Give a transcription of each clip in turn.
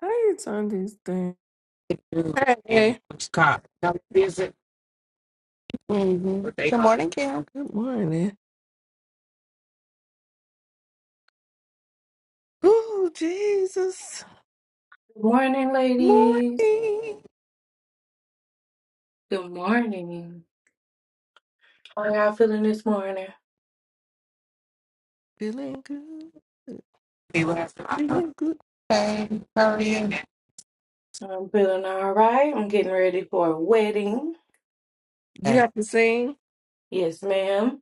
How you turn this thing? Hey. Good morning. Ooh, Jesus. Good morning, ladies. Morning. Good morning. How y'all feeling this morning? Feeling good. Feeling good. I'm feeling all right. I'm getting ready for a wedding. You have to sing Yes, ma'am.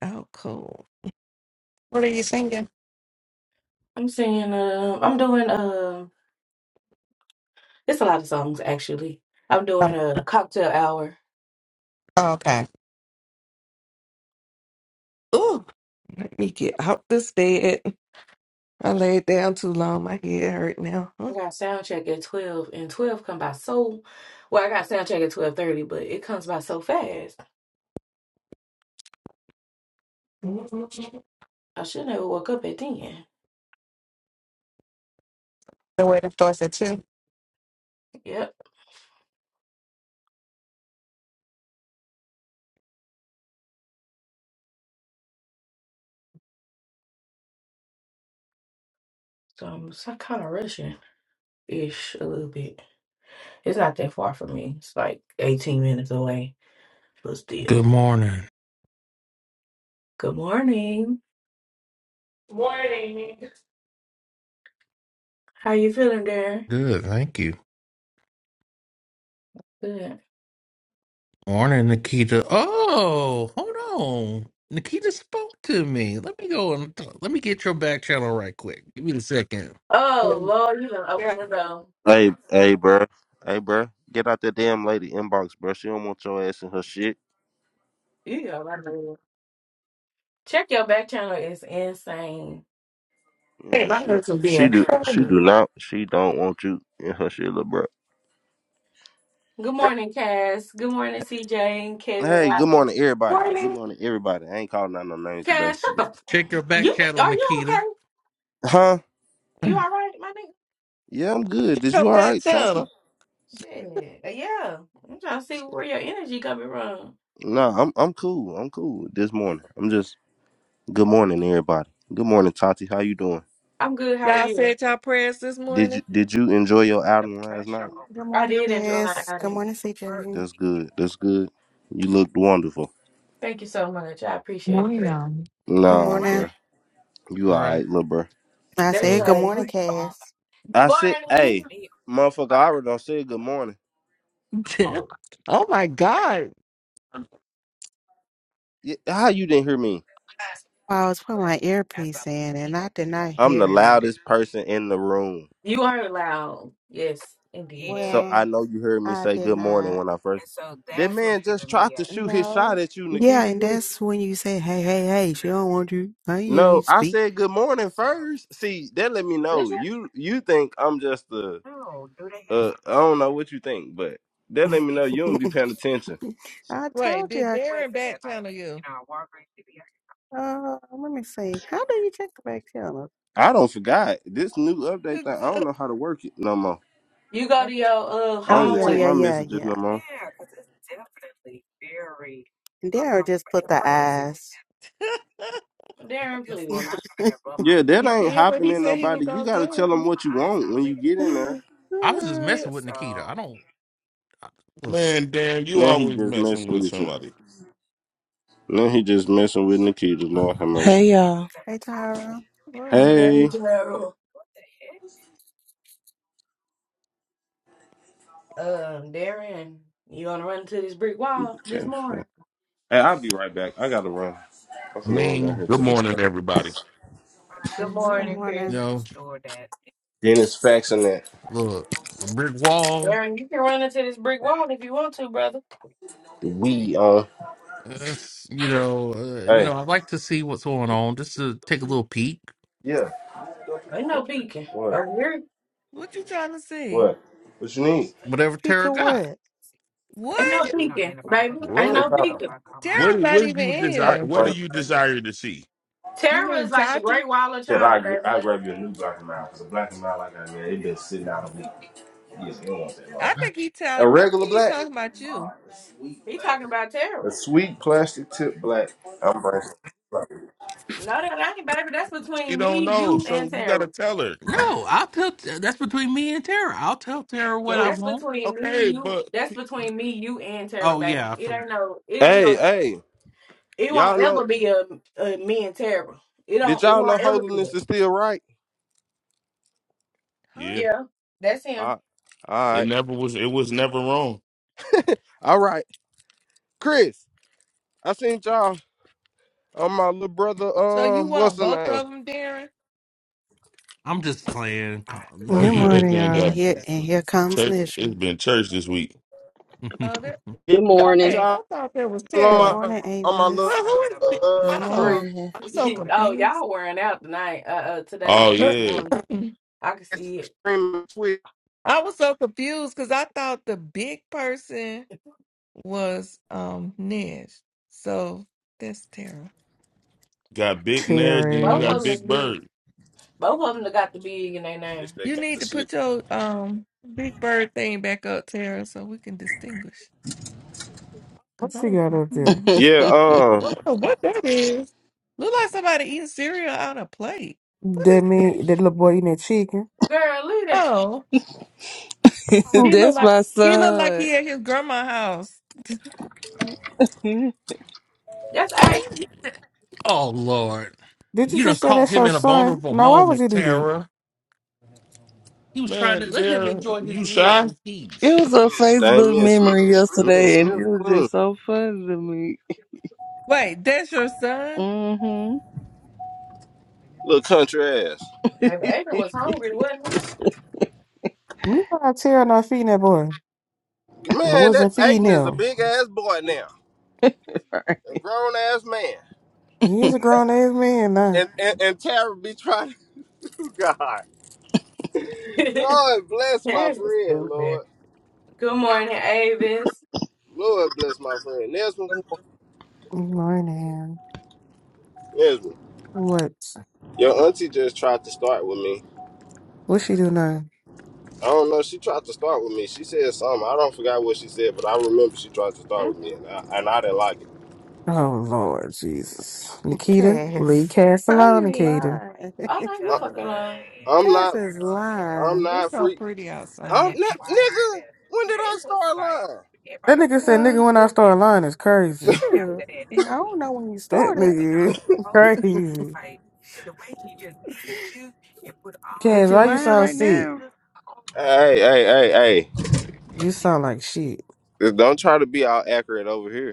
out cold. I'm singing. Um, I'm doing. Um, it's a lot of songs actually. I'm doing a cocktail hour. Ooh, let me get out this bed. I laid down too long. My head hurt now. I Huh? got sound check at twelve, and twelve come by so. Well, I got sound check at twelve thirty, but it comes by so fast. I should not have woke up at ten. Yep. So I'm kind of rushing ish a little bit. It's not that far from me. It's like 18 minutes away. But still. Good morning. Good morning. Morning. How you feeling there? Good, thank you. Good. Morning, Nikita. Oh, hold on. Nikita spoke to me. Let me go and let me get your back channel right quick. Give me a second. Oh Lord, you gonna open the door. Hey, hey, bruh. Hey, bruh. Get out that damn lady inbox, bruh. She don't want your ass in her shit. You go right there. Check your back channel. It's insane. Hey, Yeah, my she hurts are she being do she funny. do not. She don't want you in her shit, little bruh. Good morning, Cass. Good morning, CJ and Kevin Hey, good Rodney. morning, everybody. Good Morning. morning, everybody. I ain't calling out no names today. Cass, shut the Check f- your back You channel, are you Nikita. okay? Huh? You alright, my nigga? Yeah, I'm good. Is Come you all back, right, Tati? channel. Shit. Yeah. I'm trying to see where your energy coming from. Nah, I'm I'm cool. I'm cool this morning. I'm just good morning, everybody. Good morning, Tati. How you doing? I'm good. How are Y'all you? said y'all prayers this Did you morning? did you enjoy your outing last night? Good I morning, did enjoy kids. my outing. Good, That's good. That's good. You looked wonderful. Thank you so much. I appreciate Morning, it. y'all. good morning. Nah, bruh. You All all right. right, little bruh. That's So right. You I said, are hey, motherfucker, I already done said good morning. I'm oh my God. Yeah, How you didn't hear me? I was putting my earpiece. I'm the Yeah. loudest person in the room. you are loud. Yes, indeed. So I know you heard me I say did good morning not. when I first. That man just tried to shoot his shot at you, Yeah, Nikita. and You- that's when you say, "Hey, hey, hey!" don't want you. I hear No, you I speak. said good morning first. See, that let me know Listen, you you think I'm just a uh I don't know what you think, but that let me know you don't be paying attention. I Right. told you. Did I, Darren back channel you? uh, let me see. How do you check the back channel? I don't forgot this new update thing. I don't know how to work it no more. You go to your uh I Oh don't even yeah, check yeah, hallway. my yeah, messages yeah. no more. And Darren, please. Yeah, that he ain't did what he happening. said he was Nobody. You gonna gotta do. tell him what you want when you get in there. I was just Uh, messing with Nikita. I don't I, look. Man, Dan, you Now he always just messing messing with with you. somebody. Now he just messing with Nikita. Lord have mercy. Hey y'all. hey Tom. Good morning. Hey, Hey. Eat Gerald. Um, Darren, you gonna run into this brick the wall this cash morning? fat. Hey, I'll be right back. I gotta run. I'm I finna run down here mean, Good to this. thing. morning, everybody. Good Good Good morning, morning. you morning, Chris. know, Dennis faxing that look, a brick wall. Darren, you can run into this brick wall if you want to, brother. weed. on. It's, you know, uh, you know. Hey. I like to see what's going on, just to take a little peek. Yeah. Ain't no peeking What? over here. What you trying to see? What? What you need? Whatever Tara Speaker got. Wood. Ain't no What? peeking, baby. Ain't What? What no kind? peeking. What? Darren's do- not What do even you in I desire? here. What do grab, you desire to see? You Terror mean is like the Tati? Great Wall of said China, I baby. I grab you a new black and mild because a black and mild like I got man, it been sitting out a week. Yeah, you don't want that I long. think he A talk. I regular think he black? talking about you. He talking about terror. A sweet plastic tip black. I'm bracing. No, that ain't, baby. That's She between don't me, know, you, and so you got Tara. to tell her. No, I'll tell. That's between me and Tara. I'll tell Tara what I So, That's want. between me and okay, you. but That's between me, you, and Tara, Oh yeah, baby. I It for, ain't no. It ain't Hey, gonna. hey, It y'all won't know? ever be a, a me and Tara. It Did don't. It y'all know won't ever be holiness that. is still right? Huh? yeah, Yeah, that's him. Uh, All it right, never was. It was never wrong. all right, Chris. I seen y'all on my little brother. So you Um, what's want the both name? of them, Darren? I'm just playing. Oh Good yeah, Colin. that morning, gun got y'all. And here comes church. It's Nishma. been church this week. Oh, that. Yeah, Good I seen morning. Hey, I y'all thought there was Good Tara. on my, morning, on Ava. my little Well, who is? Th- Good uh stream oh, morning. I'm so He- oh, confused. y'all wearing out tonight. Uh, uh today. Oh This yeah, morning. I I can see it. stream Twitch. was so confused because I thought the big person. was um Nez. So that's Tara. got Big Ned and you Both of got them is Cheers. Big big. Bird. Both of them got the big in their name. This they You got need the to shit. put your um big bird thing back up, Tara, so we can distinguish. Cause What I you was gotta do? confused. Yeah, um, I don't know what that is. Look like somebody eating cereal out of plate. What That is that? me, that little boy eating that chicken. Girl, look at you. Oh, he Mm. looked That's like my he looked like son. he at his grandma's house. That's what? Are A. you, doing? oh Lord, Did you you done just say caught that's him your in a son? vulnerable Now, why would moment, you do that? Tara. He was trying to Man, let him there enjoy his you meal shy. in It peace. was a dang Facebook me and Smith, memory me and yesterday and it Smith was just clean, so funny to me. Wait, that's your son? Mm-hmm. little country ass. Maybe Aiden was hungry, wasn't You not tearing not feeding that boy. I Man, wasn't that feeding Aiden is a him. big ass boy now, a grown ass man. He is a grown ass man now. And, and and Tara be trying to God. he? Lord bless my That's friend, stupid. Lord. Good morning, Avis. Lord bless my friend. Nesma, Good morning. Good Morning. Nesma, What? your auntie just tried to start with me. What she do now? I don't know. She tried to start with me. She said something. I don't forget what she said, but I remember she tried to start Mm, with me, and I, and I didn't like it. Oh Lord Jesus. Nikita, Lee Cass. cast alone, Nikita. Oh no, you I, fucking lying. I'm not. I'm It's not so free. pretty I'm outside. not, nigga. When did I start lying? That nigga said nigga when I start lying is crazy. Sure, you know when you That started. nigga is crazy. Cass, why you sound Right now, sick? Hey, hey, hey, hey. You sound like sheep. Just Don't try to be all accurate over here.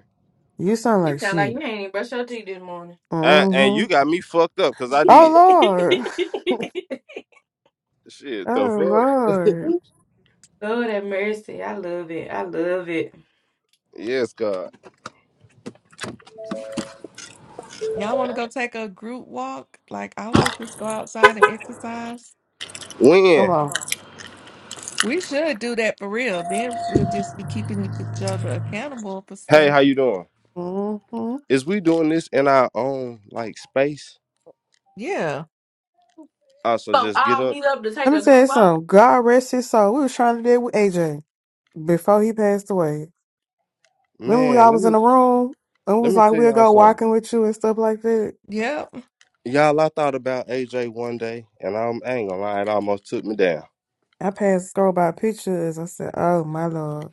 You sound You like sound like you sheep. ain't even brush your teeth this morning. And, and Mm-hmm. you got me fucked up because I Oh did. Lord. Shit, the Oh fuck? Lord. Lord have mercy. I love it. I love it. Yes, God. Y'all want to go take a group walk? Like I was just go outside and exercise. Come When? on. We should do that for real. Then we'll just be keeping each other accountable for Hey, stuff. how you doing? Mm-hmm. Is we doing this in our own like space? Yeah. Oh, so So just get I'll up, meet up to take Let me a good tell you walk. something. God rest his soul. We was trying to do it with AJ before he passed away. Remember we man. all Let was in me the room and we let was me like, tell we'll y'all go something. walking with you and stuff like that. Yep. Y'all, I thought about AJ one day, and I'm I ain't gonna lie, it almost took me down. I passed scroll by pictures. I said, Oh my Lord.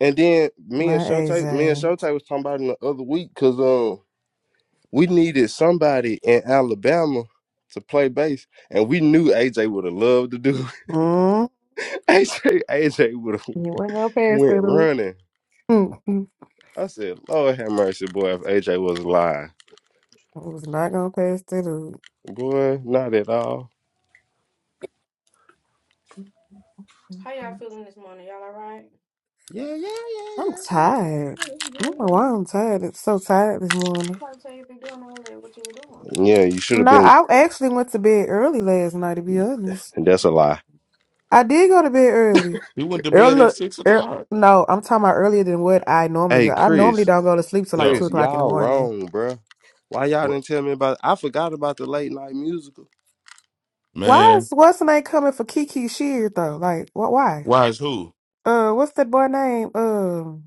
And then me and My Showtape, me and AJ. Showtape was talking about it the other week because um we needed somebody in Alabama to play bass, and we knew AJ would have loved to do. it. Mm. AJ AJ would have. You weren't gonna pass went through. running. I I said, Lord have mercy, boy, if AJ was lying. was not gonna pass through. Boy, not at all. How y'all feeling this morning? Y'all all right? Yeah, yeah, I'm yeah, yeah, tired. I don't yeah. know why I'm tired. It's so tired this morning. Why tell you be doing all that? What you were doing? Yeah, you should have No, been. I actually went to bed early last night, to be honest. And that's Mhm. a lie. I did go to bed early. He went to bed at Early, six er, o'clock. no, I'm talking about earlier than what I normally Hey, go. I normally Chris, don't go to sleep till like 2 Yo, Chris, o'clock in the y'all morning. wrong, bruh. Why y'all what? didn't tell me about I forgot about the late night musical. Why Man, is what's the name coming for Kiki Shear, though? Like, what? why? why is who? Uh, what's that boy name? Um,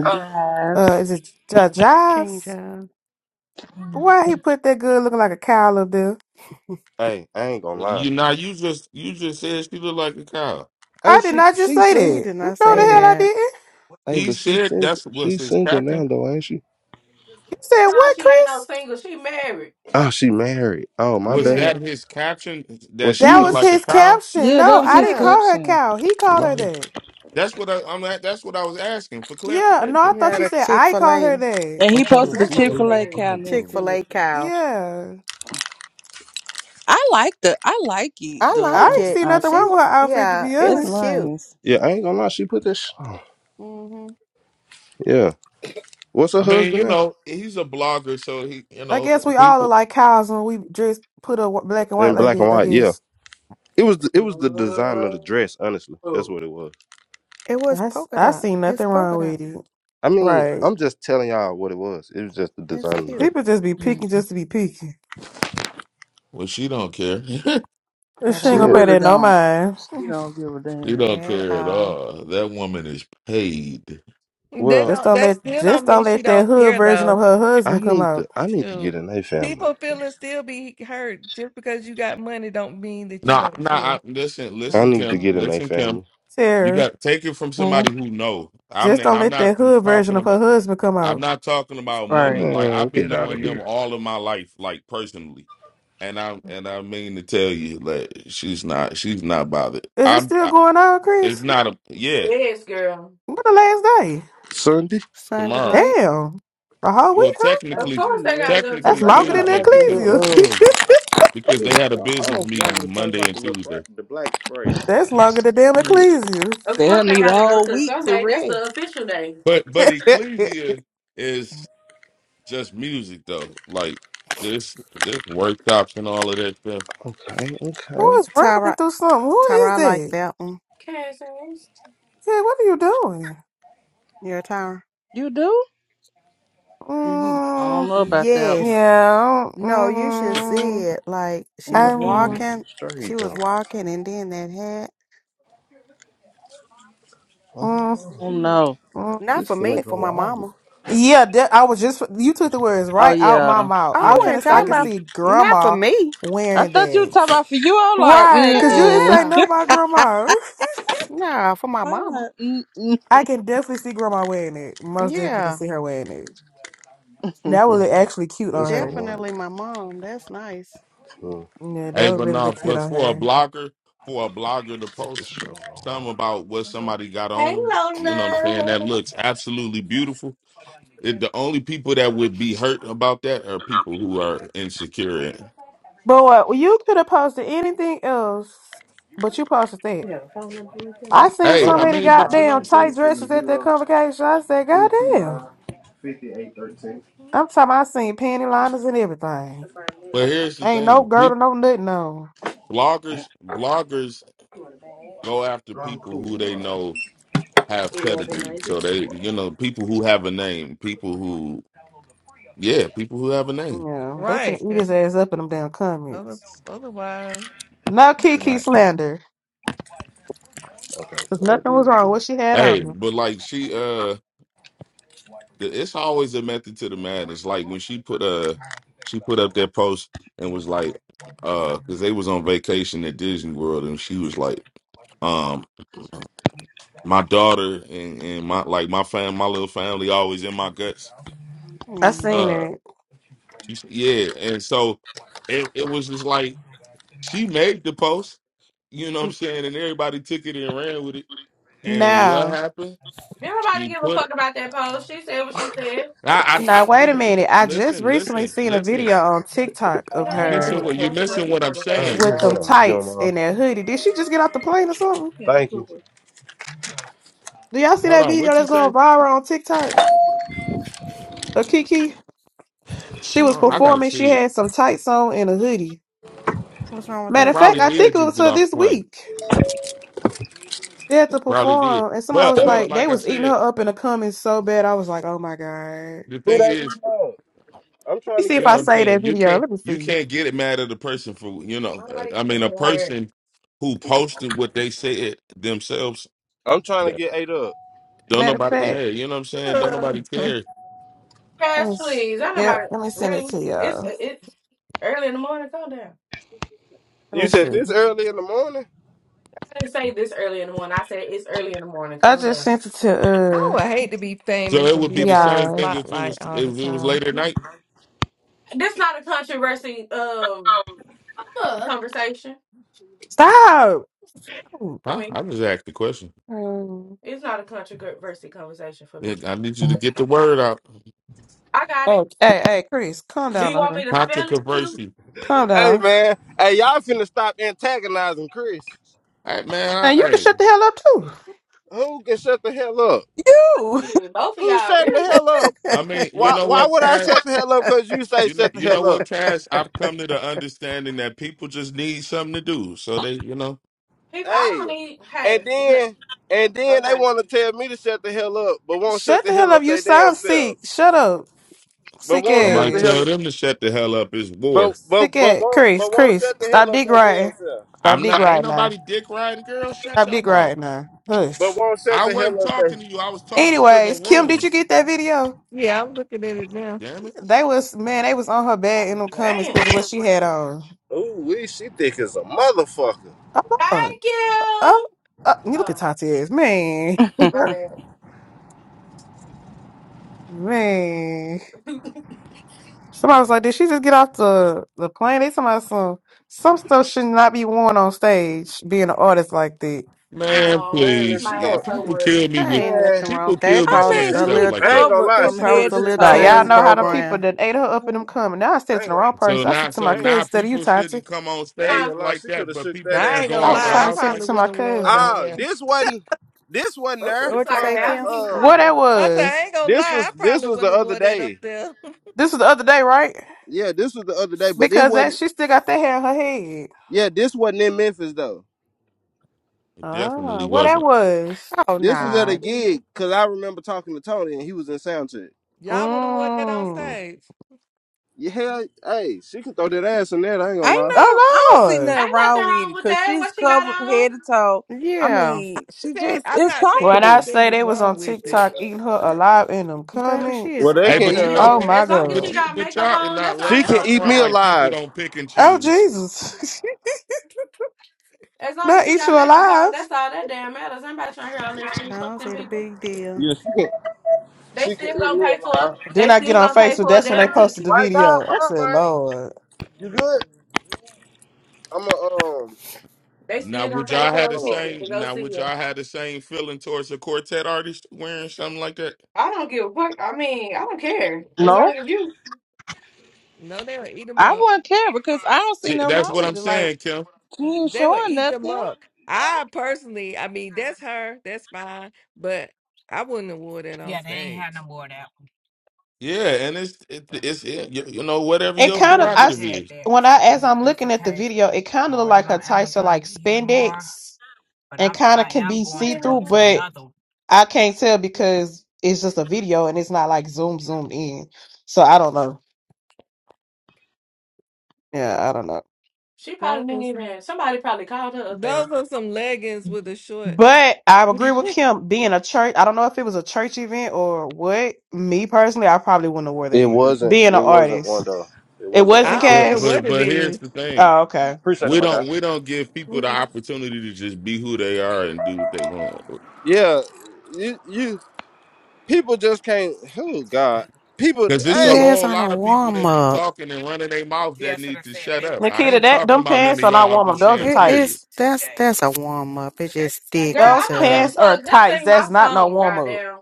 Vibes. uh, is it J- change Jives? up. Why he put that good looking like a cow up there? Hey, I ain't gonna lie. You now you just you just said she looked like a cow. Hey, I did she not just she She, say sing she that. did No, not the say hell hey, I that. didn't. hey, He but she said single that's was she his single caption. now though, ain't she? Said No, what, she ain't no Chris? single. She married. Oh, she married. Oh, my Was bad. that Yeah. his caption Well that she she That need looked to was ch- like a his cow? caption. Yeah, that No, was I his didn't Yeah. call her caption. cow. He called my, her bad. that. That's what I, I'm at. That's what I was asking for Yeah, no, I clarification. thought Yeah, you the said I called her Chick-fil-A, that. And I'm he trying posted to the That's see. what he's I'm, Chick-fil-A saying. cow next I'm, to it. Chick-fil-A cow. Yeah. I like the I like it I the I like ain't um it. see nothing outfit. She, wrong with her outfit to yeah, be it That's was honest. cute. nice. Yeah, I ain't gonna lie. She put this. hmm Yeah. What's her I mean, you husband name? know, he's a blogger, so he, you I know, guess we all look people. like cows when we dress put up wh- black and white In like black and that, I white. Yeah. guess. It was the, it was the design of the dress. Oh. Honestly, that's what it was. It was I, s- polka I dot. seen It's nothing polka wrong dot. with it. I mean, Right. I'm just telling y'all what it was. It was just the It's design of the dress. cute. People just be Mm. picking just to be picking. Well, she don't care. she At She She ain't gonna Yeah. pay all. really that no don't. mind. She don't give a damn. don't At care at all. all. That woman is paid. That Well, Just don't, don't that let still just don't don't mean she let that don't hood care version of though. her I husband come need to out. I need to get Shoot. in a family. People feeling still be hurt just because you got money don't mean that you No, don't I'm not. I, care. listen, I That's listen, need to Kim. true. get in a Listen, Kim. family. You Sarah. got take it from Mm. somebody who know. I'm Just and don't I'm let not that hood just version talking of her about. husband come I'm out. not talking about money. Right. Like Man, I've been get out of knowing them here. all of my life, like personally, and I and I mean to tell you that she's not she's not bothered. Is it I'm. still I, going on, it's Chris? not a yeah Yes, girl. When the last day? Sunday. Sunday tomorrow. night, Damn. A whole Well, week, huh? Hey, Of technically, excuse course they me, gotta man. go Do to That's technically y'all Sunday. longer than got the Tuesday like the because little Ecclesia. it's um? What because is they had a y'all? I don't business know if y'all meeting would have Monday like and the little Tuesday. bra- the black spray. That's longer than damn Yeah. Ecclesia. Of They'll course they need a gotta go whole to week to Sunday. That's rest. the official day. But but Ecclesia is just music though. Like this this workshops and all of that stuff. Okay. Who Okay. is rambling Tyra, through something? Who is Tyra, I like that? that one. Cass. Yeah, what are you doing? You're Tyra. You do? Ye- I don't Mm, know about that one. yes. yeah, No, you should see mm, it. Like she was Hey, Mm-mm. I'm, you walking, she straight was though. walking, and then that happened. I mm, don't mm. know. Oh no. Not This for me, finna for go my off. mama. Yeah, that, I was just you took the words Oh right out my yeah. mouth. Oh, I I Yeah. finna wasn't say I talking That'd can about be. see not for grandma me. I wearing thought you were that. talking about for you. I'm like, Right, cause you Hell didn't mm-mm. say no. nothing about grandma. no, for my I'm mama. like, I can definitely see grandma wearing it. Most definitely can Yeah, see her wearing it. mm-mm. That would Yeah, look actually cute on this her. gonna definitely work. my mom. That's nice. Hmm. Yeah, that Hey, would but really So, look no, cute but on for a her. blogger, for a blogger to if this post show gonna something about what somebody got hey on, you know what I'm saying? That Lola. looks absolutely beautiful. It, the only people that would be hurt about that are people who are insecure. But what well, you could have posted anything else, but you posted that. I seen Hey, so I Um, many you mean, can but try you it. know what I'm goddamn It's saying? tight dresses 870 at that convocation. I said, goddamn. I'm talking. I seen panty liners and everything. But here's the Ain't no thing. girdle, People, no nothing on. bloggers bloggers go after I'm people cool. who I'm they all right. know have pedigree. So they, you know, people who have a name, people who yeah, people who have a name. Yeah, they finna Right. eat 'cause his ass up in them damn other, comments. otherwise, No you'd be Kiki like, slander, Okay, cause so it nothing was is. wrong with what man. she had Hey, on. but like she uh it's always a method to the madness. Like when she put a, she put up that post and was like, uh, because they was on vacation at Disney World, and she was like, um, my daughter and and my like my fam, my little family always in my guts. I seen hmm Uh, it. yeah, and so it it was just like she made the post, you know what I'm saying, and everybody took it and ran with it. And what Now, happened? Did nobody She give a put fuck about that post? She said what she said. I I, I now wait a you, minute. I just listen, recently listen, seen a listen. video on TikTok We of don't You need to her missing be a what you're missing controversial what I'm Hey, conversation saying. with yes, about them it. ma'am. If you don't tights mind. and that hoodie. Did she just get off the plane or something? Thank you. Do y'all see Hold that on, video what that's you going say? viral on TikTok of Kiki? She was Oh, I Mm-mm. gotta performing. She see it. had some tights on and a hoodie. What's wrong with He Matter of that? fact, probably I think did it just was get her off this the plane. week. She had to Probably did. perform, and somebody was But but like, they like I was eating said, her up in the comments so bad. I was like, oh my god. the Who thing that we is, love? I'm Let me trying to see if you get know I what eight I'm say up. that saying. You video. can't Let me you see. can't get it mad at the person for you know. Don't uh, Nobody I mean, a care. person who posted what they said themselves. I'm trying to that- get eight up. Don't Matter of nobody yeah. fact, You know what I'm saying. Don't nobody "Ugh." care. let me. Cash, s- please. I Yep, nobody let me send it really. to It's y'all. it's early in the morning. Calm down. Let You me see. said this early in the morning? I didn't say this early in the morning. I said it's early in the morning. I Calm just down. sent it to I uh would hate to be So famous it and would be be the up on the same y'all. thing if it was spotlight all the if it was time. late at night. This not a controversy um Huh. conversation Stop. Oh, for Huh? me. I just asked the question. um, It's not a controversy conversation for Yeah, me. I need you to get the word out. I got oh, it. hey, hey, Chris, calm Do you down on want her. me to spell it too? Controversy. The Calm fuck? Hey, down. man. Hey, y'all finna stop antagonizing Chris. Hey man, And I, you can shut hey. the hell up Who can shut the hell up? too. Ooh. Shit, Both of Who's y'all shutting the really hell up? I mean, you Why know why what, would I shut Cash? the hell up because you say You know, shut the you know hell up? what, Cash? I've come to the understanding that people just need something to do. So they, you know, people. I don't Hey. need. Hey, And then and then they okay. wanna tell me to shut the hell up, but won't shut Shut the the hell hell up. up You they damn sound self. sick. Shut up. But Sick won't So, shut somebody the hell tell ass. them to shut the hell up. It's but war. Sick but but ass. won't Chris, but won't Chris, shut the hell stop up dick they damn riding. self. Stop I'm dick not. Ain't riding now. nobody dick riding, girl. Shut Stop your dick mouth. riding now. But Hush. won't shut I the hell wasn't up they talking to you. I was talking to Anyways, the Kim, did room. you get that video? Yeah, I'm looking at it now. Damn it, They was, man, they was on her bed in Oh, them comments damn. because of what she had on. Ooh we she thick as a motherfucker. Oh, Lord. Thank Oh, you. uh, you look at Oh, Tati's. Man. my bad. Man. Somebody was like, did she just get off the, the plane? They talking about some, some stuff should not be worn on stage, being an artist like that. man! oh, Man, keep if Please, she my Yeah, ass don't people over. kill me I with ain't man, nothing wrong people with that. kill It me I probably mean, saying she a stuff she little like I ain't that. gonna covered lie, it from she probably could was head have a to little shook Now that y'all ass teen toe. a know little how the more. people program. that ate her up in them Like, coming. Now I said it I to ain't the gonna wrong So person. I said now, it to so my I ain't cousin now instead of you, people Tati. shouldn't come on I ain't Huh? stage gonna lie, like she could that, have but shook that people I can ass ain't a go gonna I little out was the trying lie. I to more. house send it probably like to that. my wouldn't have wore it cousin. on Oh, there. this wasn't this wasn't Oh, there. it's what you like a say, Uh thousand Kim? people uh What that talking. I said, was? I ain't gonna this lie, was I this probably was wouldn't the have other wore that up day. there. This was the other day, right? Yeah, this was the other day, but it Because that wasn't she still got that hair in her head. yeah, this wasn't in Memphis though. It Ah, definitely what that wasn't. was? Oh This Oh, was you at a nah. can't do gig because I remember talking to Tony and he was in sound check. Y'all would have wore that on Mmm. stage. Yeah, hell, I hey, she can throw that ass in there, I ain't gonna Ain't lie. no, I Oh don't see Lord. that? nothing Ain't wrong nothing with it wrong with because that. she's What she got covered on? head to toe. I Yeah. mean, she said, just I'm is not When saying I comfortable. anything say is they was on wrong with it. TikTok eating her alive in them Baby, she Well is comments. they Hey, can covered but you eat know, up. Oh people, Yeah. my As long as but she God. you, got but makeup y'all, on, now that's all she let's that can not fucking eat front me matters. like people alive. don't pick and Oh choose. Jesus. As long as Not she eat you got makeup on, alive. that's all that damn matters. Anybody trying to hear all this I shit? Fuck don't them see the people. big deal. Yeah, she can They she can eat still gonna me pay for it. alive. Then They I get still on gonna pay Facebook. for a That's when they damn posted the ticket. My God, video. what I up, said, man? Lord. You good? I'm a um They Now, still gonna would pay y'all had for a the hold on. ticket to same? go Now, see would her. y'all had the same feeling towards a quartet artist wearing something like that? I don't give a fuck. I mean, I don't care. As No, long as you. No, they would eat them I up. wouldn't care because I don't see See, nothing that's wrong what I'm with it. Like, saying, Kim. she ain't They would showing eat them nothing. up. I personally, I mean, that's her, that's fine, but I wouldn't have wore that on stage. Yeah, and it's it, it's it, you, you know whatever It your kind of I prerogative s- is. when I as I'm looking at the video, it kind of look like her tights are like spandex and kind of can be see Man, through, but I can't tell because it's just a video and it's not like zoom zoomed in. So I don't know. Yeah, I don't know. She probably Those didn't are some, even. Somebody probably called her up there. those are some leggings with a short. But I agree with I Kim being a church. I don't know if it was a church event or what. Me personally, I probably wouldn't have wore that It either. wasn't Being an it wasn't one artist, though. It it wasn't wasn't one. don't But care cast. but what it but is. here's the thing: Oh, Yeah, okay. Appreciate it, we my guy. don't we don't give people the Girl, opportunity to just be who they are and do what they want. Yeah, you, you people just can't. Oh God, people. Because it's She a Hey, has whole on a lot of people warm that be up. talking and running their mouth that need to shut up. I Nikita, ain't that talking them about none pants of are not y'all. I'm warm up. just Those are saying, It's period. tights. that's a warm up. Those I don't give a pants are fuck. Just tights. sing my That's not no song, warm up. goddamn.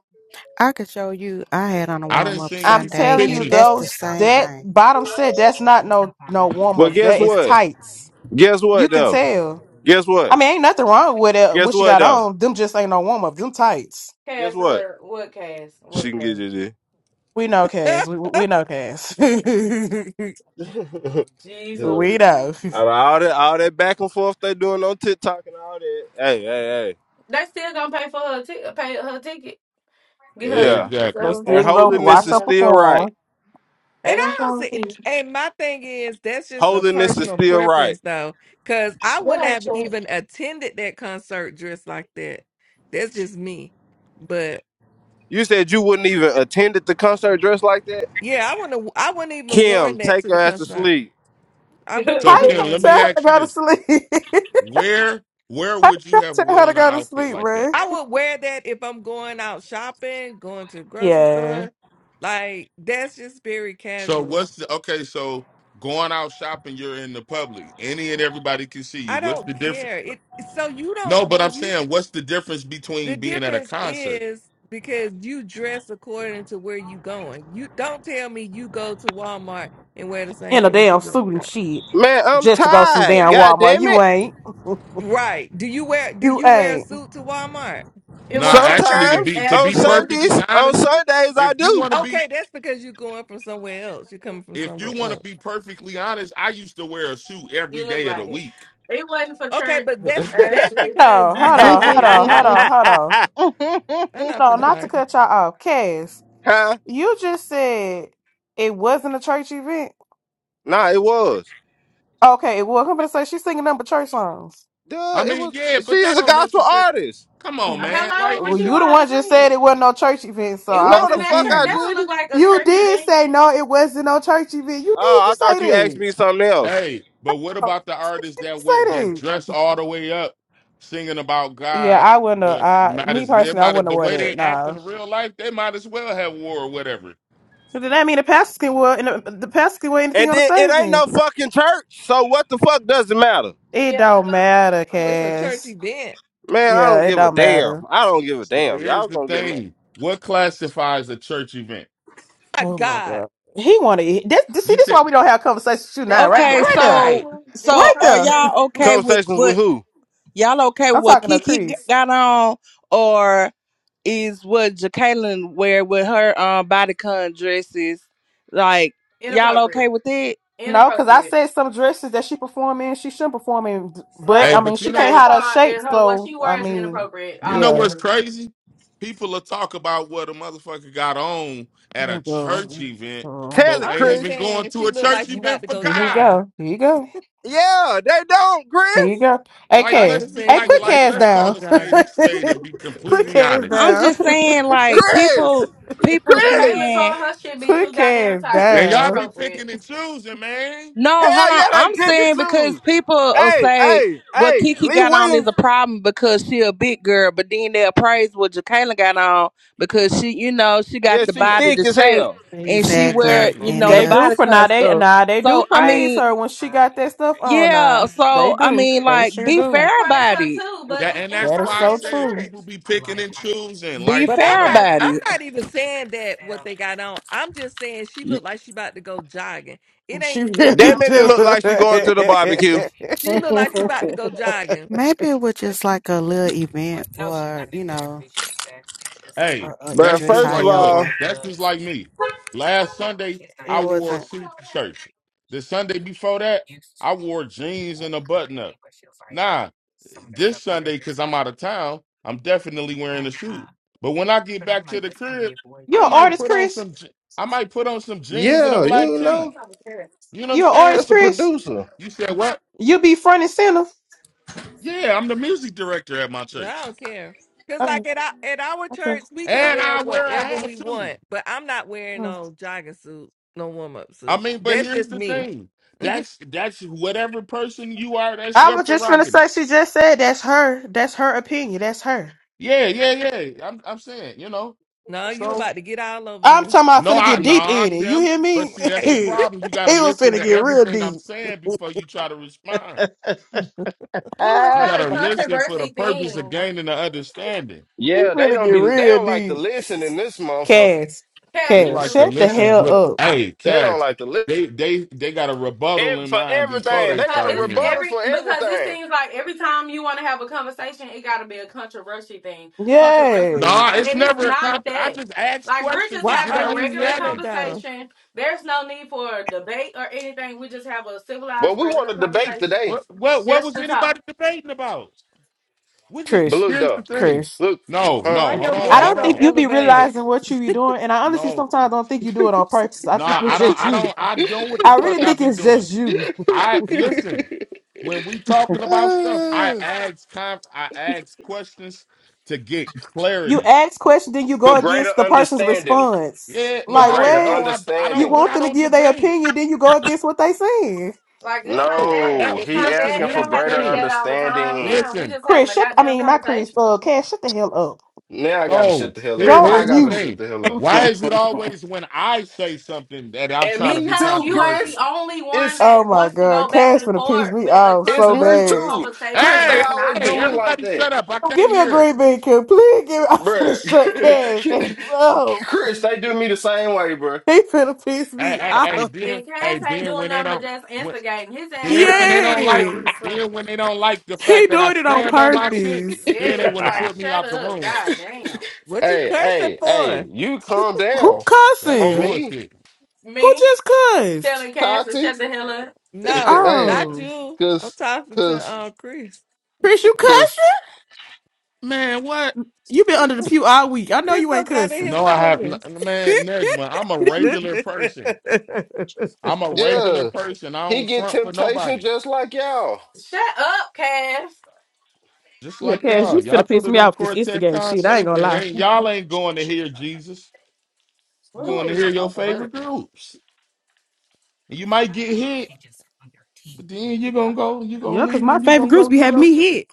I could show you. I had on a I done warm up seen I'm people Sunday, telling you, and that's pictures. the same those that thing. bottom set, that's not no no warm well, ups. guess That is what? tights. Guess You what can though? tell. Guess I what? mean, ain't nothing wrong with it. Guess What she what got though? on, them just ain't no warm up. Them tights. Guess Cass, what? what? What, Cass? She What, can get Cass? you We know, Cass. and We, we know, Cass. we there. Jesus. know. Out of all that, all that back and forth they doing on TikTok and all that. Hey, hey, hey. They still gonna pay for her, ticket. pay her ticket. Get her a Yeah, ticket. But Exactly. So, hey, and still can go I'm not trying holiness watch is her to. still right. perform. They gonna I don't come see. see. you. And my thing is, that's just a Holiness is personal still right. preference, though, because I wouldn't What ain't have church? even attended that concert dressed like that. That's just me. But You said you wouldn't even attend at the concert dressed like that. yeah, I wouldn't. I wouldn't even Kim, worn that take to the her ass to concert. sleep. I wouldn't How So even you gonna Kim, let worn me that. tell her to ask you go to this: sleep? where where How would you you gonna have tell her worn to an go to outfit sleep, like that? man? I would wear that if I'm going out shopping, going to the grocery Yeah. store. Like that's just very So casual. what's the okay? So going out shopping, you're in the public. Any and everybody can see you. I What's don't the difference? care. It so you don't No, but I'm when you saying, what's the difference between the being at a difference concert? is because you dress according to where you going. You don't tell me you go to Walmart and wear the same in a things you damn wear. suit to and church. shit Man, I'm just to go some tired. damn God Walmart. damn it. You ain't. Right. Do you wear do You you wear a ain't. suit to Walmart? it Nah, wasn't actually, to church, be Sometimes to on be Ashley. perfectly Sundays, on honest, Mhm. Sundays I if you do. want to be Okay, that's because you're going from somewhere else. You're coming from if you somewhere want to else. be perfectly honest, I used to wear a suit every You look day of the like it. week. It wasn't for Okay, church, but that's that's Ashley. because No, you hold on, wore it hold every on, hold day. on, hold on. I'm not Hold on, finna not to argue. cut y'all off. Cass, Huh? you just said it wasn't a church event. Nah, it was. Okay, well, I'm gonna say she's singing number church songs. Duh, I it mean, was. yeah, She but is that a don't gospel necessarily. artist. Come on, Uh, man. Hello, Like Well, what it you could all you the have one just said seen? it wasn't no church event, so It I No, was wasn't the that fuck church. I That confused. don't look didn't. like a You church did event. say no, it wasn't no church event. You did Oh, I just say thought you asked that. me something else. Hey, but what You about the artists that wear Say that that. dress all the way up, singing about Yeah, God, I wouldn't have. but I, might me as they personally, I might as- wouldn't have the worn way it. they act No. in real life, they might as well have war or whatever. But then that mean the pastors can wear and the, the pastors can wear anything And on the then it stage ain't then. no fucking church, so what the fuck does it matter? It Yeah, don't hello. matter, I'm It's with a you. church Cass. event. Man, I Yeah, don't it give a don't matter. damn. I don't give a But damn. here's Y'all the gonna get mad. thing: what classifies a church event? My Oh my God. god. He wanna eat this, this see You this said, why we don't have conversations with you That's now, how right I there. Okay, Right hang. I there. talk to so Right. him. This so Right are there. y'all controversial. okay with Conversations with what who? y'all okay with I'm what talking to Kiki g- Chris. got on, or is what Jacqueline wear with her um bodycon dresses? Like y'all okay Inappropriate. with it? No, because I Inappropriate. said some dresses that she perform in, she shouldn't perform in. But hey, I No, mean but you she know can't Jacqueline what's hide her Carr shape, and her what so she I wears you, mean, inappropriate you know yeah. what's altogether. crazy? People will talk about what a motherfucker got on at Oh, a church God. event, Oh. Tell but it, I'm ain't just even Chris. going saying to she a looked church like she about event to for go Here you God. jogging. go. Here you go. Yeah, they don't, Here you Chris. go. Hey, Like, I'm Cass. let's just be saying Hey, she like, put looked like like, she Cass let's about to go down. call a spade a jogging. spade and be Yeah, put pretty completely Cass too. honest. I'm down. just saying, like Chris. people people Chris. Jacqueline saying. Carr, her shit be too Put goddamn Cass tight. It's And y'all down. be inappropriate. picking and choosing, man. No, hold Hell on. yeah, they I'm pick it saying because too. people will Hey, say hey, what hey, Kiki Lee got on is Williams. a problem because she a big girl, but then they'll praise what Jacqueline got on because she, you know, she got Yeah, the She she thick. body, thick the as shape, hell. and she Exactly. wear, you Exactly. know, the They do, body pra- kind of nah, they, stuff. nah, they do So I praise mean, her when she got that stuff on. yeah. Nah, they So I do. mean, They like, sure be They do. fair praise about her it. too, but That it's and that's That is why I so inappropriate for said true. church. people be picking and choosing. Be Like, But you I'm fair know. not about I'm it. not even saying that what they got on. I'm just saying she Y- looked like she about to go jogging. It She ain't even really Damn about it, it do. that. look like she going to the barbecue. She looked like she about to go jogging. Maybe it was just like a little event. Hey, You But that's dress just first of like look, all, that's just like me. Last Sunday I wore a suit shirt. The Sunday before that, I wore jeans and a button up. Nah, this Sunday, because I'm out of town, I'm definitely wearing a suit. But when I get back to the crib, you I an might artist, put on Chris? some je- I might put on some jeans and a yeah, you black But that's know tee. not a church. You know what I'm You an artist, saying? that's a Chris? producer. You said what? You be front and center. Yeah, I'm the music director at my church. I don't care. Cause like Oh, at our at our okay. church we can And wear I wear a whatever hat we too. want, but I'm not wearing Oh. no jogging suit, no warm up I suit. mean, but That's here's just the me. thing. That's that's whatever person you are, that's I your was just gonna prerogative. say she just said that's her. That's her opinion. That's her. Yeah, yeah, yeah. I'm I'm saying, you know. No, you So about to get all over I'm me. talking about no, finna I get no, deep I in it. You Kim. hear But me? see, that's the Hey, he problem. You gotta was listen finna to get real everything I'm deep. saying before you try to respond. Ooh, it's You Ah, not a gotta listen for the controversy purpose of thing. gaining the understanding. he Yeah, they finna don't get be. They real don't like to deep. listen in this motherfucker. Cass, Cash, They you Cass, can like to shut really the shut up listen with hell too. up. hey, They don't cats. like to listen They they they got a rebuttal in for mind before It's everything. a they They con- got a start it's hearing you. rebuttal every for because it everything. seems like every time you want to have a conversation, it got to be a controversial thing, controversial thing, Yay. No, it's and it's never a not comp. I that. just ask Like we're questions just to why get having an are a you regular yelling understanding. though? conversation. There's no need for a debate or anything. We just have a But civilized, we want regular to debate conversation, today. What what what just was to talk. anybody debating about? We just But Chris, look here's the though, thing. Chris. look, No, huh? no, Why hold your on, I voice hold don't so think on. you be No, elevated? realizing what you be doing. And I honestly no, sometimes don't think you do it on purpose. I no, think it's I don't just I you. don't I don't what the I really fuck I think be it's doing. just you. I listen, when we talking about stuff, I Uh, ask com I ask questions to get You clarity. ask questions, then you for go greater against the person's understanding. response. Yeah, For Like, no, greater what? no, I I You don't understanding. but want I them to don't give their debate. opinion, then you go against what they saying. Like it's not No, I, that. No, I- It's he not listen, that. asking It for here's don't the have to be greater thing. that all the time. understanding. Damn, we Listen, just having Chris, a shut. I goddamn mean, not conversation. Chris. Uh, Cash, shut the hell up. Now I gotta No, shut the hell Go up. here, Why I on here's the gotta mute. shut thing. the hell up? Why is it always when I say something that I'm And trying to me be Because too, you are controversial? the Chris. only one It's Oh that my wants to god, go back Cash and gonna piss forth me with a off it's so me controversial bad. too. Chris, conversation. they It's Hey, always not do hey, me that. like everybody that. shut up. I can't Give me a hear. green bean, Kim. Please give me. I'm finna shut Cash ass Bruh. up. Chris, they do me the same way, bruh. He finna piss Hey, me hey, hey, off. then And Cass hey, ain't then doing when they nothing but don't just when instigating. His ass then don't when they even don't fucking like know what Yes, the fuck. then when they don't like the he fact that I doing it on stand on my shit, purpose. then they Yes, wanna like put me shut out the up. room. God damn. What hey, you cursing hey, hey, for? you calm Who down That's on cussing? me, bullshit. Who Me just cussed? telling Cass to Tati. shut the hell up. No, hey, not Oh, you. I'm cause talking to cause uh Chris. Chris, you You- cause cussing? Man, what? You been under the pew all week. I know Chris you ain't don't got in cussing. his No, I have feelings. n- man, Nejma, I'm a regular person. I'm a regular yeah. person. I He don't get front for temptation nobody. just like y'all. Shut up, Cass. Just Yeah, like Cass, y'all. you Y'all finna go piss to me them off this quartet Instagram shit. I ain't concerts gonna and lie. ain't y'all ain't going to hear Jesus. You're going to Ooh, hear your shut up. favorite groups. And you might get hit, but then you're gonna go, you're gonna Yeah, cause leave my and you're favorite gonna go groups be do having your me thing. hit.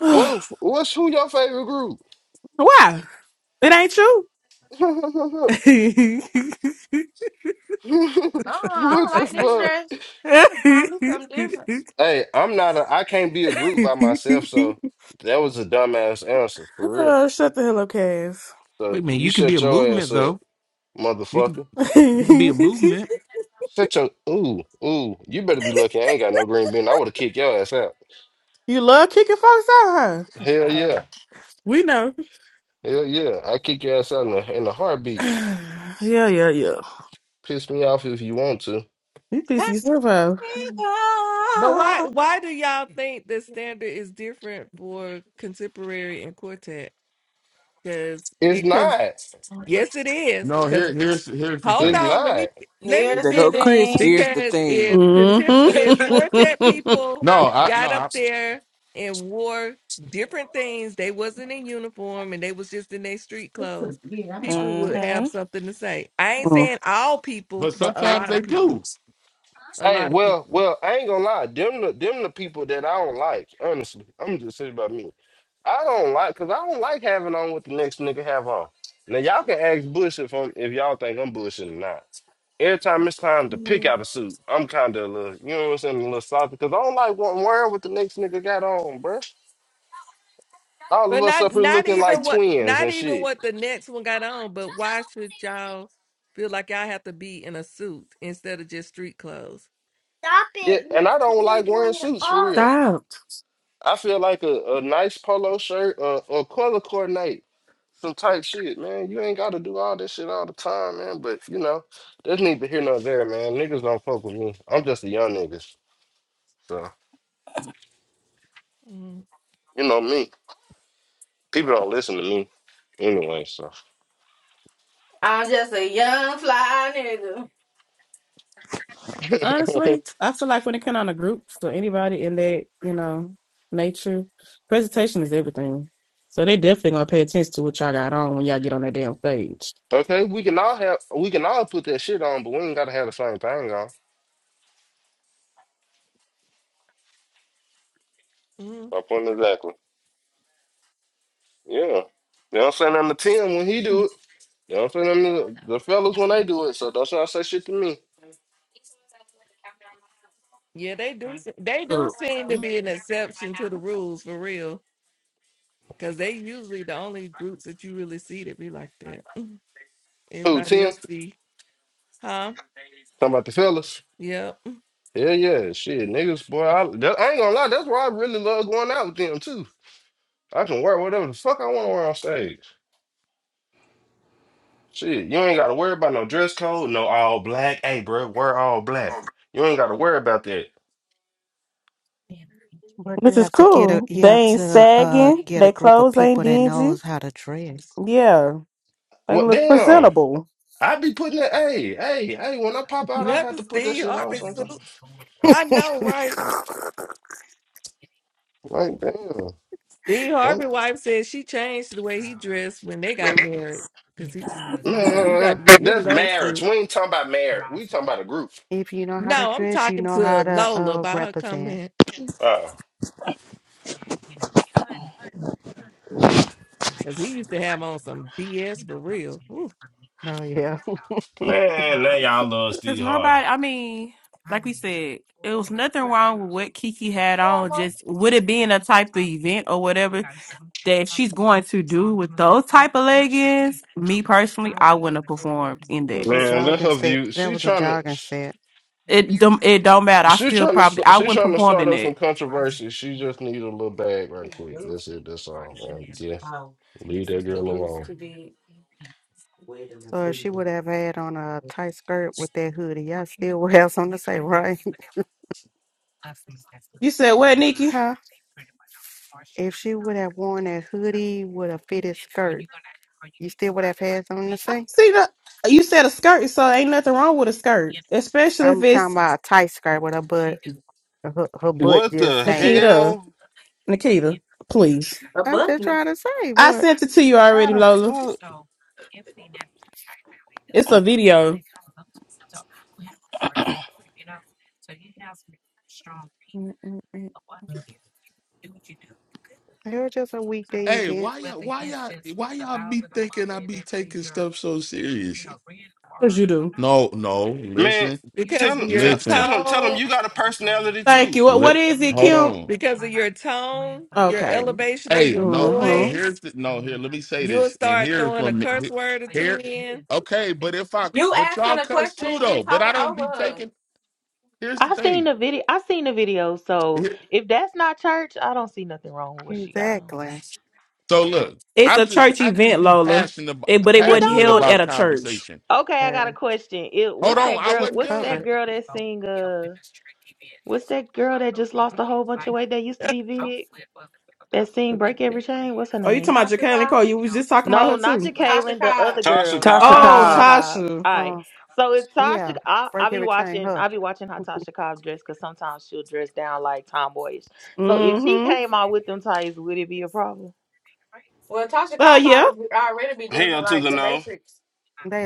What what's who your favorite group? Why? It ain't you. what Uh-uh, I don't the like this fuck? dress. I gotta find me something different. Hey, I'm not a I can't be a group by myself, so that was a dumbass answer for real. oh, shut the hell up, Cass. Wait a So minute, you you can be a shut your ass movement up, though. You can motherfucker. you can be a movement. Shut your ooh, ooh. You better be lucky I ain't got no green bean. I would have kicked your ass out. you love kicking folks out, huh? Hell Fuck. yeah. We know. Hell yeah. I kick your ass out in a, in a heartbeat. yeah, yeah, yeah. Piss me off if you want to. You Here piss yourself off. we But why go. why do y'all think the standard is different for contemporary and quartet? Because It's it con- not. yes it is. No, 'Cause here here's here's the Hold It's thing. on, let not. me let me Here's There the go finish Chris. Here's thing. the because thing. if contempor Mm-hmm. if quartet people No, I no got up I, there and wore different things, they wasn't in uniform and they was just in their street clothes, people would have hmm something to say. I ain't saying all but people, but a sometimes lot of they people, do. a Hey, lot of well, people. well, I ain't gonna lie. Them the them the people that I don't like. Honestly, I'm just saying about me. I don't like because I don't like having on what the next nigga have on. Now y'all can ask Bush if I'm, if y'all think I'm bullshitting or not. Every time it's time to pick out a suit, I'm kind of a little, you know what I'm saying, a little salty because I don't like what wearing what the next nigga got on, bruh. All of But us not up here not looking even like what twins not and even shit. what the next one got on. But why should y'all feel like y'all have to be in a suit instead of just street clothes? Yeah, and I don't like wearing suits for real. Stop. I feel like a, a nice polo shirt or or color coordinate some type shit, man. You ain't got to do all this shit all the time, man. But you know, there's need to hear no there, man. Niggas don't fuck with me. I'm just a young nigga, so Mm-hmm. you know me. People don't listen to me anyway, so. I'm just a young fly nigga. Honestly, I feel like when it comes down to groups or anybody in that, you know, nature, presentation is everything. So they definitely gonna pay attention to what y'all got on when y'all get on that damn stage. okay, we can all have we can all put that shit on, but we ain't gotta have the same thing on. My point exactly. Yeah. They don't say nothing to Tim when he do it. They don't say nothing to the fellas when they do it. So don't y'all say shit to me. Yeah, they do. se- They do Ugh. seem to be an exception to the rules for real, because they usually the only groups that you really see that be like that. Who Everybody Tim? else be, huh? Talking about the fellas. Yep. Yeah, yeah, shit, niggas, boy. I, that, I ain't gonna lie, that's why I really love going out with them too. I can wear whatever the fuck I want to wear on stage. Shit, you ain't gotta worry about no dress code, no all black. Hey, bro, wear all black. You ain't gotta worry about that. Which is cool. They ain't sagging. get a Their group of clothes ain't people that dingy. knows how to dress. Yeah, they Well, look damn, presentable. I be putting that. Hey, hey, hey. When I pop out, I have Nothing. to put that Steve shit on Harvey sometimes. suits. I know, right? Like, damn, Steve don't Harvey wife said she changed the way he dressed when they got married, because he's he was like, you got man. to get rid of That's those marriage. suits. We ain't talking about marriage. We talking about a group. if you know how to No, I'm dress, you talking know how to to Lola uh, about her represent. comment, Oh because he used to have on some BS for real. Ooh. man, now y'all love Because Steve Harvey. nobody, I mean, like we said, it was nothing wrong with what Kiki had on, just with it being a type of event or whatever that she's going to do with those type of leggings. Me personally, I wouldn't have performed in that. Man, that's And her say, view. that She was a trying to, jogging set. It don't it don't matter. I she still trying probably to, I she wouldn't trying to perform start in up some it. controversy. She just need a little bag right quick. That's it. That's all, man. Yeah, leave it's that girl too loose alone. to be So if she would have had on a tight skirt with that hoodie, I still would have on the same You said what, Nikki? fit. See the you said a skirt, so ain't nothing wrong with a skirt, especially if I'm talking it's about a tight skirt with her butt, her, her butt What just the hanging. Nikita. hell? Nikita, please. A I'm just button. trying to say, I what? sent it to you How already, the Lola. fuck, It's a video. It was just a week Hey, event. why y'all why y'all why y'all be thinking I be taking stuff so serious? Cause you do. No, no, man? listen, Tell Because him, of your tell, tell listen, him, tell him tone. you got a personality Thank too. you. What li- what is it, hold Kim? on. because of your tone, your Okay. elevation in Hey, your no, no. hmm Here's voice. the, no. Here, let me say You'll this, and start hear throwing a from me. curse he- word or two Here, in. okay. But if I, You but y'all asking a cuss question too and you though. But I talking don't over be her. taking. Here's the I seen thing. the video. I seen the video. So Here- if that's not church, I don't see nothing wrong with what she got on. Exactly. so look, It's I'm a just, church I just event, be Lola. passionate, It, but ab- it It wasn't don't passionate held look at about a church. conversation. okay. I got a Uh, question. It Hold what's on, that I girl? she's wasn't What's covered. that done. girl that sing? Uh, what's that girl that just lost a whole bunch of weight that used to be big? That sing "Break Every Oh, Chain." What's her you name? talking about Tasha Jacqueline Cobb. Cole? You was just talking about No, her not too. Tasha Jacqueline. The Cobb. other Tasha girl, Tasha Uh, uh, Oh, Tasha Cobbs, Cobb. uh, Cobb. Tasha. All uh, right. So if Tasha, yeah, I I give be it chain watching. her. I be watching how Tasha Cobb dress because sometimes she'll dress down like tomboyish. So if she Mm-hmm. came out with them tights, would it be a problem? Well, Tasha Uh, Cobb yeah. already already be dressing hell to like the the no. Matrix.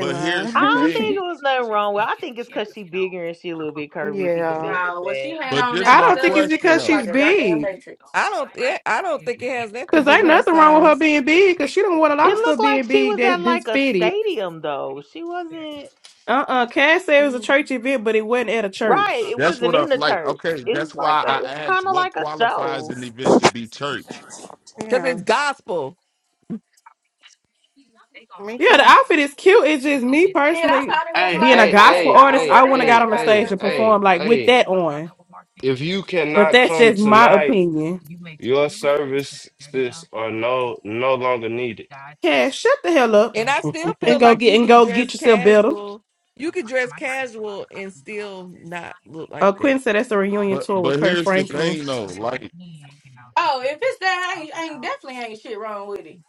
In here's I the line. don't think thing. it was nothing wrong with. I think it's because she bigger and she a little bit curvy. People say it looks Now, what she bad. had But on this is at I the my don't think cellar, it's she question because just though. like she's a goddamn big. Matrix. I don't. It, I don't think it has that to Cause do with ain't her nothing wrong with her size, being big. Cause she don't want a lot It of stuff looked like being she big was that's at been like a fitted. stadium though. She wasn't Uh-uh. Cass said it was a church event, but it wasn't at a right. church. It That's what wasn't I in the like. church. Okay, It was that's like why a. I It's asked kind of what like a qualifies show. an event to be church. because yeah. it's gospel, Yeah, the outfit is cute. It's just me Man, I personally thought it was Hey, being a laid hey, gospel back. hey, I artist. don't wear hey, I want that to got at a hey, on the stage hey, goddamn and church. perform hey, like with hey. that on, If you but cannot that's come just my tonight, opinion. your services are no no longer needed. Cash, shut the hell up and I still and feel go like get you and can go get dress yourself better. casual. You can dress casual and still not look like Uh, Quinn that. said that's a reunion But tour with but Kurt here's the Franklin. thing though. Like Oh, if it's that, I ain't, ain't definitely ain't shit wrong with it.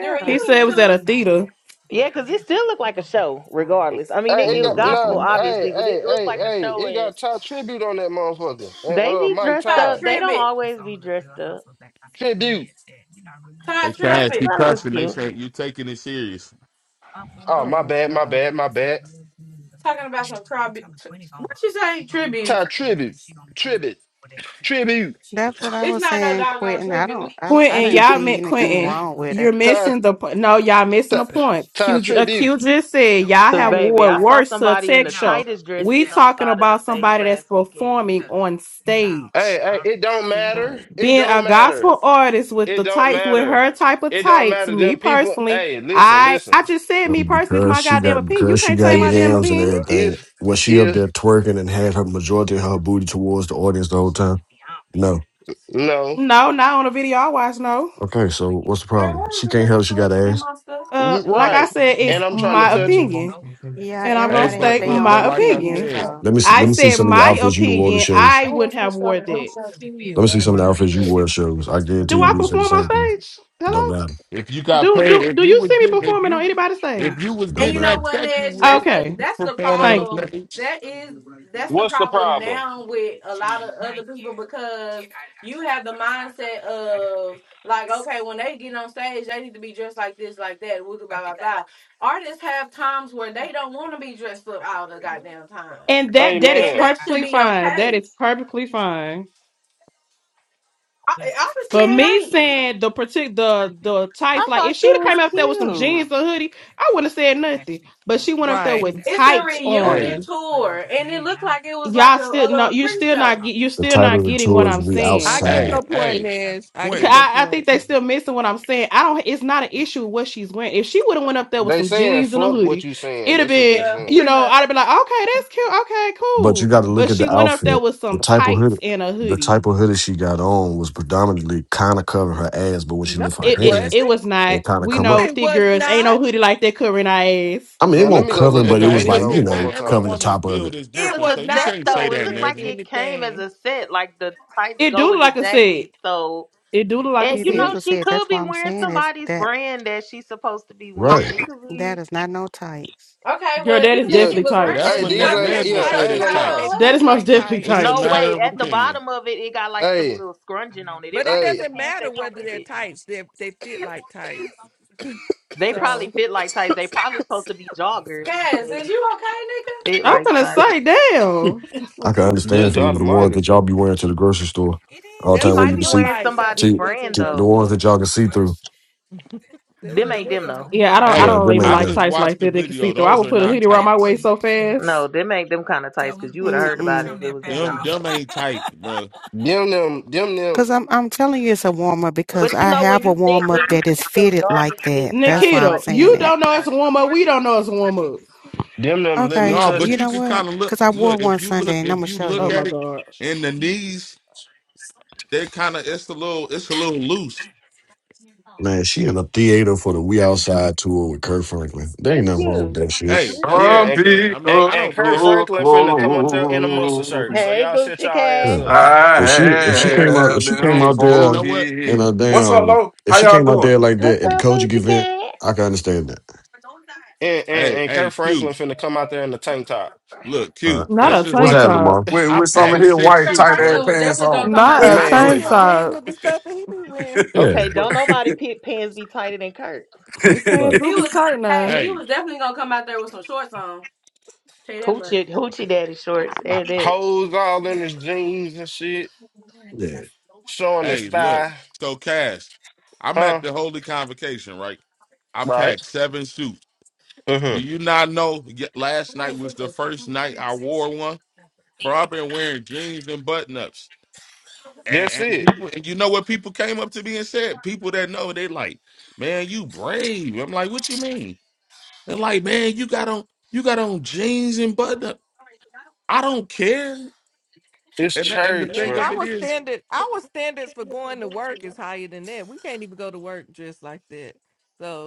The He said it reunion was at tour, a theater. Yeah, because it still looked like a show. Regardless, I mean, it, Hey, it it was got no. gospel hmm Hey, obviously, but it hey, looked hey, like a hey! show. It And got Ty tribute on that motherfucker, and they uh, be Mike dressed Todd Todd up. They don't Tribbett, always be dressed up. tribute. Todd Hey, Cash, I Tribbett, you thought it was cussing. They cute. say you taking it serious. Oh, Oh my my bad, my god! bad, my bad. talking about some tribute. T- what you say? Tribute. Ty tribute, tribute, tribute. that's what I It's was not no saying. doggone Quitting. I tribute. Quentin, y'all meant Quentin. quit You're it. Ty, missing the po- no, y'all missing Ty, the point. Ty Q, j- uh, Q tribute. just said y'all Cause have Hey, I'm baby, wore I sorry. saw worse to a somebody in tech the show. tightest dress We sitting on the talking side of the about stage somebody that's last weekend. performing on stage. Hey, hey! It don't matter. Right, It being don't a matter. gospel artist with It the don't tights with matter. her type of It don't tights matter. me Them people. personally Hey, listen, i listen. i just said So me personally it's because my she goddamn got opinion you because she can't got change my If, damn yams and opinion everything, if, was she up if there twerking and had her majority of her booty towards the audience the whole time? No. no, no not on a video i watch no Okay, so what's the Girl, problem? what is She you can't looking help she for got in ass. my stuff? uh like I'm i right. said And it's I'm looking trying to my touch it. for opinion something. Yeah, and i'm gonna Hey, but state but but my everyone appeal. I'm like I looking for opinion said, something. Let me see, i let me but see said some of your my outfits you wore to opinion shows. i wouldn't have wore that Let I'm me see some of looking the outfits you for wore to shows. I guarantee do you i we said the perform on same thing. something. stage It don't hello matter. if you got do paid, do do if you you was see me getting if performing on you anybody's stage if you was It And don't you getting know that matter. what, check, you Nedge? That's would the you okay be that's the performing on thank problem. you stage. That is that's the What's the problem problem? now with a lot of other people because you have the mindset of like, okay, when they get on stage, they need to be dressed like this, like that, woo, blah blah blah. Artists have times where they don't want to be dressed up all the goddamn time, and Hey, that that is and man. that should perfectly be fine that okay. is perfectly fine I, honestly, But me it ain't. saying the particular the the tights, I like if thought she she would have was came up there with some cute. jeans or hoodie, I wouldn't have said nothing. But she went up there right. with It's a tights Hey, reunion on. tour, and it looked like it was like Y'all a, a still no, little you're print still not show. get- you're The still title not of the getting what tour is I'm We I saying. get Outside. your hey, point, It, hey, Nash. I get 'cause your Quentin. I, I point. think they still missing what I'm saying. I don't. It's not an issue with what she's wearing. If she would have went up there with They some saying jeans and a fuck what hoodie, you saying. it'd have That's what they're been Yeah, saying. you pretty know much. I'd have been like, okay, that's cute, okay, But you cool. gotta But look at she the went up there outfit. with The some type of tights hoodie and a the hoodie. type of hoodie she got on was predominantly kinda covering her ass, but when she No, lift her it It, it hands, it wasn't. was not. it kinda We come No, up. know It thick was girls ain't no not. hoodie like that covering our ass. I mean, it Now let won't me go cover him, look And at but it the now it was like, video you depend. one Now know, more every time. covering the woman's top of build it. is It It was different, was a so you not set can't say though. It that, looked covering like Najma. it came as anything. a set, like the tights It do go look with the like a set. jacket. So, It do look like a and It you is know, set. a she set. could That's why be I'm wearing saying is somebody's that brand that she's supposed to be wearing. Right. It could that be. is not no tights. Okay, Girl, well, that is even if Yeah, she definitely was Well, running tights. that's it, hey, what she Na- these not Whether ain't they Najma fishing yeah, I because tights said she ain't or is got gonna a not, lie. whole they tights. That is fit husband. most like definitely tights. It's a No, tights. matter wait. of At the opinion. bottom of it, it got like some Hey, little scrunching on it. It But it might be hey, the doesn't pants matter that come whether with they're it. tights; they they fit like tights. They probably So fit like tights. They probably supposed to be joggers, and Cass, is they you okay, fit I'm like gonna tights. say, damn. nigga? I can understand good if it God was the ones almighty. that y'all be wearing to the grocery store all the She that's time where what you might it can be looked see wearing like. Something somebody's you to, went to a brand to grocery the though. ones that store. y'all can see through. That's Them what it ain't looked them like. though. Yeah, I don't I Yeah, Hey, don't them even ain't I like done. just tights like watched the that. They can see video. through. I Those would are put a not hoodie around my tights. waist so No, fast. them ain't them kind of tights. Cause you would have heard about it if it was them kind Them, of tights. them ain't tight, bro. Them them them them Cause I'm I'm telling you it's a warm up because But you I know when have a you think warm up when you that is think your fitted dog is like that. fit That's tight, why I'm Nikita, like they saying look you that. like don't know it's tight. a warm up. We don't know it's a warm up. them them let me Okay, No, touch you but you know it. could what? kind of look Cause I wore look one if you look Sunday and I'm gonna if you show Oh look you. my at it gosh. in the knees, they kind of it's a little it's a little loose. Man, she in a theater for the We Outside tour with Kurt Franklin. There ain't It's nothing wrong with cute. that shit. Hey, It's that's what Yeah, I'm and cute. saying. Happy I mean, and, I and don't Kurt care. Franklin finna come up there in a muscle Kotoko. shirt. So Hey, y'all shut Boochie y'all You ass Cat. know. up. I If she if she Hey, came out if have she came them hey, out but you for there know what, thee. in Q? a What's up, damn Lo? if How she y'all came out doing? there like that What's at the up, Kojic Boochie event, Cat? I can understand that. And and, Hey, and hey, Kurt Q. Franklin finna come out there in the tank top. Look, All Q. right. Not That's a just What's tank like happening, me. top. Mom? With, I with some of packed his six white Kirk tight suits, ass right? Franklin was pants definitely gonna on. come Not out there a I with don't Man, be shorts tank on. agreeing top. with the stuff that he be wearing. Yeah. Okay, don't nobody pick pants be tighter than Kurt. His pants Right. do He be was, tight hey, now. he Hey, was definitely gonna come out there with some shorts on. Tell you that much. Hoochie Hoochie Daddy shorts. And it. hoes all in his jeans and shit. Yeah. showing his hey, look. thigh, So, Cash, I'm at huh? the holy convocation, right? I Right. packed seven suits. hmm Do you not know? y- How Last many night was the sisters? first night I wore one. Bro, I've been wearing jeans and button ups. That's And, and it. people, and you know what people came up to me and said? People that know, they like, man, you brave. I'm like, what you mean? They're like, man, you got on, you got on jeans and button up. I don't care. It's And that, and the church, thing Man, bro. of it our is, standard our standards for going to work is higher than that. We can't even go to work dressed like that.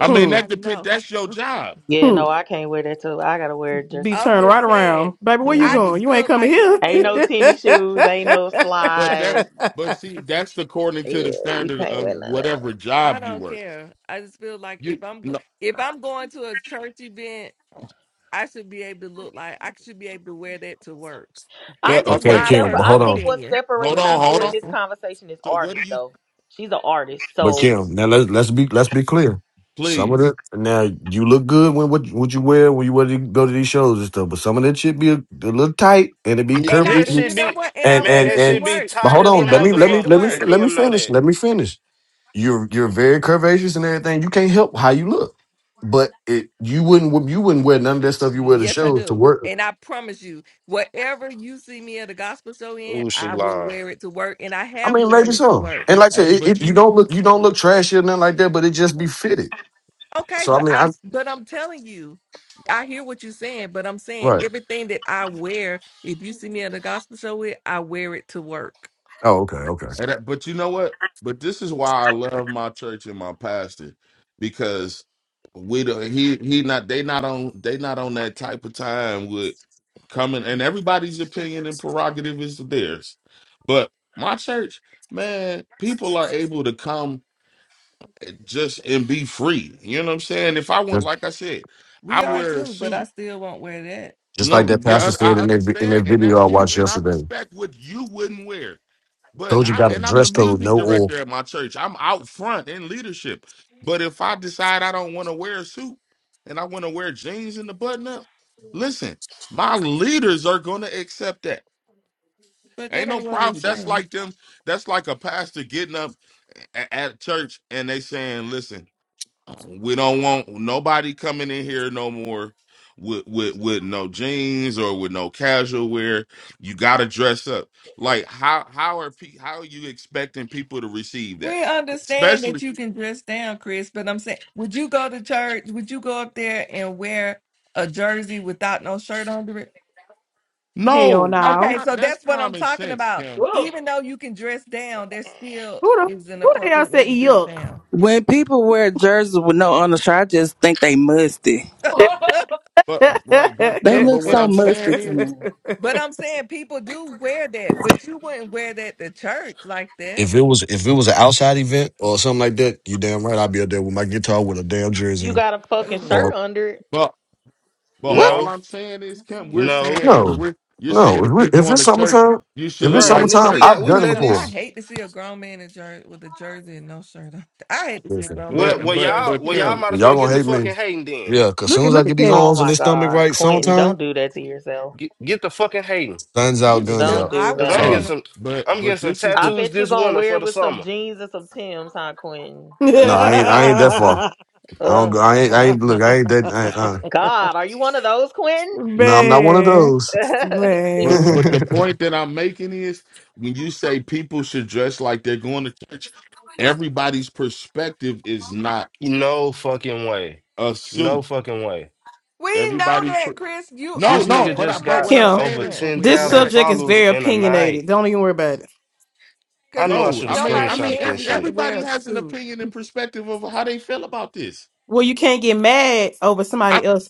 I mean, Hmm. I that depend. know. That's your job, Yeah, hmm. no, I can't wear that too. I gotta wear dress Be up I'm turned clothes. just right saying. around. Baby, where you I Yeah. going? just You ain't feel coming like here. Ain't no anything tennis shoes. Ain't no but that's slides. but see, that's according to the Yeah, you standard can't of wear none of that. whatever I job you don't work. care. I just feel like You if I'm go- no, if I'm going to a church event, I should be able to look like I should be able to wear that to work. I but That's just think Okay, what okay, my Kim, separ- but I personal hold on. think what opinion hold separates when on, I'm people hold in this on. dressing. conversation is So what do artists, you though. She's an artist, But so Kim, now let's let's be let's be clear. Some of please? the now you look good when what what you wear when you want to go to these shows and stuff, but some of that shit be a, a little tight and it be Y- And I curvy. That and should you know be, what? And I And man. wear and That it to should and be work. but tight hold as a And on, let I me let wear it me to let me motherfucker, and work. let me Kim know finish. that. Let me finish. You're you're very curvaceous and everything. You can't help how you look, but it you wouldn't you wouldn't wear none of that stuff you wear to Yes, I shows to do. work. And I promise you, whatever you see me at a gospel show in, Ooh, she I will lying. wear it to work. And I I have mean, maybe worn it to so. work. And like I said, Hey, it, but it, you you don't look you don't look trashy or nothing like that, but it just be fitted. Okay, So I but mean, I I'm but I'm telling you, I hear what you're saying, but I'm saying right. everything that I wear, if you see me at a gospel show with, I wear it to work. Oh, okay, okay. And that, but you know what? But this is why I love my church and my pastor because we don't. He he not. They not on. They not on that type of time with coming. And everybody's opinion and prerogative is theirs. But my church, man, people are able to come just and be free. You know what I'm saying? If I want, like I said, We I are wear a too, but I suit. still won't wear that. Just like No, that Okay. pastor yeah, I said I in that in that understand, and video I that's you, watched and I yesterday. respect what you wouldn't wear. But Told you I got a and I'm the dress code, music no oil. director at my church. I'm out front in leadership. But if I decide I don't want to wear a suit and I want to wear jeans and the button up, listen, my leaders are gonna accept that. But Ain't that no ain't what we're problem. That's saying. like them, that's like a pastor getting up a- at church and they saying, listen, we don't want nobody coming in here no more with with with no jeans or with no casual wear. You got to dress up. Like how how are pe- how are you expecting people to receive that? We understand that Especially you can dress down, Chris, but I'm saying, would you go to church? Would you go up there and wear a jersey without no shirt under it? hell no, not no. Okay, com- so that's that's what I'm common talking sense, about. Kim. Whoa. Even though you can dress down, there still Who the is an who the hell appropriate way said to dress yuck? down. When people wear jerseys with no undershirt, I just think they musty. But right, but They Kim. But look what so I'm musty saying to is, me. But I'm saying people do wear that, but you wouldn't wear that to church like that. If it was if it was an outside event or something like that, you damn right I'd be up there with my guitar with a damn jersey. You on. got a fucking Ew. Or shirt under it. but but what? all No, I'm saying is, Kim. We're no, saying if No, we're you're saying no. If, if we, you're if going it's to church, summertime, you should if look it's right, like nigga. summertime, We church. out- I've Y'all we done it wear letting no. I before. these. hate to see a grown man in jer- with a jersey and no shirt on. I hate to see a Listen, grown Well, man But in well, a but jersey. y'all, but well, y'all Kim, Period. might well, as well y'all get gonna the hate me. fucking hating then. Yeah, cause look soon at as I look at get these Kay. Oh arms and my this stomach god, right, Quentin, summertime, don't do that to yourself. Get get the fucking hating, guns out, guns Don't out. do I, cause I'm I that. getting hey, Sorry, ain't- some, but I'm getting but some this is I the tattoos bet you this gonna winter wear for it the with some summer. jeans and some Tims, huh, Quentin? no, Oh I my ain't. I god. ain't that far. I don't. Ugh. go I ain't. I ain't. Look, I ain't that. I, ain't- uh, God, are you one of those, Quentin? no, I'm not one of man. those. Jeez. But Man. but the point that I'm making is when you say people should dress like they're going to church, everybody's perspective is not No fucking way. a No suit. fucking way. we know Everybody's per- that, Chris. You no This no. nigga arguing? But I just We're but not got what I'm Kim, saying saying over is, but that when this you had 10,000 a subject is followers very in a night. opinionated. Don't even worry about it. I because knew I no, should have I mean I nobody's mean screenshotted saying that every, you got to shit. everybody wear a has an suit. opinion and perspective of how they feel about this. Well, you can't get mad over somebody I else's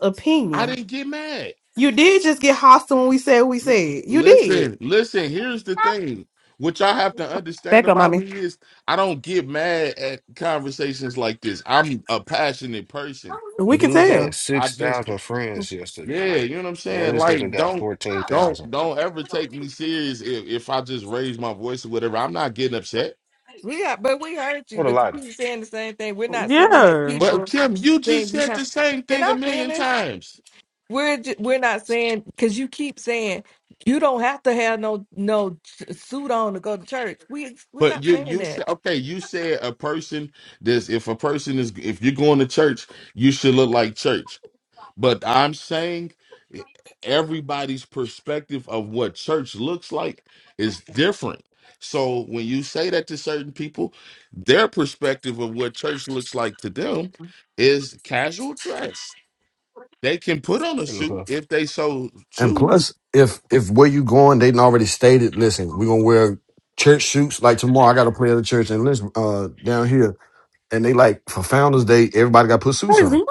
I opinion. didn't get mad. You did just get hostile when we said what we L- said. You did. Listen listen. Here's the thing. What y'all have to understand Back up, about me mommy. is I don't get mad at conversations like this. I'm a passionate person We can Dude had So tell. I just 6,000 friends yesterday. yeah, you know what I'm Now saying? this nigga Like got don't don't 14,000. don't ever take me serious if, if I just raise my voice or whatever. I'm not getting upset. We got, but we heard you. What a But you lighter. keep saying the same thing. We're not saying that Yeah. But people Kim, you just saying you said have. the same Can thing a I million finish? times. We're ju- we're not saying because you keep saying you don't have to have no no suit on to go to church. We we're But not you saying you that. said okay, you said a person this if a person is if you're going to church, you should look like church. But I'm saying e- everybody's perspective of what church looks like is different. So when you say that to certain people, their perspective of what church looks like to them is casual dress. They can put on a Here we suit go. if they so And choose. plus, if if where you going, they done already stated. Listen, we're gonna wear church suits. Like tomorrow, I got to play at a church in listen uh, down here, and they like for Founder's Day, everybody got to put suits on. Crazy.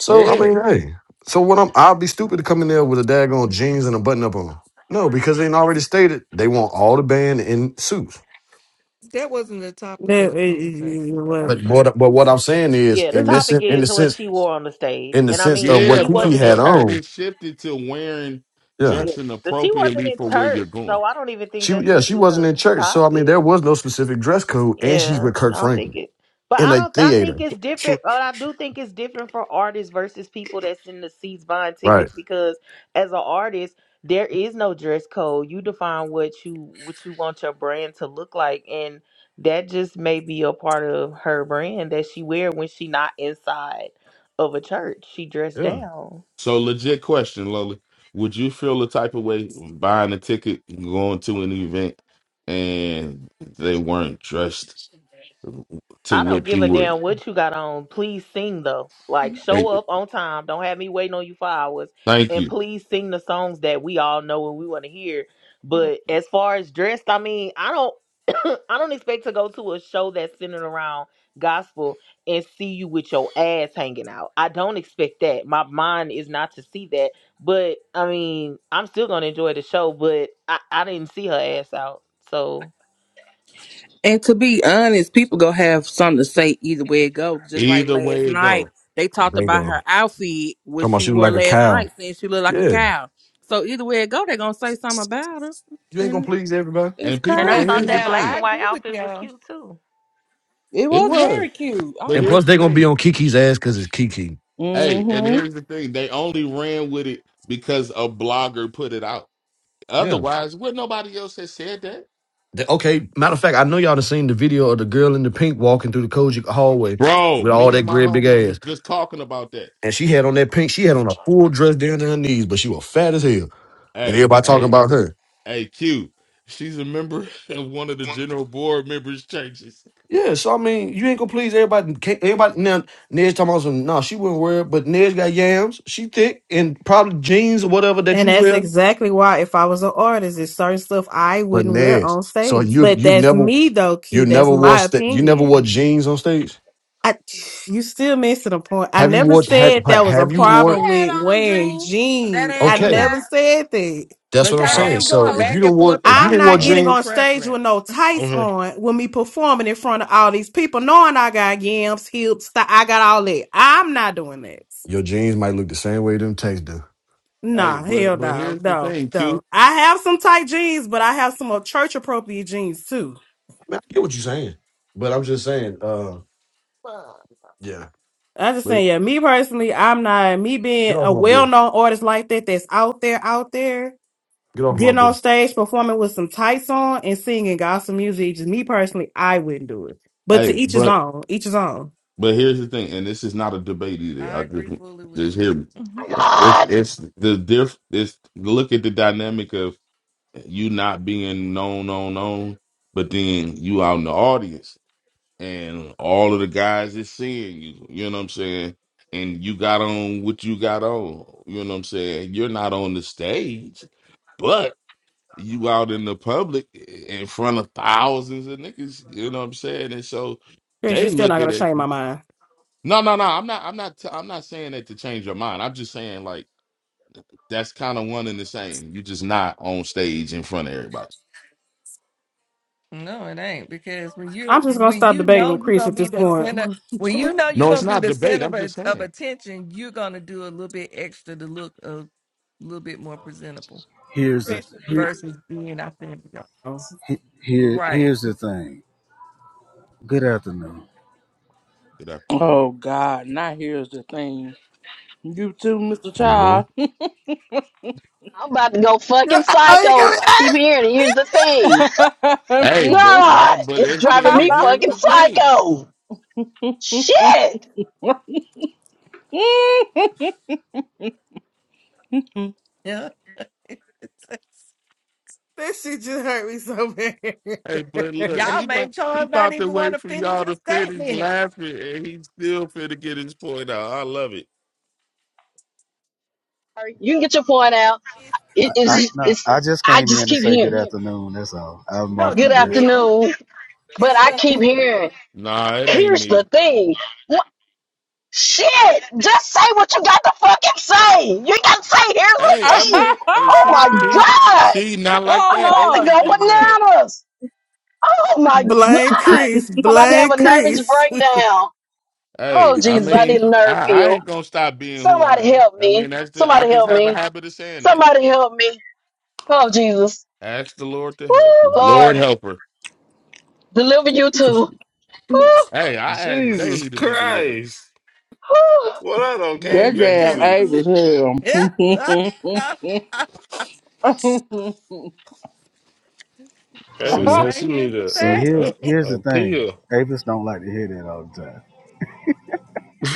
So I Yeah. mean, hey, so what? I'm I'll be stupid to come in there with a daggone jeans and a button up on. No, because they done already stated they want all the band in suits. That wasn't the topic of That- the it- it- it conversation. But But was. okay, what? But what I'm saying is, yeah, the It in was- this topic in the is what sense she wore on the stage. in the And I sense mean, of what Yeah, she Kiki but wasn't in had but but church. on, it shifted to wearing yeah. Yeah, dressing but she wasn't appropriately in for where you're church, going. so I don't even think She that yeah, should have she been wasn't a in church. So I mean topic. there was no specific dress code and she's with Yeah, Kirk I don't Franklin. think it, but in I a don't. I think theater. it's different. But I do think it's different for artists versus people that's in the seats buying Right. tickets because as an artist, there is no dress code. You define what you what you want your brand to look like, and that just may be a part of her brand that she wear when she not inside of a church. She dressed Yeah. down. So legit question, Loli. Would you feel the type of way buying a ticket, going to an event, and they weren't dressed to I don't what give you a would? damn what you got on. Please sing though. Like show Thank up on time. Don't have me waiting on you for hours. thank And you. please sing the songs that we all know and we want to hear. mm-hmm. But as far as dressed, I mean, I don't I don't expect to go to a show that's centered around gospel and see you with your ass hanging out. I don't expect that. My mind is not to see that. But I mean, I'm still gonna enjoy the show, but I, I didn't see her ass out. So And to be honest, people gonna have something to say either way it goes. Just like Either last way it night, go. they talked They about her outfit, what Talking she about you wore like a last cow. night, saying she looked like a Yeah. cow. So either way it go, they gonna say something about her, You ain't gonna and please everybody. it's And people and I now and and thought here's the that crazy. now black thing. I and white agree with outfit was y'all, cute too. It It was very was. cute. I But And like plus, here's the it. they gonna be thing. on Kiki's ass because it's Kiki. Hey, and Mm-hmm. here's the thing. They only ran with it because a blogger put it out. Yeah. Otherwise, would nobody else have said that? They- okay. Matter of fact, I know y'all done seen the video of the girl in the pink walking through the Kojic hallway Bro, with all me that and my great big homies was ass, just talking about that. and she had on that pink. She had on a full dress down to her knees, but she was fat as hell, and Hey, everybody talking hey, about her. Hey Q, she's a member of one of the general board members' churches. Yeah, so I mean, you ain't gonna please everybody. Can't- Everybody now, Ned's talking about some. No, Nah, she wouldn't wear it, but Ned's got yams. She thick and probably jeans or whatever that And you that's wear. exactly why if I was an artist, there's certain stuff I But wouldn't wear Nez, on so stage. you But you've that's never me though, Q. you That's never wore my sta you never opinion. wore jeans on stage. I, you still missing a point. I Have you never wore have said that was a have you she, she wore? problem had with on them wearing jeans. That jeans. I ass was Okay, never out. said that. that's but what I'm That y'all Huh. ass saying. keep was So going if you poking. back don't and forth wore if you I'm about don't wore not All right. getting people's jeans, on stage with no preference. I'm tights here. on when me performing in front of all these people, knowing I got yams, hips, th- I got all that. I'm not doing that. your jeans might look the same way them tanks do. I Hey, Nah, hell but but no, here's the no, thing, no. Q. I have some tight jeans, but I have some church appropriate jeans too. mean, I get what you're saying, but I'm just saying, uh, yeah, I just But saying, yeah, me personally, I'm not me being get off a my well boo, known artist like that that's out there, out there, get off my getting on boo. stage performing with some tights on and singing gospel music. Just me personally, I wouldn't do it. But hey, to each his but own, each his own. but here's the thing, and this is not a debate either. I I just agree fully with just you. hear me. It's it's the diff. It's look at the dynamic of you not being known, known, known, but then you out in the audience, and all of the guys is seeing you. You know what I'm saying? And you got on what you got on. You know what I'm saying? You're not on the stage But you out in the public in front of thousands of niggas, you know what I'm saying? And so Chris, you're they still not gonna looking at change my you. mind. No, no, no. I'm not. I'm not. T- I'm not saying that to change your mind. I'm just saying like that's kind of one and the same. You're just not on stage in front of everybody. No, it ain't because when you I'm just gonna when stop you debating know with you're Chris gonna at be this the point. center, when you know you're No, gonna it's be not the debate. center of, I'm just at- of saying. attention, you're gonna do a little bit extra to look a little bit more presentable Here's the here, versus being out there. like, Oh, here Right? here's the thing. Good afternoon. Good afternoon. Oh God! Now here's the thing. You too, Mr. Yo, Child. Oh, you got me. Ah, Here, and here's the thing. Hey, but nah, God, but it's it's, driving me here's fucking the thing. psycho. Shit. Yeah. That shit just hurt me so bad. Hey, but look, he Y'all about made he Charles not about to even want wait to for finish y'all his to finish statement. laughing, and he still finna get his point out. I love it. morning. You can get your point out. It I is. no, It's. I just I came just in to keep say good hearing. afternoon. That's all. I'm No, Mark and you Good Chris. didn't. afternoon. But I keep hearing, Nah, it ain't here's me. the thing. What? Shit. Just say what you got to fucking say. You ain't got to say, here's Hey, the I thing. mean, hey, Oh see, my see, God. see, not like I'm that. about to oh Ava's go Lord. getting mad. bananas. Oh my Blank God. crease, I'm about to have a blank nervous crease. Wait, breakdown. Oh, Hey, I Jesus, I need mean, a I, nerve I pill. ain't gonna stop being who I Somebody am. help I me. mean, that's the, I Somebody just help have a me. habit of saying that. Somebody help me. Oh, Jesus. Ask the Lord to Woo, help you. Lord Lord, help her. deliver you too. Woo, Hey, I ask Jesus daily to be delivered. Christ. woo. What I done Man, came That you back damn just to. ape believe. was hell. Ava Don't See, said she say need here's the a, see, a, thing. here's here's a, the a thing. pill. Avis don't like to hear that all the time.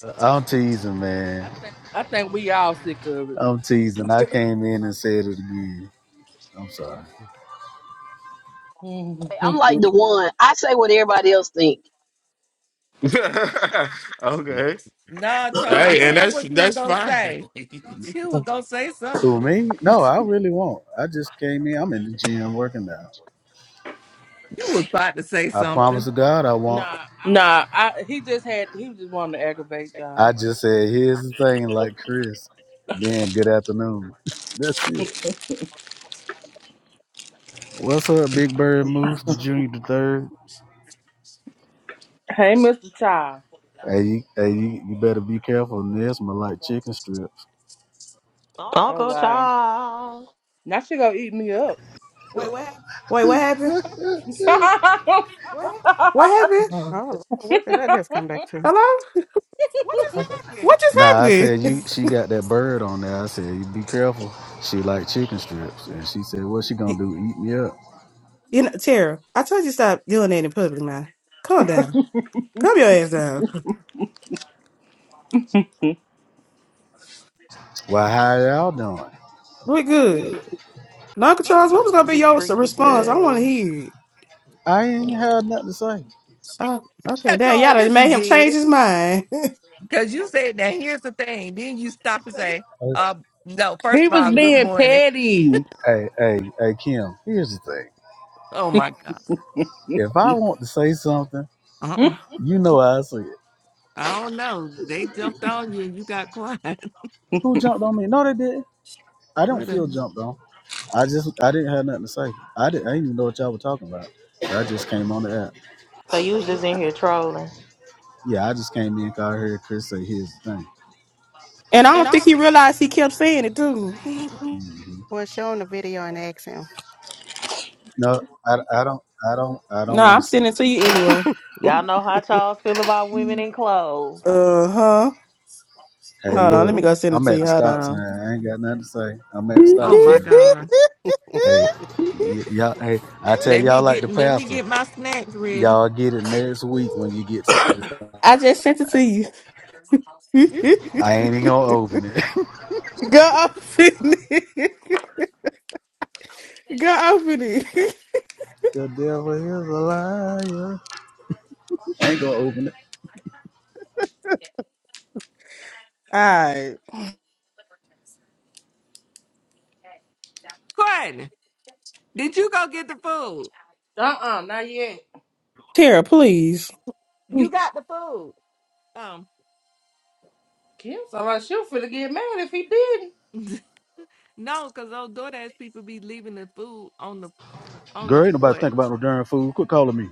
Uh, I'm teasing, man. I think we all sick of I'm teasing. I came in and said it again. I'm sorry. I'm it. like the one. I say what everybody else think. okay. nah, Charles, Hey, and finish that's what you was that's gonna fine. say. You were gonna say Who something. me? No, I really won't. I just came in. I'm in the gym working now. You was about to say I promise something. to God, I won't. nah, I, he just had he just wanted to aggravate I y'all. just said, here's the thing, like Chris. Then good afternoon. That's it. What's up, Big Bird Moose, the junior, the third? Hey, Mr. Child. Hey, you, hey, you, you better be careful. Nesma like chicken strips. Oh Uncle wow. Charles. Now she gonna eat me up. what happened? What happened? What did I just come back to? Hello? What just Nah, I happened? said you. he She got that bird on there. I said you be careful. She like chicken strips, and she said, "What she gonna You, do? Eat me up?" you know, Tara, I told you stop doing that in public now. Calm down. Calm your ass down. Well, how y'all doing? We're good. Now, Uncle Charles, what was gonna be Big your s- freaky response? I Good. want to too. hear it. I ain't had nothing to say. Oh, okay. That's Damn, all. y'all done Yes, you made him change did. his mind. Cause you said that. Here's the thing. Then you stop and say, "Uh, no. First of was all, good being morning." petty. Hey, hey, hey, Kim. Here's the thing. Oh my God. If I want to say something, uh Uh-uh. you know I say it. I don't know. They jumped on you and you got quiet. Who jumped on me? No, they didn't. I don't what a, feel jumped on. I just I didn't have nothing to say. I didn't I didn't even know what y'all were talking about. I just came on the app. So you was just in here trolling. Yeah, I just came in, cause I heard Chris say, "Here's the thing." And I don't think he realized he kept saying it too. hmm Well, show him the video and ask him. No, I, I don't I don't I no, don't want I'm to see sending it. it to you anyway. Y'all know how Charles feel about women in clothes. Uh huh. Hey, Hold on, let look, me go send it I'm to at the you. Hold stop sign. on. I ain't got nothing to say. I'm at the oh stop my sign. God. it's Hey, y- y'all. Hey, I tell Let me y'all like the get. Let me pastor. get my snacks ready. Y'all get it next week when you get to. I just sent it to you. I ain't even gonna open it. go open it. go open it. the devil is a liar. I ain't gonna open it. All right, Courtney, did you go get the food? uh, not yet. Tara, please. Mm. You got the food. Um, Kim, somebody she was finna get mad if he didn't. no, cause those DoorDash people be leaving the food on the on Girl, the ain't nobody porch. think about no darn food. Quit calling me.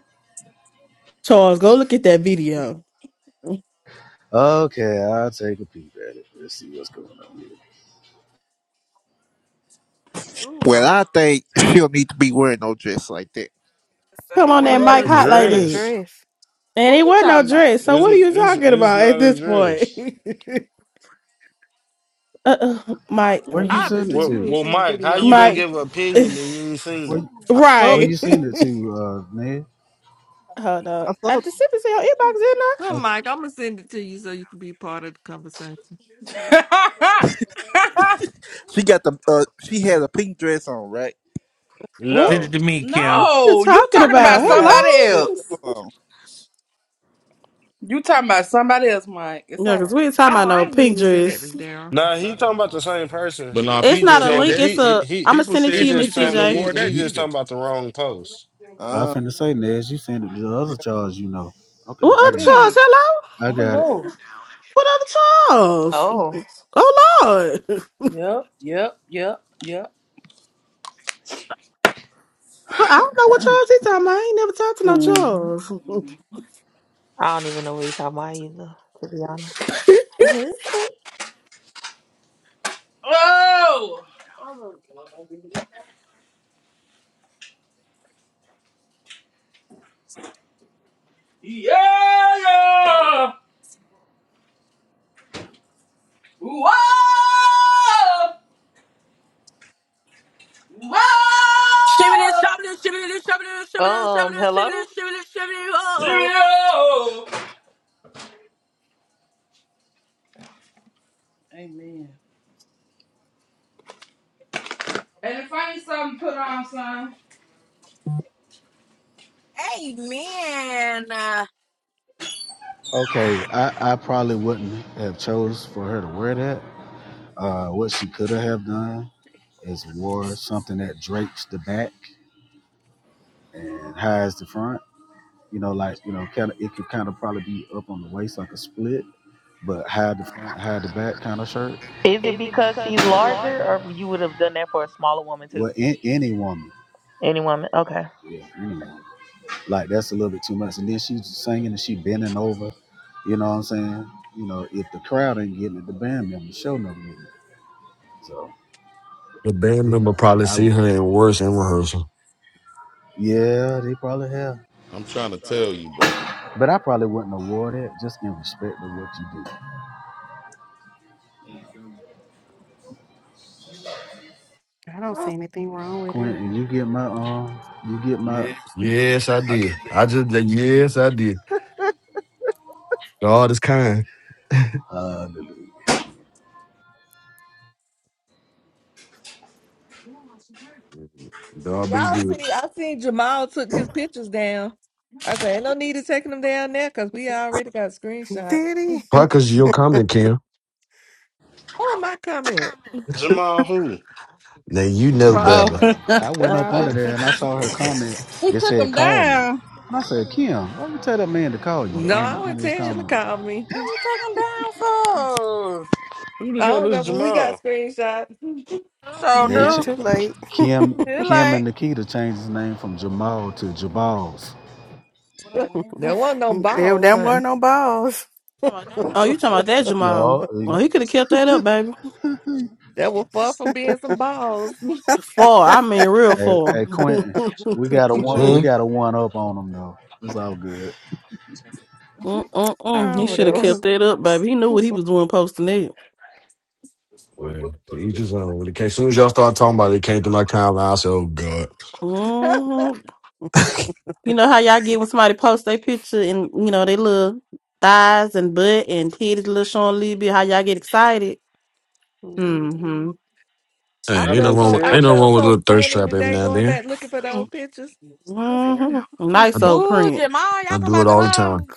Charles, go look at that video. Mm. Okay, I'll take a peep at it. Let's see what's going on here. Well, Ooh, I think she'll need to be wearing no dress like that. Come He on that wasn't even mic What? hot like not addressed. a that. Dress. dress. And it What you wasn't no talking about? dress. So what are It's, you it's, talking it's about at not a this point? dress. uh, uh, Mike, Where you send it Obviously, Well, you to? ain't well, seen the Mike, how video, you gonna Mike. Mike, give an opinion and you ain't seen Where it? I saw where the right? you pic. send it to, uh, Ned? Hold I up. saw. The, At the sipping sale inbox, in I? Come, Okay. Mike, I'm gonna send it to you so you can be part of the conversation. she got the. Uh, she had a pink dress on, right? What? Send it No, to me, Kim. What are you no, you talking talking Okay, about? about Oh Darren. somebody Hello? shit! else. Hold You talking about somebody else, Mike. It's No, all right. because we ain't talking Oh, about I no ain't mean pink to send that to dress. Darren. nah, he talking about the same but person. now It's He people not just a said on the link. that It's he she a. he he I'm gonna people send it to he said you, she Miss just shouldn't talking have CJ. he wore he that You, just talking either. about the wrong post. I on. Uh, finna say Ned, you send it to the other yeah. Charles you know. Okay, What I got other it. Charles? Mm. Hello? I Oh got it. Lord. What other Charles? Oh. Oh Lord. Yep, yep, yep, yep. But I don't know what Charles he talking about. I ain't never talked to no hmm Charles. I don't even know what he's talking about either, to be honest. Mhm. Oh yeah, yeah. Whoa, whoa, Shimmy this, shimmy this, shimmy this, shimmy this, shimmy this, shimmy Um, this, shimmy this, hello? shimmy this, shimmy this. Oh, yeah. Amen. And if I ain't something, to put on, son. amen. Uh, Okay, I, I probably wouldn't have chose for her to wear that. Uh, what she could have done is wore something that drapes the back and hides the front. you know, like you know, kind of it could kind of probably be up on the waist like a split, but hide the front, hide the back kind of shirt. Is it because she's larger or you would have done that for a smaller woman too? Well, in, any woman, Any woman? Okay. yeah, any woman. like that's a little bit too much. And then she's singing and she bending over. You know what I'm saying? You know, if the crowd ain't getting it, the band members show no getting it. So the band you member know, probably I see would. her in worse in rehearsal. Yeah, they probably have, I'm trying to tell you, bro. but I probably wouldn't award it just in respect of what you do. I don't Oh, see anything wrong with him. Quentin, you get my um, you get my Yes, I did. I just yes, I did. God is kind. uh, God been Y'all good. see, I seen Jamal took his pictures down. I said, ain't no need to taking them down there because we already got screenshots. Did he? Probably because of your comment, Kim. Where am I coming? Jamal who? Now you You know know Probably. Oh, better. better. I went up under Oh, there Roberts? and I saw her comment. he It took said, him "Call me." down. And I said, "Kim, why you tell that man to call you No, on I would under his tell you to comment?" call me. What you taking down for? Who the I hell don't know, is but we got Jamal? screenshots. So, They Yeah, ch- too dude, late. Kim he Kim and like Nikita changed his name from Jamal to Jabals. what I'm there wearing, wasn't no if balls, them weren't honey. no balls. oh, you talking about that Yo, Jamal? all Well, he could have kept that up, baby. That was far from being some balls. I Four. I mean, real hey, four. hey Quentin, we with a got a one. t-shirt. We Hmm? got a one up on them though. It's all good. Mm-mm-mm. Oh, He don't should have care. whatever. kept that up, baby. He knew what he was doing posting that. Man, to each his own. When it came, as soon as y'all started talking about it, it came to my timeline. I said, "Oh God, hmm You know how y'all get when somebody posts their picture and, you know, they little thighs and butt and titties little showing a little bit, how y'all get excited? hmm Mhm. I hey, I ain't no felt think wrong so with I ain't Tiff. no felt wrong with a so little thirst funny trap every today now and going then. back looking for hmm those pictures. I said, "Oh, I, Nice old Ooh, print. Jamal, y'all I talking do about it all the Jamal? time.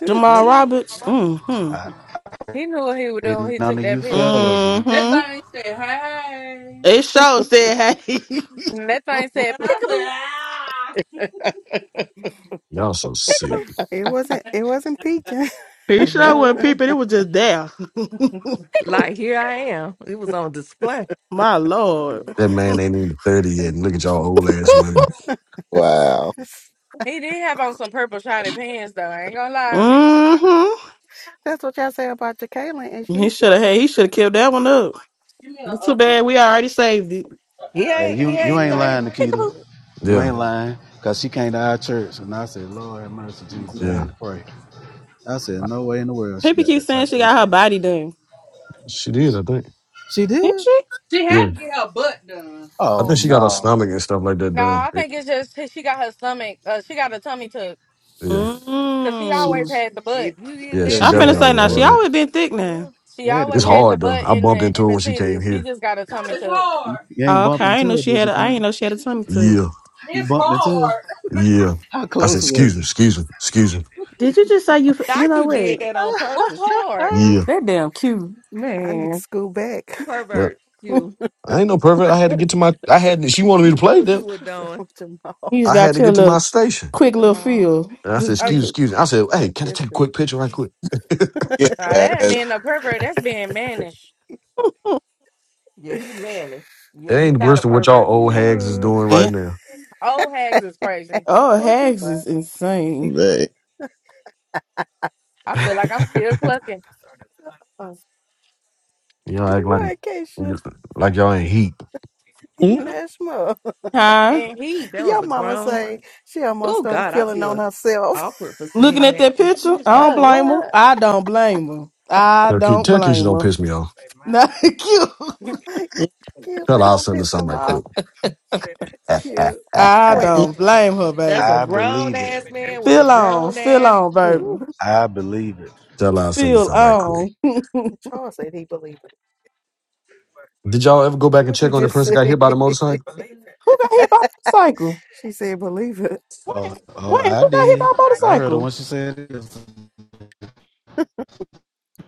it Jamal yeah, Roberts. hmm hmm I, He knew what he was doing. ain't He none took of you that picture. fellas. That thing said, "Hey," It show said, hey. And that thing said and I said, peekaboo, "Ah, Y'all so sick. peekaboo, wasn't it wasn't peaking. he you sure know, it wasn't was- peeping. It was just there. peekaboo. like here I am. It was on display. My Lord. That man ain't even thirty yet, and look at y'all old ass women. Wow. He did have on some purple shiny pants though. I ain't gonna lie. hmm That's what y'all say about Jacqueline and He she's should have. sh- Hey, he should have killed that one up. give me a." It's Uh, too bad we already saved it. uh, He uh." Hey, ain't he you you ain't ain't mm, lying, thirty. Nikita. Peekaboo. But You ain't Yeah. Yeah, lying, cause she came to our church, and I said, "Lord have mercy, Jesus." I yeah, had to pray. I said, no way in the world she Pippi got keeps that saying tight she dress. got her on." body done. she did. I think. She Did did? she? She Yeah, had to get her butt done. I think Oh she got her no. stomach and stuff like that No, done. I think It- it's just she she got her stomach. Uh, she got her tummy tuck yeah, Yeah. because she She always Mm. had the butt. if you did yeah, yeah, she that, I'm she finna that'll had definitely to say always now. grow She had up. that. always accentuate been thick everything now. else. She She had to always It's grow had up. the hard though. butt I in bumped the into in her the when she came titties. She here. just got a God, tummy It's tuck. You hard. you ain't Oh, okay. bumped I ain't into know her, she did had. you, A, I ain't Quentin? know she had a tummy tuck. Yeah, You It's bumped into her? hard. yeah. How I said, close "Excuse was me, excuse me, excuse me." Did you just say you? f- You Thought know you what? did that on What's purpose, hard? you? Yeah, That damn cute I need to man. school back. yeah. pervert. you You I ain't no perfect. I had to get to my. I had. She wanted me to you knew play what you them. were so doing. Jamal. just I had got to your get to my little station. quick little Jamal, feel. And I said, This- Oh, this- you, "Excuse, this- excuse me." I said, "Hey, that can I take a picture. quick picture right quick?" it Yeah. nah, that ain't being a pervert. That's being mannish. Yeah, he manly. Yeah, you're ain't not a worse than what y'all pervert. You old manly. hags is Ooh. doing right Mm, now. Old hags is crazy. Oh, what you Hags say? is insane. they- I feel like I'm still clucking. Oh, Y'all you act like what, Keisha? like y'all ain't heat. mm, Nashma. Huh? And he, That was Your a mama grown. say she almost Oh started God, I feeling on feel herself. awkward for Looking saying at that. that 'Cause he picture, is I my don't oh son. blame her. Lord. I don't blame her. I Tell Ke- don't tell Keisha blame don't her. piss me off. Not cute. mm, Q Tell her say I'll don't send her piss something him right off. Q, quick. I mm, Quentin. don't blame her, That's a baby. I grown believe it. ass man with a Feel on, grown feel ass. on, Mm. Ooh, baby. I believe it. Tell her I'll send this Feel out right quick. on. Charles said he believe it. Did y'all ever go back and What you check on the just person said? that got hit by the motorcycle? Who got hit by a motorcycle? she said believe it. Oh, oh Wait, I who got hit by did. a I heard her motorcycle? when she said it.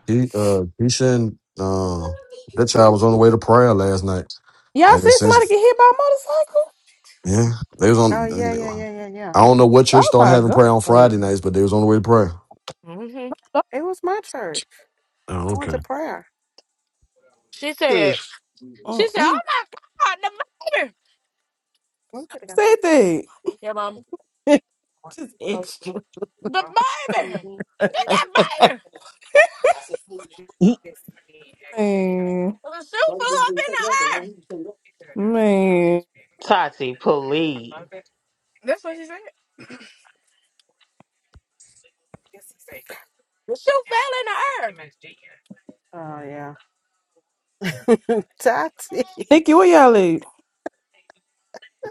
He uh Keisha, said uh that child was on the way to prayer last night Y'all and it seen somebody says get hit by a motorcycle? yeah, they was Oh on yeah, yeah, yeah, yeah, yeah. I don't know what church Oh started my having prayer on god. Friday nights, but they was on the way to prayer. hmm It was my church. Oh, I went to okay. prayer. She said. Ugh, She said, "Oh Uh-uh. my God, the baby! We could have got some food. Say Yeah, mom, that. Just extra. the baby! Get that baby! Man, The shoe flew up in the air. man. Tati, please. That's what she said. The shoe fell in the air. Oh yeah. Tati. Nikki, where y'all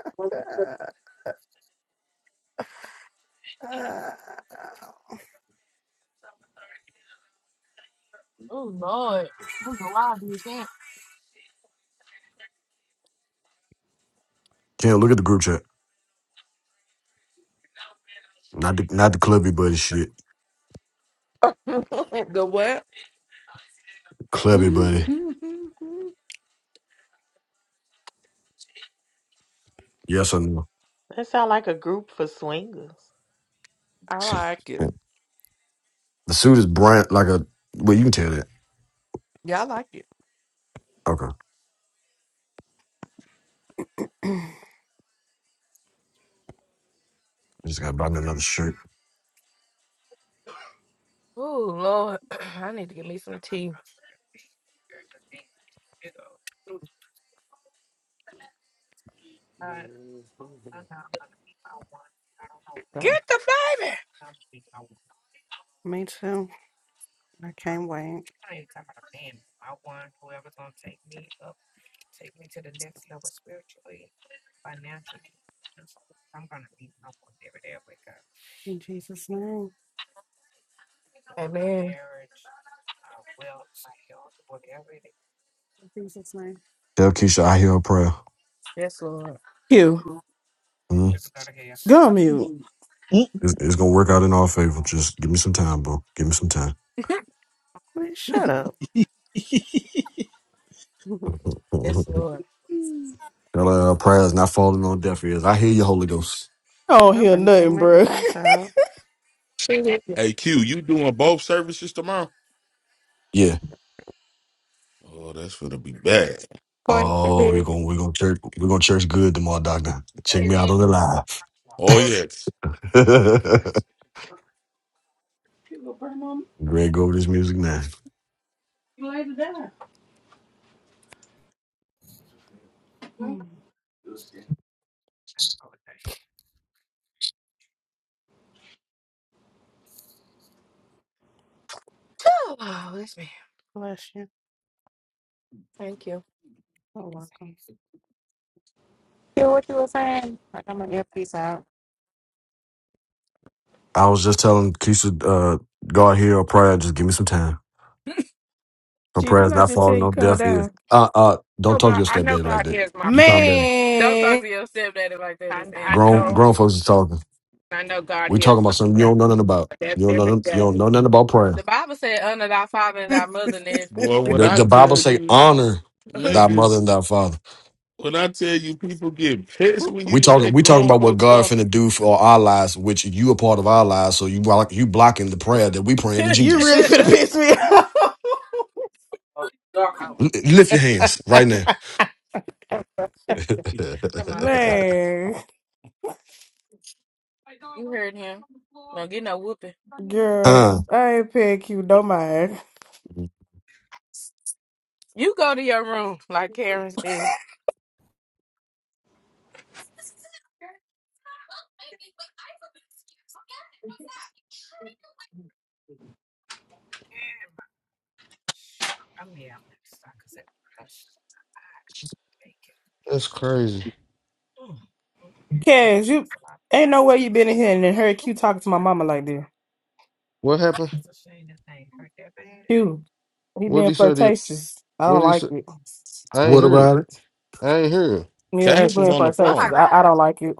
at? Oh Lord, I'm a wild can't. Can't look at the group chat. Not the not the clubby buddy shit. the what? Clubby buddy. Yes or no. That sound like a group for swingers. I like it. the suit is brand like a well, you can tell that. Yeah, I like it. Okay. I just gotta buy me another shirt. Oh Lord, I need to get me some tea. Uh, Get the baby. Me too. I can't wait. In Jesus' name. Amen. In Jesus' name. Tell Keisha I hear her prayer. Yes, Lord. You Mm-hmm. gum you. Indeed. mm, mm. It's, it's gonna work out in our favor. Just give me some time, bro. Give me some time. Wait, shut up. I'm yes, Lord. Our prayers not falling on deaf ears. I hear you, Holy Ghost. I don't hear going to take nothing, my bro. earpiece out. She Hey, Q, you doing both services tomorrow? Yeah. Oh, that's gonna be bad. going to Oh, we're do. gonna we're gonna church we're gonna church good tomorrow, Doctor. Check And me out then on the Oh yes. live. you go burn on me. Greg, go over this music now. you later down. Okay. Phew. Oh, that's me. Bless you. Thank you. I was just telling Keisha, uh, God hear our prayer. Just give me some time. Her Gee, didn't prayers I not just tell falling you on calm deaf ears. down? Uh, uh, don't talk to your stepdaddy like that. You calm down. Don't talk Man. to your stepdaddy like that. It's Grown insane. grown folks is talking. We talking about something you don't know nothing about. You don't know nothing- you don't know nothing about prayer. The Bible said, "Honor thy father and thy mother." Nigga. Boy, when The, I the Bible tell say you honor thy mother niggas, and thy father. when I tell you people get pissed when We you say talking we talking grown about what folks God talking, finna do for our lives, which you a part of our lives. So you block, you blocking the prayer that we praying to You Jesus. really finna piss me off. Oh, dark one. L- lift your hands right now. you Man, heard him. Don't get no whooping. girl, Uh, I ain't paying Q no mind. You go to your room, like Karen said. That's crazy. Cash, you ain't no way you been in here and then heard Q talking to my mama like that. What happened? Q, he What did being he say? To, flirtatious. I what don't did he like say? it. I ain't what hear it. about it? I ain't hear it. Yeah, he Cash was being on the Oh my flirtatious. phone. I, I God. don't like it.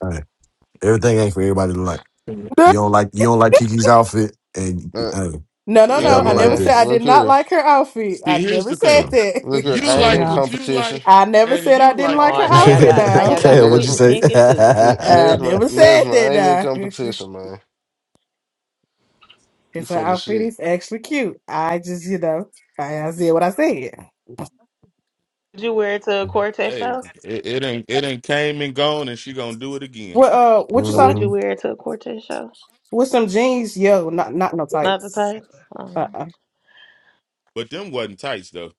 Hey, everything ain't for everybody to like. You don't like you don't like Kiki's outfit, and Uh, hey, No, no, See, hey y'all no. I don't never like man, said I this. did look not here, like her outfit. I see, here's never the said thing: So that. look here. you I ain't so, in like what you competition. like, I never and said I you didn't like like her Oh, what now you y'all outfit like. got now now. N- y'all got Kale, what'd you Quentin Nesma, say? Pinkett too. N- I Nesma, never said Nesma. I ain't in that now. competition, man. You Because her full of outfit shit. is actually cute. I just, you know, I, I said what I said. Would you wear it to a quartet Hey, show? it, it ain't it ain't came and gone, and she gonna do it again. What uh what you saw? Would hmm you wear it to a quartet show? With some jeans, yo, not not no Not the tights. Titans. I don't Uh know. uh But them wasn't tights though.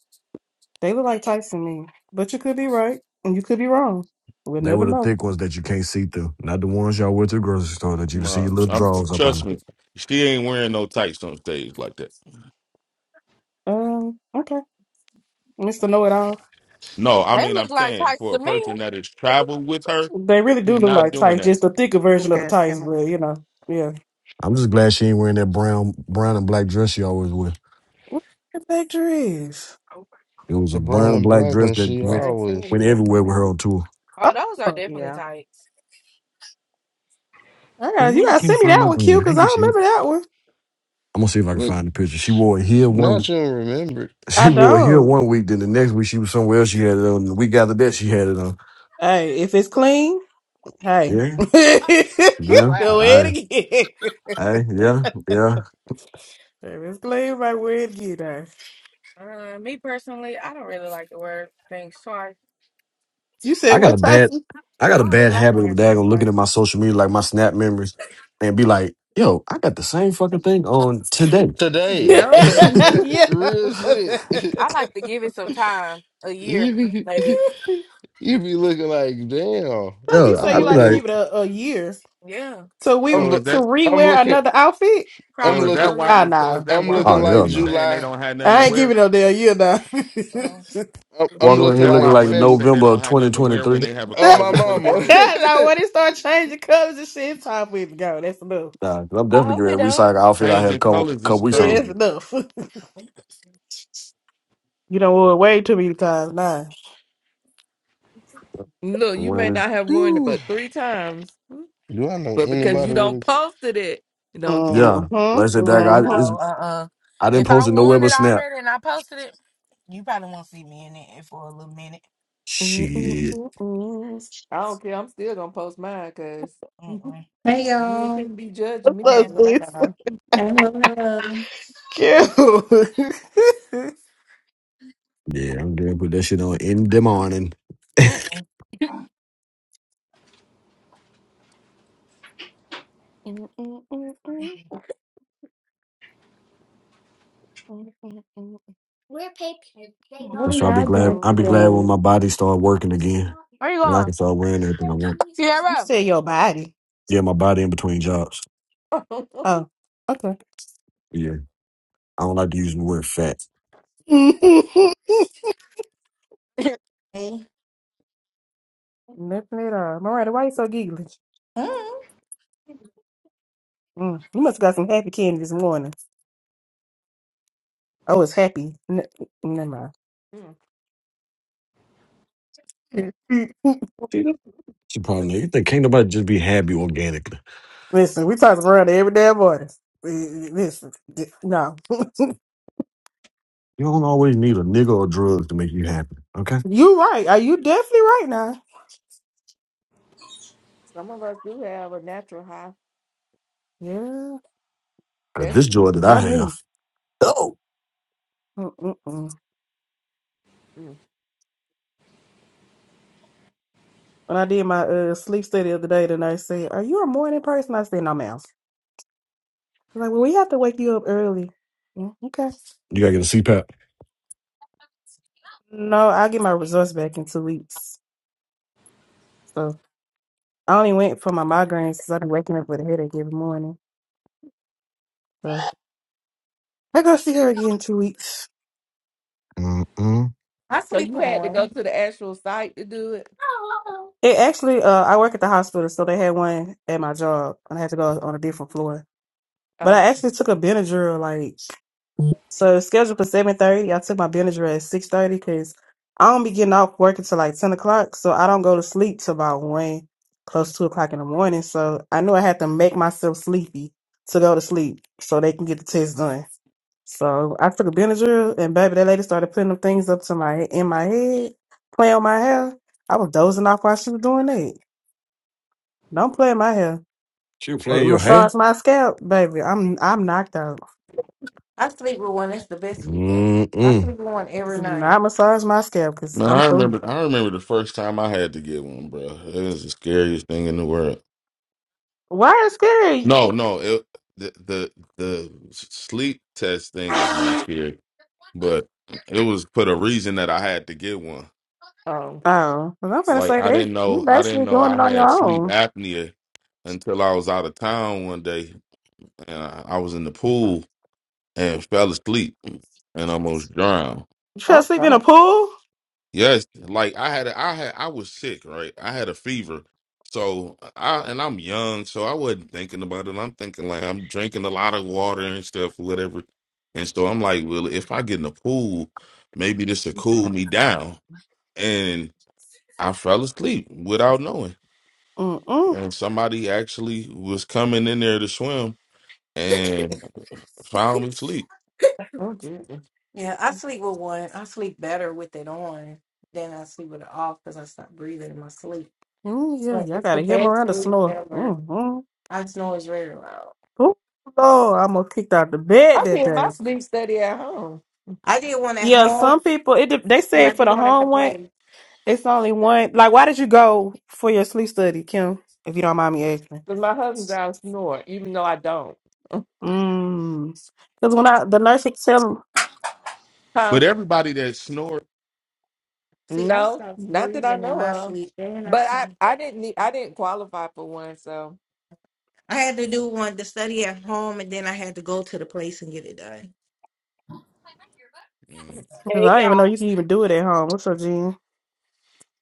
They look like tights to me. But you could be right and you could be wrong. We'll They never were the know. thick ones that you can't see through, not the ones y'all went to the grocery store that you can see your No, little tr- I'm drawers up on. trust me, she ain't wearing no tights on stage like that. Um, okay. Mr. Know It All. No, I They mean look I'm like saying tights for to a me. person that has traveled with her, They really do she's look not like doing tights, that. just a thicker version of the Okay, tights, Kim. but you know, yeah. I'm just glad she ain't wearing that brown, brown and black dress she always wear. What the picture is? It was The a brown brown and and black black dress one, that she went Yeah, I see always you. You went walk everywhere with me. her on tour. Oh, those are Oh, definitely Yeah. tights. I Well, got why you I gotta can't send me find that my one, damn Q, because I don't handkerchief. remember that one. I'm gonna see if I can look. find the picture. She wore it here Now one. she do remember it. I She wore it here don't. one week. Then the next week she was somewhere else. She had it on. The week after that she had it on. Hey, if it's clean, hey. Yeah, Oh, yeah. Go wow. ahead I, again. if I, yeah, yeah. it's clean, right, wear it again. Uh, me personally, I don't really like to wear things twice. You said I got what a tights? bad, I got I a don't really bad like habit of wearing stuff daggone looking at twice. my social media, like my Snap memories, and be like, "Yo, I got the same fucking thing on today." today. Yep. yeah. Like Real shit. I like to give it some time, a year, you be maybe. you be looking like damn. you Yo, say I'm you I'd be like to looking. give it like, a, a year. Yeah, So we to I'm So is look. that? I'm rewear looking. another outfit? I'm So is probably looking. that so, why? yeah. Ah So is nah. that I'm why looking "Oh women like hell be no!" saying they July. don't have nothing to I ain't wear? giving no damn year now. So, I'm, I'm Walking So around is here looking that looking like why like women February. say they November don't of have nothing to wear when 2023. they have a Oh my closet full of mama. clothes? now when it start changing colors and shit, it's time for it to go. That's enough. Nah, 'cause I'm I definitely hope getting it a don't. recycle outfit I had a Changing couple colors is couple weeks Yeah, on. that's crazy. enough. you don't want it way too many times now. Look, I'm you may wearing not have worn it Whew. but three times, Do I know but it. because anybody you Uh, don't with posted it, you don't kill Yeah, them. Hmm? like I said, dag, Yeah, I it's, no, uh-uh. I didn't If I post it nowhere won it but Snap. already and I posted it, you probably won't see me in it for a little minute. Shit. I don't care. I'm still gonna post mine because you Mm-mm. Hey ain't y'all. finna be judging What's me by up, And, what I sis? got. on. Hello, hello. Cute. Yeah, I'm gonna put that shit on in the morning. mm-mm. What And are so I'll be y'all glad. doing I'll be glad when today? my body start working again, Where you and I going? can start wearing anything I want. you Tara. said your body. Yeah, my body in between jobs. Oh, okay. Yeah, I don't like to use the word fat. Nothing Hey. at all. Miranda, why you so giggly? hmm. Mm, you must have got some happy candy this morning. I was happy. N- never Mm. mind. See, that's the problem. You think can't nobody just be happy organically? Listen, we talk around every damn morning. Eh, eh, Listen, d- no, You don't always need a nigga or drugs to make you happy. Okay, you right. Are you definitely right now? Some of us do have a natural high. Yeah, 'Cause That's this joy that I not me. have. Oh, Mm-mm-mm. mm. When I did my uh, sleep study the other day, then I said, "Are you a morning person?" I said, "No, ma'am." They're Like, well, we have to wake you up early. Mm, okay. you gotta get a CPAP. No, I get my results back in two weeks. So I only went for my migraines because I've been waking up with a headache every morning. So, I go see her again in two weeks. Mm mm. I so sleep you with had to go one. to the actual site to do it. It actually, uh, I work at the hospital, so they had one at my job, and I had to go on a different floor. But Oh, I actually took a Benadryl, like. So scheduled for seven thirty. I took my Benadryl at six thirty because I don't be getting off work until like ten o'clock. So I don't go to sleep till about one, close to two o'clock in the morning. So I knew I had to make myself sleepy to go to sleep so they can get the test done. So I took a Benadryl and baby, that lady started putting them things up to my in my head, playing on my hair. I was dozing off while she was doing that. Don't play in my hair. She was Or playing your hair. massage my scalp, baby. I'm I'm knocked out. I sleep with one. It's the best sleep ever. Mm I mm. sleep with one every Do night. not massage my scalp because Man, I'm I through. remember I remember the first time I had to get one, bro. It was the scariest thing in the world. Why is scary? No, no, it, the the the sleep test thing is not scary, but it was for the reason that I had to get one. oh. Oh, well, I'm gonna Like say I they didn't you know I didn't basically know doing I it on had your sleep own. apnea until I was out of town one day and I, I was in the pool and fell asleep and almost drowned. You try to Oh sleep in a God. pool? Yes, like I had, a, I had, I was sick, right? I had a fever, so I and I'm young, so I wasn't thinking about it. I'm thinking like I'm drinking a lot of water and stuff, whatever. And so I'm like, well, if I get in the pool, maybe this will cool me down. And I fell asleep without knowing. Mm-mm. And somebody actually was coming in there to swim and found me asleep. Oh dear. Yeah, I sleep with one. I sleep better with it on than I sleep with it off because I stop breathing in my sleep. Mm, yeah, But y'all it's the gotta hear best Miranda sleep snore. ever. Mm-mm. I snores very loud. Oh, Lord, I'm gonna kicked out the bed I that did my day. sleep study at home. I did one at Yeah, home some people it de- they and say I for did the one at the home one, place. it's only one. Like, why did you go for your sleep study, Kim? If you don't mind me asking. But my husband's out snore, even though I don't. Mm. Because when I the nurse would tell 'em- Huh? But everybody that snored. See, I No, stopped not that I breathing in know my of. sleep and I But snore. I, I didn't need, I didn't qualify for one, so I had to do one the study at home, and then I had to go to the place and get it done. Mm, 'cause Hey I didn't even y'all. know you can even do it at home. What's your gene?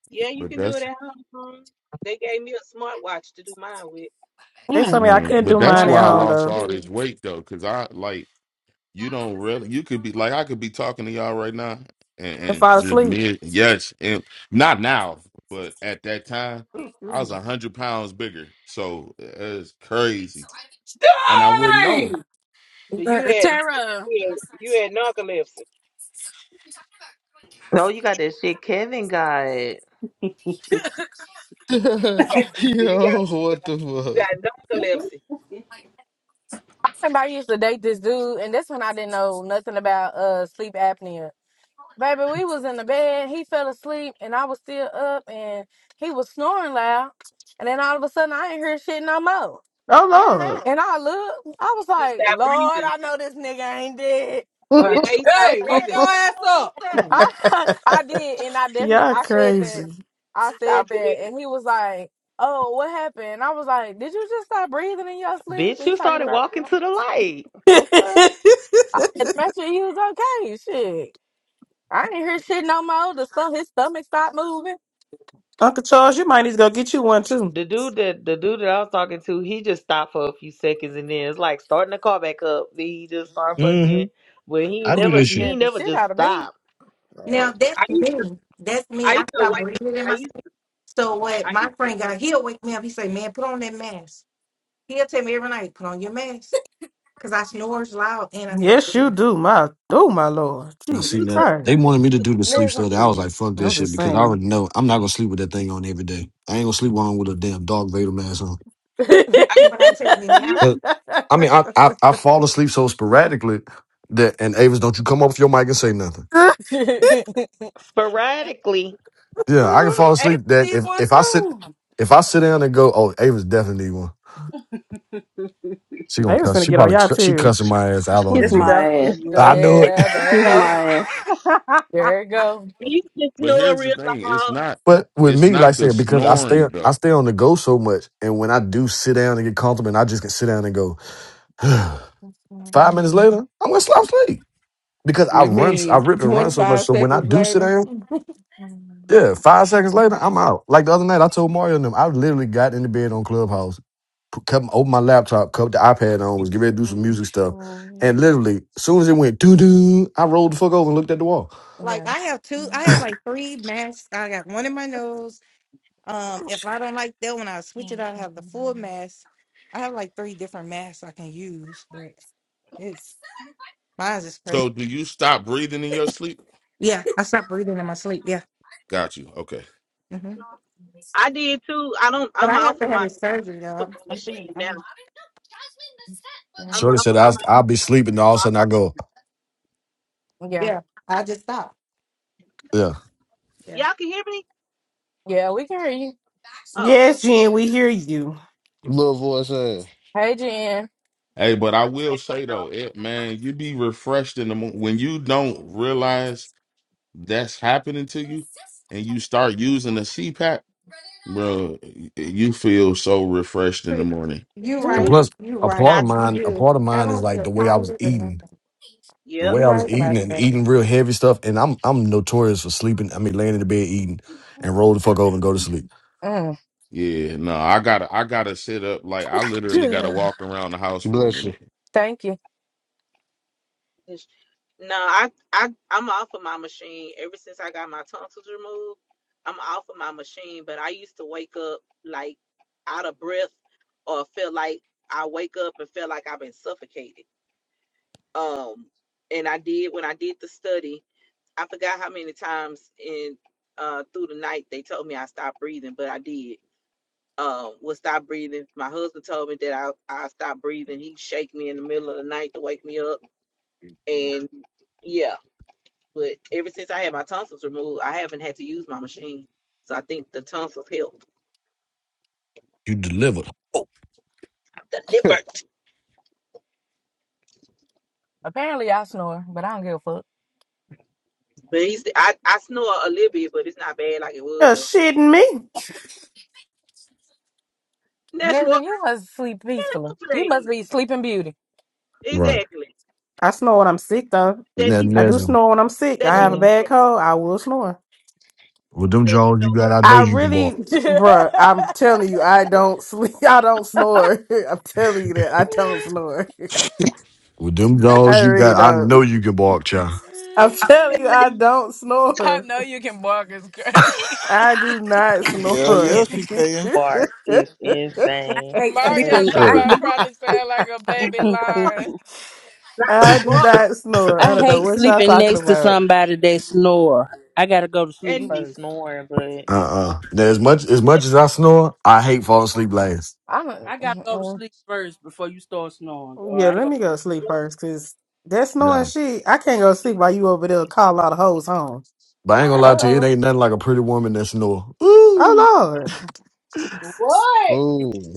Yeah, you But can do it that's at home. huh? They gave me a smartwatch to do mine with. They Mm. told me I mm, couldn't but do that's mine Want at to why I home watch lost though. all this too. weight though, because I like you don't really you could be like I could be talking to y'all right now and, and and fall just asleep. me yes and not now but at that time I was a hundred pounds bigger so it's crazy and I wouldn't know. Dang! So You had Tara. narc- you had narcolepsy. No, you got that shit Kevin got. You a got so you got Yo, what the you fuck? got narcolepsy. Somebody used to date this dude, and that's when I didn't know nothing about uh sleep apnea. Baby, we was in the bed, he fell asleep, and I was still up, and he was snoring loud. And then all of a sudden, I ain't hear shit no more. Oh And I looked, I was He like, stopped Lord, breathing. I know this nigga ain't dead. Lord, Like, Yeah, he stopped hey, wake your breathing. ass up. I I did, and I definitely y'all I said that. crazy. I He said stopped that, breathing. and he was like, "Oh, what happened?" And I was like, "Did you just stop breathing in your sleep?" Bitch, He you talking started about. walking to the light. The fuck? I had to make sure he was okay. Shit, I didn't hear shit no more. The stuff, his stomach stopped moving. Uncle Charles, you might need to go get you one too. The dude that the dude that I was talking to, he just stopped for a few seconds and then it's like starting the car back up. Then he just start Mm hmm fucking but he I Ooh, do never that this shit. he scared the never shit just out of me. stopped. Now Like that's I used to me. That's me. I I used to stop wake breathing in I used myself. to So what? I used My to friend got he'll wake me up. He say, "Man, put on that mask." He'll tell me every night, "Put on your mask," because I snores loud and I stop Yes, you breathing. do. My oh my Lord, And I I Jesus seen used that to Christ. they wanted me to do the sleep There's some study. I was bleeding. like, fuck that I'm shit just because I saying. already know I'm not gonna sleep with that thing on every day. I ain't gonna sleep on with a damn dog Vader mask on. they I used When I take me out, to, 'Cause, I mean, I, I I fall asleep so sporadically that and Avis, don't you come off your mic and say nothing. sporadically. Yeah, I can She fall Ava asleep that need if one if I sit too. if I sit down and go, oh, Avis definitely need one. She gonna was cuss. finna She get on probably y'all cu- she too. cussing my ass out on There Kiss that she mute. my go. There she ass. I go. I knew it. yeah, there you Kiss Go. go. my ass. I There you go. used to But snore here's the real thing: it's loud. not But with it's me, like I not the said, because I stay snoring I though. stay on the go so much, and when I do sit down and get comfortable, and I just can sit down and go. Five minutes later, I'm gonna slap sleep because I You run, I mean rip and run so much. 25 So when I seconds do sit later? down, yeah, five seconds later, I'm out. Like the other night, I told Mario and them, I literally got in the bed on Clubhouse, put, come open my laptop, cut the iPad on, was getting ready to do some music stuff, and literally, as soon as it went doo doo, I rolled the fuck over and looked at the wall. like Yeah, I have two, I have like three masks. I got one in my nose. Um, if I don't like that one, I switch it. out. I have the full mask. I have like three different masks I can use, but it's mine's is crazy. So do you stop breathing in your sleep? Yeah, I stopped breathing in my sleep. Yeah. Got you. Okay. hmm I did too. I don't But I'm I have off to of my have a surgery I'm though. off of I'm, my I'm thinking. machine now. I'm, yeah. I'm Shorty off said, I'm I'll, off "I'll be sleeping." and All I'm of a off sudden, I of go, my yeah, Yeah. I just stopped. yeah. Yeah. Y'all can hear me? yeah. We can hear you. Oh, Yes, Jen, we hear you. Little voice ass. Hey, Jen. Hey, but I will say though, it, man, you be refreshed in the mo- when you don't realize that's happening to you, and you start using the CPAP, bro. y- You feel so refreshed in the Pretty- morning. You And okay. right. plus, You a part right. of I You tried. mine, a do. part of I mine is don't like the feel way I was tired or eating. nothing. the Yep. way You I was right eating about and that. eating real heavy stuff, and I'm I'm notorious for sleeping. I mean, laying in the bed eating and roll the fuck over and go to sleep. Mm. Yeah, no, I gotta, I gotta sit up. Like I literally gotta walk around the house for a Bless you. minute. Thank you. No, I I I'm off of my machine. Ever since I got my tonsils removed, I'm off of my machine. But I used to wake up like out of breath, or feel like I wake up and feel like I've been suffocated. Um, and I did when I did the study. I forgot how many times in uh through the night they told me I stopped breathing, but I did. Um, was stop breathing. My husband told me that I I stopped breathing. He shake me in the middle of the night to wake me up and yeah, but ever since I had my tonsils removed, I haven't had to use my machine. So I think the tonsils helped. You delivered. Oh. The liver. Apparently, I snore, but I don't give a fuck. But he's, I, I snore a little bit, but it's not bad like it was You're though. shitting me. And That's Nigga, what you must sleep peacefully. You must please. be sleeping beauty. Right. Exactly. I snore when I'm sick, though. That Now, you I do Nezin, snore when I'm sick. I that you have a know Mm. bad cold. I will snore. with them that you jaws you know got, I know I you can really, bark. bruh, I'm telling you, I don't sleep. I don't snore. I'm telling you that I don't snore. With them I jaws you really got, I know don't. you can bark, child. I'm telling you, I don't I snore. know you can bark as crazy. I do not Hell snore. yeah, And she can. fart is insane. hate that you Mario sleeping. that talk Yeah. you I about walk, probably sound like a that baby you walk, lion. that I you do walk, not snore. I I don't know hate what and y'all that sleeping you talking next to about. somebody that snore. I gotta go to sleep you and be first. snoring, but Uh-uh. Now, as much as much as I snore, I hate falling asleep last. I'm uh I gotta go to sleep first before you start snoring. Or Yeah, I ain't let gonna. me go to sleep first, cause that's knowing Yeah. shit. I can't go to sleep while you over there call all the hoes home. But I ain't gonna What? lie to you, it oh. ain't nothing like a pretty woman that snore. Ooh. Oh Lord, What? Oh.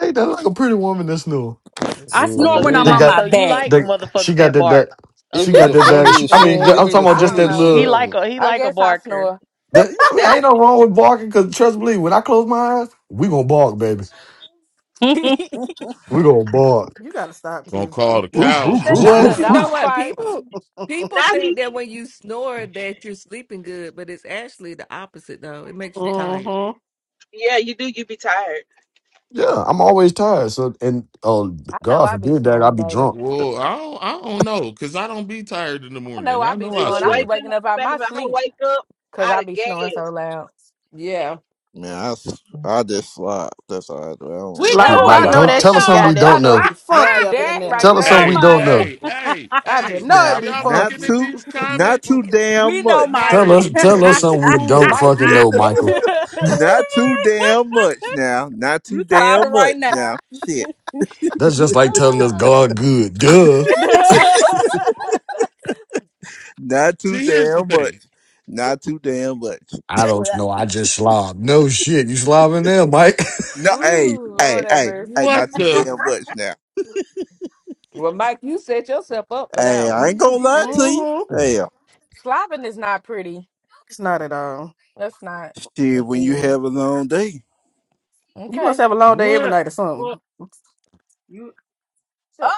Ain't nothing like a pretty woman that snore. I oh, so snore when you I'm They on Ooh-wee. like got my so you back. like they she motherfuckers got that that that bark. It she Okay. be got the that that she, funniest I shit. mean It Yeah, I'm be talking the about I just don't that funniest know. shit He little like ever. a he I like a guess I barker. snore. that I mean that's ain't no wrong with barking cause trust me, when I close my eyes, we gonna bark, baby. we know. We gonna bark. you gotta stop, Gonna Q. call the Woof, cows woof, that, woof, home, What? Not a But you woof, doc. know mm-hmm. dog woof. what? fight. People people that think he, that when you snore that you're sleeping good, but it's actually the opposite though. It makes you tired. yeah, you do. You be tired. Yeah, I'm always tired. So and oh I know God I be forbid that i snoring, be baby. drunk. Well, I don't, I don't know, cause I don't be tired in the I know morning. I I be know You I go snoring. I be snore. wake waking up, up out baby. my I sleep wake up because out I of be snoring so gas. loud. Yeah. Man, I, s- I just slide. That's all I do. I We Like, don't- That's Shit, oh, Oh I Mike, Ugh. know don't that God. nasty. tell us shit something know. got we there. I don't know it know. be Now funky up in that there. right Tell we us something know, there is we Hey, don't Mike. know. hey, nasty. hey, I just hey, know it are Now, be y'all not looking funky. at too, these not comments? too damn We much. know, Tell Mike. Mario, us, you tell is us a something we don't fool. Mike, fucking you know, said Michael. it. Not too damn much now. Not too you slobbing damn right much now. now. Shit. That's just like telling us God good. Duh. Not too See, here's the damn much. thing. Not too damn much. I don't Well, know. I just slob. No shit. You slobbing there, Mike? No, hey, Ooh, Lord hey, have hey, hey, mercy. What not too the damn much now. Well, Mike, you set yourself up for Hey, that I ain't gonna one. He lie really. to you. hmm Don't Hell, Slobbing is not pretty. It's not at all. That's not a shit, when you thing. have a long day. You Okay. must have a long day every what? night or What? something. You.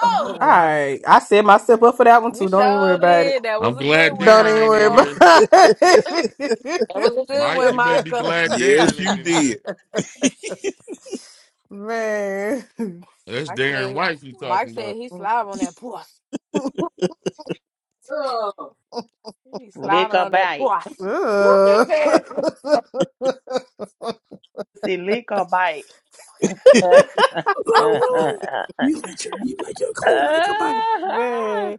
All Oh God. right, I set myself up for that one you too. Don't even worry sure about it. did. That was I'm a good glad one, Don't Darren even ain't worry in Michael. here. about it. That was a good Mike, one, you better be Michael. glad Yes, Darren you ain't in here. did. Man. That's Darren Actually, White you Mike talking said about. he Ugh. slobbing on that puss. Ugh. He Lick slobbing a on that bite. puss. You just said, See, lick or bite. Boy, Lola, you let your you let your clear lick a bite. Man.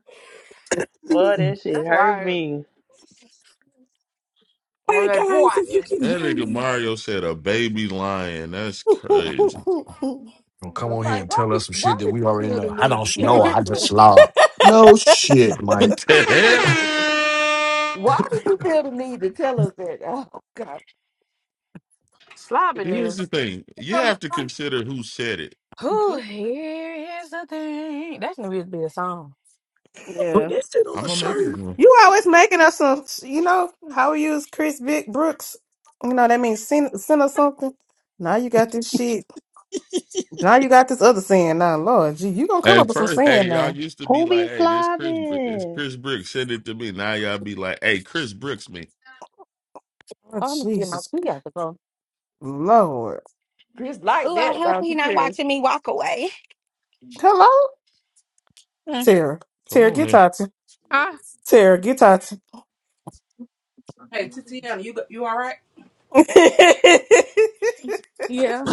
All that shit That's hurt why me. on right, that guys, if puss. you can That hear nigga me, Mario said a baby lion. That's crazy. come on here Mike, and why tell did, us some why shit that did we you already feel the know. I need don't to tell know. us I just that? slob. No shit, Mike. What put the hell? Why did you feel the need to tell us that? Oh, God. Keep slobbing Here's is. the thing. the You have to conversation. consider who said it. Ooh, here is the thing. That's gonna be a song. yeah. that shit on I'm a gonna make it shirt. one. You always making us some, you know, how we use Chris Vic Brooks. You know, that means sin, sin or something. Now you got this shit. Now you got this other sin. Now, Lord, gee, you gonna come up At with some first, sin hey, y'all now. used to be Who like, be hey, this Chris Br- it's slobbing? Chris Brooks, send it to me. Now y'all be like, hey, Chris Brooks me. Oh, Oh, I'm gonna get my Jesus. key out the phone. Lord. Chris like Ooh, I that, hope don't he's you, not Chris? watching me walk away. Hello? Mm. Tara, Come Tara, on, get man. Tati. Ah, Tara, get Tati. Hey, Titiana, you you all right? yeah,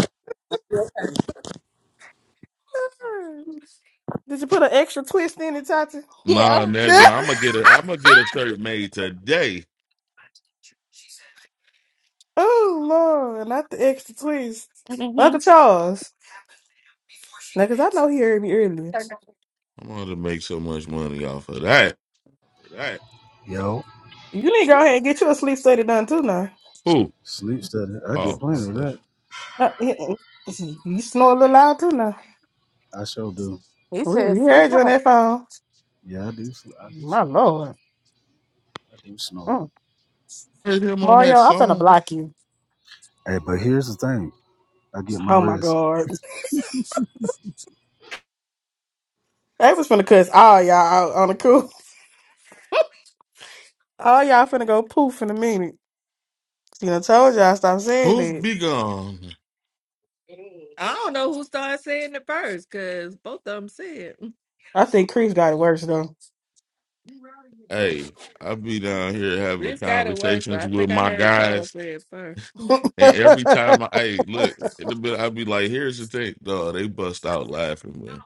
Did you put an extra twist in it, Tati? Nah, Yeah. Najma, I'm gonna get a I'm gonna get a shirt made today. oh Lord, not the extra twist. hmm Uncle Charles, now because I know he heard me earlier. Okay. I'm gonna make so much money off of that. Yo, You need to go ahead and get your sleep study done too now. Who? sleep study. I get Oh, I plenty of thought that. Uh, mm, mm. You snore a little loud too now. I sure do. He We, we says, "Sleep heard you on off, that phone. Yeah, I do. sl- I do My snore. Lord. I do snore. Mm. heard him on Mario, that I'm finna song. block you. Hey, but here's the thing. I get my Oh my rest. God. They was finna cuss all y'all out on the cool. All y'all finna go poof in a minute. You know, told y'all stop saying Poof it. be gone. I don't know who started saying it first because both of them said. I think Chris got it worse though. Hey, I be down here having Chris got it worse, but conversations I with think I my heard Tom guys, say it first. and every time I hey look, it'll be, I be like, here's the thing, dog. They bust out laughing, man.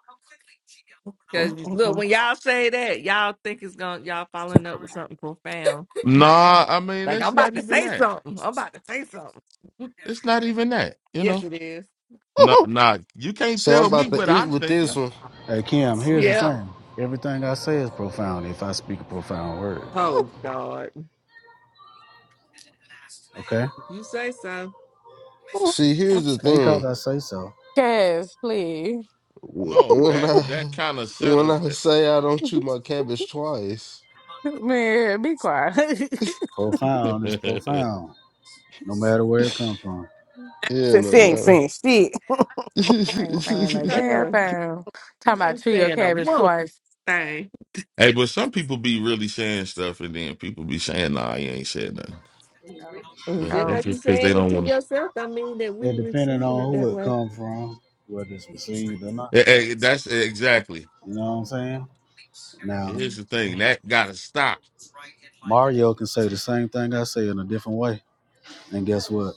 Oh, Because, oh, look, oh. when y'all say that, y'all think it's going to, y'all following up with something profound. Nah, I mean Like, I'm it's not about to even say that. something. I'm about to say something. It's not even that. You Yes, know, it is. no, nah, you can't Say I'm tell me about to what eat I'm with this thinking. one. Hey Kim, here's the Yeah. thing. Everything I say is profound if I speak a profound word. Oh, God. Okay? It You say so. See, here's the ain't cause thing. I say so. Cass, please, Wh- No, When that I that kind of set. when up. I say I don't chew my cabbage twice, man, be quiet." Profound is hey, profound, no matter where it come from. yeah, Since She no ain't matter. saying shit. I ain't saying no I damn know. thing. Talking I about ain't chew your saying a cabbage motherfucking twice. thing. but some people be really saying stuff, and then people be saying, "Nah, you ain't said nothing." Well, Just that's like Oh, you just because they saying it don't to want yourself, I mean that we It depending receiving on it who that it way. come from, whether it's received or not. to. that's eh, exactly. You know what I'm saying? And Now, Here's the thing that gotta stop. Mario can say the same thing I say in a different way. And guess what?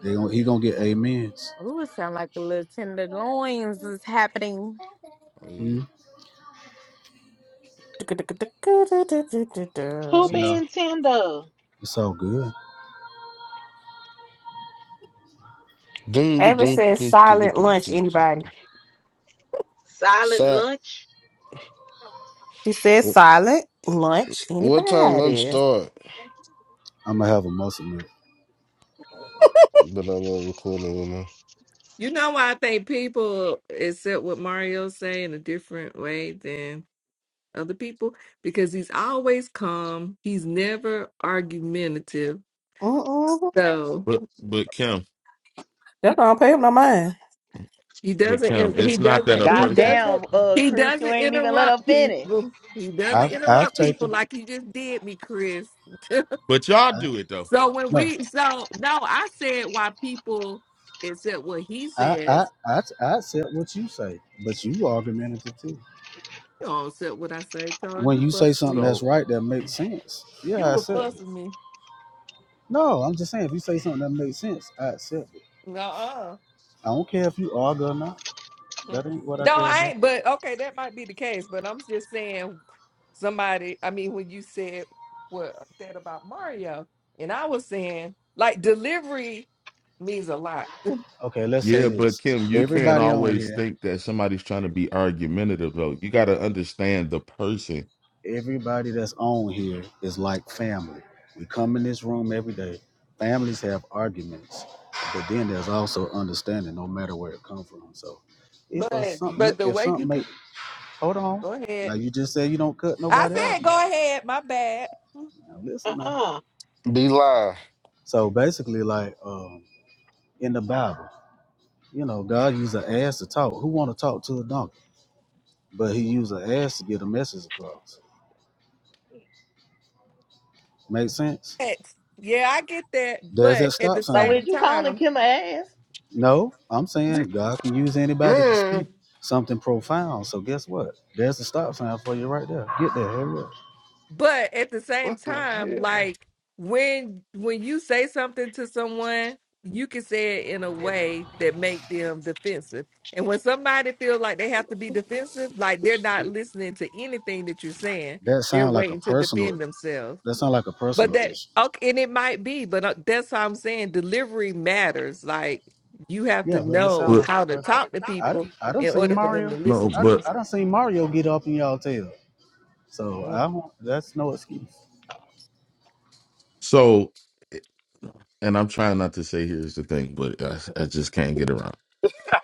They gon' he gonna get amens. ooh, it sound like the little tenderloins is happening. Oh, yeah. hmm Who You know, being tender? it's all good. Dun, dun, Ever dun, says dun, dun, dun, silent dun, lunch, dun, anybody? dun. Silent Sa- lunch? She says wh- silent lunch, what time lunch anybody? start? I'm gonna have a muscle milk. But I love recording with me. You know why I think people accept what Mario say in a different way than other people? Because he's always calm. He's never argumentative. Mm-mm. So But but Kim, That's why I don't pay no mind. he but Kim, doesn't he it's not that doesn't a he person. doesn't Goddamn, uh, he Chris, doesn't you ain't even let her interrupt finish. people. He doesn't I've I've interrupt people taken like he just did me, Chris. But y'all I, do it though. So when no we so no, I said why people it said what he I, I, says. I, I said what you say, but you argumentative too. You don't accept what I say, Charles. When You you fuss say with something me. that's So right, that makes sense. Yeah, You I were accept it. fussing me. No, I'm just saying, if you say something that makes sense, I accept it. No, uh. I don't care if you argue or not. That No, ain't what I care I about. ain't. But okay, that might be the case. But I'm just saying, somebody. I mean, when you said what I said about Mario, and I was saying like delivery means a lot. Okay, let's say Yeah, but this. Kim, you can't Everybody on always here, think that somebody's trying to be argumentative, though. You got to understand the person. everybody that's on here is like family. We come in this room every day. Families have arguments, but then there's also understanding, no matter where it comes from. So, if a But something, but the if way something you make co- Hold on. go Now ahead, you just said you don't cut I nobody out. said go ahead. My bad. Now listen now. Uh-uh. Be live. So basically, like um, in the Bible, you know, God used an ass to talk. Who want to talk to a donkey? But He used an ass to get a message across. Make sense? facts. Yeah, I get that, There's that but at stop the So sign. same is you calling time, Kim a ass? No, I'm saying God can use anybody to Man, speak something profound. So guess what? There's the stop sign for you right there. Get there. Hurry up. but at the same what the time, hell? like when when you say something to someone, you can say it in a way that make them defensive. And when somebody feels like they have to be defensive, like they're not listening to anything that you're saying, That they're sound like a waiting to personal. defend themselves. That sound like a But personal that issue. okay, and it might be, but uh, that's how I'm saying delivery matters. Like you have to Yeah, but it know sounds but like how a to Out talk perfect. to I, people I don't in see order for them Mario. to no, listen I to don't, but you. I don't see Mario get up in y'all tail. So I don't, that's no excuse. So, and I'm trying not to say here's the thing, but I, I just can't get around.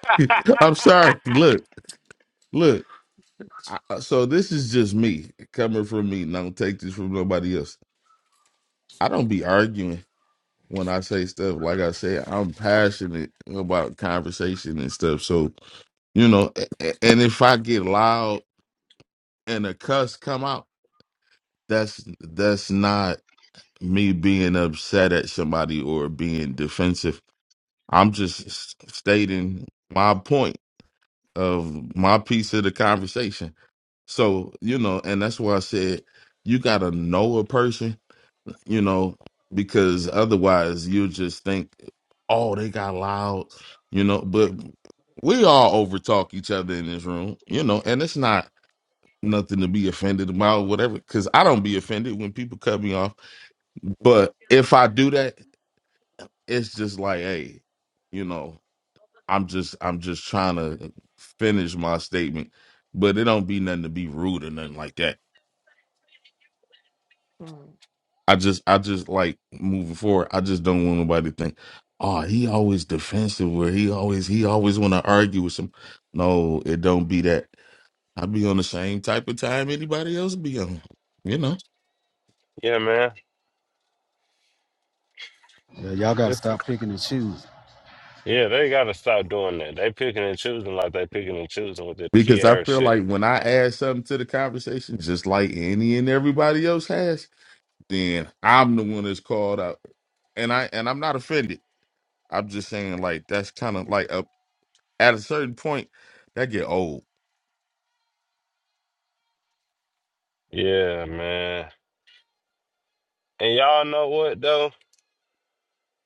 I'm sorry. Look, look. I, I- so this is just me coming from me. Don't take this from nobody else. I don't be arguing when I say stuff. Like I say, I'm passionate about conversation and stuff. So you know, a- a- and if I get loud and a cuss come out, that's that's not me being upset at somebody or being defensive I'm just s- stating my point of my piece of the conversation. So, you know, and that's why I said you got to know a person, you know, because otherwise you just think, oh, they got loud, you know, but we all over talk each other in this room, you know, and it's not nothing to be offended about, whatever, because I don't be offended when people cut me off. But if I do that, it's just like, hey, you know. I'm just I'm just trying to finish my statement, but it don't be nothing to be rude or nothing like that. Mhm. I just I just like moving forward. I just don't want nobody to think, oh, he always defensive where he always he always want to argue with some. No, it don't be that. I be on the same type of time anybody else be on, you know. Yeah, man. Yeah, y'all got to stop picking and choosing. Yeah, they gotta stop doing that. They picking and choosing like they picking and choosing with the Because I Kiara feel shit. like when I add something to the conversation, just like any and everybody else has, then I'm the one that's called out, and I and I'm not offended. I'm just saying, like that's kind of like a, at a certain point that get old. Yeah, man. And y'all know what though?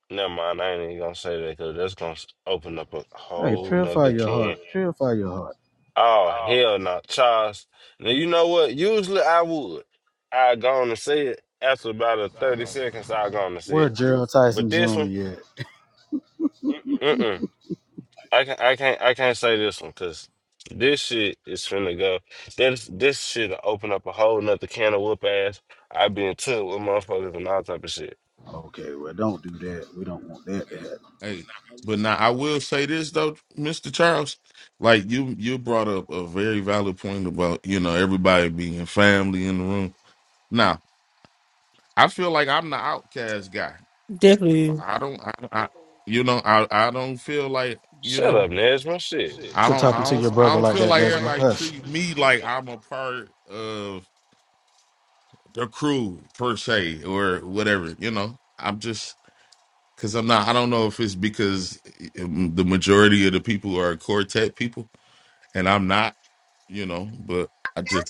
Never mind. I ain't even gonna say that because that's gonna s- open up a Hey, whole purify nother your heart. can. Purify your heart. Oh hell no, Charles. Now you know what? Usually I would. I go on and say it after about a thirty seconds. I go on and say Where it. Gerald But Tyson this one, Jr. at? mm mm. I can I can't I can't say this one because this shit is finna go. This this shit open up a whole nother can of whoop ass. I be in touch with motherfuckers and all type of shit. Okay, well, don't do that. We don't want that to happen. Hey, but now I will say this though, Mister Charles, like you you brought up a very valid point about you know everybody being family in the room. Now I feel like I'm the outcast guy. Definitely. I don't, I, I you know, I I don't feel like you Shut know. up, Nesma. Shit. I Quit don't, talking I to your don't, I brother don't like feel like that, like Nesma. everybody Hush. treat me like I'm a part of the crew per se or whatever. You know, I'm just, Because I'm not, I don't know if it's because um, the majority of the people are quartet people and I'm not, you know, but I just,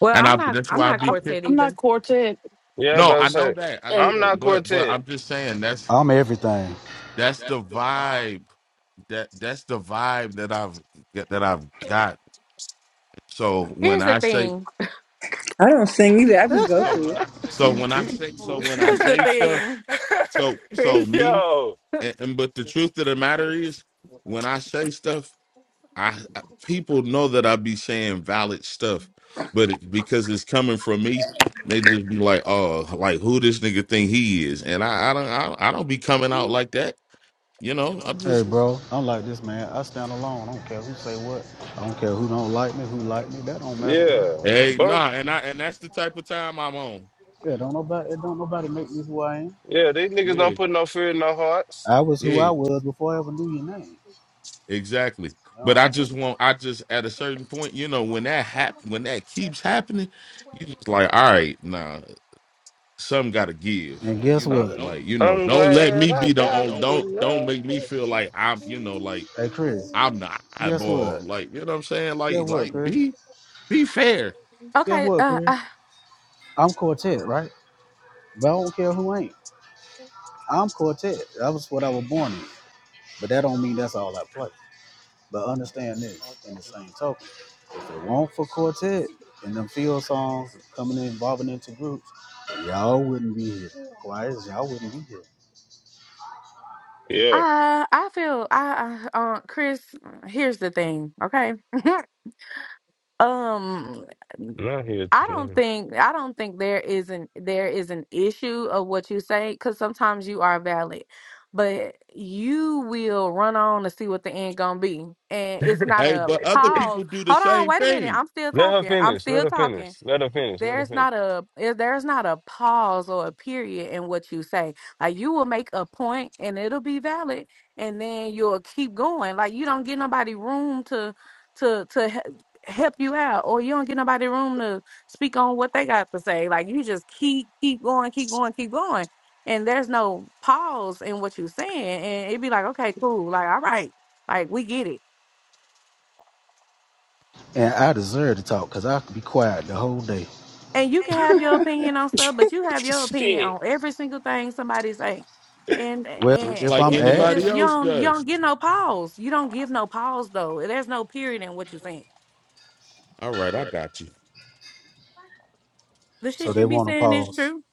Well, and I'm I, not. that's I'm why I not be, care- quartet I'm either. not quartet, Yeah, I no, about to I know say that. I know and I'm that. not you But, but quartet. I'm just saying like that's, I'm everything. that's the vibe that, that's the vibe that I've, that I've got. So Here's when the I say, thing. I don't sing either. I just go through it. so see, when I see. say, so when I Here's the say stuff, thing, so, Chris. so me, Yo. and, and but the truth of the matter is when I say stuff, I, I people know that I be saying valid stuff, but it, because it's coming from me, they just be like, "Oh, like who this nigga think he is?" And I, I don't, I, I don't be coming out like that. You know, I'm Hey, just, bro, I'm like this, man. I stand alone. I don't care who say what. I don't care who don't like me, who like me. That don't matter, bro. Yeah. hey, Bump. nah, and I, and that's the type of time I'm on. Yeah, don't nobody it don't nobody make me who I am. Yeah, these niggas don't Yeah, put no fear in no hearts. I was who I yeah, was before I ever knew your name. exactly. You know what But I'm I just want, I just at a certain point, you know, when that happen, when that keeps happening, you just like, all right, nah, some got to give. saying? And guess what? do Like, you know, I'm don't let glad me I be the got on the don't don't love. make me feel like I'm, you know, like Hey Chris, I'm the guess what? eyeball. Like, you know what I'm saying? Guess Like, what, like Chris? be be fair. Guess Okay, what, uh, Chris? uh, I'm Quartet, right? But I don't care who ain't. I'm Quartet. That was what I was born in. But that don't mean that's all I play. But understand this in the same token. If it weren't for Quartet and them field songs coming in, involving into groups, y'all wouldn't be here. Quiet as y'all wouldn't be here. Yeah. I I feel I I- uh, Chris. Here's the thing, okay. um, Not I don't here. think I don't think there is an there is an issue of what you say because sometimes you are valid, but you will run on to see what the end gonna be, and it's not Hey, a but other people pause. do the Hold on, same wait a minute. thing, I'm still Let her talking. I'm finish. Let still her finish. talking. Let her finish. Let her there's finish. not a eh, there's not a pause or a period in what you say like you will make a point and it'll be valid and then you'll keep going like you don't get nobody room to to to he- help you out or you don't get nobody room to speak on what they got to say like you just keep keep going keep going keep going and there's no pause in what you're saying and it'd be like okay cool like all right like we get it And I deserve to talk because I could be quiet the whole day. and you can have your opinion on stuff, but you have your opinion Shit. on every single thing somebody say. And Well, just and if like I'm it, it just anybody asked, you else don't you does. don't get no pause. You don't give no pause though. There's no period in what you're saying. All right, I got you. The so shit they you be want to saying is pause. true.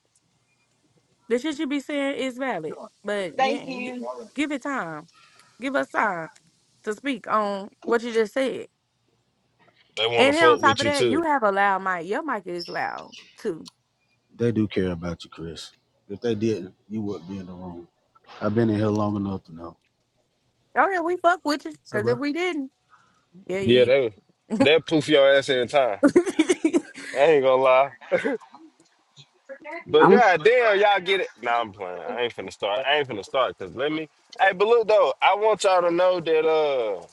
The shit you be saying is valid. But yeah, give it time. Give us time to speak on what you just said. They want to And then on fuck top with of you that, you too. have a loud mic. Your mic is loud too. They do care about you, Chris. If they didn't, you wouldn't be in the room. I've been in here long enough to know. Oh yeah, we fuck with you. So, Cause if bro. we didn't, yeah, Yeah, you. they they poof your ass every time. I ain't gonna lie. But I'm, goddamn, y'all get it. Nah, I'm playing. I ain't finna start. I ain't finna start. Cause let me. Hey, but look though, I want y'all to know that uh,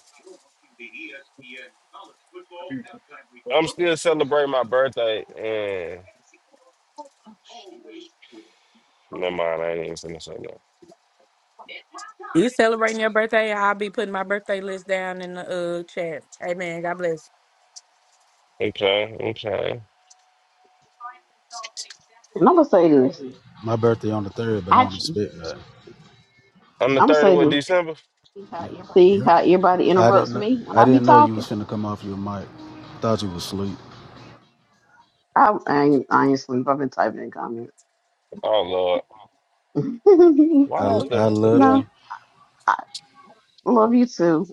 I'm still celebrating my birthday. And never mind, I ain't even finna say that. You celebrating your birthday? I'll be putting my birthday list down in the uh, chat. Amen. God bless. Okay, okay. and I'm gonna say this. My birthday on the third, but I I, don't I'm expect nothing. I'm the gonna third of say what this. December. See Yeah. how everybody I didn't. interrupts kn- me when I I be didn't know you was talking. finna come off your mic. Thought you was asleep. I, I ain't, I ain't sleep. I've been typing in comments. Oh lord, I, why is l- the I what the love no, you. hell? I love you too.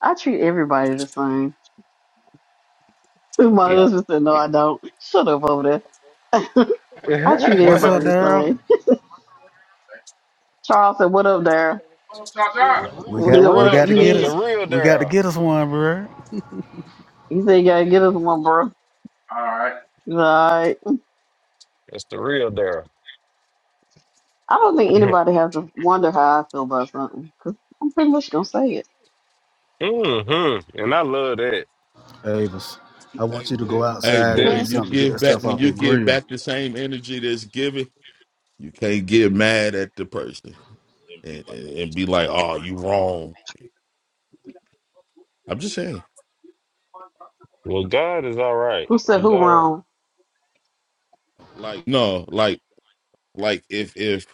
I treat everybody the same. My No. husband said, No, I don't. Shut up over there. I treat What's up, everybody the Daryl? same. Charles said, What up, there? We The got What what we up? real, got to You the, get the in? us real we got to Daryl. get us one, bro. He said, You gotta get us one, bro. He's like, All right. It's the real Daryl. I don't think anybody has to wonder how I feel about something because I'm pretty much gonna say it. mm-hmm. And I love that. Avis, I want you to go Hey, outside but and That. get Right. when you something to get give that back stuff when off you that give grill. back the same energy that's given, you can't get mad at the person and, and, and be like, oh, you wrong. I'm just saying. Well, God is all right. Who said He's who all right. wrong? No, like like if if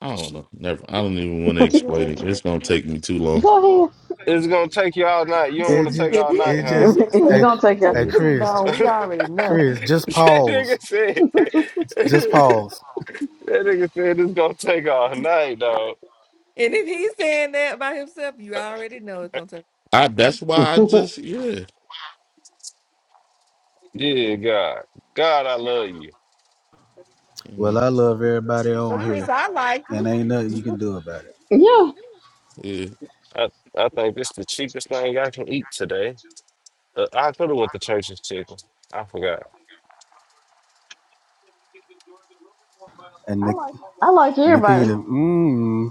I don't know. Never. I don't even want to What you gonna explain it. do? It's gonna take me too long. Go ahead. It's gonna take you all night. You don't It want to just take if, all night, it huh? just you're It's hey saying gonna it's gonna take us. take hey Yeah. you too Chris. long, we already know. Chris, just that pause. nigga said. Just that pause. nigga said it's gonna take all night, dog. And if he's saying that by himself, you already know it's gonna take I. you long. That's why I just. Yeah. Yeah, God. God, I love you. You Well, know. I love everybody on But Chris, here, I like and you. ain't nothing you can do about it. yeah, Yeah. I, I think this the cheapest thing I can eat today. Uh, I could have went to church's chicken. I forgot. And I Nik- like like Nikita, everybody. mmm,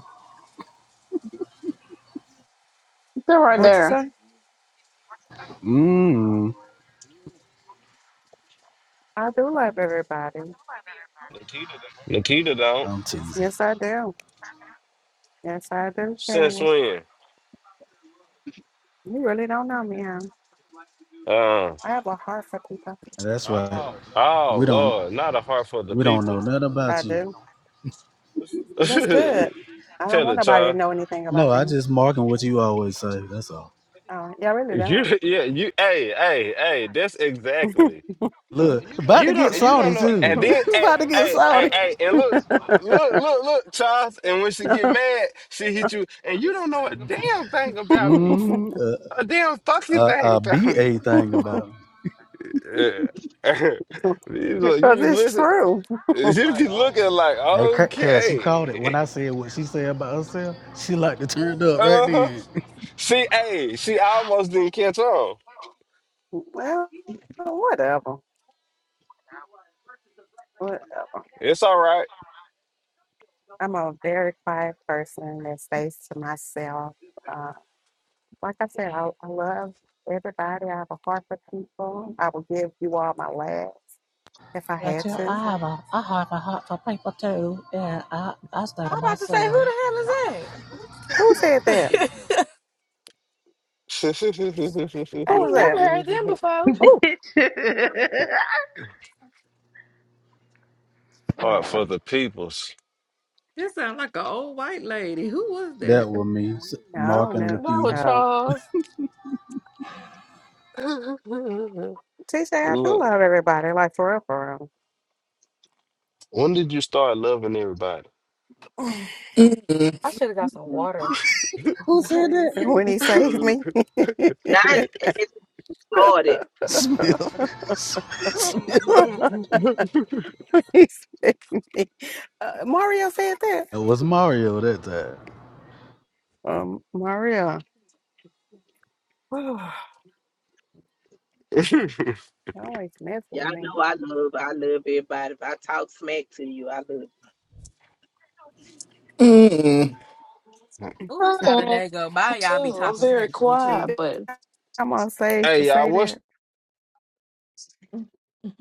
They're right What you there. say? mmm, I do love everybody. Nikita don't. I'm teasing. Yes, I do. Yes, I do, Since Karen. when? You really don't know me, huh? Uh, I have a heart for people. That's right. Oh, We oh don't, Lord, not a heart for the we don't know people. nothing I about you. do. That's Tell good. I don't want it, nobody to child. know anything No, about I me. just marking what you always say. That's all. Oh, yeah, I really don't. You yeah, you hey, hey, hey, that's exactly. Look, about to You get don't you don't salty know too. and then hey, about to get hey, hey, salty. hey, and look, look, look, look, Charles, and when she get mad, she hit you, and you don't know a damn thing about me. Mmm, A damn a fucking uh, thing uh, about me. BA thing about. me. Yeah. you look, you because be it's listening, true. you be looking like, Hey, Ca- Cass, you caught it when okay. I said what she said about herself. She like to turn up right Uh-huh. then. See, hey, see, I almost didn't catch on. Well, whatever. Whatever. It's all right. I'm a very quiet person that stays to myself. Uh, like I said, I, I love everybody. I have a heart for people. I will give you all my last if I had to. I'm about to say, who the hell Who said that? is that? I Who ain't was that? never heard them before. Oh, Bitch. Hard for whatever. the peoples. This sound like an old white lady. Who was That that? was me, S- I Mark don't and know. Not Nikita. with Oh, Charles. teacher, Look, when did you start loving everybody? Mm, I should have got some Mm-mm. water. Who said that? when he saved Mm, me. not as it started. Smith. Praise his name. uh, Mario said that. it was Mario that time. Um, Mario I always mess Y'all with me. know I love I love everybody. If I talk smack to you, I love you. mm, Oh, it's not a day go by. too. Y'all be I'm talking very smack to each quiet, other. but I'm on stage to hey, y'all, say what's that.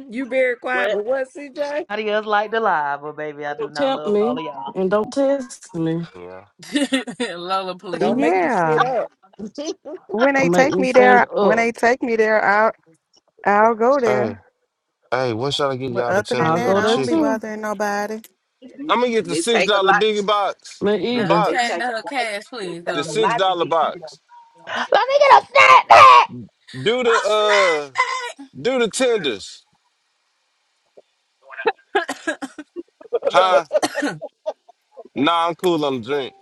You very quiet, What? but what, CJ? Adios like the live, but baby, I do don't not tempt love all me of y'all. and don't test me. yeah? Lola, Don't please. make you sit Yeah, up. the when they Don't make take me me stand there, when up. they take me there, I'll I'll go Hey, there. hey, what should I get But y'all the other than I'll tenders of that, go the I there don't be chicken? too. bothering nobody. And it, I'm gonna get and the it six take a dollar lot. biggie box, Me the Uh, either. It chat, box, take a uh, lot. cash, It please. take the a Um, six lot to dollar get me to box. Let me get a snack back! Do a the uh, do the tenders, snack. Lola, huh? Nah, I'm cool on the drink.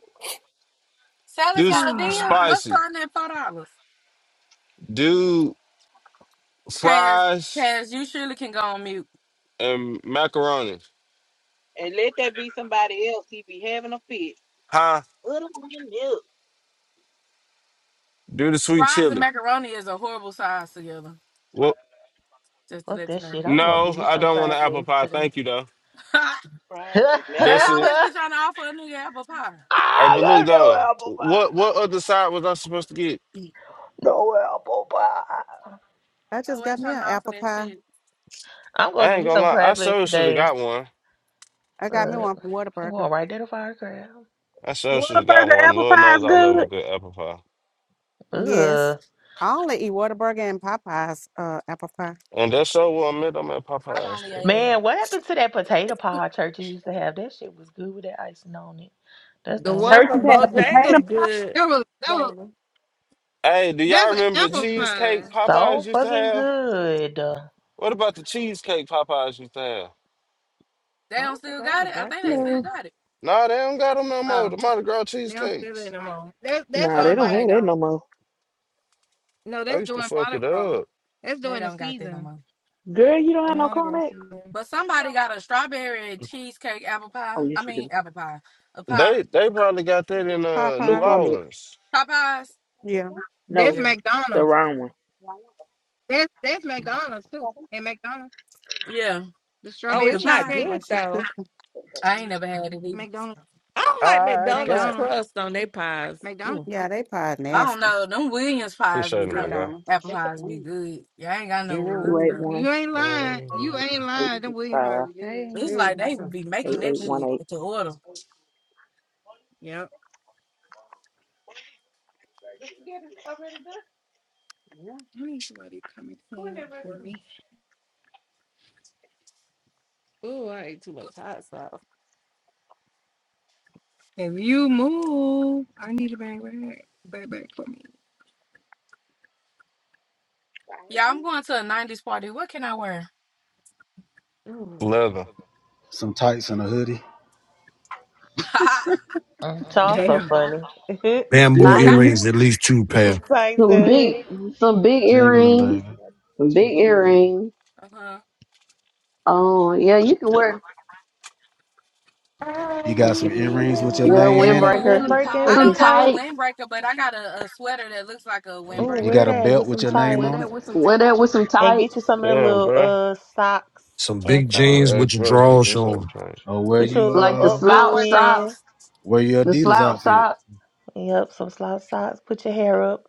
Sally's Do sp- got a DM. What's spicy. on there? Four dollars. Do Cash, fries cash. You surely can go on mute. and macaroni. And let that be somebody else. He be having a fit. Huh? Put him on the milk. Do the sweet Fries and chili. macaroni is a horrible size together. Well, Just to Fuck let you that know. shit. I'm gonna no, give me I some don't want crab an apple legs pie. today. Thank you though. Fries and they That's macaroni. it. always be trying to offer a nigga apple pie. Hey, I but look love though, no apple what what pie. other side was I supposed to get? No apple pie. I just got Always me trying an to offer apple that pie. shit. I'm gonna I give ain't me gonna some lie, I crab legs sure should have today. got one. I got me Ugh. one from I'm Whataburger. going right there to fire crab. I sure should have got Whataburger one. apple Lord pie knows is I love a good. good apple pie. Yes, Ugh. I only eat Whataburger and Popeyes uh, apple pie. And that's sure what I meant. I'm at I've Popeyes. only man. ate a. Man, what happened to that potato pie churches used to have? That shit was good with that icing on it. That's the only one Churches pie I from had used a to eat. potato Bojangles pie. good. No, Lola. Hey, do that's y'all remember the That shit was cheesecake Popeyes so used to fucking have? good. Mm, What about the cheesecake Popeyes used to have? They I don't don't think still I got ever it. I got think they that. still No, got it. Nah, they don't got them no more. The Um. Mardi Gras now still cheesecakes. in the mall. That's that's nah, Oh they on no, don't like they have that don't. no more. no, I that's used to doing fuck Mardi it Gras. up. That's They doing the don't got that no season, more. Girl, you don't the have no Mardi Gras Cornix? season. But somebody got a strawberry cheesecake apple pie. Oh, yes, I you should. do. mean apple pie. A pie. They they probably got that in uh Two New Popeyes, comics. Orleans. Pie pies. yeah, That's No, Yeah. the McDonald's. wrong one. That's that's McDonald's too. And McDonald's, Yeah. the Oh, strawberry The it's not pie. cheesecake, good unless she though. cooking. I ain't never had it either. McDonald's, I don't like I McDonald's got McDonald's, crust on their pies. Mm. McDonald's. Yeah, they pie I don't nasty. know. Them Williams pies be appreciate it, my Yeah. guy. coming. McDonald's. Apple pies be good. Yeah, I ain't got no Two Williams eight You stuff. one You ain't lying. You ain't eight lying. Them six five Williamsburg is good. Hey, It's like they would be eight making that eight mister. one shit eight. to order. Yep. Yeah. I need somebody to come and clean up for me. Ooh, I ate too much hot sauce. If you move, I need a bag bag. Bag bag for me. Yeah, I'm going to a 90s party. What can I wear? Ooh, leather. Some tights and a hoodie. I Y'all so Damn. funny. Bamboo got that. Nineties, earrings, at least two pair. some tights some and big, hoodie. some big Thank Jingling, you. earrings, baby. some big earrings. Uh-huh. Oh yeah, you can You I Thank got need you. some earrings with your a- Yeah, name It's in A it. windbreaker. windbreaker and I Thank Some some don't you. have a tights. tights. windbreaker, but I got a, a sweater that looks like a You, Oh, you wear windbreaker. got a that belt with with some your name on tights. it. Wear that with some And get you tights, some of them Damn, little bro. uh socks Some and big That's an jeans some. A with your perfect drawers or something. showing. James. Or wear Put your your little like the uh, I don't updo slouch wear in. socks. drawers. wear your The Adidas slouch outfit. socks. Yep, some slouch socks. Put your hair up.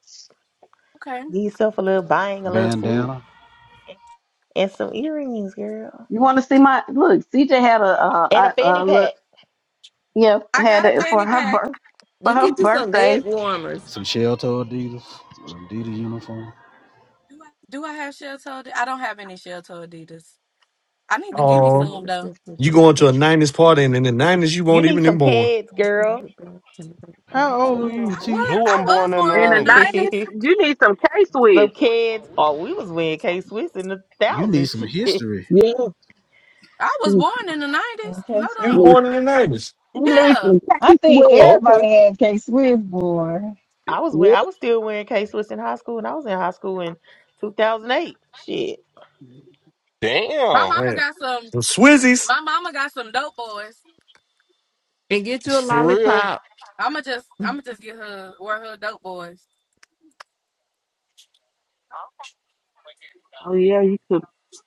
Okay. Give yourself a little bang, a little swoop, Bandana. and some earrings, girl. You want to see my look? CJ had a And a uh, a, fanny a look. pack. Yeah, I had got a it for fanny her pack. birth for You her get you some bed birthday. warmers. Some shell toe Adidas. Adidas uniform. Do I have shell toe? Adi- I don't have any shell toe Adidas. I need to I'm give me looking at Oh, the some though. restrictions you and going to that. a nineties party and in the nineties you You weren't need even some born. kids, girl. How old are you, T? What? Who I wasn't was born in the born In in the the some nineties? nineties, 90s. you need some K Swiss. kids. Oh, we was wearing K Swiss in the You need thousand some shit. history. Yeah, I was please, born in the 90s. And K You Swift. was Hold please, born in the nineties. on. You need Yeah. some I K think Swiss. Oh, okay. everybody had K Swift, boy. I was wearing, I was still wearing K Swiss in high school, and I was in high school in 2008. Shit. yeah. My Damn. mama Right. got some. Some Swizzies. My mama got some dope boys. And get you a For real? lollipop. I'ma just I'ma just get her where her dope boys.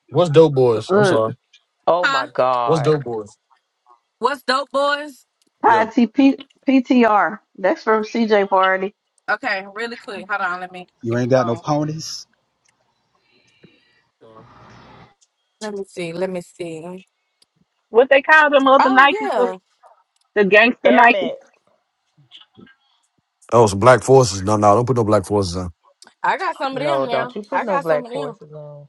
What's dope boys? I'm sorry. Look, Oh Huh? my What's God. dope boy? What's dope boys? tie Yeah. T P P T R. That's from CJ party. Okay, really quick. Hold on, let me You get the ain't got no phone. ponies. Let me see. Let me see. What they Oh Nike the yeah. the gangster Air Nike. Max. Oh, some black forces. No, no, don't put no black forces on. I got some of them No, don't now. you put I no got black some of them. forces on.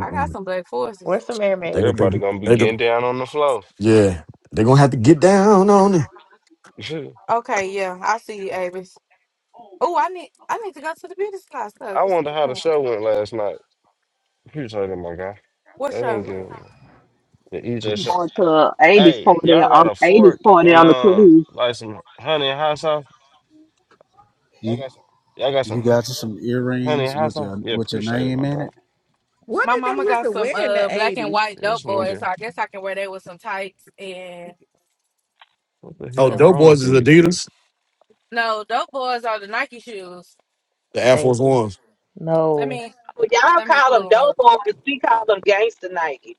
I got some black Wear forces. some Air They gonna Max, Everybody think gonna be they gonna getting down on the floor. yeah. They gonna have to get down on it. Okay, yeah. I see you, Avis. Oh, I need I need to go to the beauty supply store. I Get wonder how the some- show went last night. Appreciate it, my guy. They What's didn't your give a The EJ your Get I'm you. going to a eighties Hey, party y'all got on a eighties fork party and on the uh, cruise. like some honey and hot sauce. You, Y'all got some you hu- got you some honey and earrings hot with sauce. your Yeah, with your appreciate it, my name in it. dog. What my did they mama used got to some wear in uh the black and eighties? white This dope boys, nigga, so I guess I can wear that with some tights and what the Oh, hell some dope wrong with boys is these people? Adidas, no dope boys are the Nike shoes. the Air Force baby. Ones. Let No. me Well, y'all let me call pull them them up. dope boys. We call them gangster Nike.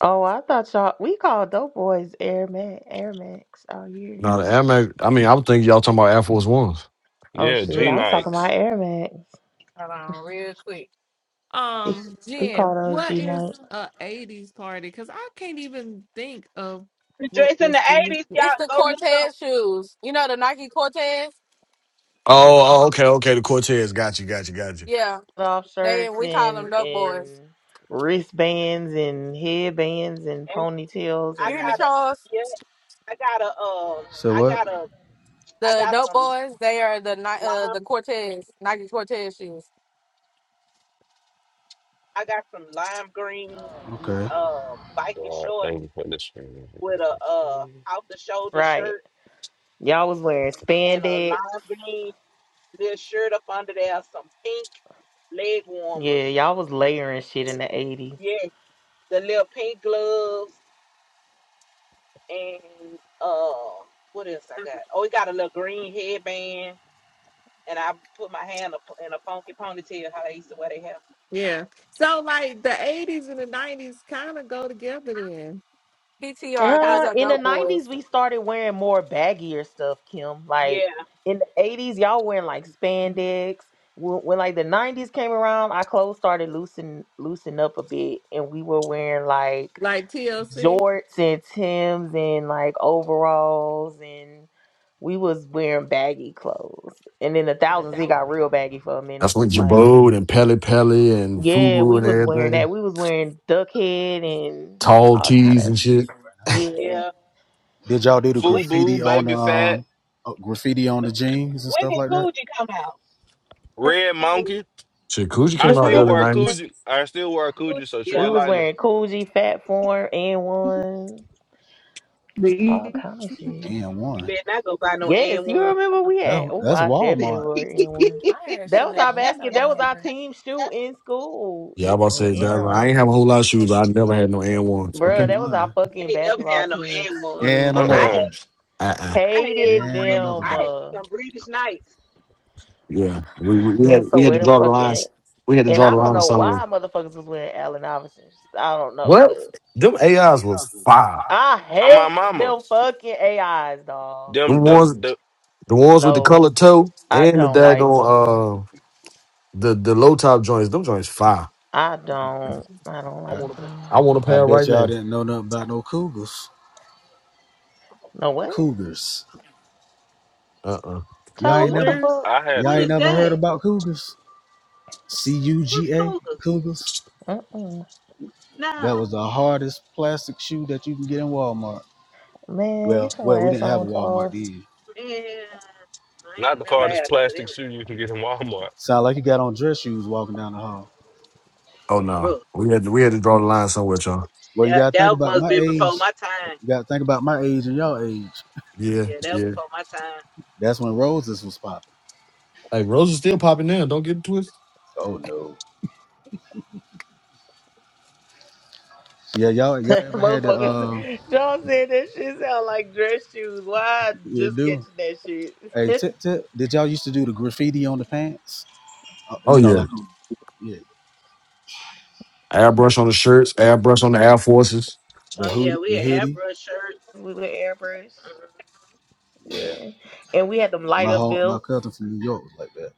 Oh, I thought y'all we called dope boys Air Max, Air Max all year. No, the Air Max. I mean, I would think y'all talking about Air Force Ones. Oh Yeah, shoot, Mm, G I was talking about Nikes. Air Max. Hold on, real quick. We, Um, we call Jen, those what G is nights. a eighties party? Because I can't even think of The what dress in the was the eighties, y'all It's the go look up. Cortez shoes. You know the Nike Cortez? Oh, oh, okay, okay. The Cortez. Got you, got you, got you. Yeah, Off they shirts we call them and Dope Boys. and wristbands and headbands and And ponytails I You hear me, and got a Charles? yeah, I got a um, So I what? got a I The got Dope some Boys. They are the Ni- uh the lime, Cortez Nike Cortez shoes. I got some lime green Okay. uh biker God, short thank you for this. with a uh off the shoulder right. shirt Y'all was wearing and a spandex. lime green little shirt up under there, some pink leg Yeah, warmers. y'all was layering shit in the 80s. Yeah, the little pink gloves and uh, what else I got? Oh, we got a little green headband, and I put my hand up in a funky ponytail, how they used to wear their hair. yeah. So like the eighties and the nineties kind of go together then, PTR. These Kind Uh, of, are in the Dope Boys. nineties, we started wearing more baggier stuff, Kim. yeah, Like in the eighties, y'all wearing like spandex. When, when like the nineties came around, our clothes started loosen loosen up a bit, and we were wearing like like TLC. jorts and tims and like overalls, and we was wearing baggy clothes. And in the thousands, it got real baggy for a That's minute. when With Like the Jabode and Pele Pele and yeah, Fubu we and was wearing everything. that. We was wearing duck head and Tall all kind tees of and shit. yeah. yeah. did y'all do the When graffiti Fubu, on baby fat, um uh, graffiti on did the jeans and when stuff did like that? Coogee come out? red monkey. Shit, Coogee I came out still The- early wear 90s. Coogee. I still wear Coogee- Coogee, so Yeah, We tread was lightly. wearing Coogee, Fat Form, and one, all kind of shit. And you one. better not go buy no Yes, and you one. remember we had. That, Oh, that's I definitely Walmart. wore N one. My ass That shouldn't was have our been went no basket. That was damn our where. team shoe in school. Yeah, I'm In about to Oh freaking say, N dog, wow. I ones, ain't have a whole lot of shoes, but I never I had no and ones. Okay. bro. ain't That was our lying. They fucking ain't never basketball had no team and one. And shoe. Uh, another I had Uh, Uh-uh. pair. uh, uh. I had hated some And British another them. I had pair. Uh, some British nights. Yeah. We, we I we had also we had to wear them draw the fucking. lines. We had to And draw the I don't line of know somewhere. why motherfuckers was wearing Allen Iverson. I don't know, What? but Them AIs was fire. I I'm my hate mama. them fucking AIs, dog. The Them the, ones the the ones with the No, colored toe I and the don't like like them. daggone uh the the low top joints, them joints fire. I don't. I don't I, like them. I want a I pair bet right y'all now. didn't know nothing about no cougars. No what? Cougars. Uh uh Y'all Charles, ain't what the never Cougars? fuck? I had y'all What ain't the is never heard that? about cougars. C U What's G A cougars? cougars. Mm-mm. No, That was the hardest plastic shoe that you can get in Walmart. Man, Well, get your well, we ass didn't have a on, Walmart Charles. then. man, I not ain't the never hardest had none of plastic them. shoe you can get in Walmart. Sound like you got on dress shoes walking down the hall. Oh no. Bro, We had to, we had to draw the line somewhere, y'all. Well, you that gotta think that about must my been before age. my time. You gotta think about my age and y'all age. Yeah, Yeah, that was yeah. before my time. That's when roses was popping. Hey, Rose is still popping now. Don't get it twisted. Oh no. Yeah, y'all y'all ever had the Motherfuckers, uh Charles said that shit sound like dress shoes. Why I you just do? catching that shit? Hey, tip tip. Did y'all used to do the graffiti on the pants? Uh, Oh you know, yeah. like yeah, mhm. Airbrush on the shirts, airbrush on the Air Forces. the Oh hood yeah, we the had hoodie. airbrush shirts. we were airbrush. Yeah. And we had them light My up home, my belts. cousin from New York was like that.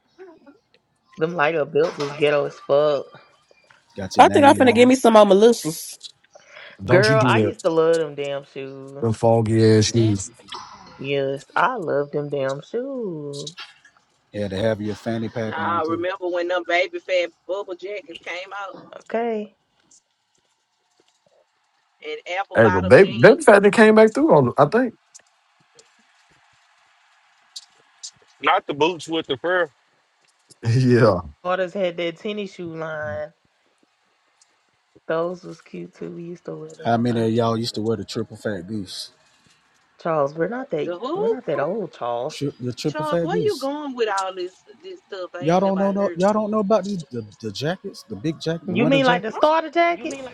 Them light up belts was ghetto as fuck. Got your I think I'm name finna give on me some more militias. Don't you Girl, do I that. used to love them damn shoes. The foggy ass it. shoes. Yes, I love them damn shoes. Had to have your fanny pack Nah, on I too. remember when them baby fat bubble jackets came out Okay. and apple Hey, but bottom baby, jeans? baby fat that came back through on I think. Not the boots with the fur. Yeah. Waters had that tennis shoe line. Those was cute too. We used to wear them How a many lot. of y'all used to wear the triple fat goose? Charles, we're not that The we're who? not that old, Charles. Tri- the triple Charles, fat where you goose. going with all this this stuff? I Y'all ain't don't know nobody no. heard of Y'all it. don't know about these the, the jackets, the big jacket, the You winter mean like the jackets. starter jackets?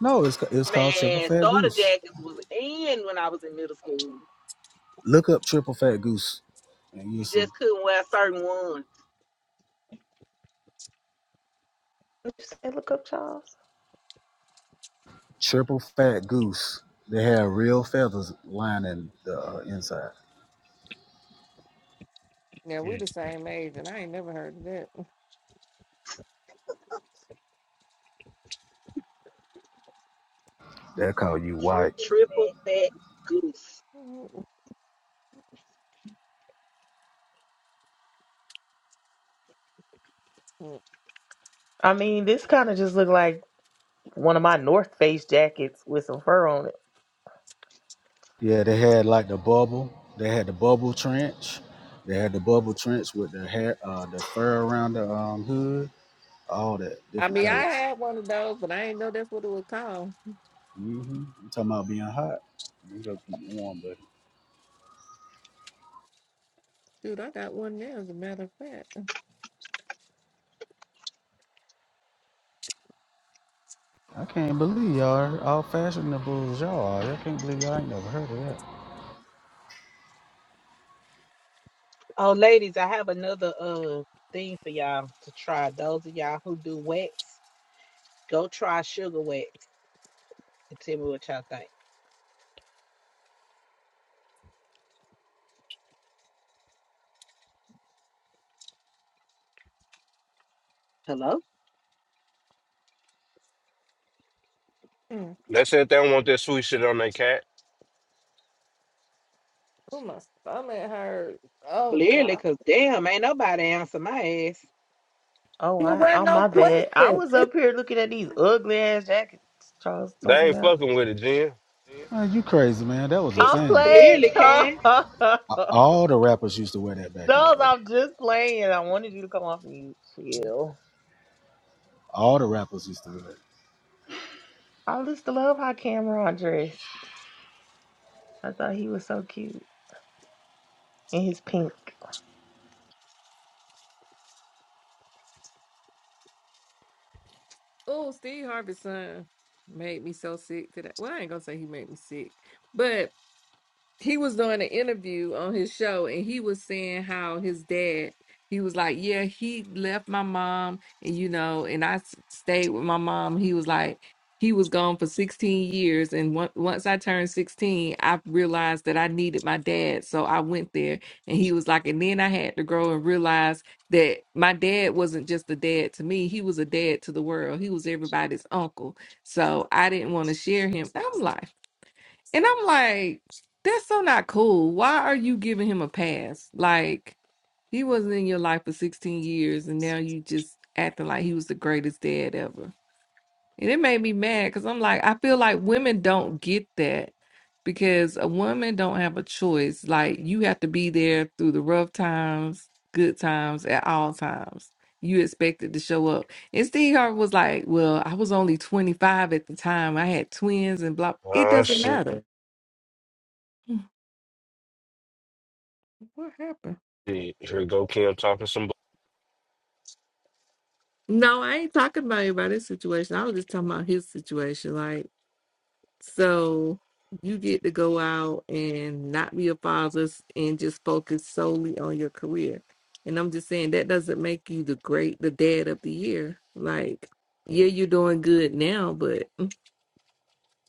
No, it's ca- it's called triple Man, fat starter goose. jackets was in when I was in middle school. Look up triple fat goose, and you'll You see just couldn't wear certain ones. Did you say look up, Charles? triple fat goose. They have real feathers lining the uh, inside. Yeah, we the Mm. same age, and I ain't never heard of that. They call you white. Triple fat goose. I mean, this kind of just looked like one of my North Face jackets with some fur on it. Yeah, they had like the bubble. They had the bubble trench. They had the bubble trench with the hair, uh, the fur around the um, hood. All that I different mean, I kinds. had one of those, but I ain't know that's what it was called. hmm You talking about being hot? You gotta keep warm, buddy. Dude, I got one now, as a matter of fact. I can't believe y'all are all fashionables y'all are. I can't believe y'all ain't never heard of that. Oh, ladies, I have another uh thing for y'all to try. Those of y'all who do wax, go try sugar wax and tell me what y'all think. Hello? Mm. They said they don't want that sweet shit on their cat. Oh, my stomach hurt. Oh, Clearly, God. cause damn, ain't nobody answer my ass. Oh, There I wasn't oh no my bad. I question. was up here looking at these ugly ass jackets Charles was They talking ain't about. fucking with it, Jen. Man, you crazy, man. That was a I'm Cle- thing. playing Clearly, Charles. Cass. A- All the rappers used to wear that back in the Charles, day. I'm just playing. I wanted you to come off mute. Chill. All the rappers used to wear I used to love how Cameron dressed. I thought he was so cute in his pink. oh, Steve Harvey's son made me so sick today. Well, I ain't going to say he made me sick, but. he was doing an interview on his show and he was saying how his dad he was like yeah he left my mom and you know and i s- stayed with my mom he was like he was gone for 16 years and on- once i turned 16 i realized that i needed my dad so i went there and he was like and then i had to grow and realize that my dad wasn't just a dad to me he was a dad to the world he was everybody's uncle so i didn't want to share him i'm like and I'm like, that's so not cool. Why are you giving him a pass? Like, he wasn't in your life for 16 years, and now you just acting like he was the greatest dad ever. And it made me mad because I'm like, I feel like women don't get that because a woman don't have a choice. Like, you have to be there through the rough times, good times, at all times. You expected to show up. And Steve Harvey was like, Well, I was only 25 at the time. I had twins and blah. It Oh doesn't shit. matter. What happened? Here go Kim talking some bu- No, I ain't talking about anybody's situation. I was just talking about his situation. Like, so you get to go out and not be a father and just focus solely on your career. And I'm just saying that doesn't make you the great, the dad of the year. Like, yeah, you're doing good now, but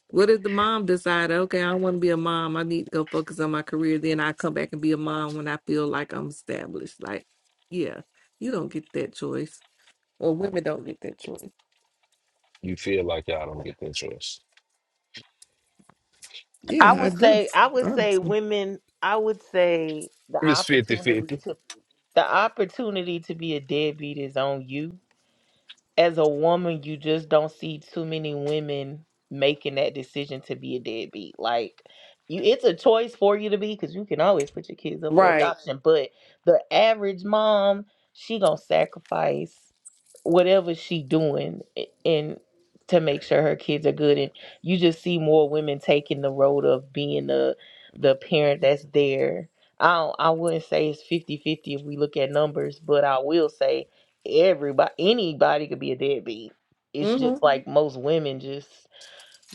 what if the mom decide, okay, I want to be a mom. I need to go focus on my career. Then I come back and be a mom when I feel like I'm established. Like, yeah, you don't get that choice, or women don't get that choice. you feel like y'all don't get the insurance. I Yeah, I would do. say, I would say, Honestly. women. I would say the It's opportunity fifty-fifty. to the opportunity to be a deadbeat is on you. as a woman, you just don't see too many women making that decision to be a deadbeat. Like you it's a choice for you to be because you can always put your kids up for Right. adoption. But the average mom, she gonna sacrifice whatever she doing i- and to make sure her kids are good and you just see more women taking the road of being the the parent that's there i don't, i wouldn't say it's fifty fifty if we look at numbers but i will say everybody anybody could be a deadbeat. It's hmm just Mhm. like most women just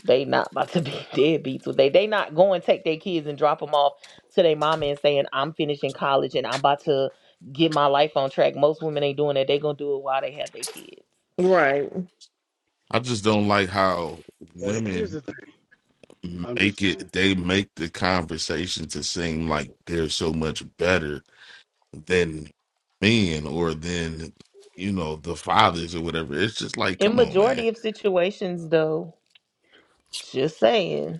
they not about to be deadbeats. So they they not going take their kids and drop them off to their mama and saying I'm finishing college and I'm about to get my life on track. Most women ain't doing that. They gonna do it while they have their kids. Right. I just don't like how it. But here's women the thing. I'm just make playing. it. They make the conversation to seem like they're so much better than men or than you know the fathers or whatever. It's just like, In come on, man. majority of situations, though, just saying.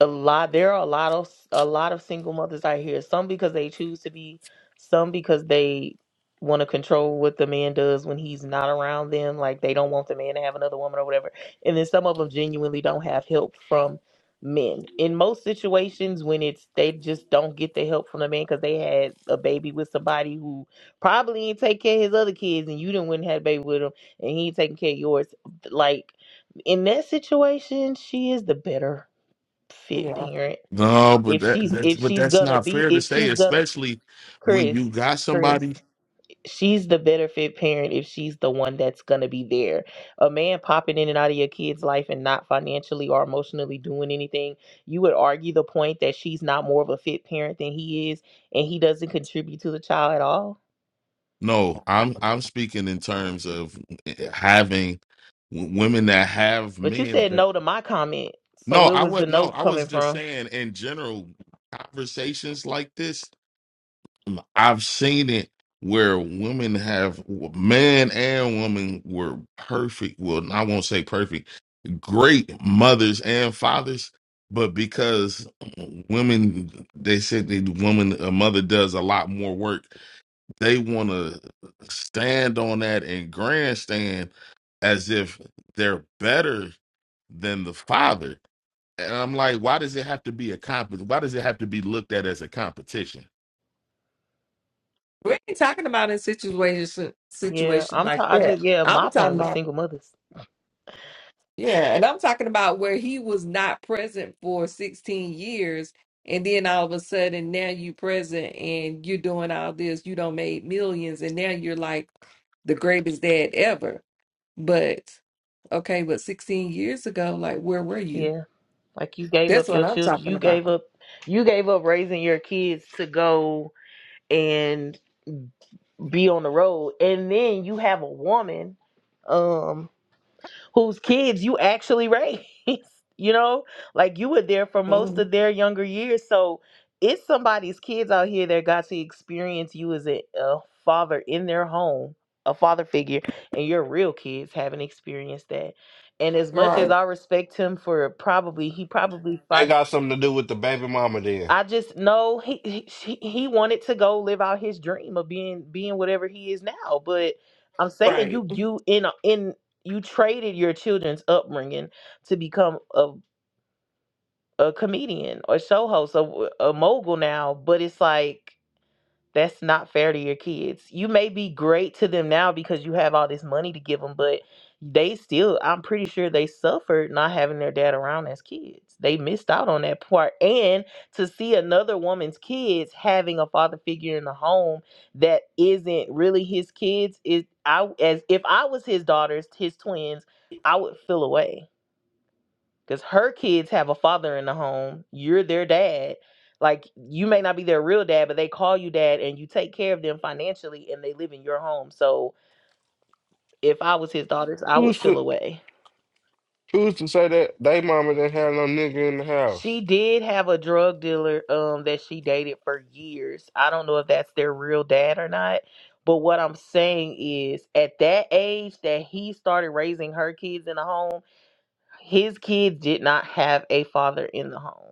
a lot there are a lot of a lot of single mothers out here some because they choose to be some because they want to control what the man does when he's not around them like they don't want the man to have another woman or whatever and then some of them genuinely don't have help from men in most situations when it's they just don't get the help from the man because they had a baby with somebody who probably ain't take care of his other kids and you didn't wouldn't have a baby with him and he ain't taking care of yours like in that situation she is the better fit Yeah. parent. No, but If that she's that's if but she's that's gonna not be fair to if say, she's gonna especially when Chris, you got Chris, somebody she's the better fit parent if she's the one that's gonna be there. A man popping in and out of your kid's life and not financially or emotionally doing anything, you would argue the point that she's not more of a fit parent than he is and he doesn't contribute to the child at all. No, I'm I'm speaking in terms of eh, eh, having w- women that have But you men said that no to my comment. So No, where I was the would no, no I was coming just from? saying in general conversations like this, um, I've seen it where women have man and woman were perfect, well, I won't say perfect, great mothers and fathers, but because um, women they said the woman a mother does a lot more work they want to stand on that and grandstand as if they're better than the father. And I'm like, why does it have to be a comp? Why does it have to be looked at as a competition? We ain't talking about in situations Yeah, situations I'm like ta- I that. just yeah, I'm my talking point was about single mothers. yeah, and I'm talking about where he was not present for 16 years, and then all of a sudden now you present and you're doing all this. You don't made millions, and now you're like the greatest dad ever. But okay, but 16 years ago, like where were you? Yeah. Like you gave That's up what your I'm children, talking you about. gave up, you gave up raising your kids to go and be on the road, and then you have a woman, um, whose kids you actually raised. You know, like you were there for most Mhm. of their younger years, so it's somebody's kids out here that got to experience you as a, a father in their home, a father figure, and your real kids haven't experienced that. And as much as Right. I respect him for probably, he probably That fought. got something to do with the baby mama then. I just know he, he he wanted to go live out his dream of being being whatever he is now. But I'm saying Right. you you in a- in you traded your children's upbringing to become a a comedian or show host, a, a mogul now. But it's like that's not fair to your kids. You may be great to them now because you have all this money to give them, but they still, I'm pretty sure they suffered not having their dad around as kids. They missed out on that part. And to see another woman's kids having a father figure in the home that isn't really his kids is I as if I was his daughters, his twins, I would feel away because her kids have a father in the home. You're their dad. Like you may not be their real dad, but they call you dad, and you take care of them financially, and they live in your home. So if I was his daughters, I would Who's feel to, away. who's to say that they mama didn't have no nigga in the house? She did have a drug dealer um that she dated for years. I don't know if that's their real dad or not. But what I'm saying is at that age that he started raising her kids in the home, his kids did not have a father in the home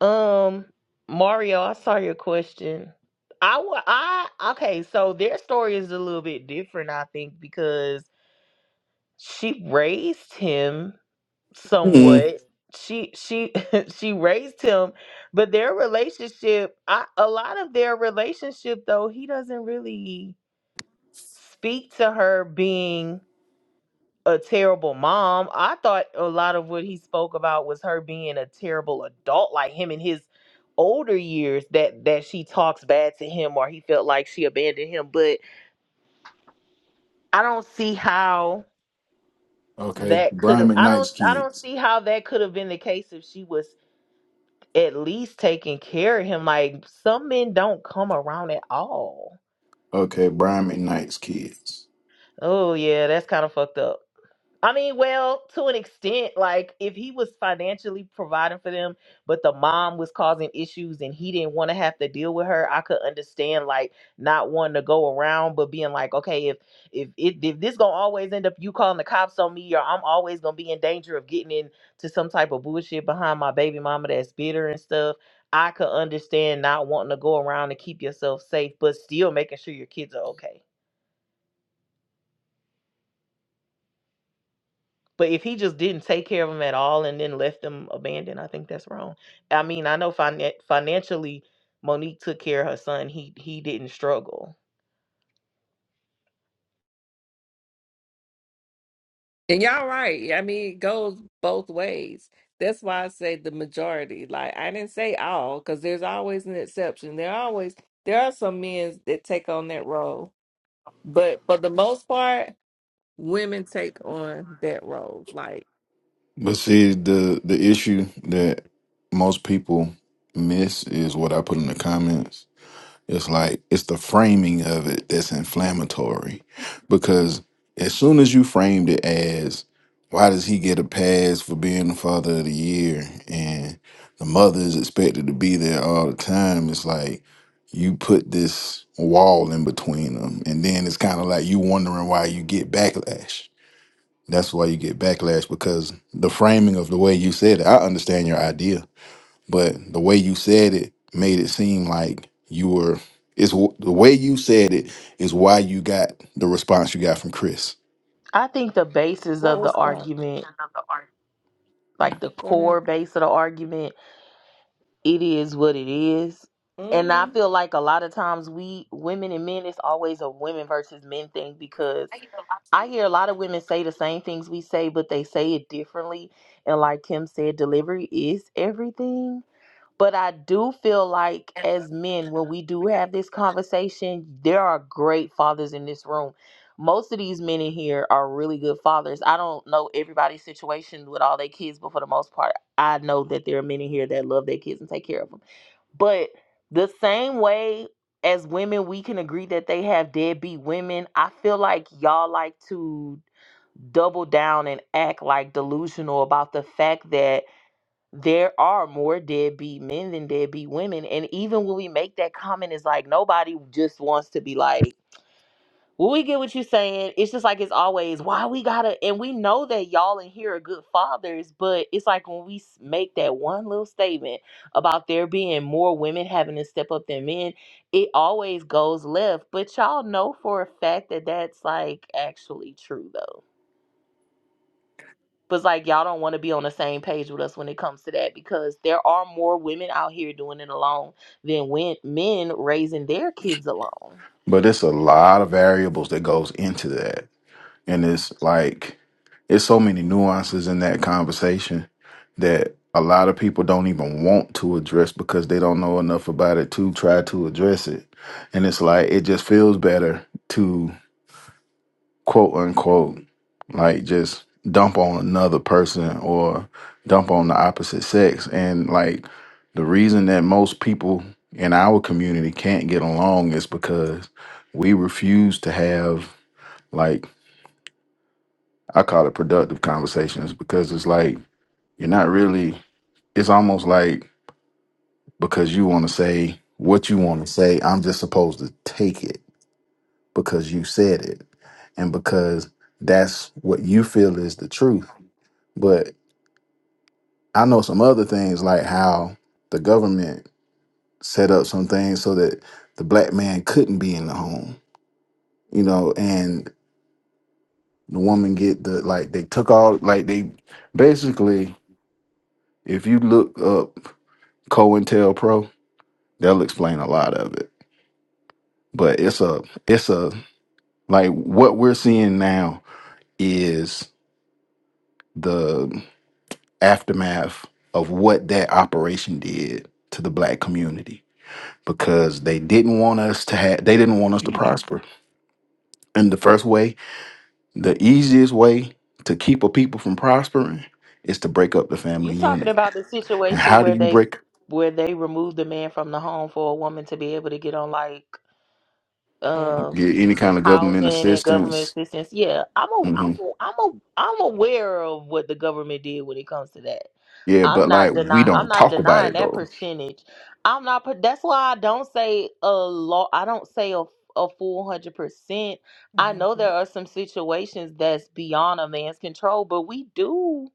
Um, Mario, I saw your question. I wa- I okay, so their story is a little bit different, I think, because she raised him mm. somewhat. She she she raised him, but their relationship, I, a lot of their relationship though, he doesn't really speak to her being a terrible mom. I thought a lot of what he spoke about was her being a terrible adult, like him in his older years that that she talks bad to him or he felt like she abandoned him. But I don't see how Okay, that could Brian have I McKnight's don't I don't kids. see how that could have been the case if she was at least taking care of him. Like some men don't come around at all. Okay, Brian McKnight's kids. Oh yeah, that's kind of fucked up. I mean, well, to an extent, like if he was financially providing for them, but the mom was causing issues and he didn't want to have to deal with her, I could understand like not wanting to go around, but being like, okay, if if if, if this gonna always end up you calling the cops on me, or I'm always gonna be in danger of getting into some type of bullshit behind my baby mama that's bitter and stuff. I could understand not wanting to go around and keep yourself safe, but still making sure your kids are okay. But if he just didn't take care of them at all and then left them abandoned, I think that's wrong. I mean, I know finan financially, Monique took care of her son. He he didn't struggle. And y'all right. I mean, it goes both ways. That's why I say the majority. Like I didn't say all, because there's always an exception. There always there are some men that take on that role, but for the most part, women take on that role. Like But see, the the issue that most people miss is what I put in the comments. It's like it's the framing of it that's inflammatory because as soon as you framed it as why does he get a pass for being the father of the year and the mother is expected to be there all the time, it's like you put this wall in between them and then it's kind of like you wondering why you get backlash. That's why you get backlash because the framing of the way you said it, I understand your idea but the way you said it made it seem like you were it's w- the way you said it is why you got the response you got from chris I think the basis what of the was that? argument, like Mm, the Go ahead. core base of the argument, it is what it is. And I Mm-hmm. feel like a lot of times we women and men, it's always a women versus men thing because I hear a lot of women say the same things we say, but they say it differently. And like Kim said, delivery is everything But I do feel like as men, when we do have this conversation, there are great fathers in this room. Most of these men in here are really good fathers. I don't know everybody's situation with all their kids, but for the most part, I know that there are men in here that love their kids and take care of them. But the same way as women, we can agree that they have deadbeat women. I feel like y'all like to double down and act like delusional about the fact that there are more deadbeat men than deadbeat women. And even when we make that comment, it's like nobody just wants to be like, well, we get what you're saying. It's just like it's always why we gotta, and we know that y'all in here are good fathers, but it's like when we s- make that one little statement about there being more women having to step up than men, it always goes left. But y'all know for a fact that that's like actually true, though. But it's like y'all don't want to be on the same page with us when it comes to that because there are more women out here doing it alone than when men raising their kids alone. but it's a lot of variables that goes into that and it's like it's so many nuances in that conversation that a lot of people don't even want to address because they don't know enough about it to try to address it and it's like it just feels better quote unquote, like just dump on another person or dump on the opposite sex. And like the reason that most people in our community can't get along is because we refuse to have like I call it productive conversations because it's like you're not really it's almost like because you want to say what you want to say, I'm just supposed to take it because you said it and because that's what you feel is the truth. But I know some other things like how the government set up some things so that the black man couldn't be in the home, you know, and the woman get the like they took all like they basically if you look up COINTELPRO, they'll explain a lot of it. But it's a it's a like what we're seeing now is the aftermath of what that operation did to the black community because they didn't want us to have they didn't want us to prosper. And the first way, the easiest way to keep a people from prospering is to break up the You family talking unit. about the And situation how where do you they break where they removed the man from the home for a woman to be able to get on like um, get any kind of government housing and government assistance? assistance. Yeah, I'm a, I'm hmm a, I'm a, I'm aware of what the government did when it comes to that. Yeah, but I'm like not we denying. I'm don't not talk about denying it that though. percentage. I'm not. per- That's why I don't say a lot. I don't say a a full hundred percent. I know there are some situations that's beyond a man's control, but we do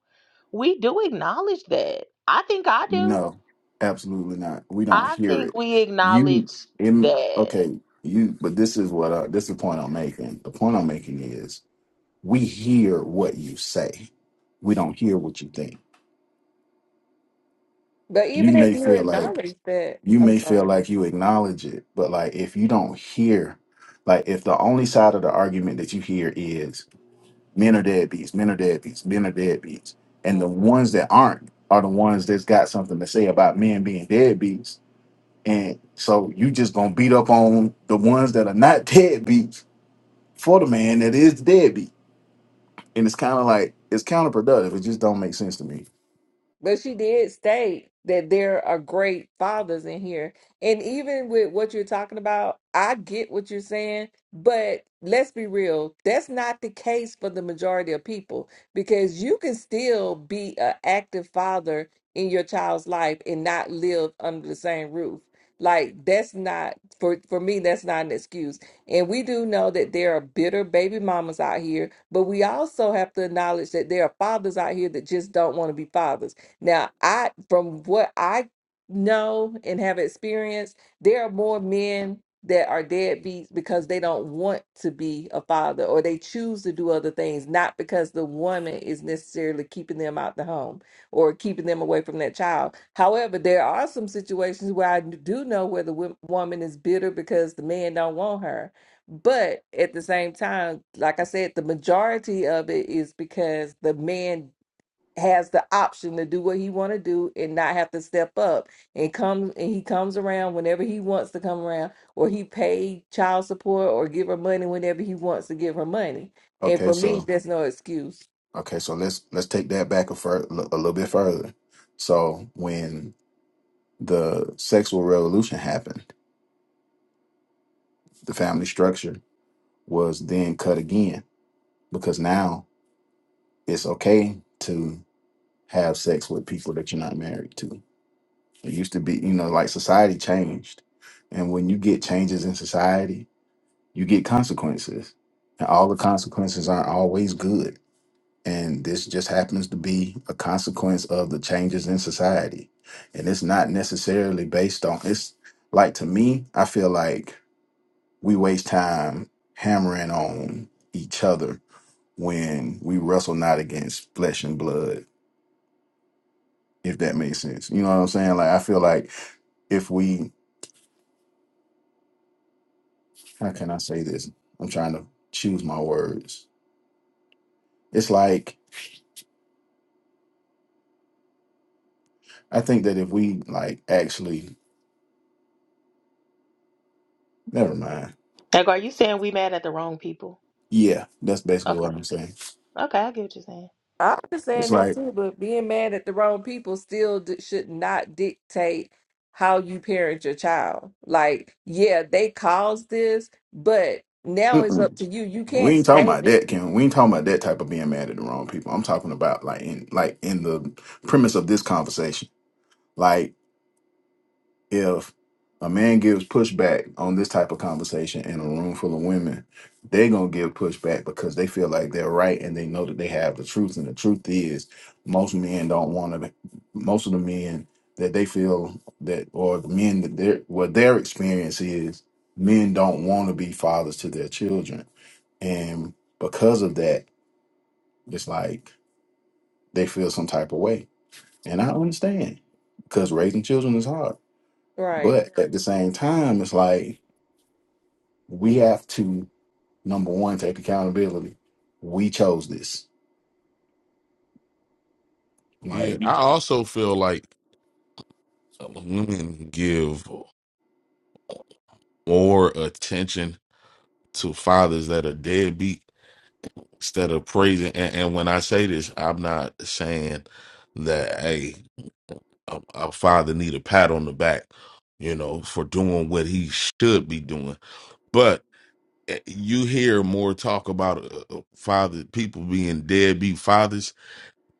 we do acknowledge that. I think I do. No, absolutely not. We don't I hear think it. we You acknowledge in that. okay, you but this is what I, this is the point I'm making. The point I'm making is we hear what you say. We don't hear what you think But you even if may you feel like acknowledge that, you I'm may feel sorry. like you acknowledge it but like if you don't hear like if the only side of the argument that you hear is men are deadbeats men are deadbeats men are deadbeats Mm. and the ones that aren't are the ones that's got something to say about men being deadbeats and so you just gonna beat up on the ones that are not deadbeats for the man that is deadbeat and it's kind of like it's counterproductive it just don't make sense to me But she did state that there are great fathers in here. And even with what you're talking about, I get what you're saying, but let's be real, that's not the case for the majority of people because you can still be an active father in your child's life and not live under the same roof. Like that's not for for me that's not an excuse. And we do know that there are bitter baby mamas out here, but we also have to acknowledge that there are fathers out here that just don't want to be fathers now, I from what I know and have experienced, there are more men that are deadbeats because they don't want to be a father or they choose to do other things, not because the woman is necessarily keeping them out the home or keeping them away from that child. However, there are some situations where I do know where the wo- woman is bitter because the man don't want her. But at the same time, like I said, the majority of it is because the man has the option to do what he want to do and not have to step up and come and he comes around whenever he wants to come around or he pay child support or give her money whenever he wants to give her money and okay for me so. that's no excuse Okay, so let's let's take that back a, fur, a little bit further. So when the sexual revolution happened, the family structure was then cut again because now it's okay to have sex with people that you're not married to. It used to be, you know, like society changed, and when you get changes in society, you get consequences, and all the consequences aren't always good And this just happens to be a consequence of the changes in society. And it's not necessarily based on it's like to me, I feel like we waste time hammering on each other when we wrestle not against flesh and blood, if that makes sense. You know what I'm saying? Like I feel like if we how can I say this? I'm trying to choose my words. It's like I think that if we like actually never mind. Like, are you saying we mad at the wrong people? Yeah, that's basically what Okay. I'm saying. Okay, I get what you're saying. i am just It's saying like that too but being mad at the wrong people still d- should not dictate how you parent your child like yeah they caused this but now it's up Mm-mm. to you you We can't ain't talking stay about with, that, Kim. We ain't talking about that type of being mad at the wrong people. I'm talking about like in like in the premise of this conversation. like if a man gives pushback on this type of conversation in a room full of women, they're gonna give pushback because they feel like they're right and they know that they have the truth. And the truth is, most men don't want to. Most of the men that they feel that, or the men that their what their experience is, men don't want to be fathers to their children, and because of that, it's like they feel some type of way. And I understand because raising children is hard right but at the same time, it's like we have to number one take accountability. We chose this. Yeah, Like I also feel like women give more attention to fathers that are deadbeat instead of praising. And, and when I say this, I'm not saying that hey, a, a father need a pat on the back, you know, for doing what he should be doing. But eh, you hear more talk about uh, uh, father people being deadbeat fathers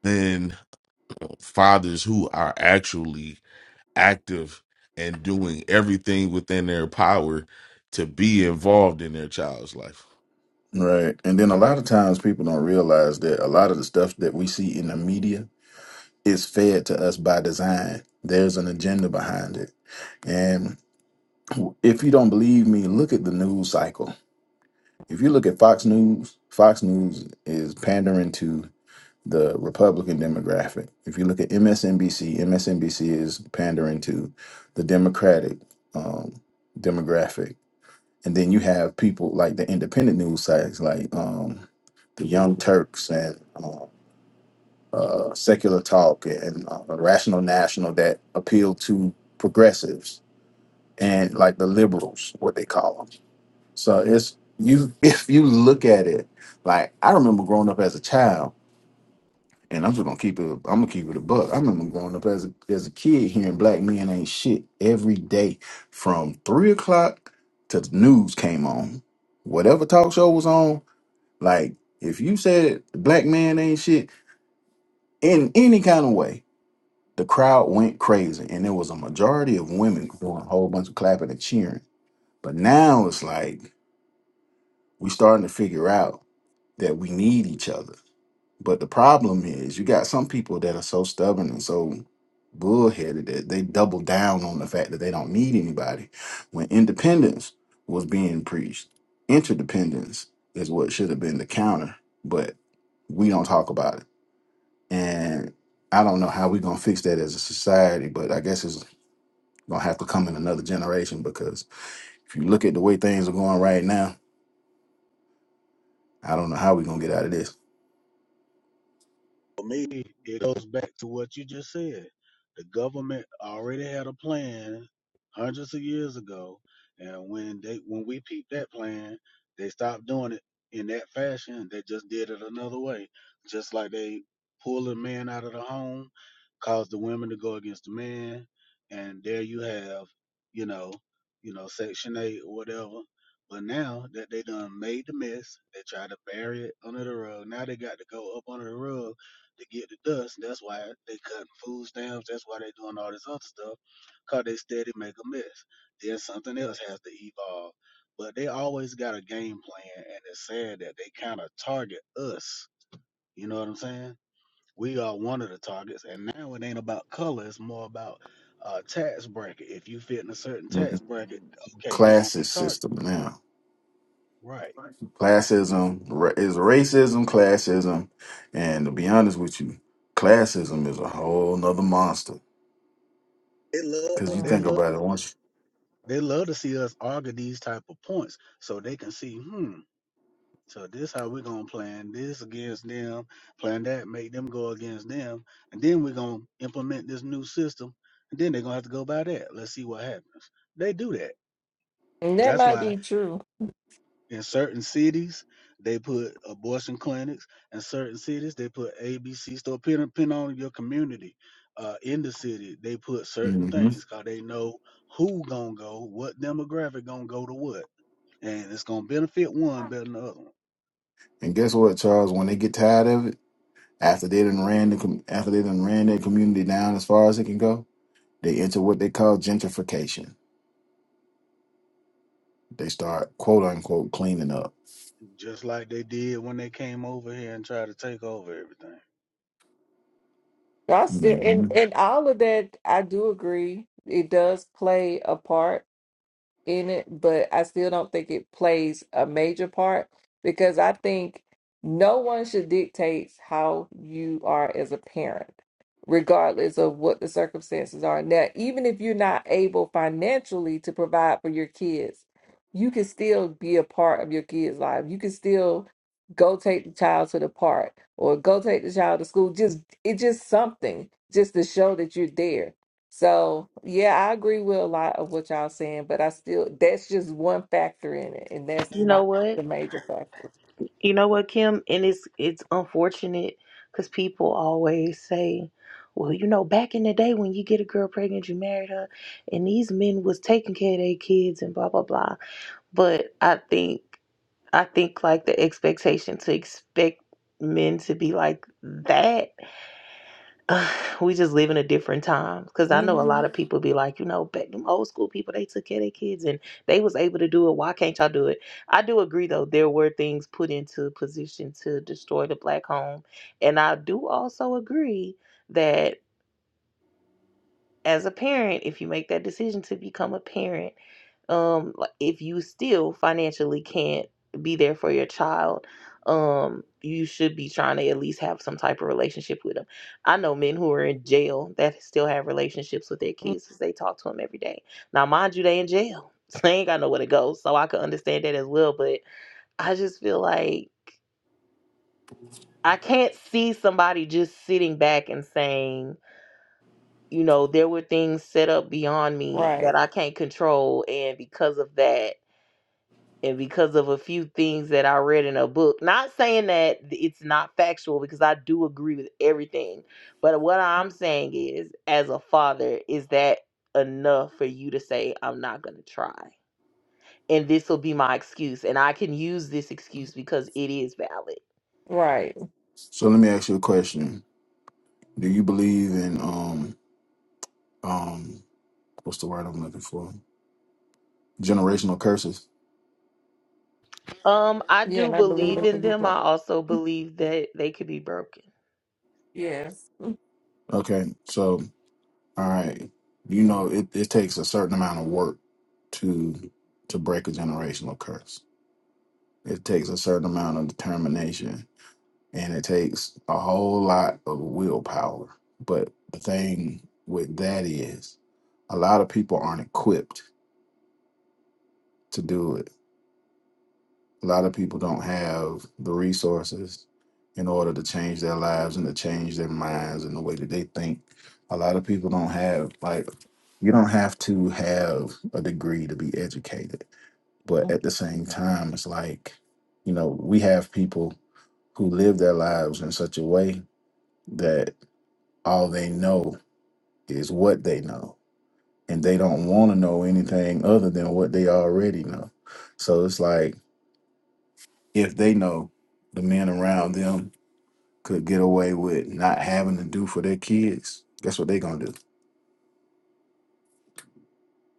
than fathers who are actually active and doing everything within their power to be involved in their child's life. Right. And then a lot of times people don't realize that a lot of the stuff that we see in the media is fed to us by design. There's an agenda behind it. And if you don't believe me, look at the news cycle. If you look at Fox News, Fox News is pandering to the Republican demographic. If you look at MSNBC, MSNBC is pandering to the Democratic um, demographic, and then you have people like the independent news sites, like um, the Young Turks and um, uh, Secular Talk and uh, Rational National, that appeal to progressives and like the liberals, what they call them. So it's you. If you look at it, like I remember growing up as a child And I'm just gonna keep it. I'm gonna keep it a buck. I remember growing up as a, as a kid hearing black men ain't shit every day from three o'clock to the news came on. Whatever talk show was on, like if you said black man ain't shit in any kind of way, the crowd went crazy, and there was a majority of women doing a whole bunch of clapping and cheering. But now it's like we starting to figure out that we need each other But the problem is, you got some people that are so stubborn and so bullheaded that they double down on the fact that they don't need anybody. When independence was being preached, interdependence is what should have been the counter, but we don't talk about it. And I don't know how we're going to fix that as a society, but I guess it's going to have to come in another generation because if you look at the way things are going right now, I don't know how we're going to get out of this. For me, it goes back to what you just said. The government already had a plan hundreds of years ago, and when they when we peeped that plan, they stopped doing it in that fashion. They just did it another way, just like they pulled a man out of the home, caused the women to go against the man, and there you have, you know, you know, Section Eight or whatever. But now that they done made the mess, they tried to bury it under the rug. Now they got to go up under the rug to get the dust. That's why they cutting food stamps. That's why they doing all this other stuff, cause they steady make a mess. Then something else has to evolve. But they always got a game plan, and it's sad that they kind of target us. You know what I'm saying? We are one of the targets, and now it ain't about color. It's more about uh, tax bracket. If you fit in a certain Mhm. tax bracket, okay, you are gonna be Classes targeted, system now right? Classism ra- is racism, classism, and to be honest with you, classism is a whole nother monster. They Because love you They Mm. think love about it to see, once. they love to see us argue these type of points, so they can see. Hmm So this how we're gonna plan this against them, plan that, make them go against them, and then we're gonna implement this new system, and then they're gonna have to go by that. Let's see what happens. They do that. and that That's might why be true in certain cities they put abortion clinics, in certain cities they put ABC store pin pin on your community. Uh, in the city, they put certain hmm things because they know who gonna go, what demographic gonna go to what, and it's gonna benefit one better than the other. one. And guess what, Charles? When they get tired of it, after they done ran the com- after they done ran their community down as far as it can go, they enter what they call gentrification. They start quote unquote cleaning up. just like they did when they came over here and tried to take over everything. That's the and hmm and all of that. I do agree. It does play a part in it, but I still don't think it plays a major part because I think no one should dictate how you are as a parent, regardless of what the circumstances are. Now, even if you're not able financially to provide for your kids, you can still be a part of your kids' life. You can still go take the child to the park or go take the child to school. Just it just something just to show that you're there so yeah, I agree with a lot of what y'all saying, but I still that's just one factor in it, and that's You know not the what? major factor. You know what, Kim? And it's it's unfortunate because people always say, "Well, you know, back in the day when you get a girl pregnant, you married her, and these men was taking care of their kids and blah blah blah." But I think I think like the expectation to expect men to be like that we just live in a different time because i know a hmm lot of people be like you know back them old school people they took care of their kids and they was able to do it why can't y'all do it i do agree though there were things put into position to destroy the black home and i do also agree that as a parent, if you make that decision to become a parent, um, like, if you still financially can't be there for your child, um, you should be trying to at least have some type of relationship with them. I know men who are in jail that still have relationships with their kids because they talk to them every day. Now, mind you, they in jail. So they ain't got nowhere to go. So I could understand that as well. But I just feel like I can't see somebody just sitting back and saying, you know, there were things set up beyond me Right, that I can't control. And because of that, and because of a few things that I read in a book, not saying that it's not factual because I do agree with everything. But what I'm saying is, as a father, is that enough for you to say, I'm not going to try? And this will be my excuse. And I can use this excuse because it is valid. right. So let me ask you a question: Do you believe in um um what's the word I'm looking for? Generational curses. Um, I Yeah, do and I believe in believe in them. people. I also believe that they could be broken. Yes, Okay, so all right, you know it, it takes a certain amount of work to to break a generational curse. It takes a certain amount of determination, and it takes a whole lot of willpower. But the thing with that is, a lot of people aren't equipped to do it. A lot of people don't have the resources in order to change their lives and to change their minds and the way that they think. A lot of people don't have, like, you don't have to have a degree to be educated. But at the same time, it's like, you know, we have people who live their lives in such a way that all they know is what they know. And they don't want to know anything other than what they already know. So it's like, if they know the men around them could get away with not having to do for their kids, guess what they're gonna do?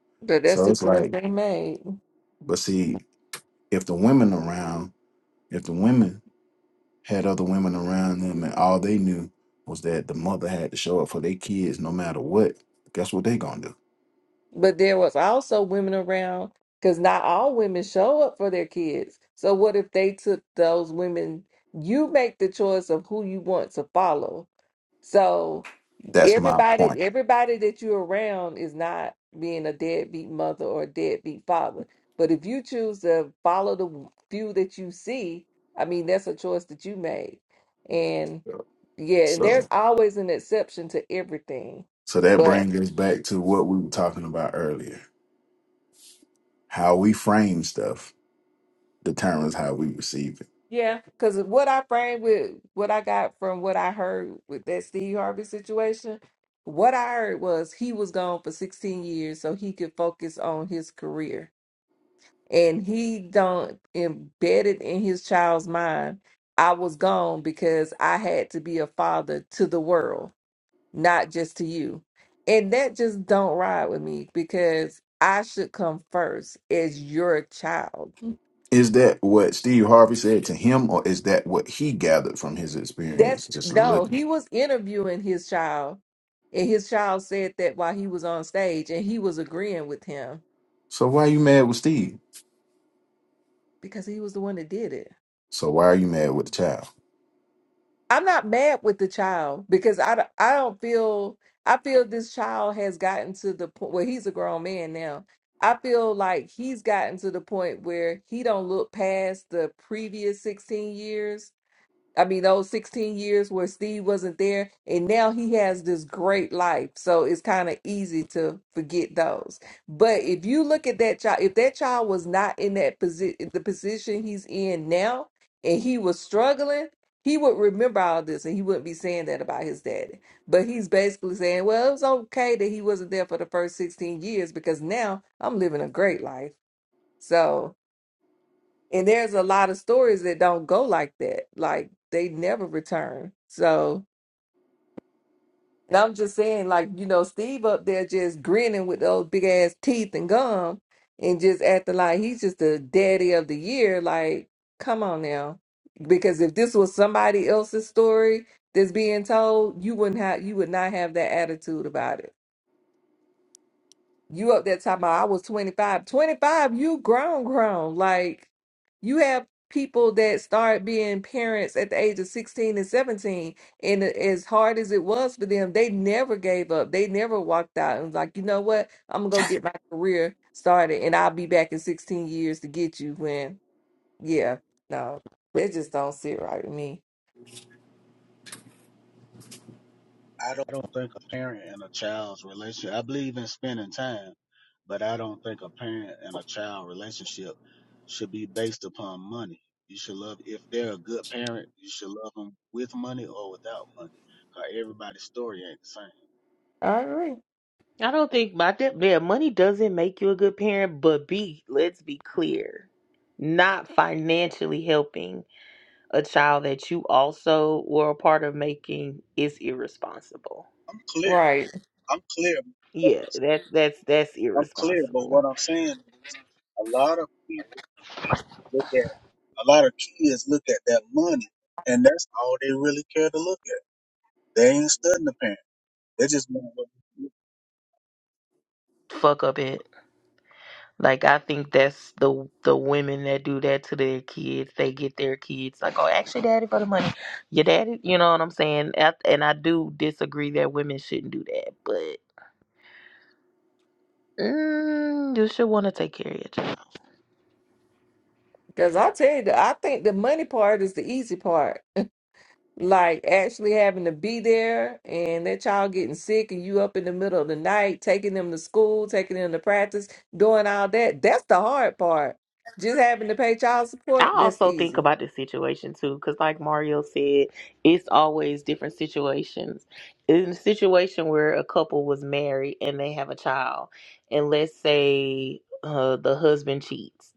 but that's So the it's choice like, they made. but see, if the women around, if the women had other women around them and all they knew was that the mother had to show up for their kids no matter what, guess what they gonna do? But there was also women around because not all women show up for their kids. So what if they took those women? You make the choice of who you want to follow. So That's my everybody point. everybody that you're around is not being a deadbeat mother or a deadbeat father but if you choose to follow the few that you see i mean that's a choice that you made and yeah and there's So always an exception to everything so that but brings us back to what we were talking about earlier. How we frame stuff determines how we receive it. yeah because what i framed with what i got from what i heard with that steve harvey situation what i heard was he was gone for 16 years so he could focus on his career and he don't embed it in his child's mind i was gone because i had to be a father to the world not just to you and that just don't ride with me because i should come first as your child Is that what Steve Harvey said to him, or is that what he gathered from his experience that's just no looking? he was interviewing his child and his child said that while he was on stage and he was agreeing with him So why are you mad with Steve? because he was the one that did it So why are you mad with the child? I'm not mad with the child because I, don't- I don't feel I feel this child has gotten to the point where he's a grown man now. I feel like he's gotten to the point where he don't look past the previous 16 years I mean, those 16 years where Steve wasn't there, and now he has this great life. So it's kind of easy to forget those. But if you look at that child, if that child was not in that position, the position he's in now, and he was struggling, he would remember all this and he wouldn't be saying that about his daddy. But he's basically saying, well, it was okay that he wasn't there for the first 16 years because now I'm living a great life. So. And there's a lot of stories that don't go like that. Like they never return. So, and I'm just saying, like, you know, Steve up there just grinning with those big ass teeth and gum and just acting like he's just the daddy of the year. Like, come on now. Because if this was somebody else's story that's being told, you wouldn't have you would not have that attitude about it. You up there talking about I was 25. 25, you grown, grown. Like you have people that start being parents at the age of 16 and 17. And as hard as it was for them, they never gave up. They never walked out and was like, you know what? I'm gonna go get my career started and I'll be back in 16 years to get you when yeah, no, that just don't sit right with me. I don't, I don't think a parent and a child's relationship. I believe in spending time, but I don't think a parent and a child relationship should be based upon money. You should love if they're a good parent, you should love them with money or without money. Cause everybody's story ain't the same. I agree. I don't think my de- yeah, money doesn't make you a good parent, but be let's be clear, not financially helping a child that you also were a part of making is irresponsible. I'm clear. Right. I'm clear. Yeah, that's that's that's I'm clear. But irresponsible. what I'm saying is, a lot of people look at A lot of kids look at that money, and that's all they really care to look at. They ain't studying the parent. They just want what. Fuck up it. Like I think that's the the women that do that to their kids. They get their kids like, oh, actually, daddy for the money. Your daddy, you know what I'm saying? And I and I do disagree that women shouldn't do that, but. Mm, you should want to take care of your child. Because I tell you, I think the money part is the easy part like actually having to be there and that child getting sick and you up in the middle of the night taking them to school taking them to practice doing all that that's the hard part just having to pay child support I that's also think easy about this situation too, because like Mario said, it's always different situations. In a situation where a couple was married and they have a child, and let's say uh, the husband cheats,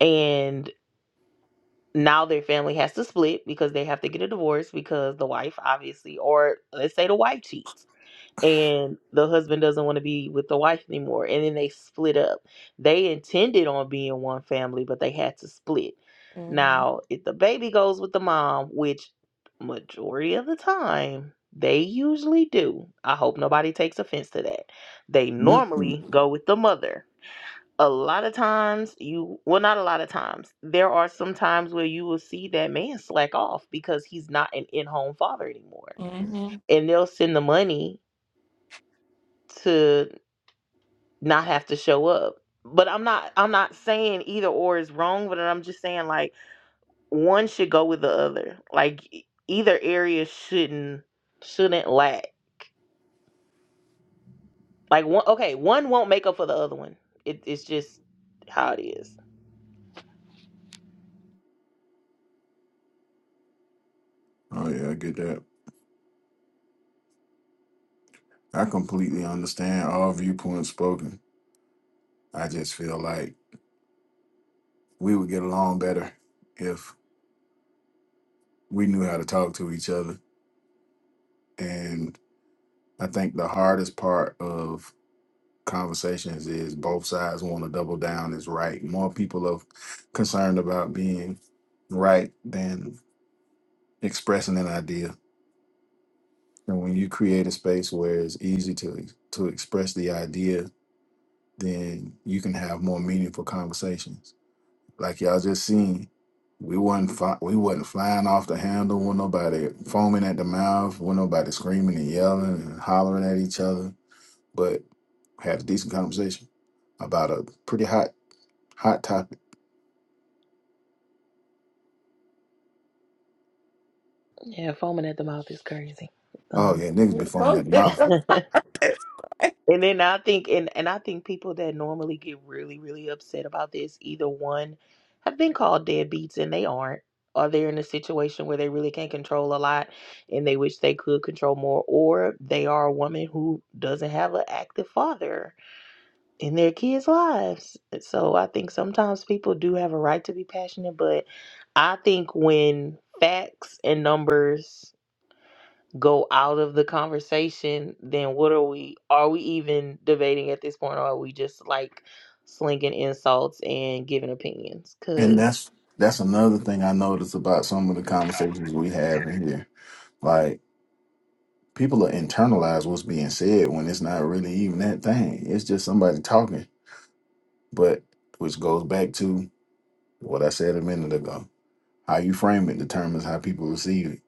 and now their family has to split because they have to get a divorce because the wife obviously, or let's say the wife cheats. and the husband doesn't want to be with the wife anymore and then they split up they intended on being one family but they had to split hmm now if the baby goes with the mom which majority of the time they usually do i hope nobody takes offense to that they Mm-mm. normally go with the mother a lot of times you well not a lot of times there are some times where you will see that man slack off because he's not an in-home father anymore hmm and they'll send the money to not have to show up. But I'm not I'm not saying either or is wrong, but I'm just saying like one should go with the other. Like e- either area shouldn't shouldn't lack. Like one okay, one won't make up for the other one. It, it's just how it is. Oh yeah, I get that. I completely understand all viewpoints spoken. I just feel like we would get along better if we knew how to talk to each other. And I think the hardest part of conversations is both sides want to double down is right. More people are concerned about being right than expressing an idea. And when you create a space where it's easy to to express the idea, then you can have more meaningful conversations. Like y'all just seen, we wasn't fi- we wasn't flying off the handle with nobody foaming at the mouth, with nobody screaming and yelling and hollering at each other, but had a decent conversation about a pretty hot hot topic. Yeah, foaming at the mouth is crazy. Oh Um, yeah, niggas be foaming at the mouth, And then I think, and, and I think people that normally get really, really upset about this, either one, have been called deadbeats and they aren't, or they're in a situation where they really can't control a lot and they wish they could control more, or they are a woman who doesn't have an active father in their kids' lives. So I think sometimes people do have a right to be passionate, but I think when facts and numbers go out of the conversation, then what are we? Are we even debating at this point, or are we just like slinging insults and giving opinions? and Cause that's that's another thing I noticed about some of the conversations we have in here. Like, people will internalize what's being said when it's not really even that thing. It's just somebody talking. But which goes back to what I said a minute ago. How you frame it determines how people receive it.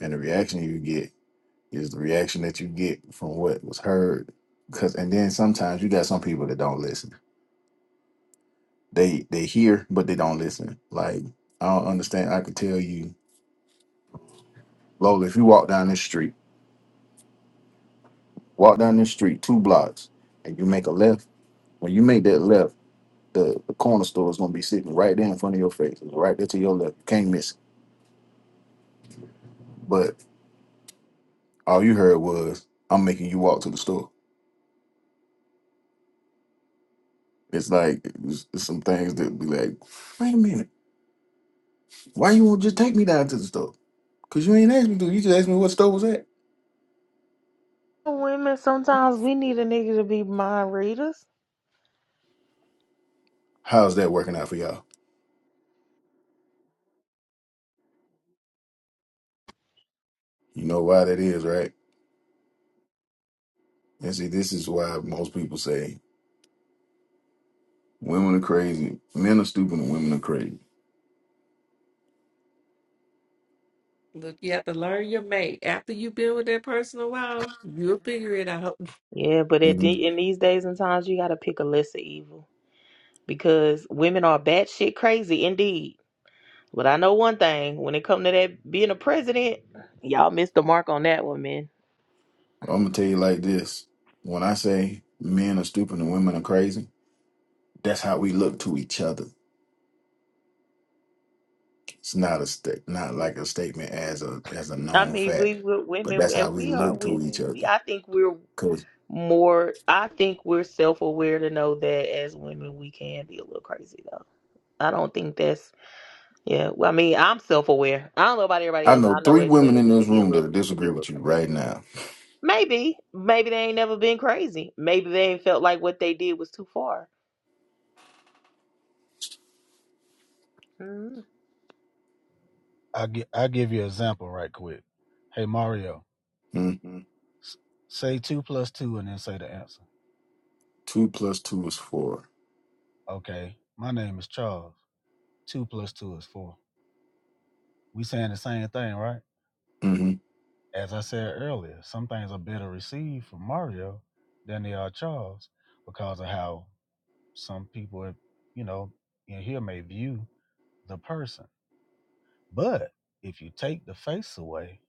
And the reaction you get is the reaction that you get from what was heard. Cause and then sometimes you got some people that don't listen. They they hear but they don't listen. Like I don't understand. I could tell you, Lola, if you walk down this street, walk down this street two blocks and you make a left, when you make that left. the, the corner store is gonna be sitting right there in front of your face, It's right there to your left. You can't miss it. But all you heard was, "I'm making you walk to the store." It's like it's, it's some things that be like, "Wait a minute, why you won't just take me down to the store? Cause you ain't asked me to. You just asked me what store was at. Women, sometimes we need a nigga to be mind readers. How's that working out for y'all? You know why that is, right? And see, this is why most people say women are crazy, men are stupid, and women are crazy. Look, you have to learn your mate. After you've been with that person a while, you'll figure it out. yeah, but hmm at the, in these days and times, you gotta pick a lesser evil because women are batshit crazy indeed. But I know one thing: when it come to that being a president, y'all missed the mark on that one, man. I'm gonna tell you like this: when I say men are stupid and women are crazy. That's how we look to each other. It's not a sta- not like a statement as a as a I known mean, fact, we, we're but women, that's how and we we are look to each women. We, other. I think we're Cause more i think we're self-aware to know that as women we can be a little crazy though i don't think that's yeah well i mean i'm self-aware i don't know about everybody I else know i know three as women women in we this could be a room little that we could be disagree a little with you crazy right now. maybe maybe they ain't never been crazy maybe they ain't felt like what they did was too far mm, I gi- I give you an example right quick. Hey Mario, Hmm? s- say two plus two and then say the answer. Two plus two is 4 Okay, my name is Charles. Two plus two is four. We saying the same thing, right? Mm-hmm. As I said earlier, some things are better received from Mario than they are Charles because of how some people, you know, in here may view the person. But if you take the face away,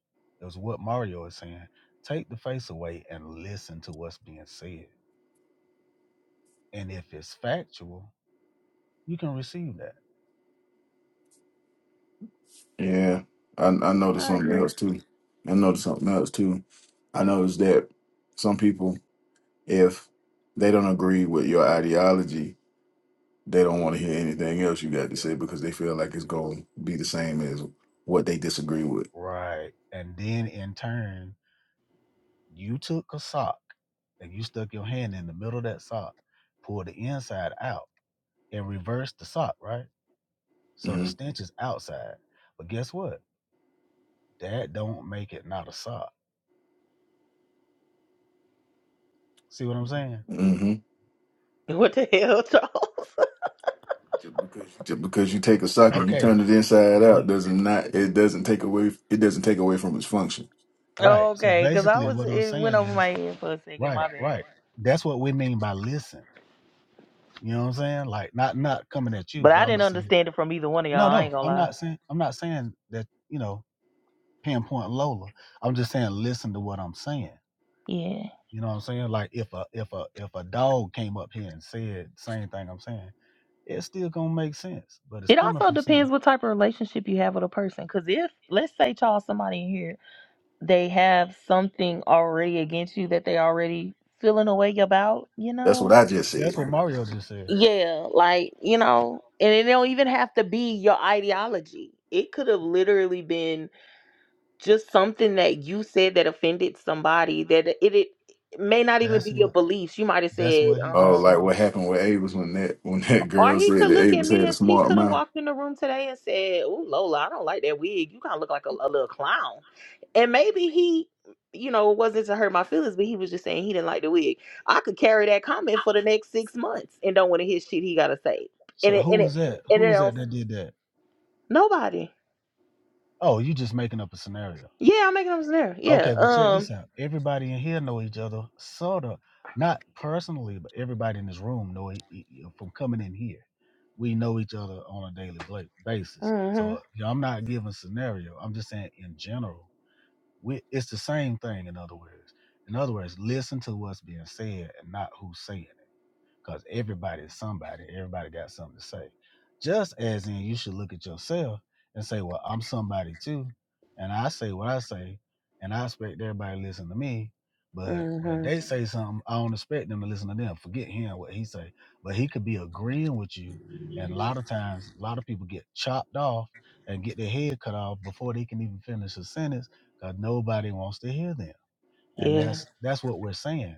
is what Mario is saying. Take the face away and listen to what's being said. And if it's factual, you can receive that. Yeah, I I noticed i something agree else too. I noticed something else too. I noticed that some people, if they don't agree with your ideology, they don't want to hear anything else you got to say because they feel like it's going to be the same as what they disagree with. Right. And then in turn, you took a sock and you stuck your hand in the middle of that sock, pulled the inside out, and reversed the sock, right? So the hmm stench is outside. But guess what? That don't make it not a sock. See what I'm saying? hmm what the hell charles Just because you take a sock and you Okay. turn it inside out We doesn't not it doesn't take away it doesn't take away from its function. right. So okay because i basically was what I'm it went saying over is my head for a second Right, my bad right. That's what we mean by listen. You know what I'm saying? Like not not coming at you, but but i I'm didn't just saying understand it from either one of no, y'all i no. ain't gonna I'm lie not saying I'm not saying that you know pinpoint Lola. I'm just saying listen to what I'm saying. Yeah. You know what I'm saying? Like if a if a if a dog came up here and said same thing I'm saying, it's still gonna make sense, but it's It coming also from something. depends what type of relationship you have with a person. Because if, let's say, y'all, somebody in here, they have something already against you that they already feeling a way about, you That's what know? I just That's said. what Mario just said. Yeah, like, you know, and it don't even have to be your ideology. It could have literally been just something that you said that offended somebody that it, it may not even That's be your what beliefs. You might have that's said, what he Oh, just um, like said. what happened with Avis when that when that Or girl he said could that look at Avis me had a and he smart could have mouth. walked in the room today and said, "Ooh, Lola, I don't like that wig. You kind of look like a, a little clown." And maybe he, you know, it wasn't to hurt my feelings, but he was just saying he didn't like the wig. I could carry that comment for the next six months and don't want to hear shit he gotta say. And So it, who and it, was that? and Who it was that don't that did that? nobody. Oh, you just making up a scenario. Yeah, I'm making up a scenario. Yeah. Okay, well check Um. this out. Everybody in here know each other, sorta. Not personally, but everybody in this room know e- e- e- from coming in here. We know each other on a daily bla- basis. So Mhm. you know, I'm not giving scenario. I'm just saying in general, we, it's the same thing. In other words, in other words, listen to what's being said and not who's saying because everybody is somebody. Everybody got something to say. Just as in, you should look at yourself and say, "Well, I'm somebody too," and I say what I say, and I expect everybody to listen to me. But when Mhm. they say something, I don't expect them to listen to them. Forget him what he say, but he could be agreeing with you. And a lot of times, a lot of people get chopped off and get their head cut off before they can even finish a sentence because nobody wants to hear them and Yeah. that's that's what we're saying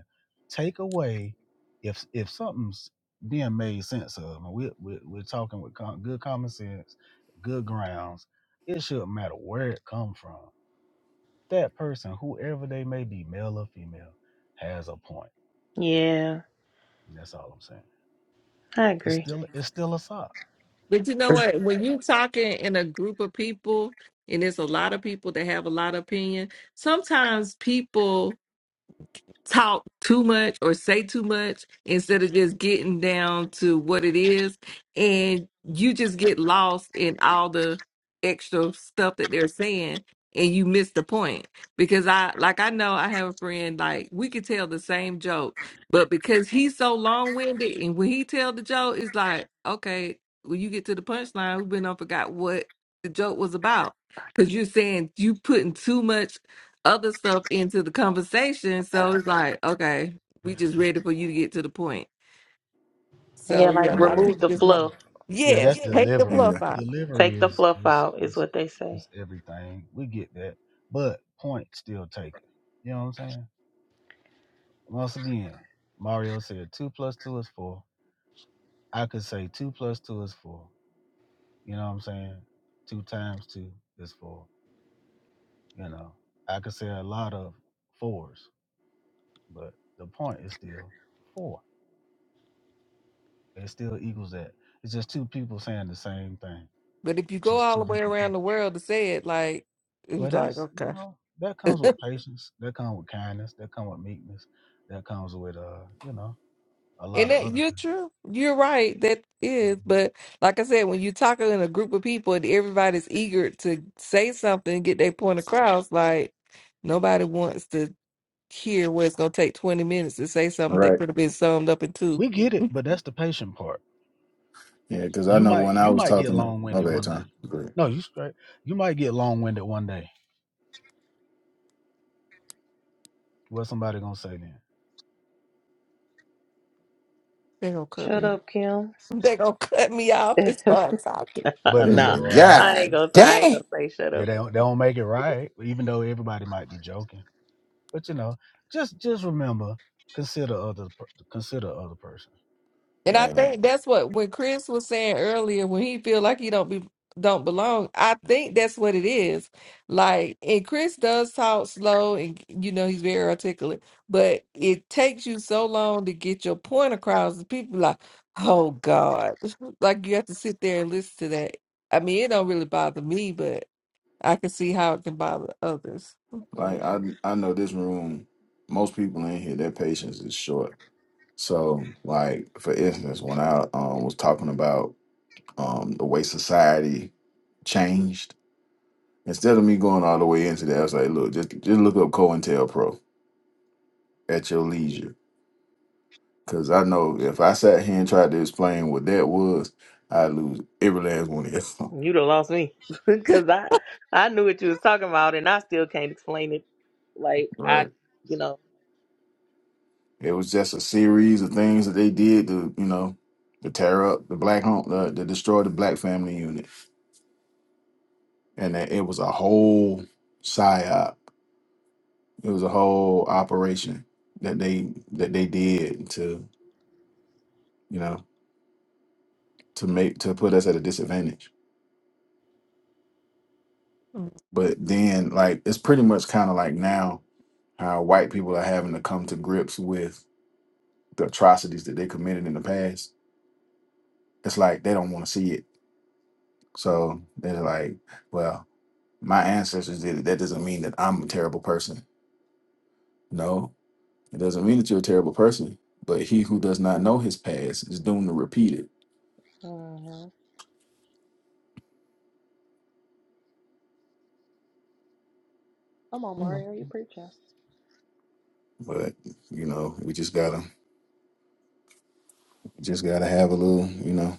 take away if if something's being made sense of and we, we, we're talking with com- good common sense good grounds it shouldn't matter where it come from that person whoever they may be male or female has a point Yeah. and that's all i'm saying I it's agree. still it's still a sock But you know what? When you talking in a group of people, and there's a lot of people that have a lot of opinion, sometimes people talk too much or say too much instead of just getting down to what it is. And you just get lost in all the extra stuff that they're saying and you miss the point. Because I, like, I know I have a friend, like, we could tell the same joke, but because he's so long winded and when he tell the joke, it's like, okay, when you get to the punchline, we've been on forgot what the joke was about. Because you're saying you putting too much other stuff into the conversation. So it's like, okay, we just ready for you to get to the point. Yeah, So yeah, like a lot of Right. remove people the just love. fluff. yeah that's Yes, take the delivery fluff Yeah. out. delivery Take the is fluff is out is is, what they say. is everything we get that but point still taken you know what i'm saying Once again, Mario said two plus two is four. I could say two plus two is four. You know what I'm saying? Two times two is four. You know, I could say a lot of fours, but the point is still four. It still equals that. It's just two people saying the same thing, But if you go just all two the way different around the people. world to say it, like it Well, was like that's, you okay, know, that comes with and patience. That comes with kindness. That comes with meekness. That comes with, uh, you know, a lot of that other you're things. true, you're right. That is, but like I said, when you're talking in a group of people and everybody's eager to say something, get their point across, like nobody wants to. here where it's gonna take twenty minutes to say something that Right. could have been summed up in two. We get it, but that's the patient part Yeah, because I You know might when I you was might get talking to long my winded bad one time. day. But No, you straight. You might get long winded one day. What's somebody gonna say then? They gonna cut Shut me. up, Kim. They gonna cut me off. It's fine. It's all Uh, But is it nah, anyway, right? I ain't God gonna. I ain't gonna damn say shut Yeah, up. they don't, they don't make it right. Even though everybody might be joking, but you know, just just remember, consider other per- consider other person. And I That's man. think that's what when Chris was saying earlier, when he feel like he don't be don't belong, I think that's what it is. Like, and Chris does talk slow, and you know he's very articulate, but it takes you so long to get your point across. and People like, oh God, like you have to sit there and listen to that. I mean, it don't really bother me, but I can see how it can bother others. Like Yeah. I I know this room, most people in here, their patience is short. So like for instance, when I um was talking about um, the way society changed. Instead of me going all the way into that, I was like, look, just just look up COINTELPRO at your leisure. Cause I know if I sat here and tried to explain what that was, I'd lose every last one of y'all. You'd have lost me because I I knew what you was talking about, and I still can't explain it. Like right. I, you know, It was just a series of things that they did to, you know, to tear up the black home, uh, to destroy the black family unit. And that it was a whole psyop. It was a whole operation that they that they did to, you know. to make to put us at a disadvantage. But then like it's pretty much kind of like now how white people are having to come to grips with the atrocities that they committed in the past. It's like they don't want to see it. So they're like, well, my ancestors did it. That doesn't mean that I'm a terrible person. No, it doesn't mean that you're a terrible person. But he who does not know his past is doomed to repeat it. hmm Come on, Mm-hmm. Mario, you preaching. But you know, we just gotta just gotta have a little, you know.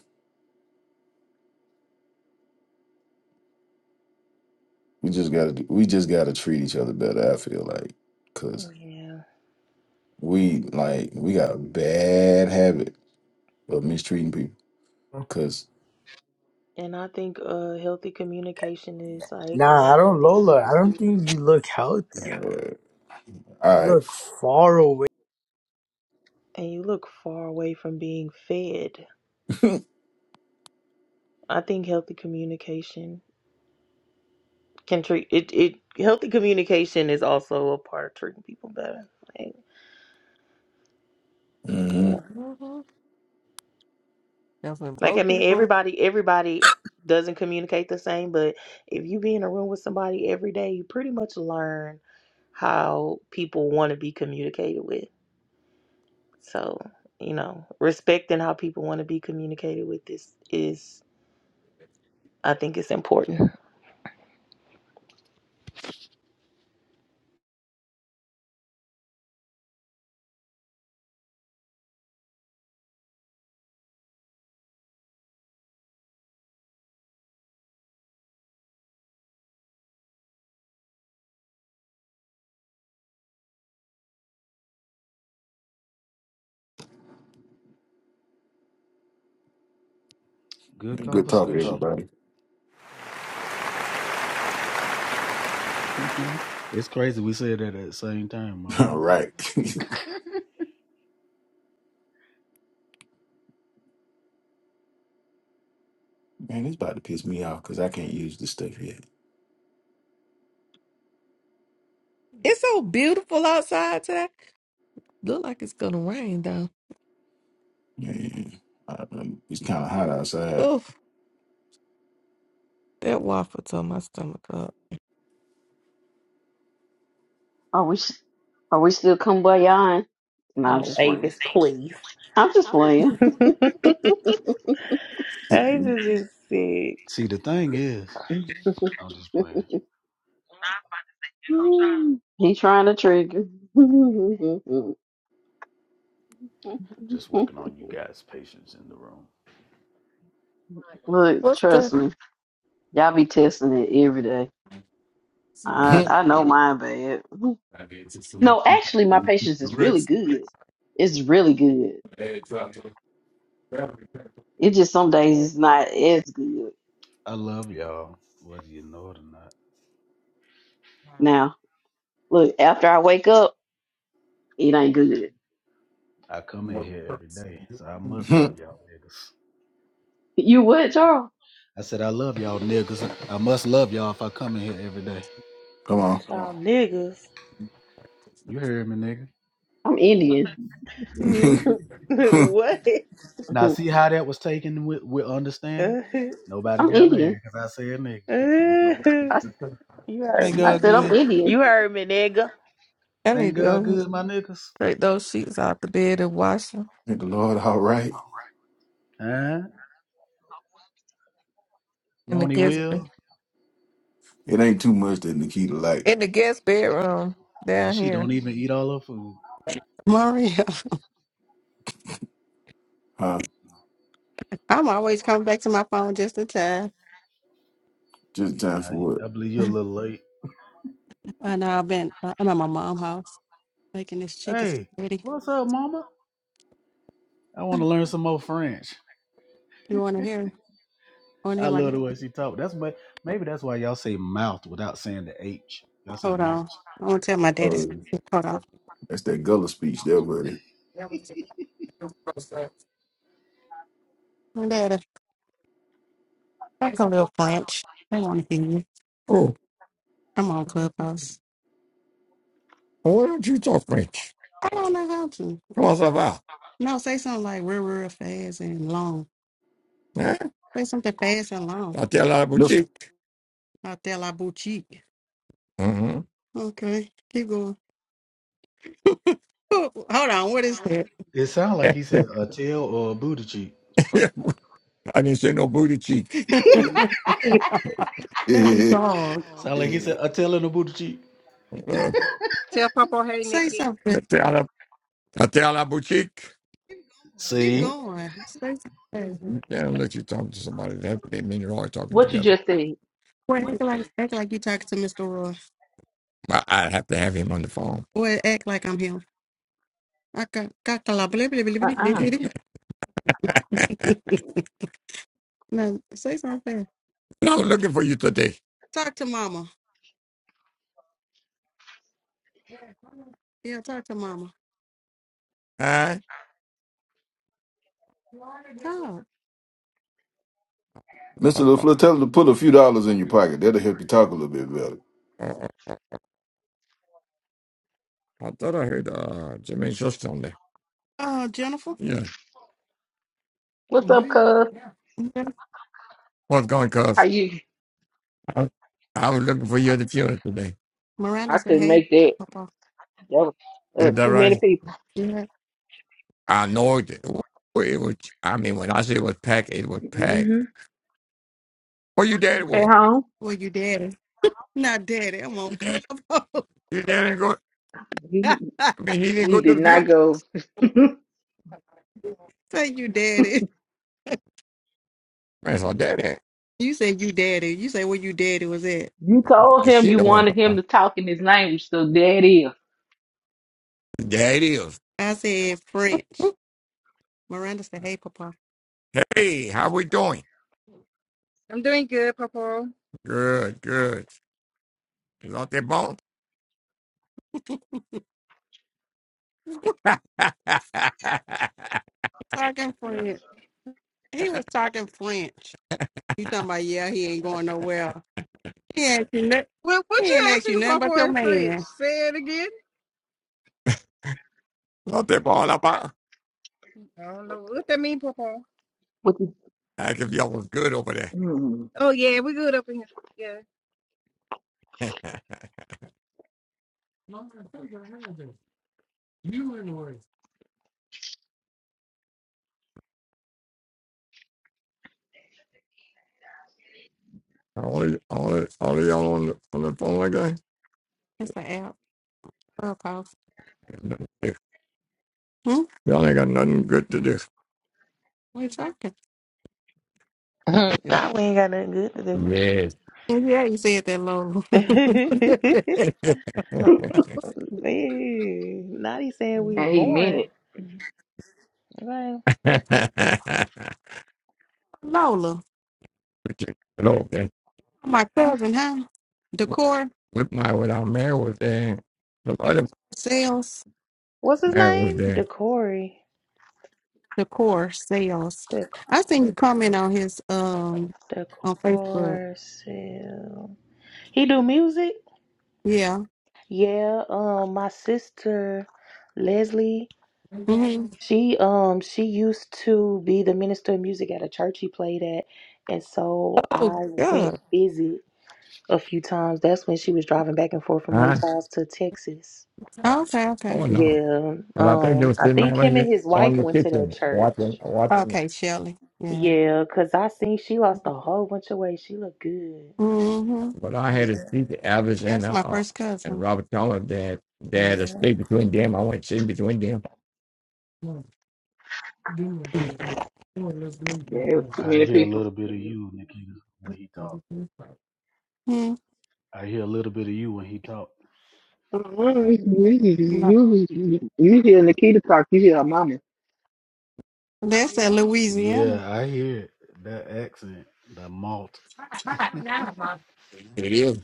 We just gotta we just gotta treat each other better. I feel like because yeah. we like we got a bad habit of mistreating people. Because And I think uh, healthy communication is like Nah, one I of the don't, things you Lola. can I don't do. think you look healthy. uh, all You right. look far away. And you look far away from being fed. I think healthy communication can treat it. It healthy communication is also a part of treating people better. Like, yeah. mm-hmm. Mm-hmm. That's when Like both I mean, people. everybody everybody doesn't communicate the same, but if you be in a room with somebody every day, you pretty much learn how people want to be communicated with. So, you know, respecting how people want to be communicated with is is I think it's important. good Good Good talk, conversation. talking. everybody. Mhm. it's crazy we said that at the same time, All Mario. right, man. It's about to piss me off because I can't use this stuff yet. It's so beautiful outside today. Look like it's gonna rain though. Man, I, um, it's kind of hot outside. Oof, that waffle tore my stomach up. Are we? s- Are we still kumbayaing? No, I'm No, just playing. Avis, please. I'm just playing. Avis Come is sick. See, the thing is, I'm just playing, He trying to trigger. just working on you guys' patience in the room. Look, What's trust that? me, y'all be testing it every day. I I know mine bad. No, actually, my patience is really good. It's really good. It's just some days it's not as good. I love y'all, whether you know it or not. Now, look, after I wake up, it ain't good. I come in here every day, so I must love y'all niggas. You what, Charles? I said I love y'all niggas. I must love y'all if I come in here every day. Not on, y'all niggas. You heard me, nigga. I'm Indian. Thank what? Now I'm see how that was taken with, with understanding? you Nobody got Indian. mad because I said nigga. I, Thank heard me. I God said I'm good. Indian. You heard me, nigga. I Thank need to God go good, my niggas. take those sheets out the bed and wash them the Lord. All right, Huh? in the Won't he guest will? it ain't too much that Nikita like, in the guest bedroom Yeah, down she here. don't even eat all her food. Maria, huh? I'm always coming back to my phone just in time. Just in time for Nah, what? I believe you're a little late. And I've been, I'm at my mom's house making this chicken Hey, spaghetti. what's up, mama? I want to learn some more French. You want to hear? Want to I hear my love the dad? way she talk. That's why maybe that's why y'all say mouth without saying the H. Y'all say Hold mouth. on. I want to tell my daddy. Oh, Hold on. That's that Gullah speech there, buddy. My daddy, talk a little French. They want to hear you. I'm on Clubhouse. I don't know how to. No, say something like real, real fast and long. Say something fast and long. Mister Out there, la boutique. Okay, keep going. Hold on, what is that? It sound like he said a tail or a booty cheek. I didn't say no booty cheek. that Hey, is Mr. wrong. Sound like he Yeah. said a tail and a booty cheek. Uh, Tell Popo, hey Say Nikki. something. Até ela, boutique. Keep See, going. Say something. Yeah, I'll let you talk to somebody. That they mean you're always talking What you together. just said? Well, act like act like you talking to Mr. Roy. I, I have to have him on the phone. Well, act like I'm him. I ca- ca- cala- blah, blah, blah, blah, blah, Uh-uh. blah. No, say something. no, I'm looking for you today. Talk to Mama. Yeah, talk to mama. Huh? Talk. I, LaFleur, tell him to put a few dollars in your pocket. That'll help you talk a little bit better. I, I, I thought I heard uh, Jermaine's sister on there. Uh, Jennifer. Yeah. What's up, cuz? Yeah. What's going, How cuz? you? I, I was looking for you at the funeral today. Miranda I said, couldn't "Hey, make that. Papa." That was uh, Is that too many right? people Yeah. I know it, it was. I mean, when I say it was packed, it was packed. Mm-hmm. Where your daddy at was? home. Well, you daddy. Not daddy. I'm on Your Daddy, club. didn't go. He, I mean, he didn't he go to did the funeral. not go. Say you daddy. That's all daddy. You said you daddy. You said where you daddy was at. You told Uh, him She you know what I'm wanted talking him about. to talk in his language, so there it is. There it is. I said French. Oop. Miranda said, hey, Papa. Hey, how we doing? I'm doing good, Popo. Good, good. Is out there bone? Talking French. He was talking French. You talking about, yeah, he ain't going nowhere. He ain't ask you, no- Well, what he you ain't ask you asking nothing Popo but your and French? man. Say it out there bone about. I don't know what that mean, Papa. What the, Ask if y'all was good over mm, Oh yeah, we good up in here. Yeah. there. You in the way. All of, all of, all of y'all on the, on the phone like that? It's an app. Real call. Yeah. Hmm? Y'all ain't got nothing good to do. We're talking. Nah, we ain't got nothing good to Yes. Yeah, you said that, Lola. do. yeah. Now saying we and he meant boring. it. Right. Lola. Hello, man. My cousin, huh? Decor With my, with our mayor was there. The other sales. What's his mayor was name? there. Decory. the core sales. Dec- I seen you comment on his um on Facebook. Decor Sil- He do music? Yeah. Yeah, um my sister Leslie, hmm she um she used to be the minister of music at a church he played at. And so Oh I went God! visit a few times. That's when she was driving back and forth from Huh? Lake Charles to Texas. Okay. Okay. Oh no. Yeah. But I think Um, they were I sitting on think him the and his on wife the went to that kitchen church. watching watching Okay, Shelley. Yeah. Yeah, cause I seen she lost a whole bunch of weight. She looked good. hmm But I had to Yeah. see the Alice and That's my uh first and cousin. Robert Toller that they had a Yeah. state between them. I went sitting between them. There was too I many hear a people. little bit of you, Nikita, when he talk. Hmm. I hear a little bit of you when he talk. You, No. you you hear Nikita talk, you hear her mama. That's at Louisiana. Yeah, I hear it. that accent, that malt. It is.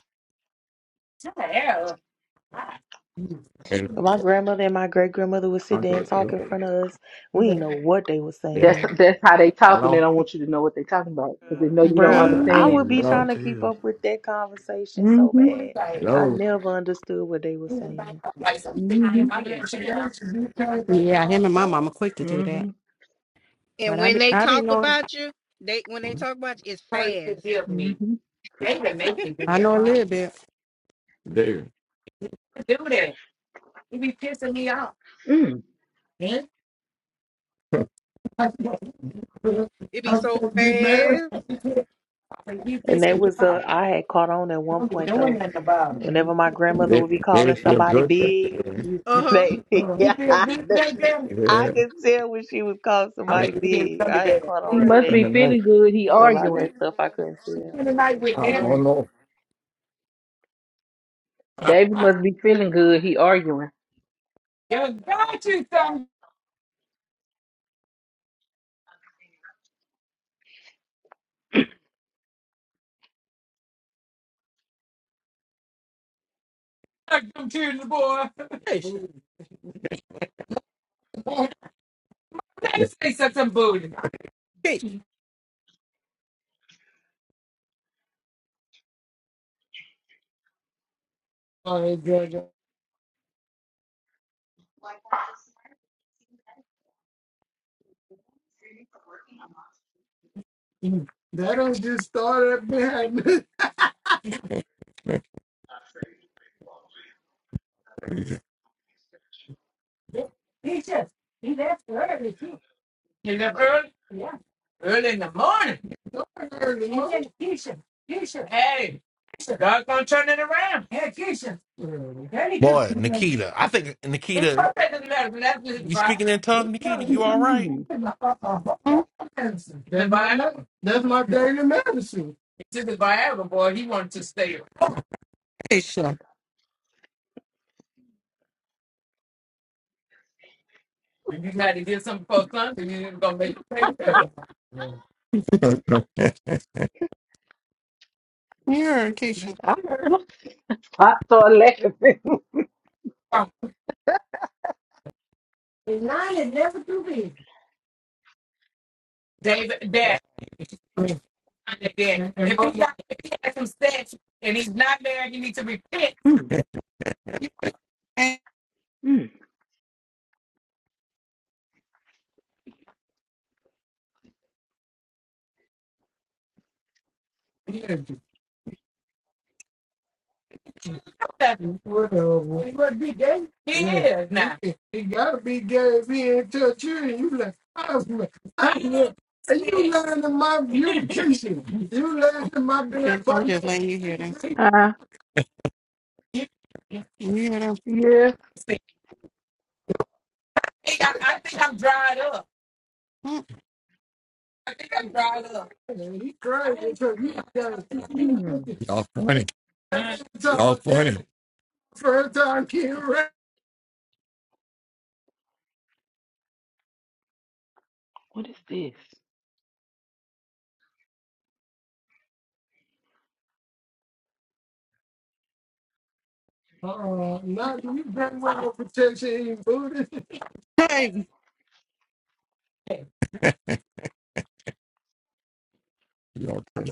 And- My grandmother and my great grandmother would sit there and talk in front of us. We didn't know what they were yeah. That's saying. that's how they talk when they Hello. don't want you to know what they're talking about because they know you I'm don't saying Bruh, they I understand. finna would be whip your trying Hello. to keep tail. up with that conversation so Mm-hmm. bad. I Hello. never understood what they were saying. Mm-hmm. Yeah, him and my mama quick to do that. Mm-hmm. And But I when be they I be talk knowing about you, they when a they little talk about you, it's fast. Mm-hmm. bit. There. Mm. It be so fast. And that was uh I had caught on at one point though. Whenever my grandmother There, would be there calling is your somebody birthday. big, Uh huh. they yeah. I Yeah, could tell when she was calling somebody big. I had caught on He to Right. must that. spend the be night. feeling good. He A lot of hmm arguing. that stuff I couldn't tell. Oh Right. Mm. no. David must be feeling good. He arguing. Keisha. Boy, Nikita. I think Nikita. You speaking in tongue, Nikita? You all right? Mm-hmm. Keisha. Yeah, Keisha. I heard him. I started laughing. And Mm-hmm. Well, he must be gay. He gotta be gay if he ain't touch you. And You like, I was like, I- look. Are lying to my beauty, Keisha. You lying to my just, damn I'm body. just body. letting you hear that. Yeah. And he cried because he got he was Hmm. looking Y'all funny. Y'all time funny. first time king rap. What is this? Uh, not you been with no protection in booty. Hey, Y'all funny.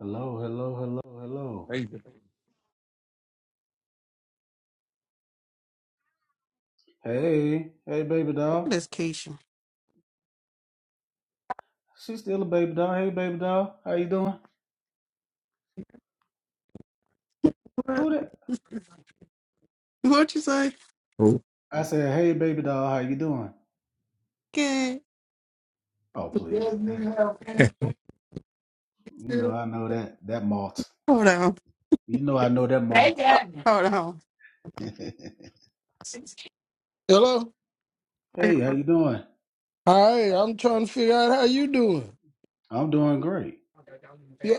Hello, hello, hello, hello. Hey, hey, baby doll. that's Keisha. She's still a baby doll. Hey, baby doll. How you doing? What? Who that? What you say? Who? I said, "Hey, baby doll, how you doing?" Okay. Oh, That please, That- nigga have you know cancer. I know that that malt. Hold on. You know I know that malt. Hold on. hey, Hello. how you doing? Hi, I'm trying to figure out how you doing. I'm doing great.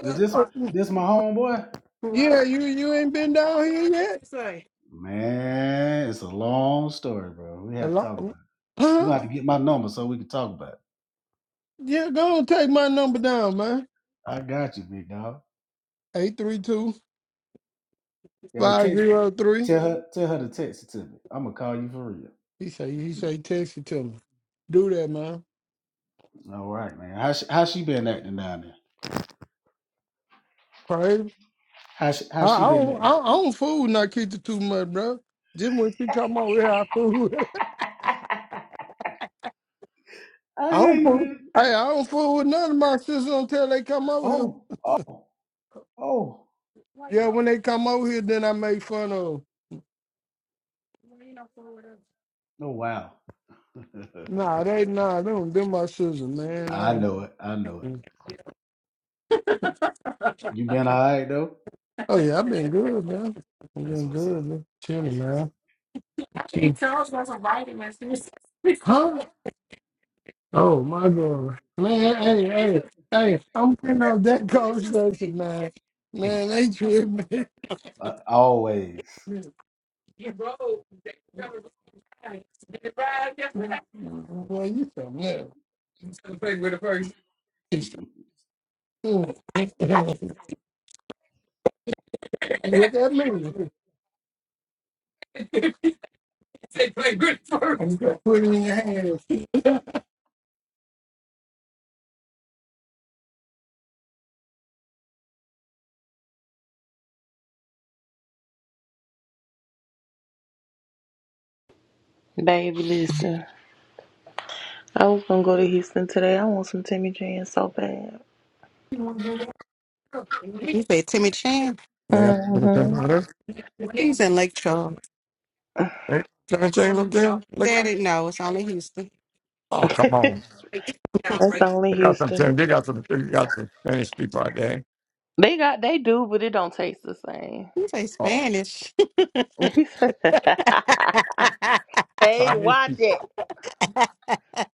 Is uh, this uh, this my homeboy? yeah, you you ain't been down here yet. say? Man, it's a long story, bro. We have to Hello. talk about it. You Huh? gonna have to get my number so we can talk about it. Yeah, go and take my number down, man. I got you, big dog. Eight three two Hey, five text, zero three. tell her tell her to text it to me. I'm gonna call you for real. He say he say text it to me. Do that, man. All right, man. How she, how she been acting down there? Crazy. How she, how I, she I been don't acting? I, I don't fool Nikita too much, bro. Just when she come over here, I fool. with her. I I hear don't you, fool. man. Hey, I don't fool with none of my sisters until they come over here. Oh, oh. Oh, Yeah, when they come over here, then I make fun of 'em. oh wow. All Nah, they right. nah, they don't them my sisters, man. I I, know it. I know it. You been all right though? oh yeah, I've been good, man. I've That's been what's good, up. man. Chilling, That's what's man. She tells us a vitamin. Huh? Oh my god. Man, hey, hey, hey, I'm putting up that coach station, man. up. Man, they trip me. Uh, always. You broke. They covered the price. They arrived yesterday. Boy, you so mad. You should play with the first. I Look at me. They play good first. I'm gonna put it in your hand. Baby, listen. I was gonna go to Houston today. I want some Timmy Jane so bad. You say Timmy Chan? They hmm got- He's in Lake Charles. They Said it, no, it's only Houston. oh, come on. That's only They got Houston. some, they got some, they got some Spanish people out there. They got they do, but it don't taste the same. You say Oh, Spanish. hey, Chinese watch people, it.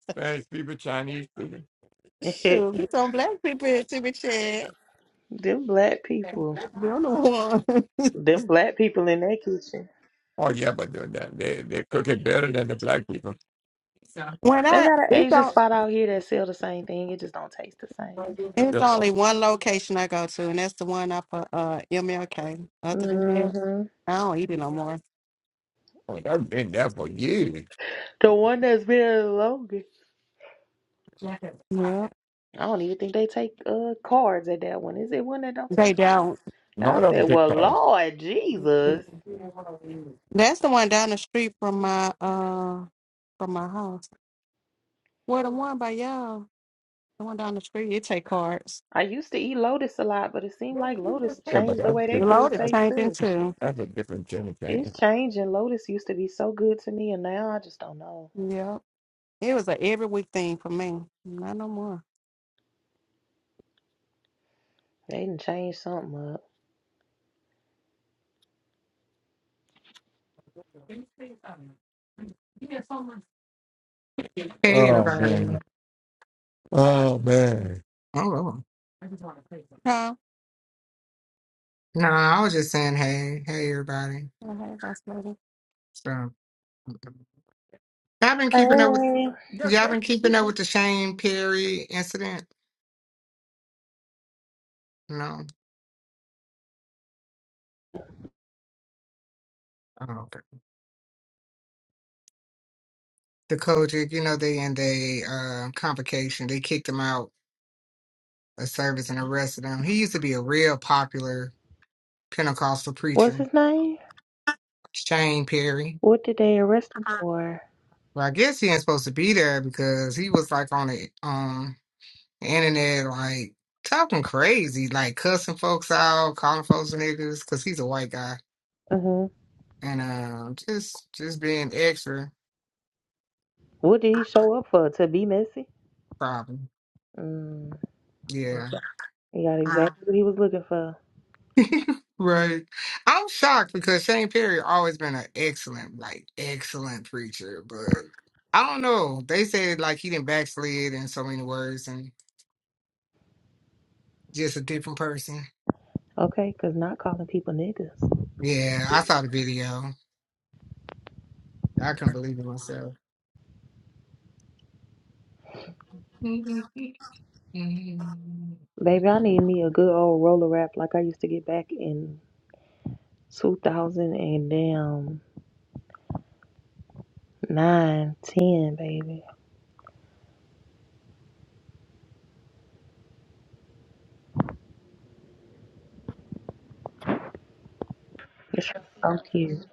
Spanish people, Chinese people. Shoot, get some black people here to be chat. them black They're people. the one. Them black people in that kitchen. Oh, yeah, but they, they, they cook it better than the black people. When They I, got an it's, Asian on, spot out here that sell the same thing. It just don't taste the same. it's Yeah. only one location I go to, and that's the one up at uh, MLK. Other than that, hmm I don't eat it no more. Oh, I've been there for years. The one that's been there the longest. Yeah, I don't even think they take uh cards at that one. Is it one that don't They take cards? don't. And I None of them said, kicked Well, off. Lord Jesus. That's the one down the street from my uh from my house. Well, the one by y'all, the one down the street, it take cards. I used to eat Lotus a lot, but it seemed like Lotus Yeah, but changed the that's way they different. food Loaded That's, tastes changing too. too. that's a different Jenny It's Kane. changing. Lotus used to be so good to me, and now I just don't know. Yep. It was a every week thing for me. Not no more. They didn't change something up. Hey Oh everybody. man. Oh man. Oh, oh. Huh? no, I was just saying hey, hey everybody. Hello, had about So I've been keeping up with Hey. y'all been keeping up with the Shane Perry incident. No. Oh, okay. The Kojic, you know, they in they uh convocation, they kicked him out of service and arrested him. He used to be a real popular Pentecostal What's preacher, his name? Shane Perry. What did they arrest him for? Well, I guess he ain't supposed to be there because he was like on it. internet, like talking crazy, like cussing folks out, calling folks niggas, cause he's a white guy, hmm and um, just just being extra What did he show up for? To be messy? problem. Mm. Yeah, He got Uh. exactly what he was looking for. right. I'm shocked because Shane Perry always been an excellent, like excellent preacher, but I don't know. They said like he didn't backslid in so many words and just a different person. Okay, because not calling people niggas. Yeah, I saw the video. I couldn't believe it myself. Baby, I need me a good old roller wrap like I used to get back in 2000 and damn 9, ten, baby. It's so cute.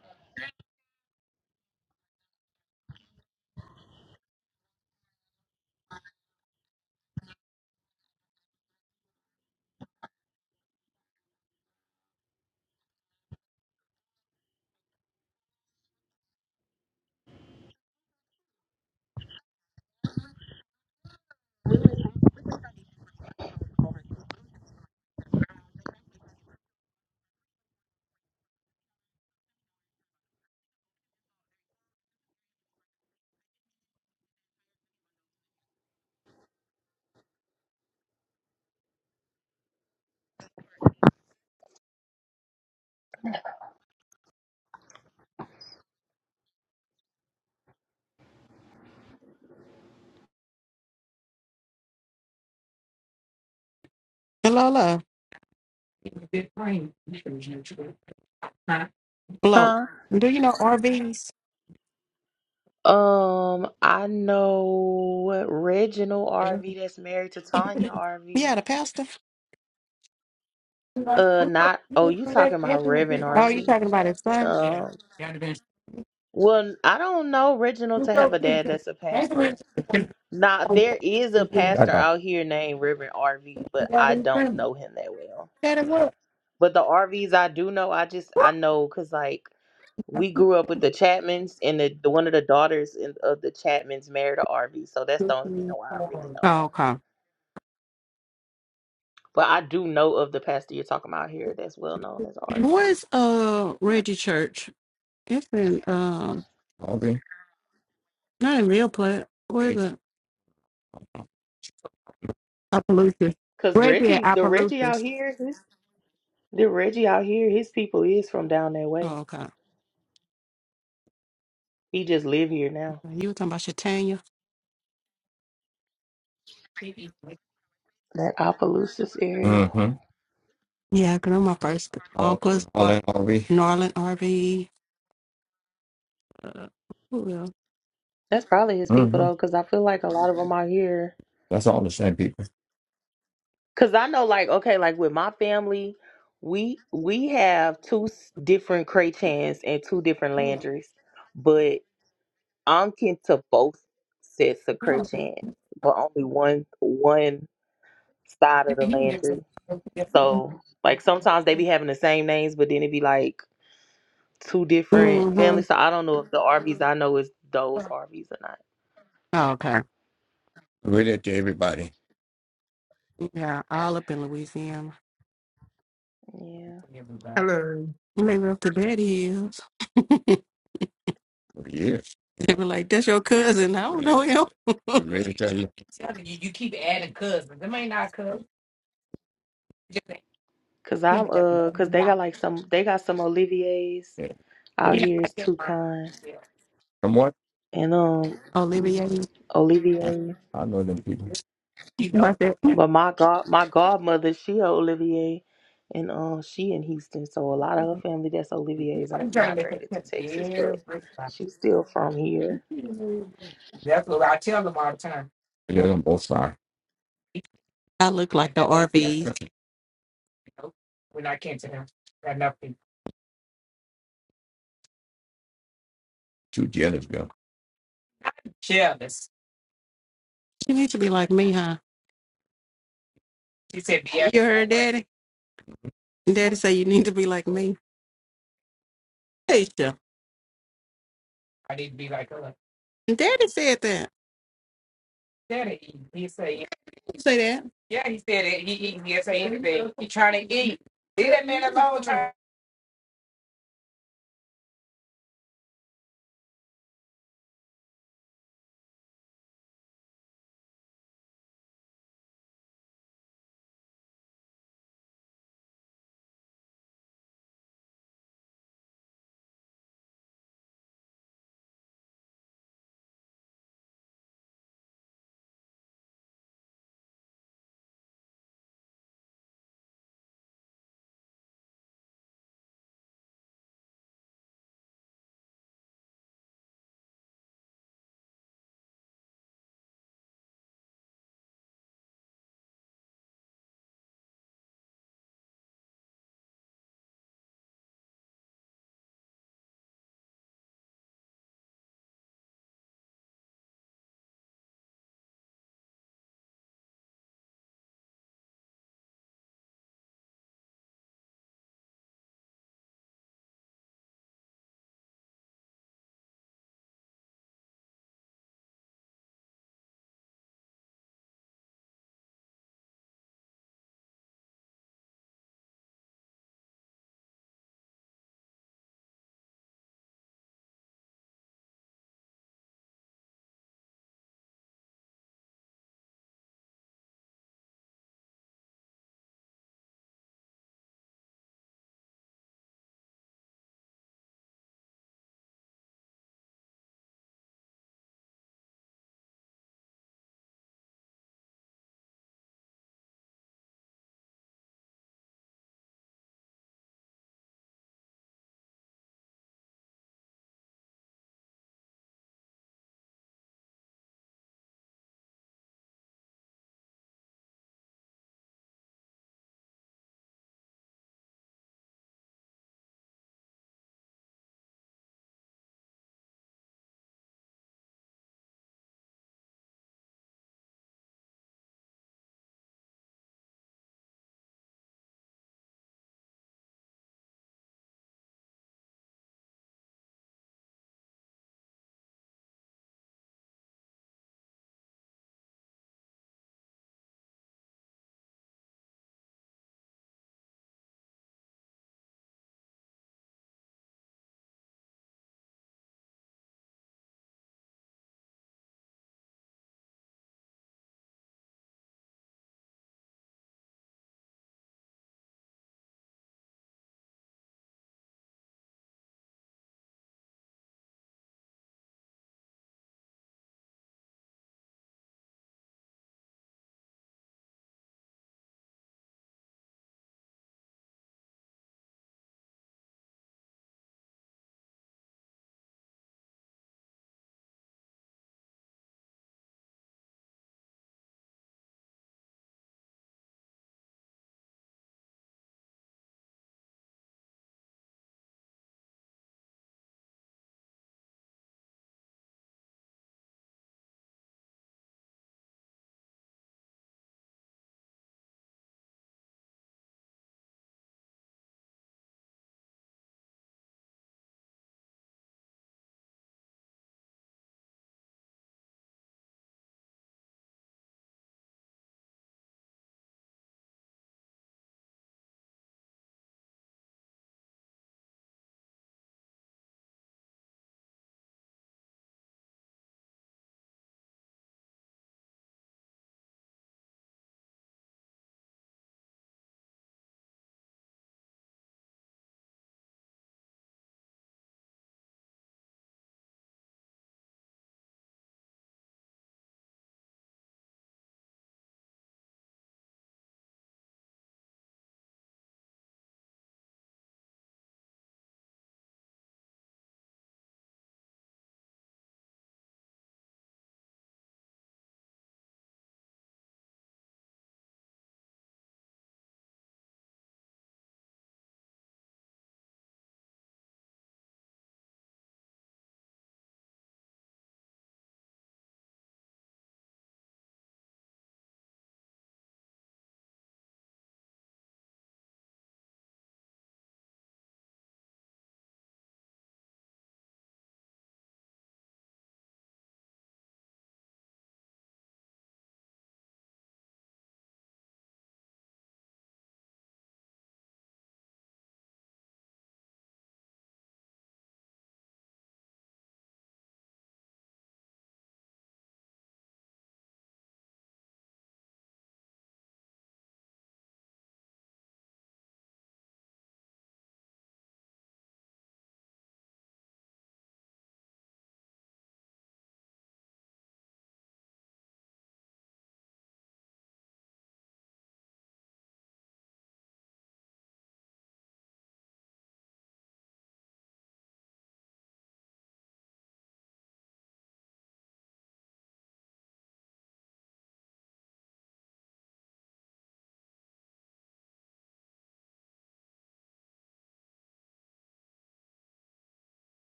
Huh? do you know RVs? Um, I know Reginald RV that's married to Tanya Yeah, RV. the pastor. Oh, Uh, not, oh, you talking about Reverend you RV. talking about his son? Um, well, I don't know I Reginald to have a dad that's a pastor. Now there is a pastor got out here named Reverend RV, but I you. don't know him that well. Set him up. But the RVs I do know, I just I know because like we grew up with the Chapmans, and the, the one of the daughters in, of the Chapmans married a RV, so that's the only reason why I really know Oh, him. okay. But I do know of the pastor you're talking about here that's well known as RV. Where's uh Reggie Church? It's in um Okay. not in Real Plat. Where is it? Appaloosa. Cause Reggie at Reggie, the Reggie out Appaloosa. here, his, the Reggie out here, his people is from down that Oh, way. okay. okay. He just live here now, You were talking about Shatanya? that Opelousas area. Mm-hmm. Yeah, 'cause I'm my first Oh, uncles, all in all Norland RV. Uh, who else? That's probably his people hmm though, because I feel like a lot of them are here. That's all the same people. Because I know, like, okay, like with my family, we we have two s- different Craychans and two different hmm Landrys, but I'm kin to both sets of Craychans, but only one one side of the Landry. So, like, sometimes they be having the same names, but then it be like two different families. So I don't know if the Arby's I know is those Arby's or Oh, okay. Read it to everybody Yeah, all up in Louisiana. not. Hello. They were up to bed hills. for years. They were like, that's your cousin. I don't know him. Read it to you. Cause I'm uh, cause they got like some, they got some Olivier's Yeah. out here is Toucan From what? and um mm, Olivier, I, Olivier. I know them people. But my god, my godmother, she a Olivier, and um she in Houston, so a lot of her family that's Olivier's um, migrated to Texas, but she's still from here. They're on both sides. I look like or Two jealous girl. You need to be like me, huh? You heard daddy? Daddy say you need to be like me. Hey, Daddy said that. You say that.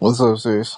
What's up, sis?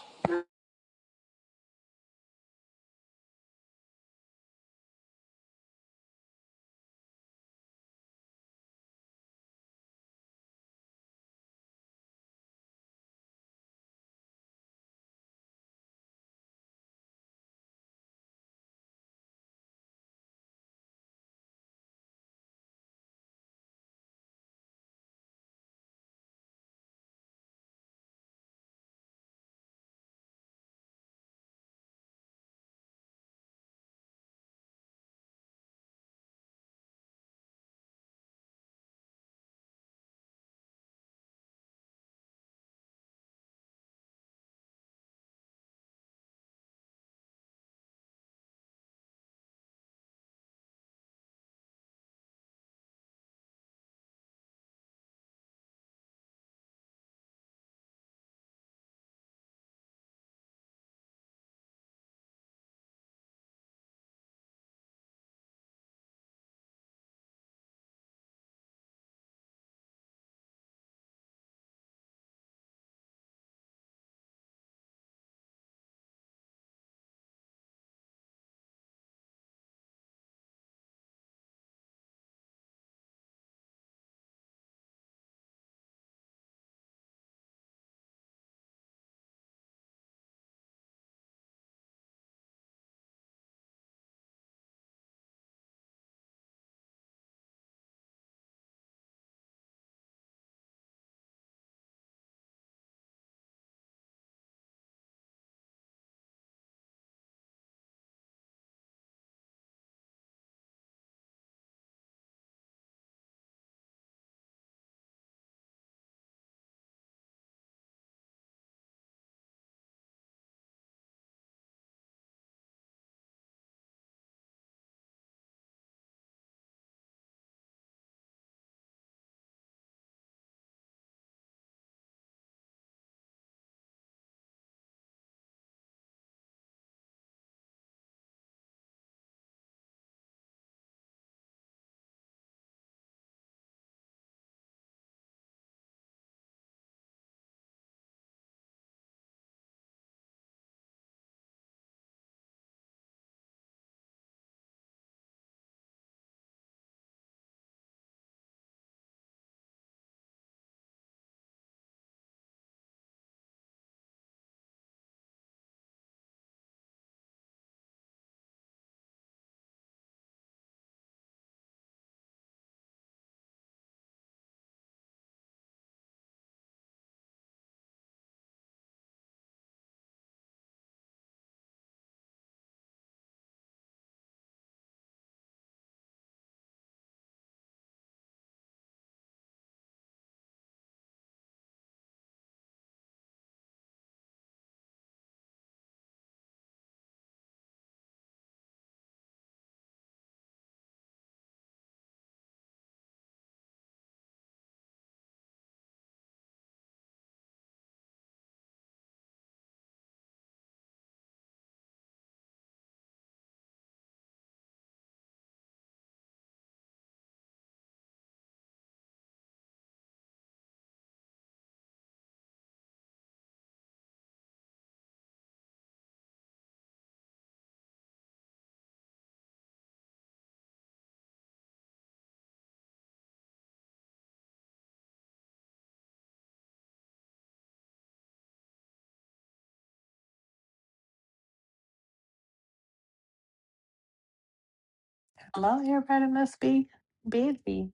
Hello, everybody must be busy.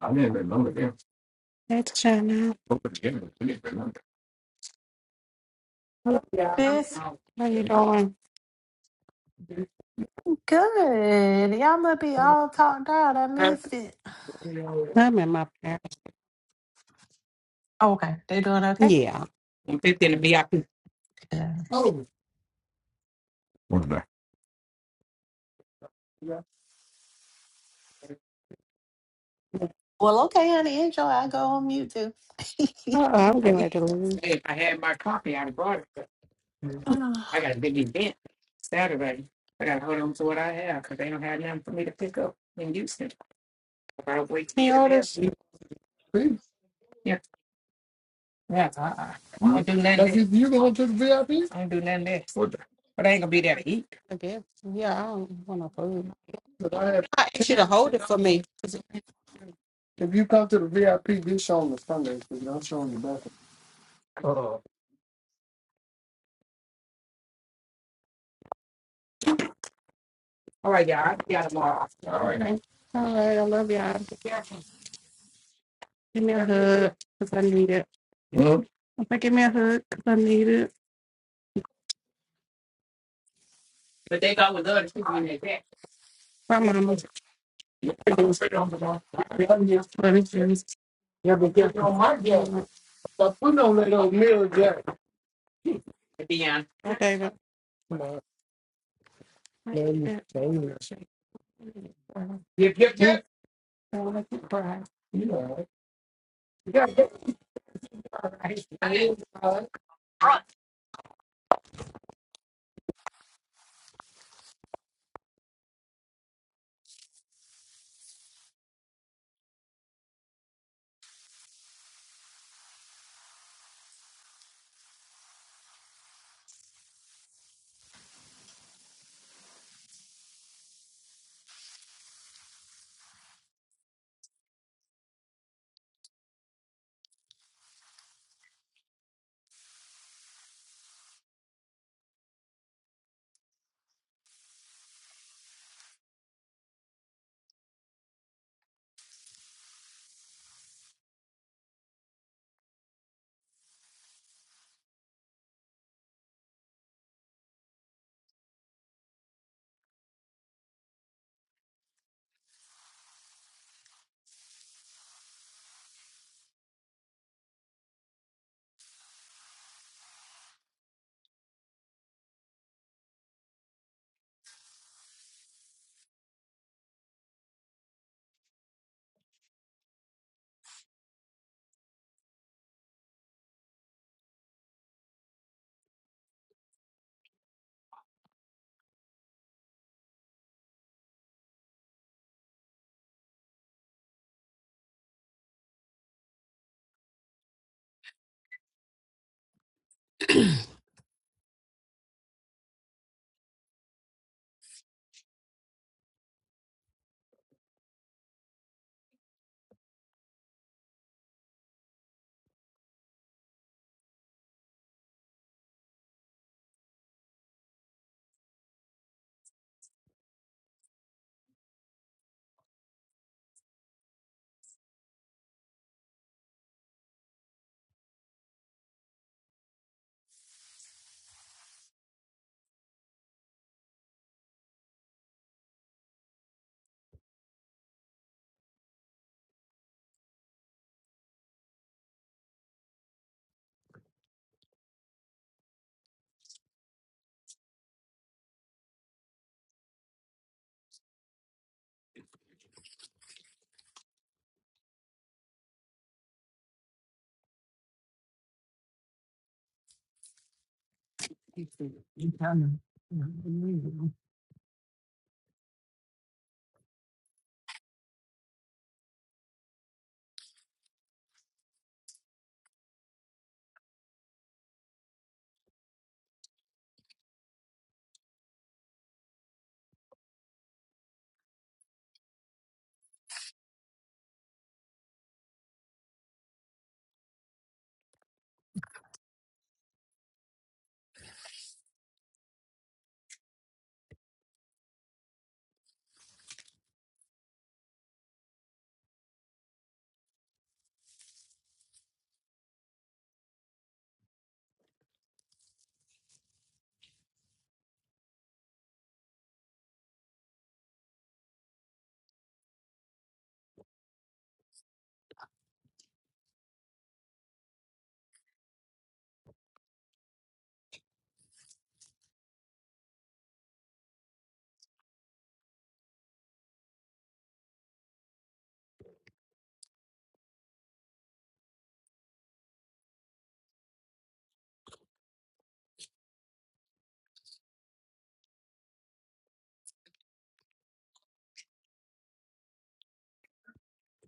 I didn't remember them. That's China. I It's How you doing? good. Y'all must be all talked out. I missed it. I'm in my parents. Okay, they doing okay? Yeah. Yeah. What the- Well, okay, honey, enjoy. I go on mute too. Uh-uh, I'm good. Ah, I guess. Yeah, I don't want no food. I asked to hold it for me. All right, I love y'all. Give me a hug, because I need it. Okay, give me a hug, because I need it. My mama's Okay,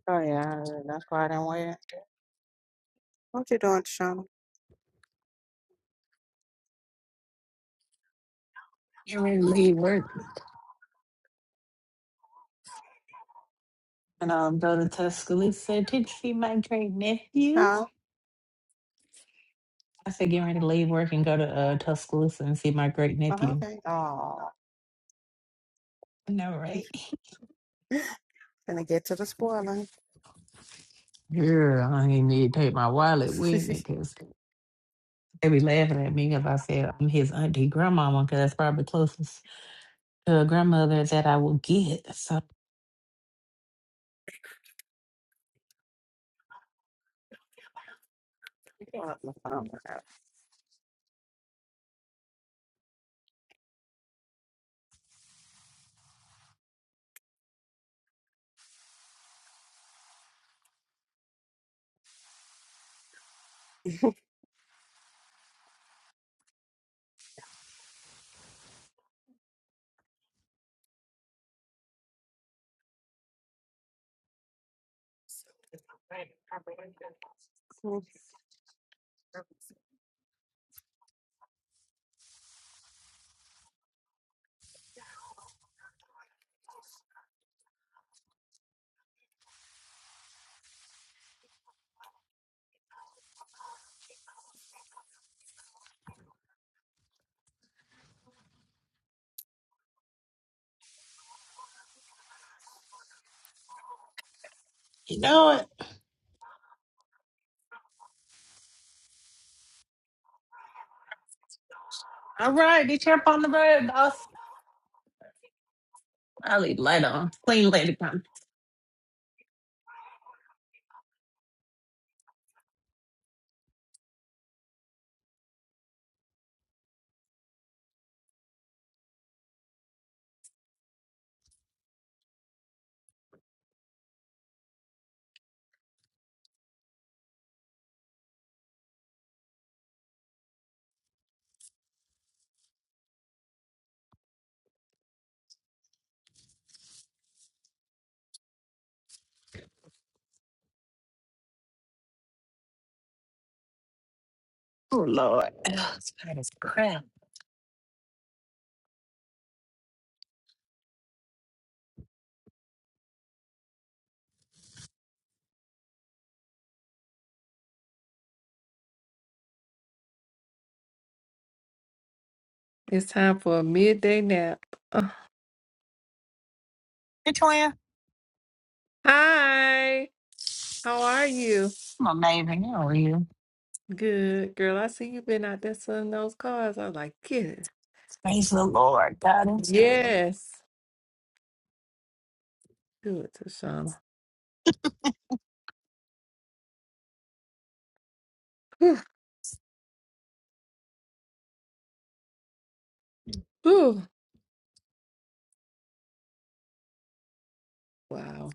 Oh, yeah, that's why I don't wear it. What you doing, Shauna? you ready to leave work? And I'll go to Tuscaloosa to see my great nephew. No. I said, get ready to leave work and go to uh, Tuscaloosa and see my great Oh, nephew. okay. Oh, No, right? gonna get to the spoiling. Girl, I ain't need to take my wallet with me because. They be laughing at me because I said I'm his auntie grandmama because that's probably closest to a grandmother that I will get. So Yeah, Um, Yeah, you know it. All right, get your up on the road, boss. I'll leave light on. Clean lady come. Oh Lord. Ugh, it's bad as crap. It's time for a midday nap. Uh, Hey twin. Hi, how are you? I'm amazing. How are you? Good girl. I see you've been out there selling those cars. I was like, get it. Praise the Lord. God is good. Yes. Do it, Tashana. Whew. Whew. Wow.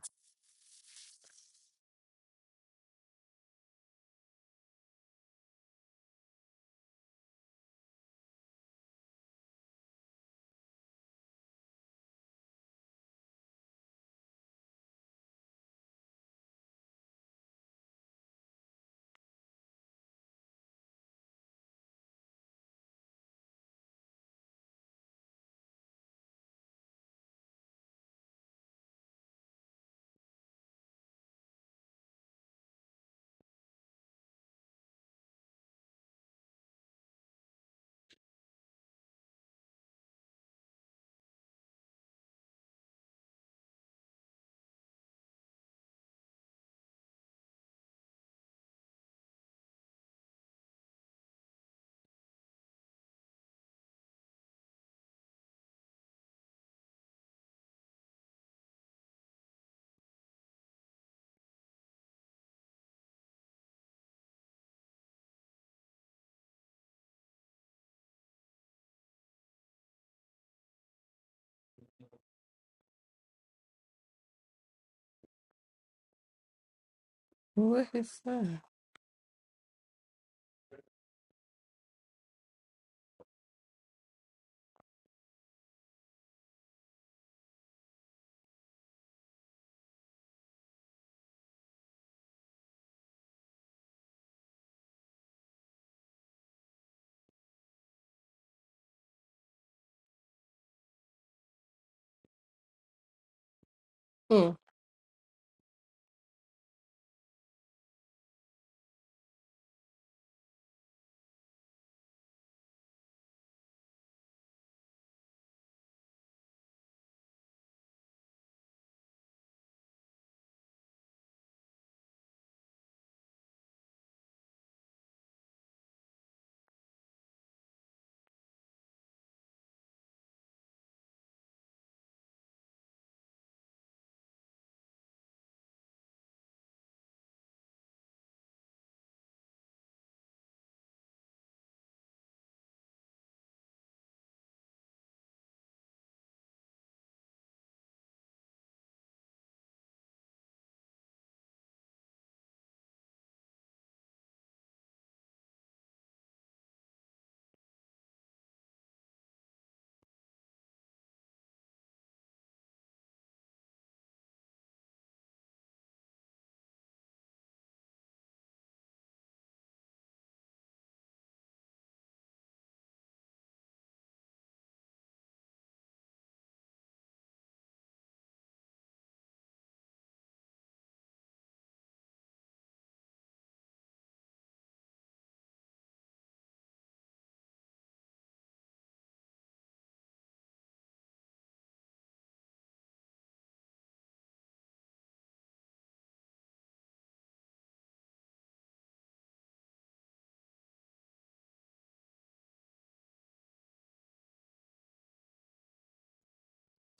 What is that? Mm.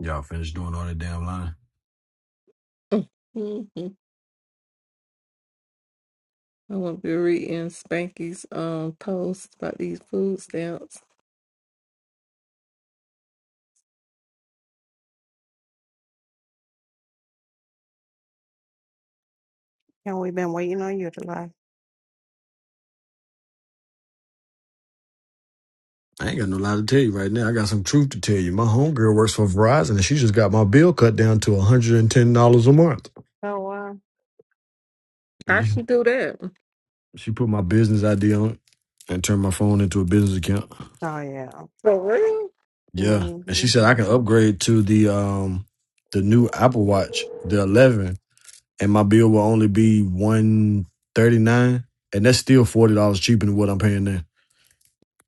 Y'all finished doing all that damn line. mm, mm, mm. I'm gonna be reading Spanky's um post about these food stamps. we've been waiting on you to lie. I ain't got no lie to tell you right now. I got some truth to tell you. My homegirl works for Verizon and she just got my bill cut down to $110 a month. Oh wow. I Yeah. should do that. She put my business ID on it and turned my phone into a business account. Oh yeah. For real? Yeah, and she hmm said I can upgrade to the um the new Apple Watch, the 11, and my bill will only be 139, and that's still $40 cheaper than what I'm paying now.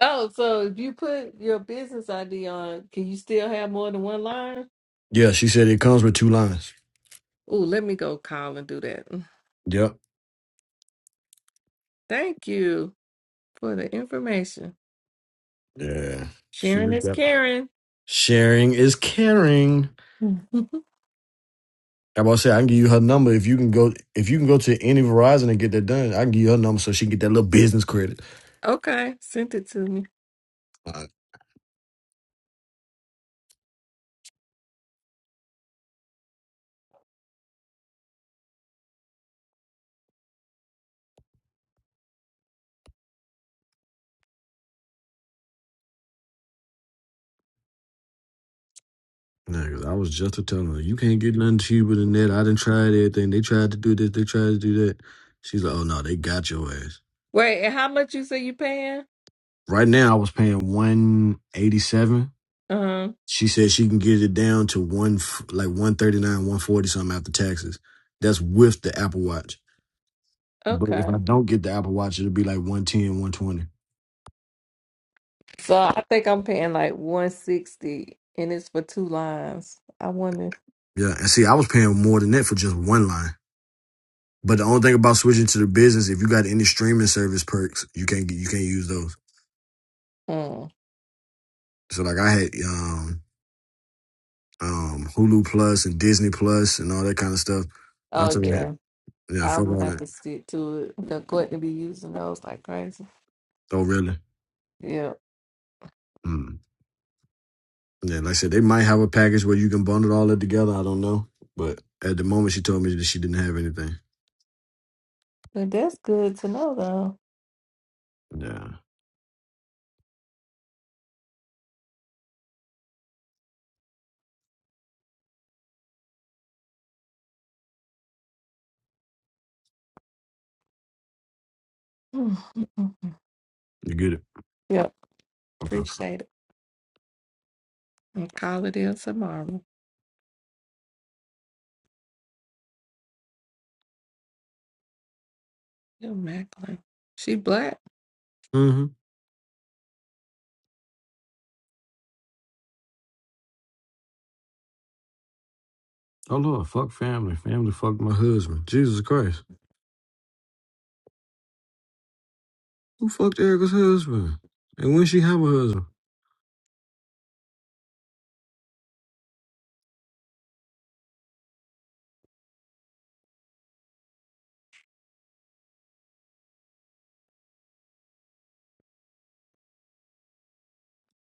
Oh, so if you put your business ID on, can you still have more than one line? Yeah, she said it comes with two lines. Oh, let me go call and do that. Yep. Thank you for the information. Yeah. She Sharon is yep. Karen. Sharing is caring. I'm about to say I can give you her number if you can go if you can go to any Verizon and get that done. I can give you her number so she can get that little business credit. okay, sent it to me. Uh, Niggas, I was just a telling her, you can't get nothing cheaper than that. I done tried everything. They tried to do this, they tried to do that. She's like, oh no, they got your ass. Wait, and how much you say you paying? Right now, I was paying one eighty seven. Uh-huh. She said she can get it down to one f- like one thirty nine, one forty something after taxes. That's with the Apple Watch. But if Okay. I don't get the Apple Watch, it'll be like one ten, one twenty. So I think I'm paying like 160 and it's for two lines. I wonder. Yeah, and see, I was paying more than that for just one line. But the only thing about switching to the business, if you got any streaming service perks, you can't get you can't use those. Mm. So like I had um um, Hulu Plus and Disney Plus and all that kind of stuff. I Oh told her, yeah. yeah, I'm fuck gonna all have that. to stick to it. They're going to be using those like crazy. Oh, really? Yeah. Mm. Yeah, like I said, they might have a package where you can bundle all that together. I don't know, but at the moment, she told me that she didn't have anything. But that's good to know Yeah, though. you get it. yeah. Okay. Appreciate it. And call it in tomorrow. Yo, Macklin. She black. Mm-hmm. Oh Lord, fuck family. Family fucked my husband. Jesus Christ, who fucked Erica's husband? And when she have a husband?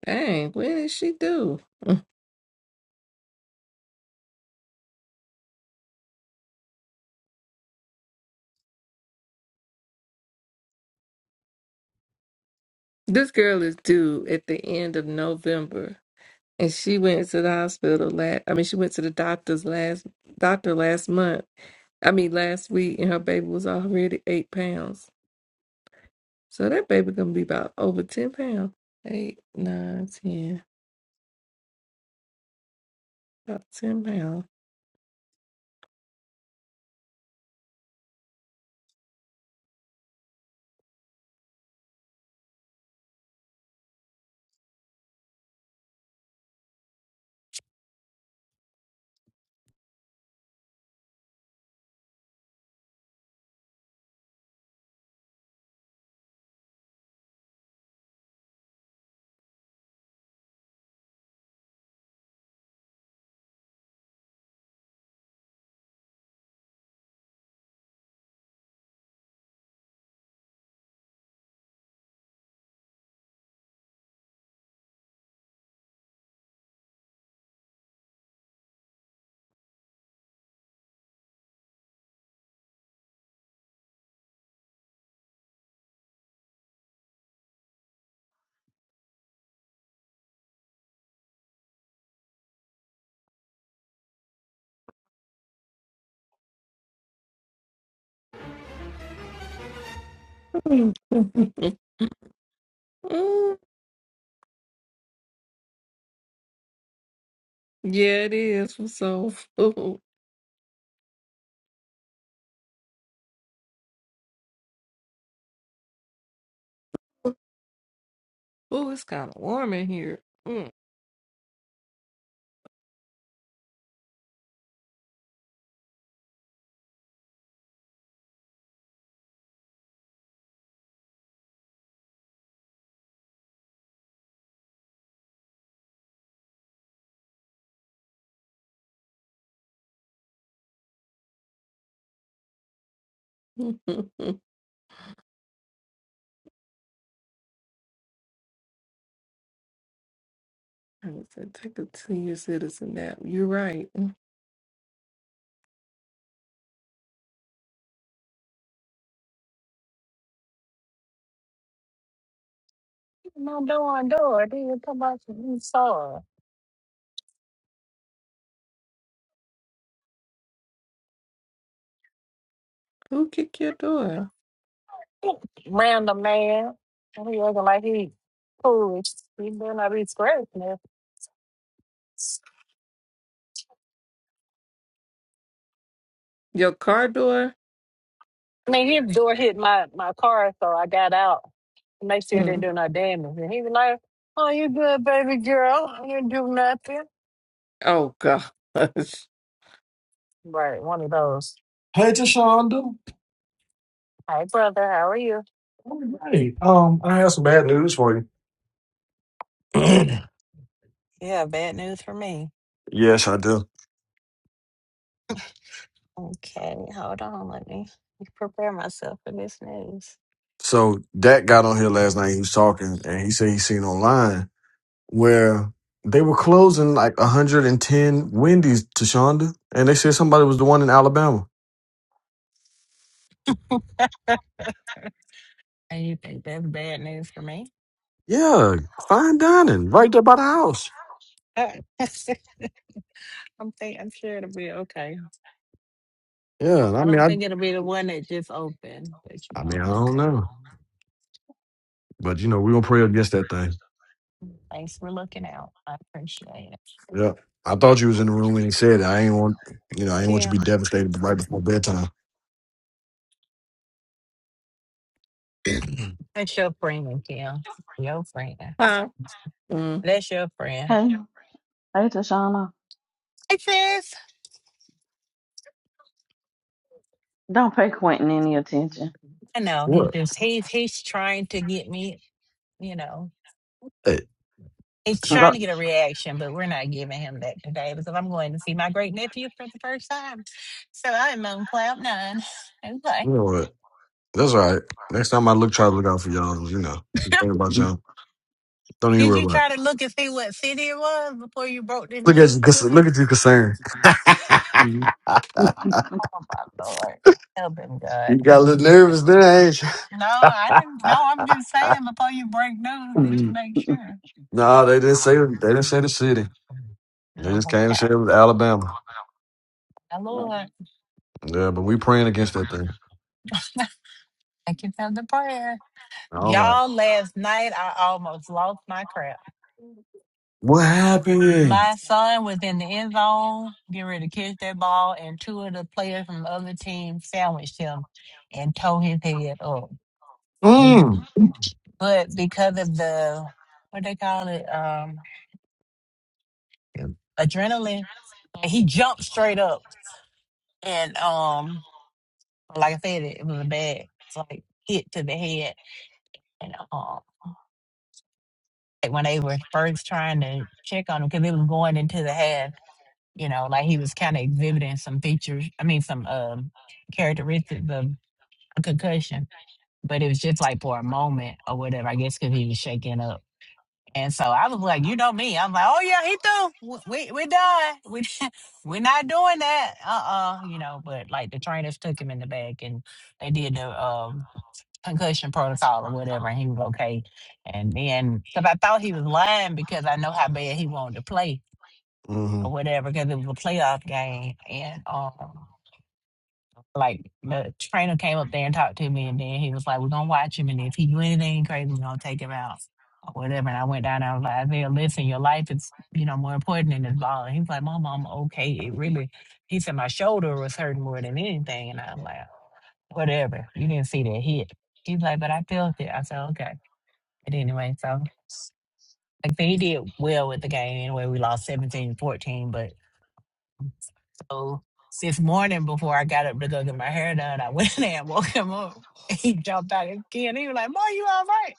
Dang, when did she do? This girl is due at the end of November. And she went to the hospital last I mean, she went to the doctor's last doctor last month. I mean last week and her baby was already eight pounds. So that baby gonna be about over ten pounds. Eight, nine, ten. About ten pounds. yeah, it is from soul food. Oh, it's kinda warm in here. Mm. I said, take a senior citizen nap. You're right. Mm, No door, door. Dude, come out from inside. Who kicked your door? Random man. And He looking like he foolish. He better not be scratching it. Your car door? I mean, his door hit my, my car, so I got out. to Make sure it didn't Mm. do no damage. And he was like, Oh, you good, baby girl. You didn't do nothing. Oh, gosh. Right, one of those. Hey, Tashonda. Hi, brother. How are you? All right. Um, I have some bad news for you. Yeah, bad news for me. Yes, I do. Okay, hold on. Let me prepare myself for this news. So Dak got on here last night. He was talking, and he said he seen online where they were closing like 110 Wendy's to Shonda, and they said somebody was the one in Alabama. And you think that's bad news for me? Yeah, fine dining right there by the house. I'm think I'm sure it'll be okay. I Yeah, don't, I I mean, don't think I, it'll be the one that just opened, but you I know, mean, I don't okay. know, but you know, we gonna pray against that thing. Thanks for looking out. I appreciate it. Yeah, I thought you was in the room when he said it. I ain't want, you know, It's I ain't want you to be Kim. devastated right before bedtime. That's your friend, Kim. Your friend. Huh? Mm. That's your friend. Hey, hey, Tashana. Hey, sis. Don't pay Quentin any attention. I know he What? just he's he's trying to get me. You know, Hey, he's 'cause I- trying to get a reaction, but we're not giving him that today because I'm going to see my great nephew for the first time. So I'm on cloud nine. Okay. you know what? That's all right. Next time I look, try to look out for y'all. You know, think about y'all. Don't even Did worry you about it. try to look and see what city it was before you broke the Look at you, news cons- to look me? at you concerned. Oh my lord. Help him, God. You He got a little needs nervous this. there, ain't you? No, I didn't no, I'm just saying before you break news, did you make sure? No, they didn't say they didn't say the city. They just Oh, came and okay. said it was Alabama. My lord. Yeah, but we praying against that thing. I can tell the prayer. All right. Y'all last night I almost lost my crap. What happened? My son was in the end zone, getting ready to catch that ball, and two of the players from the other team sandwiched him and tore his head up. And Mm. he, but because of the what they call it, um, adrenaline, he jumped straight up, and um, like I said, it, it was a bad it's like hit to the head, and um, like when they were first trying to check on him because it was going into the half. you know, like he was kind of exhibiting some features, I mean, some um characteristics of a concussion, but it was just like for a moment or whatever, I guess, because he was shaking up. And so I was like, you know me, I'm like, oh yeah, he threw. W- We we done. We we're not doing that. Uh uh you know. But like the trainers took him in the back and they did the um concussion protocol or whatever, and he was okay. And then because I thought he was lying because I know how bad he wanted to play, hmm or whatever because it was a playoff game. And um, like the trainer came up there and talked to me, and then he was like, "We're gonna watch him, and if he do anything crazy, we're gonna take him out or whatever." And I went down. And I was like, "Isaiah, listen, your life is you know more important than this ball." And he was like, "Mom, I'm okay. It really," he said, "My shoulder was hurting more than anything," and I'm like, "Whatever. You didn't see that hit." He's like, "But I felt it." I said, "Okay." But anyway, so. Like, I said, he did well with the game anyway. We lost 17 14, but So since morning before I got up to go get my hair done, I went in there and woke him up. He jumped out his skin. He was like, Boy, you all right?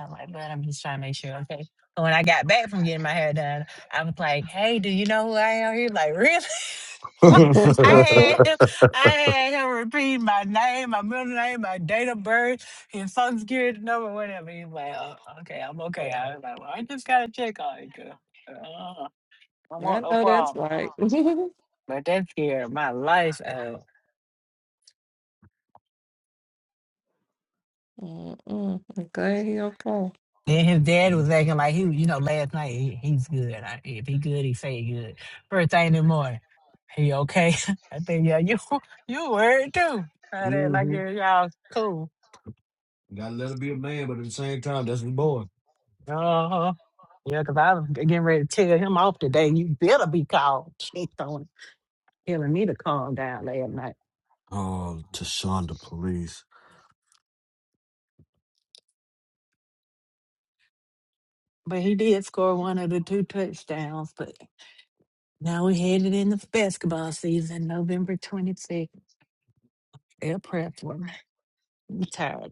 I'm like, But I'm just trying to make sure, okay. So when I got back from getting my hair done, I was like, Hey, do you know who I am? He was like, Really? hmm I I had him, I had him repeat my name, my middle name, my date of birth, his social security number, whatever. He's like, oh, okay, I'm okay. I was like, well, I just gotta check on it. 'cause, Uh, I don't want no know that's problem. right. Mm-mm. But that scared my life out. I'm glad he okay. Then his dad was acting like he, you know, last night he, he's good. I, if he good, he say he good. First thing in the morning, he okay. I think yeah, you you worried too. I did like yeah, y'all cool. Gotta let her be a man, but at the same time, that's his boy. Uh huh. Yeah, 'cause I was getting ready to tell him off today. You better be called. Checked on telling me to calm down last night. Oh, Tashonda police. But he did score one of the two touchdowns. But now we're headed into basketball season, November 26th. They're prepped tired.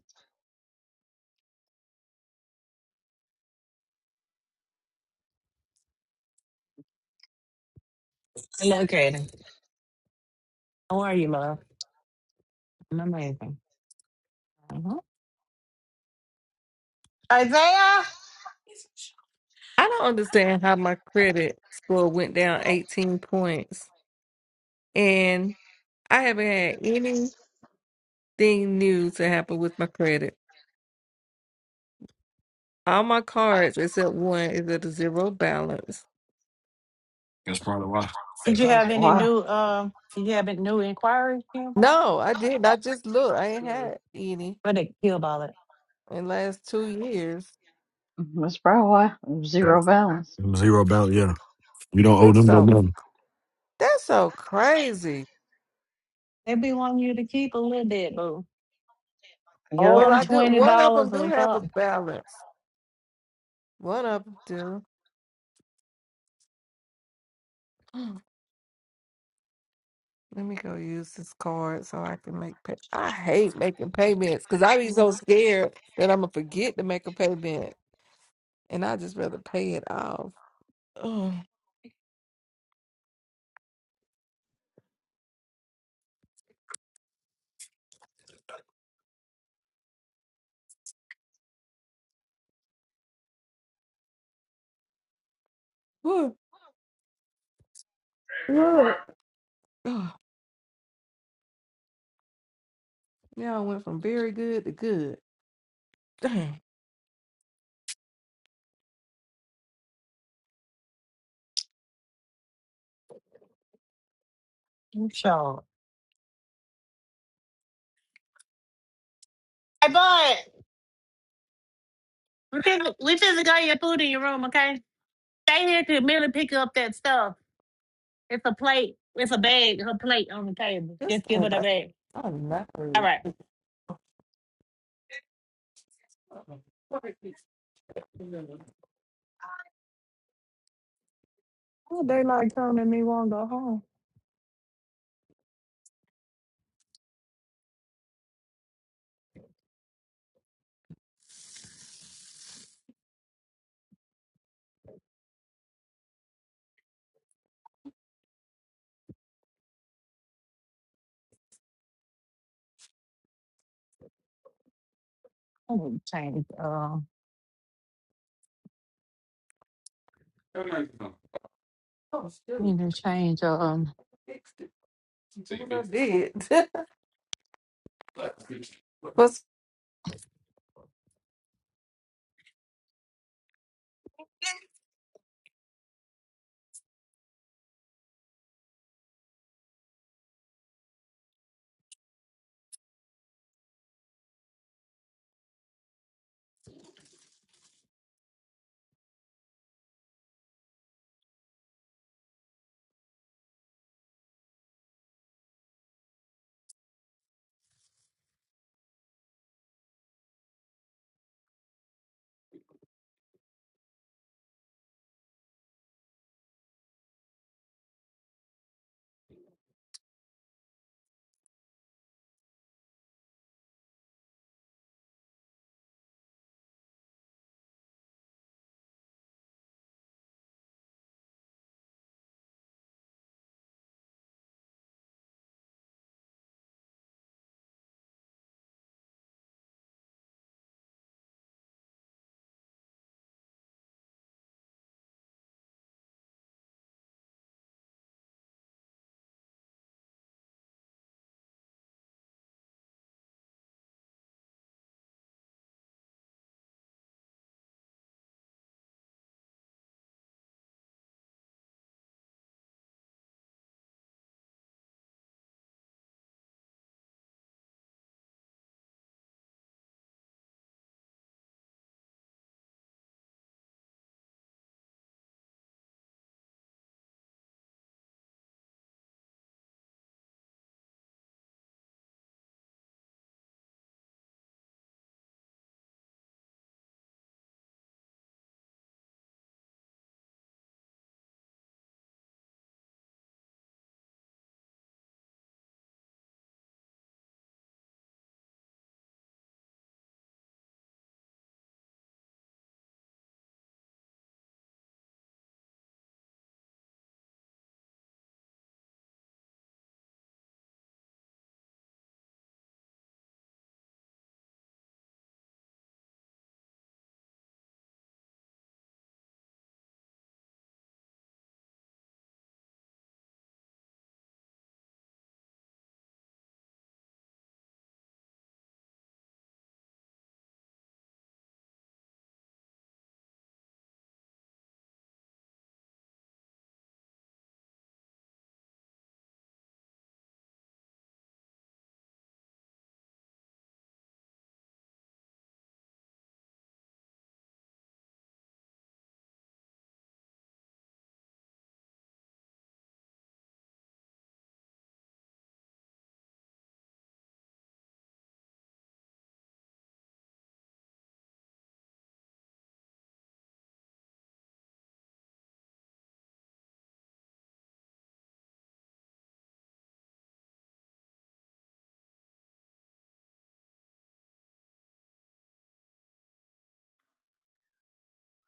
Hello, Kaden. How are you, love? I'm amazing. uh Isaiah, did I don't understand how my credit score went down 18 points. And I haven't had anything new to happen with my credit. All my cards, except one, is at a zero balance That's probably why. Hey, you That's have any why. new um did you have any new inquiries, Kim? No, I didn't. I just looked. I ain't Really? had any What did Kim about it? in the last two years. That's probably why. Zero Yes. balance. Zero balance, yeah. You don't owe That's them no so money. that's so crazy. They be wanting you to keep a little bit, boo. Oh, Well, I'm I do. twenty One of dollars them do or have a something. balance. One of them do. Hmm, Let me go use this card so I can make pay. I hate making payments because I be so scared that I'm gonna forget to make a payment, and I just rather pay it off. Oh, whew, yeah. Oh, now I went from very good to good. Damn, You sure. Hey bud, we just we just got your food in your room, okay? Stay here to merely pick up that stuff. It's a plate. It's a bag. Her plate on the table. this Just give card, her the bag. I'm not. All rude. right. Oh, they like telling me won't go home. I need to change. Uh, Oh, I shoot. need to change. Um, Fixed it. So you I did. What's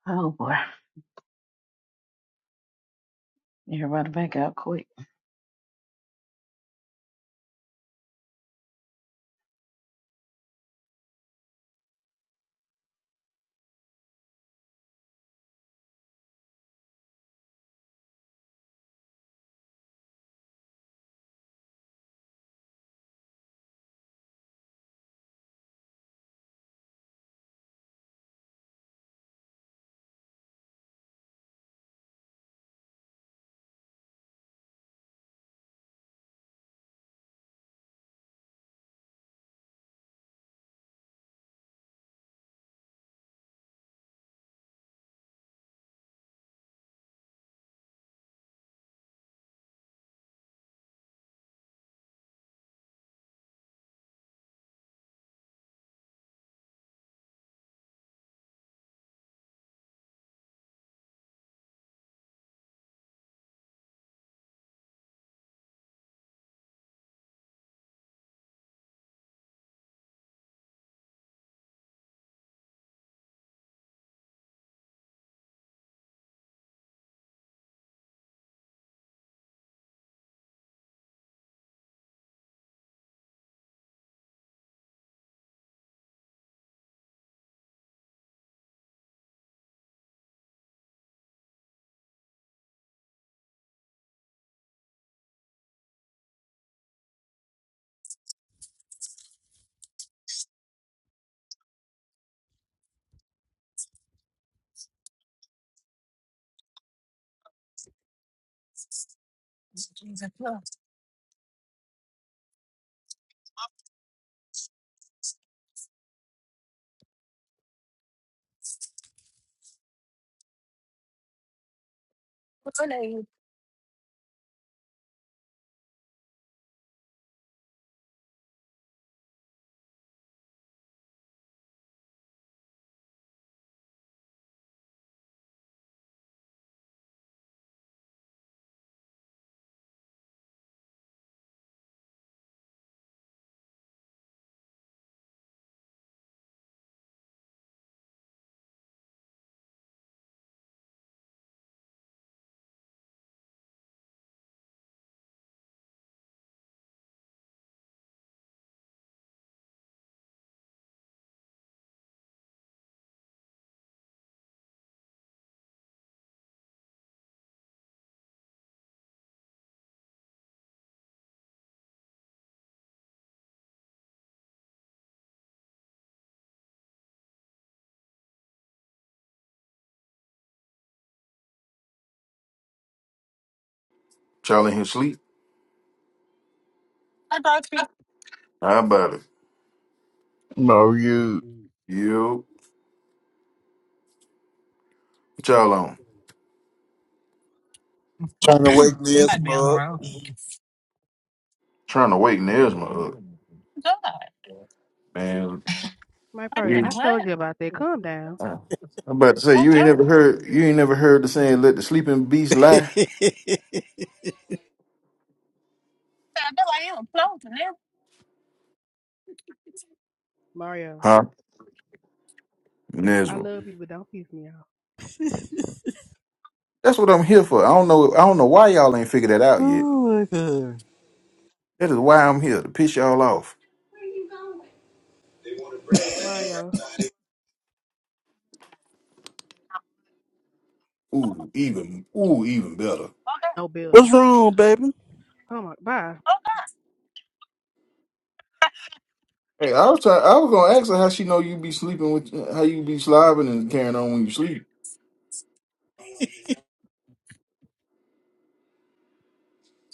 Oh boy. Everybody back out quick. Jesus, look. what's her name? Charlie in his sleep? Hi, Boxy. How about it? No, you. Yo, what y'all on? Trying to wake I'm me up, about to be on the smug. road. Trying to wake Nesma up. God. Wait Man, My a brother, you- minute. I What? told you about that. Calm down, uh, I'm about to say, you Okay. ain't I never feel heard you ain't never heard the saying let the sleeping beast lie? like you were close and everything. Mario. Huh? I Nesma. love you, but don't piss me off. That's what I'm here for. I don't know I don't know why y'all ain't figured that out yet. oh my god. That is why I'm here, to piss y'all off. Ooh, even ooh, even better. What's wrong, baby? Okay. Hey, I was try, I was gonna ask her how she know you be sleeping with how you be slobbing and carrying on when you sleep.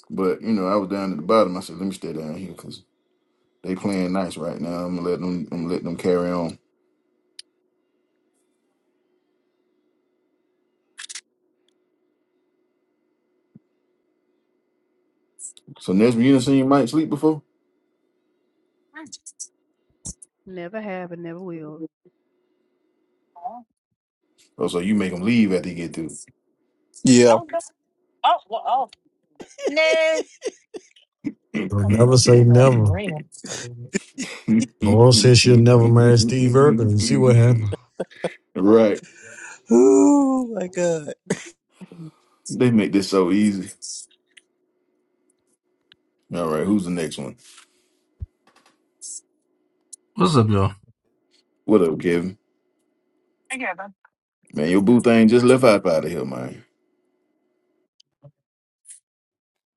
But you know, I was down at the bottom. I said, let me stay down here because they playing nice right now. I'm gonna let them. I'm gonna let them carry on. So Nesby, you done seen Mike sleep before? Oh, so you make him leave after he get Okay. through? Yeah. Oh, that's, oh, well, oh, nah. Don't Oh, never oh, say Good enough for never. real. Laurel said she'll never marry Steve Irwin. You see what happened? right. Oh my god. They make this so easy. All right, who's the next one? What's up, y'all? What up, Kevin? I get them. Man, your boo Oh, thing just mm, left my out out of here, man.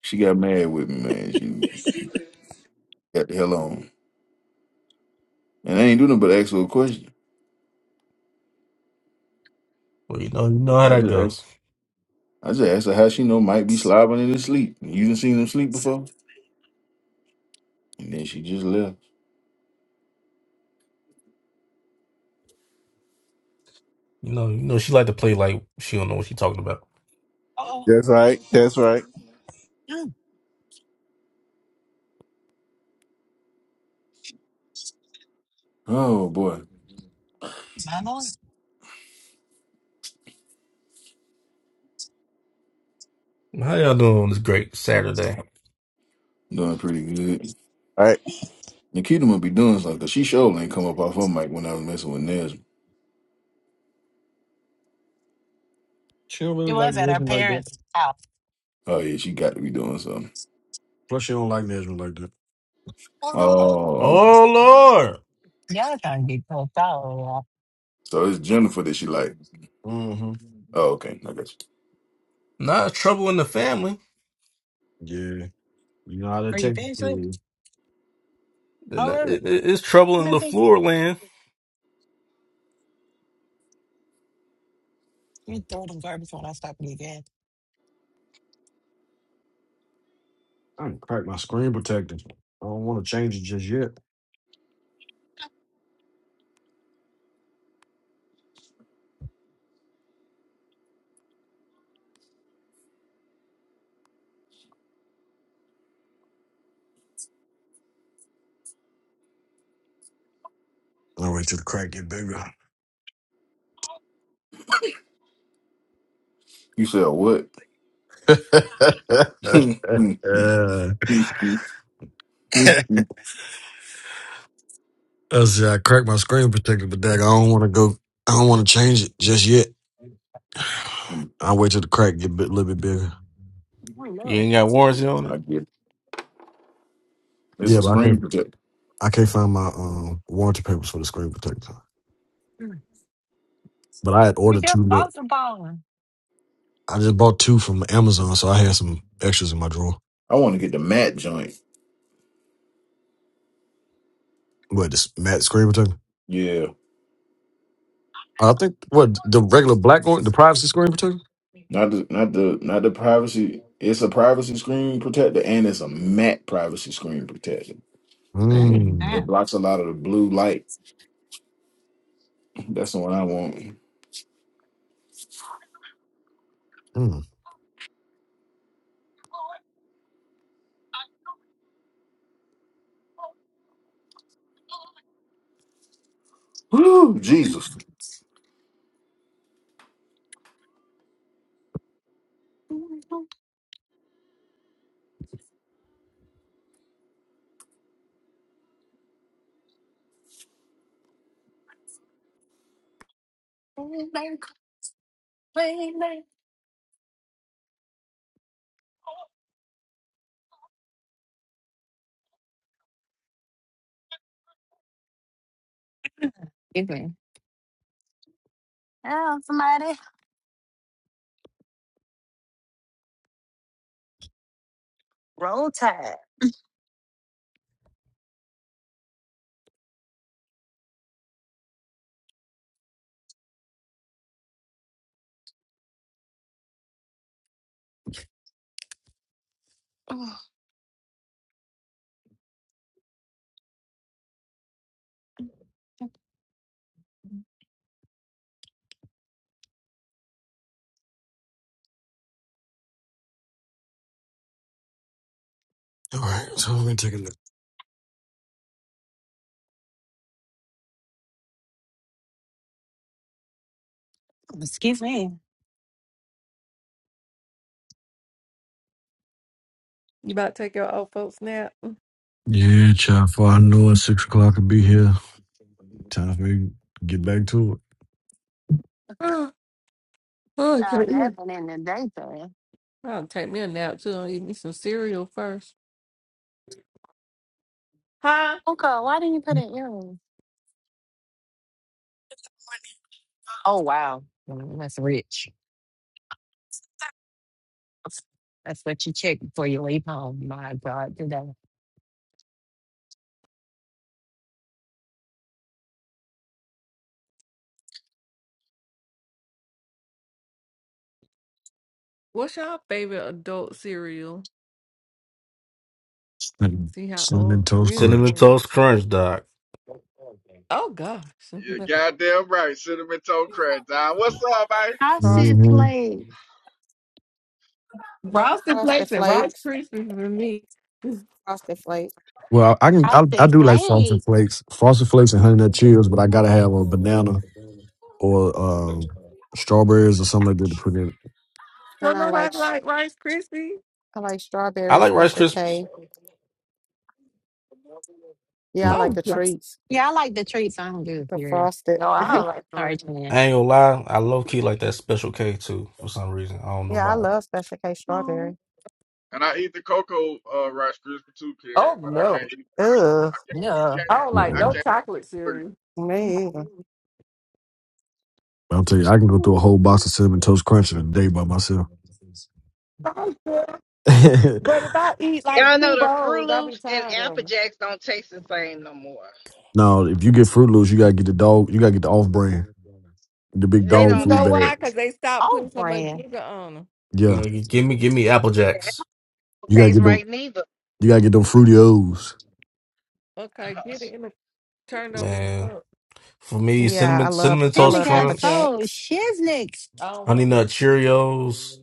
She got mad with me, man. She got the hell on. And I ain't do nothing but ask her a question. Well, you know, you know how I that just go. asked. I just asked her how she know Mike be slobbering in his sleep. You didn't seen him sleep before, and then she just left. You know, you know she like to play like she don't know what she talking about. That's right. That's right. Oh boy, lord. How y'all doing on this great Saturday? doing pretty good. Right. Nikita must be doing something 'cause she sure ain't come up off her mic when I was messing with Nesma. She don't It really like was at our Nijman like that. parents' house. Oh yeah, she got to be doing something. Plus, she don't like Nesmond like that. Oh, Oh okay. Oh Lord, y'all trying to get close out. So it's Jennifer that she like. Mm-hmm. Oh okay, I got you. not trouble in the family. Yeah. You know how they Are you take it finished for with? you. Then Oh, that- really? it- it- It's trouble in Let me see. LaFleur land. You throw them garbage when I stop and get gas. I can crack my screen protector. I don't want to change it just yet. I'll wait till the crack get bigger. You said what? uh, I said I cracked my screen protector, but dag, I don't want to go. I don't want to change it just yet. I'll wait till the crack get a bit, little bit bigger. You ain't Oh, got warranty on I it. get it. It's a Yeah, but I screen can't. protector. I can't find my um warranty papers for the screen protector. no. But I had You ordered just two. bought the ball. I just bought two from Amazon, so I had some extras in my drawer. I want to get the matte joint. What this matte screen protector? Yeah. I think what the regular black one, the privacy screen protector. Not the not the not the privacy. It's a privacy screen protector and it's a matte privacy screen protector. I And it, need that. it Mm. blocks a lot of the blue light. That's the one I want. mm. Woo, Jesus. Excuse me. Oh, somebody. Roll tide. All right, so I'm gonna take a look. Excuse me. you about to take your old folks nap? Yeah, child. For I know at six o'clock I'll be here. Time for me to get back to it. Oh, i Y'all take me nothing in the daytime. I'll take me a nap too. I'll eat me some cereal first. Huh? Okay, why didn't you put in earrings? Oh, wow. Mm, That's rich. That's what you check before you leave home. My God, today. What's your favorite adult cereal? Cinnamon, See how cinnamon old I toast really Cinnamon crunch. am. toast crunch, doc. Oh gosh. Yeah, goddamn right. Cinnamon toast crack. Dog. What's up, man? I see Frost hmm flag. Frosted frosted Flakes and Rice flakes. Krispies for me. Frosted flakes. Well, I can I I, I see do like flag. frosted flakes, frosted flakes and honey nut cheerios, but I gotta have a banana or um, strawberries or something like that to put in it. And Don't I like nobody sh- like Rice Krispies? I like I strawberry like Rice special Krispies. K. Yeah, I like Mm-mm, Oh the God. treats. Yeah, I like the treats. I don't do the The cereal. frosted. no, I Sorry, don't like the sorry, regular. twin. I ain't gonna lie, I low key like that Special K too for some reason. I don't know Yeah, I why. love Special K Oh. strawberry. And I eat the cocoa uh, crispy too, Kim. Oh no. Ugh, Yeah. I don't like I no mm-mm. can't. chocolate cereal. me. I'll tell you, I can go through a whole box of cinnamon toast crunch in a day by myself. Like that. But if I eat like Y'all know two the Fruit bowls, I'll be Loops and tired of Apple them. Jacks don't taste the same no more. now, if you get Fruit Loops, you gotta get the dog. You gotta get the off brand, the big They Cause dog you don't food know taste. bag. why? Cause they stopped Oh, putting so much brand. sugar on them. You know, Yeah, you give me give me Apple They Jacks, don't you gotta taste get them. right neither. You gotta get them fruity O's. Okay, get it in the turned over in the man. cup. For me, Yeah, I cinnamon love cinnamon I Jimmy toast love got Apple crunch, so Jacks. shiznix. I don't honey want that. nut Cheerios.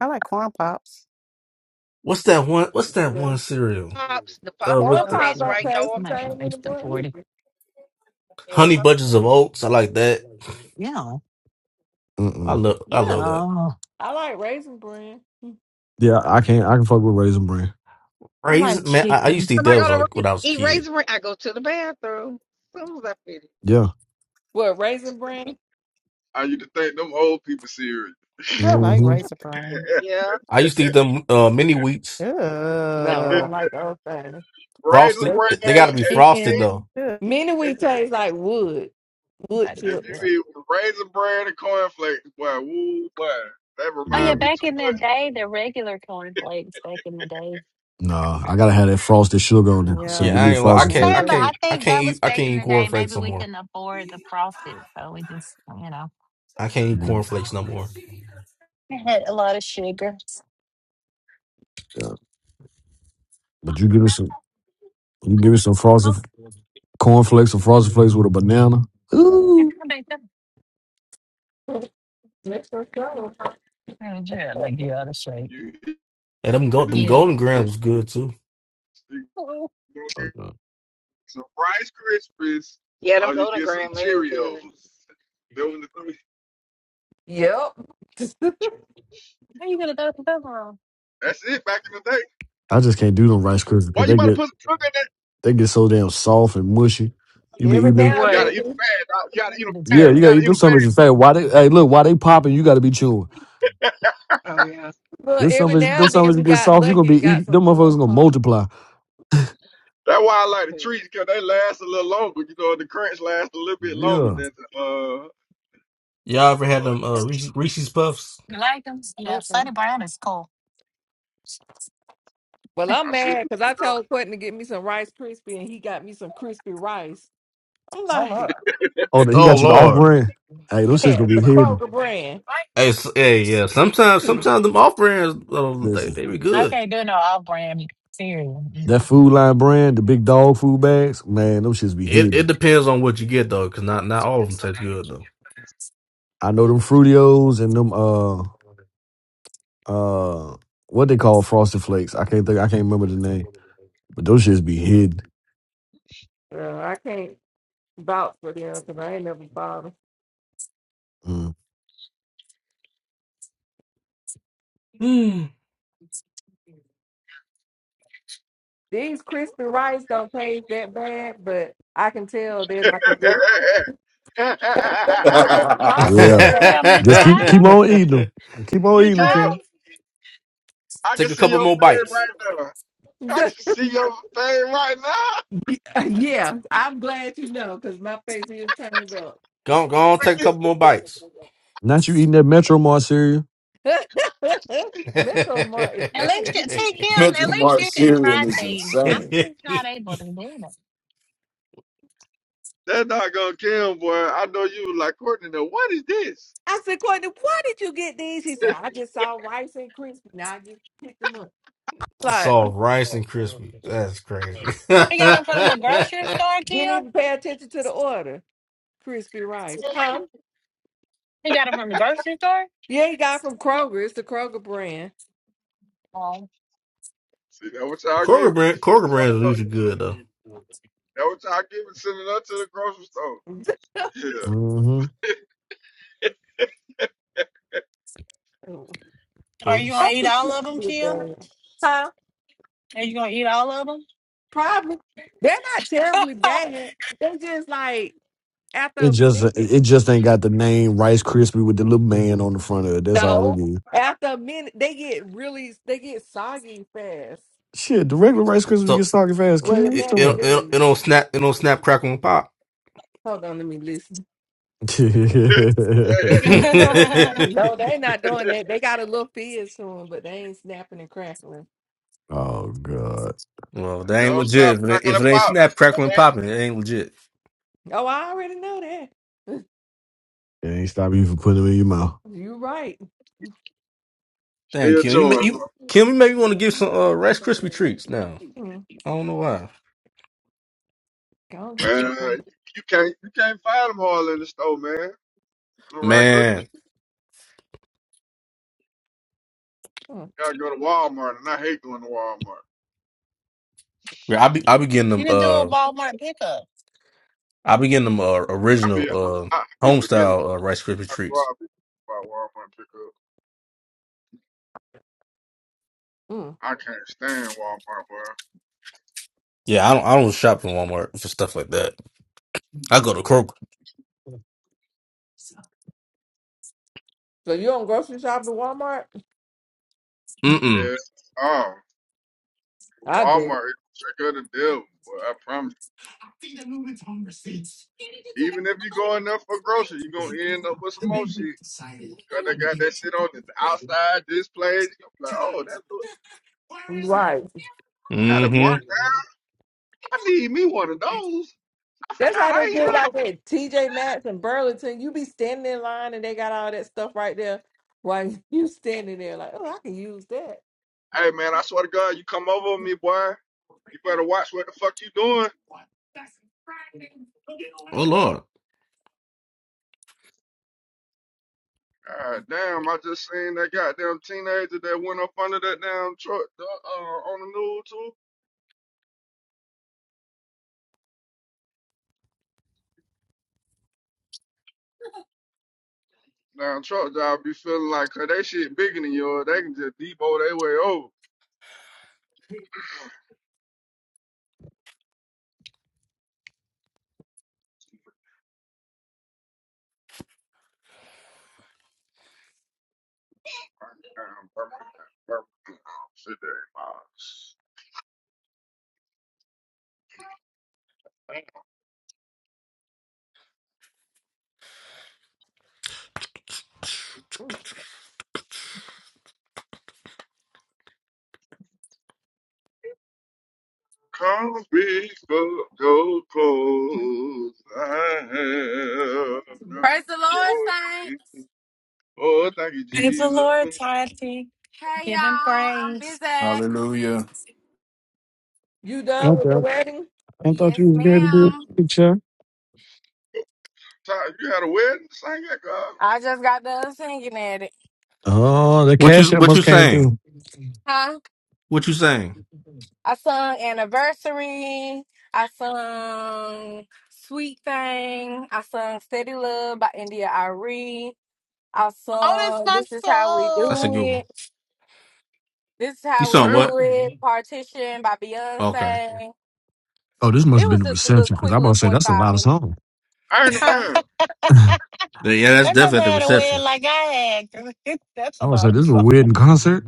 I like corn pops. What's that one? What's that Yeah, one cereal? Pops, the pops Uh, corn with don't Oh, the pies taste shoot. don't right no. taste I more. am the not going same to make the anymore. board. either. Yeah, the honey pops. bunches of oats. I like that. Yeah. I Mm-mm. love Yeah. I love that. I I like raisin bran. Yeah, I can't. I can fuck with raisin bran. like Raisin, man. I, I used chicken. to eat Am I that was gonna like ra- when I was a eat kid. raisin? bran? I go to the bathroom as soon as I finish. Yeah. What raisin bran? I used to think them old people serious. No, I like hmm Razor Prime. Yeah. I used to eat them uh mini wheats No, Raisin I don't Ugh. like those things. frosted. bread. I They got like If to be you, frosted chicken. though. Ugh. Many eat, we taste like wood, I wood gotta If chips. get you it. eat raisin bread and cornflakes, boy, woo, boy, that Oh yeah, Yeah. remind me back in too the much. day, the regular cornflakes back in the day. Nah, I gotta have that frosted sugar on there. So Yeah, give Yeah, I me me ain't. li- I I'm frosted me can't. flakes. I saying, but too. I can't. I think can't that was eat. I back can't in eat the day. Maybe cornflakes no we more. couldn't afford the profit, so we just, you know. I can't eat Yeah. cornflakes no more. It had a lot of sugar. But you give me some you give me some Oh, frosted cornflakes or frosted flakes with a banana. you are Ooh. can make that. Let's just go. Yeah, yeah, like you out of shape. You, And them you gold, get them Yeah. golden you grams was good too. Oh, Oh, get no. some Rice Krispies Yeah, them or you golden get some graham, they was Cheerios. good. Them was the three. Yep. how you gonna go to the room? That's it back in the day. I just can't do them rice krispies Boy, because you they better get put some sugar in that. they get so damn soft and mushy. You be Every eating them. now and You gotta What? eat them then, fast. dog. You gotta eat them The Yeah, fast. You you zero. gotta gotta eat eat them them fast. sandwiches fat. Why they hey look, why they popping, you gotta be chewing. Oh yeah. well, This every sandwich now them and then sandwiches we You get got soft, you gonna lucky be and got eating some them motherfuckers corn gonna pop. multiply. That's why I like the Yeah. treats because they last a little longer. You know, the crunch lasts a little bit longer Yeah. than the, uh. Y'all ever had uh, them uh, Reese's, Reese's Puffs? like them? Yeah, Mm-mm. Sunny Brown is cool. Well, I'm I see mad you. because I told Quentin to get me some Rice Krispie and he got me some crispy rice. I'm Oh look. like, Oh he Oh got you the off Lord. brand. Hey, those shit's yeah, gonna the be hidden. Kroger brand. Hey, s hey, yeah. Sometimes, sometimes them off brands, uh, Listen. they they be I good. can't do no off brand cereal. That Mm-mm. food line brand, the big dog food bags, man, them shits be It it hidden. depends on what you get though, cause not not all of them taste good though. I know them Fruitios and them uh uh what they call frosted flakes. I can't think I can't remember the name. But those shits be hidden. Girl, I can't vouch for them 'cause I ain't never bought them. Mm. Hmm. These crispy rice don't taste that bad, but I can tell they're like a good. they're good at that soggy Yeah. Yeah. Yeah, affair. I mean you Just try keep keep them. on eating them. Keep on You eating them, Chill. try Karen. them. I can Take a see couple your more fame bites. right now. I can This- see your fame right now. yeah, I'm glad you know because my face is turned up. Go, on, go on, take a couple more bites. Not you eating that Metro Mart cereal. Metro Mart is At least you crazy. see him, at Mental least Mart you can cereal try is things. I'm insane. just not able to do that dog gonna kill him, boy. I know you was like Courtney. Now what is this? I said, Courtney, why did you get these? He said, I just saw Rice and Crispy. Now I just picked them up. Like, Soft rice and crispy. That's that. crazy. He got them from the the grocery store, didn't Kim. even pay attention to the order. Crispy Rice. Huh? He got them from the grocery store. Yeah, he got from Kroger. It's the Kroger brand. Um, See that what y'all giving? Kroger brand, Kroger brand is That usually good though, what y'all giving? Sending her to the grocery store. Yeah. hmm but Are you it's- gonna eat Probably all of them, terribly Kim? bad. Huh? Are you gonna eat all of them? Probably. They're not terribly bad. They just like, after It a just minute. it just ain't got the name Rice Krispie with the little man on the front of it. That's all it No. is. After a minute, they get really, they get soggy fast. Shit, the regular Rice Krispies get so soggy fast. Ken, Well, what you it, imagine it, it, it these. don't snap, it don't snap, crackle and pop. Hold on, let me listen. talking well, about? No, they not doing that. They got a little fizz to them, but they ain't snapping and crackling. oh god. that ain't Don't stop legit. If it ain't, knocking the if it ain't pop, snap, crackle and man. popping, it ain't legit. Oh, I already know that. It ain't stop you from putting them in your mouth. You right. Still Thank you. You, ma- chewing, you Kim, you maybe want to give some uh, Rice Krispie treats now. Mm, I don't know why. go and get man. you. Uh, a one. you, can't you can't find them all in the store, man. The right grip. Man, Mm, Gotta go to Walmart, and I hate going to Walmart. yeah, I be I be getting you them. can do a uh, Walmart pickup. I be getting them uh, I be original uh, I, I be home forgetting style uh, Rice Krispie That's why treats. I be about Walmart pickup. mm. I can't stand Walmart, bro. Yeah, I don't I don't shop in Walmart for stuff like that. I go to Kroger. So you don't grocery shop at Walmart? Mm mm. Yeah. Oh, I do. Walmart, is the trick of the devil. But I promise. you. Even if you go in there for groceries, you gonna end up with some more shit. Cause they got that shit on the outside displays. You gonna be like, oh, that's what Right. got a Mm mark. hmm. I need me one of those. I That's forgot how they I did ain't have. like at TJ Maxx and Burlington. You be standing in line and they got all that stuff right there while you standing there like, oh, I can use that. one. Hey man, I swear to God, you come over on me, boy. You better watch what the fuck you doing. Oh Lord, God damn, I just seen that goddamn teenager that went up under that damn truck uh, on the news too. Damn truck driver be feeling like 'cause they shit bigger than yours, they can just depot their way over. Birmingham, Birmingham, Birmingham, city miles. Come big for gold clothes, I have no Praise the Lord, saints. choice. Oh, thank you, Praise the Jesus. Lord, Tati. Hey Give him y'all, I'm praise. Bizak. Hallelujah. You done with the Okay. wedding? I thought Yes, you was going to do ma'am. a picture. Ty, You had a wedding? Sing that, God. I just got done singing at it. Oh, the what cash you app what must you came saying? through. Huh? What you saying? I sung Anniversary. I sung Sweet Thing. I sung Steady Love by India Ari. I Oh, that's sung my This Is How We That's a Do soul. good one. It. This is You How We saw Damn, what? Do It. Partition by Okay. Beyonce. Oh, this must It have been was the just a little reception because quick I'm about little to say that's a 45 lot of minutes. songs. I ain't a Huh? man. I ain't Yeah, that's That definitely mother at the had a win reception. like I had. that's a I'm about to say lot of this is a fun. weird in concert.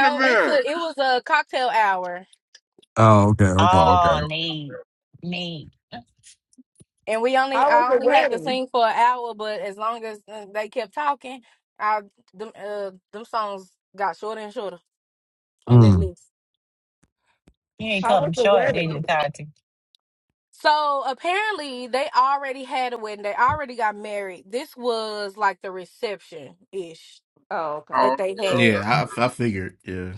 the it's man. a it was a cocktail hour. Oh, okay, okay, Oh, okay. okay. Oh, neat. Neat. And we only How was I the only had to wedding? sing for an hour, but as long as uh, they kept talking, I them uh, them songs got shorter and shorter on that Mm. list. You ain't How cut was him the short, did wedding? you, Tati? So apparently they already had a wedding. They already got married. This was like the reception ish Oh, okay. Oh, that they okay, had okay. Yeah, I I figured. Yeah.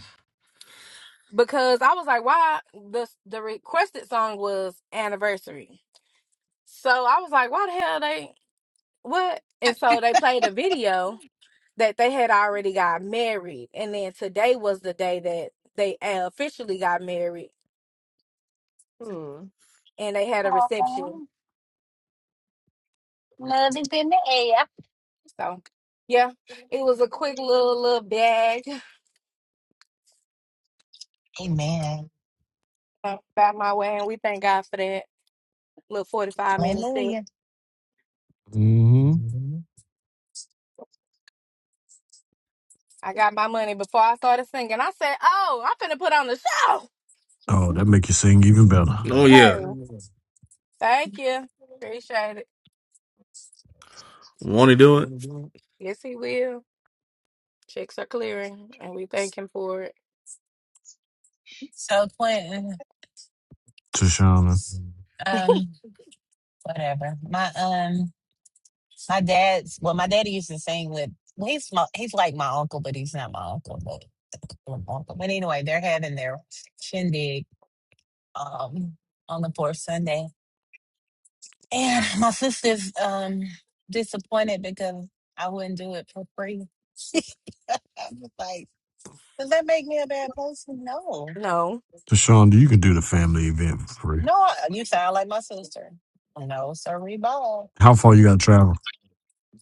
because I was like, why the the requested song was anniversary. So I was like, why the hell they what? And so they played a video that they had already got married, and then today was the day that they uh, officially got married, Mm. and they had a reception. So yeah, it was a quick little little bag. Amen. about my way, and we thank God for that little 45 minutes. Thing. Hallelujah. hmm I got my money before I started singing. I said, Oh, I'm finna put on the show. Oh, that Mhm. make you sing even better. Oh Hey, yeah. thank you. Appreciate it. Want to do it? Yes, he will. Checks are clearing, and we thank him for it. So Quentin, Tashana. um, whatever. My um My dad's well, my daddy used to sing with well, he's my, he's like my uncle, but he's not my uncle, but uncle. But anyway, they're having their shindig um on the fourth Sunday. And my sister's um disappointed because I wouldn't do it for free. I was like, does that make me a bad person? No. No, Tashonda, you can do the family event for free. No, you sound like my sister. No, sorry, ball. How far you gotta travel?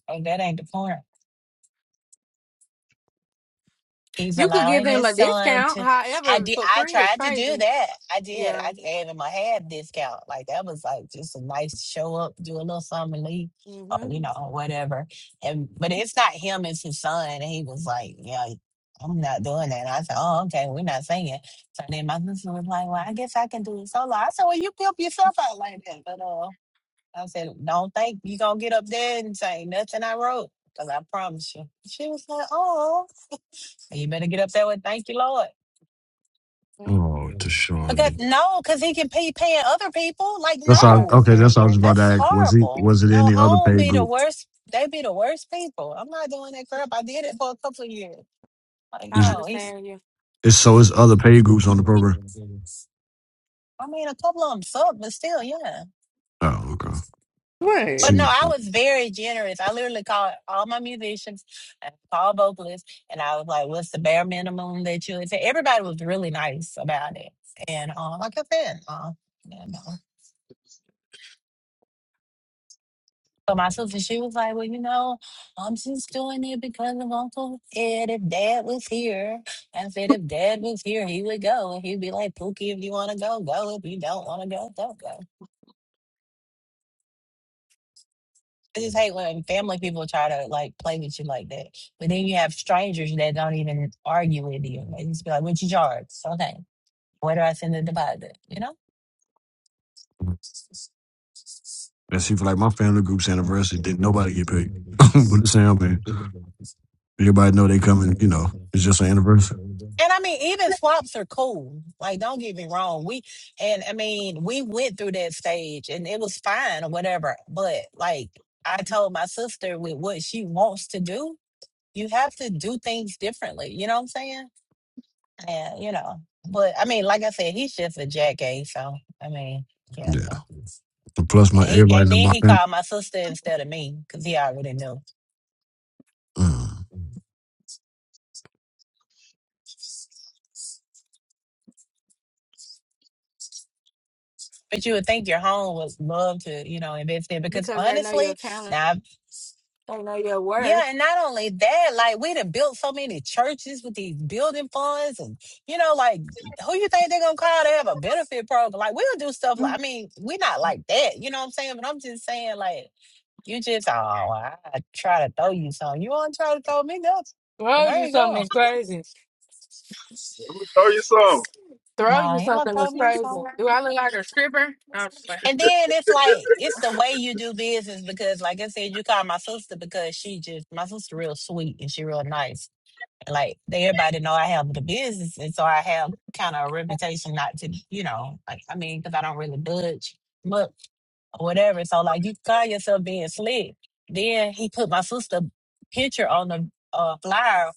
Oh, that ain't the point. He's you could give allowing them his a son discount. to. I However, did. for I free is tried to do crazy. that. I did. Yeah. I gave him a half discount. Like that was like just a nice show up, do a little something, and leave, hmm or you know, or whatever. And but it's not him; it's his son. And he was like, "Yeah, I'm not doing that." And I said, "Oh, okay, we're not singing." So then my sister was like, "Well, I guess I can do it solo." I said, "Well, you pimp yourself out like that," but uh, I said, "Don't think you gonna get up there and say nothing I wrote." Cause I promise you. She was like, oh. You better get up there with thank you, Lord. I Oh, Because Tashonda. no, because he can be paying other people. Like That's all no, okay, understand that's all I was that. about to that's ask. Was he horrible. was it No, any other home paid be the group? worst. They be the worst people. I'm not doing that crap. I did it for a couple of years. Like I Is it, no, he's. understand you it's so it's other paid groups on the program? I mean, a couple of them suck, but still, yeah. Oh, okay. But Right. See, no, I was very generous. I literally called all my musicians, and called vocalists, and I was like, "What's the bare minimum that you would say?" Everybody was really nice about it, and uh, like I said, uh, yeah, no. For myself, and she was like, "Well, you know, I'm just doing it because of Uncle Ed. If Dad was here, I said if Dad was here, he would go, and he'd be like, Pookie, if you want to go, go. If you don't want to go, don't go." I just hate when family people try to like play with you like that. But then you have strangers that don't even argue with you. They just be like, "What you charge? So, Okay, where do I send the deposit?" You know. and see, for like my family group's anniversary, didn't nobody get paid. but the same man, everybody know they coming. You know, it's just an anniversary. And I mean, even flops are cool. Like, don't get me wrong. We and I mean, we went through that stage and it was fine or whatever. But like I told my sister with what she wants to do, you have to do things differently. You know what I'm saying? And you know. But I mean, like I said, he's just a jackass. So I mean, yeah, Yeah. no. And plus, And my he everybody and know then my he family. called my sister instead of me because he already knew. Mm. But you would think your home was love to, you know, invest in because because they know your honestly. talent, now. they know your Yeah, worth. and not only that, like we'd have built so many churches with these building funds, and you know, like who you think they're gonna call to have a benefit program? Like we'll do stuff like I mean, we're not like that, you know what I'm saying? But I'm just saying, like you just oh, I try to throw you something. You want to try to throw me nothing? If Throw I you ain't something going, that's crazy. Let me tell you something. no, Throw you I ain't gonna something throw that's me crazy. something. Do I look like a stripper? I'm just like, And then it's like it's the way you do business because, like I said, you call my sister because she just my sister real sweet and she real nice. Like they, everybody know I have the business, and so I have kind of a reputation not to, you know, like I mean, because I don't really budge much or whatever. So like you call yourself being slick. Then he put my sister picture on the uh, flyer,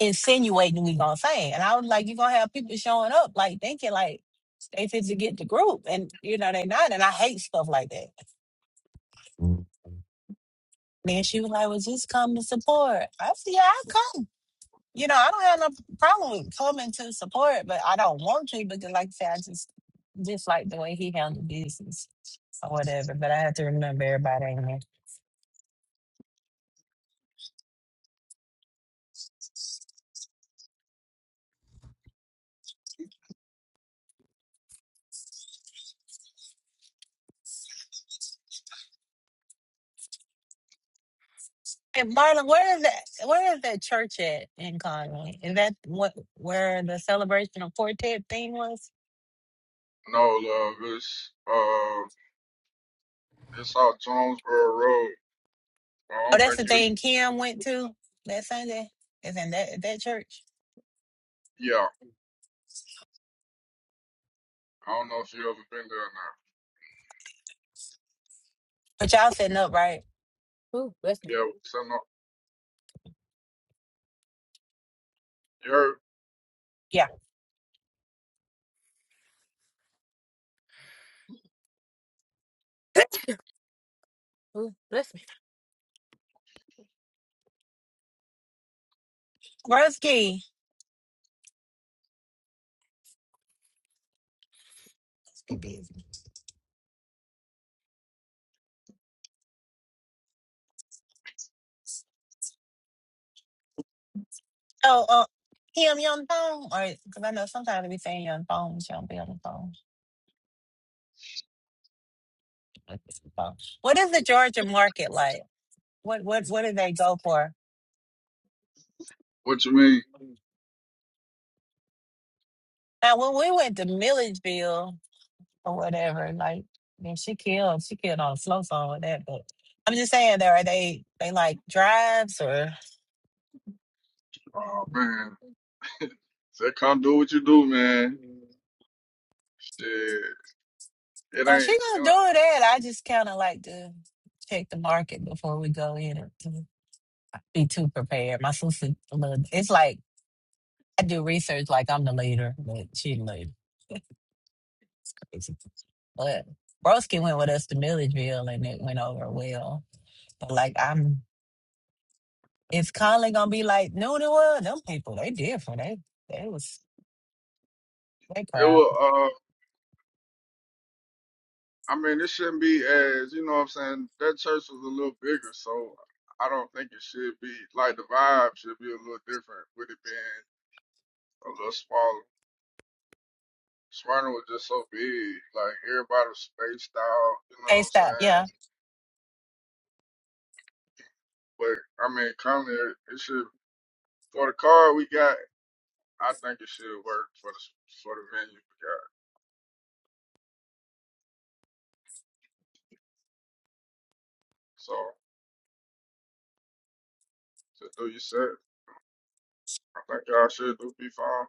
insinuating we gonna sing, and I was like, you gonna have people showing up like thinking like they fit to get the group, and you know they not, and I hate stuff like that. Who Then she was like, well, just come to support. I said, yeah, I will come. You know, I don't have no problem with coming to support, but I don't want to because, like I said, I just dislike the way he handled business or whatever. But I have to remember everybody in there. And Marlon, where is that? Where is that church at in Conway? Is that what where the celebration of quartet thing was? No, love, it's uh it's off Jonesboro Road. I Oh, don't that's the think you thing Kim went to that Sunday. Is in that that church? yeah. I don't know if you ever been there or not. But y'all setting up, right? ooh, bless me. Yeah, so no you heard Yeah. Ooh, bless me. Rusky. Oh, uh, Kim, you on the phone? Or because I know sometimes we saying you on the phone, but you don't be on the phone. What is the Georgia market like? What what what do they go for? what you mean? Now when we went to Milledgeville or whatever, like I mean she killed she killed on the slow song with that, but I'm just saying there are they they like drives or Oh man. Say come do what you do, man. Shit. It ain't it, now she ain't- gonna do that. I just kinda like to check the market before we go in and to be too prepared. My sister a little- it's like I do research like I'm the leader, but she the leader. But Broski went with us to Milledgeville and it went over well. But like I'm it's Colin gonna be like no, no was? Them people, they different. They they was they it crap. will uh I mean it shouldn't be as you know what I'm saying, that church was a little bigger, so I don't think it should be like the vibe should be a little different with it being a little smaller. Smyrna was just so big, like everybody was spaced out. You know Hey what I'm stop, saying? yeah. But I mean, currently it it should for the card we got. I think it should work for the for the venue we got. So to do your set, I think y'all should do be fine.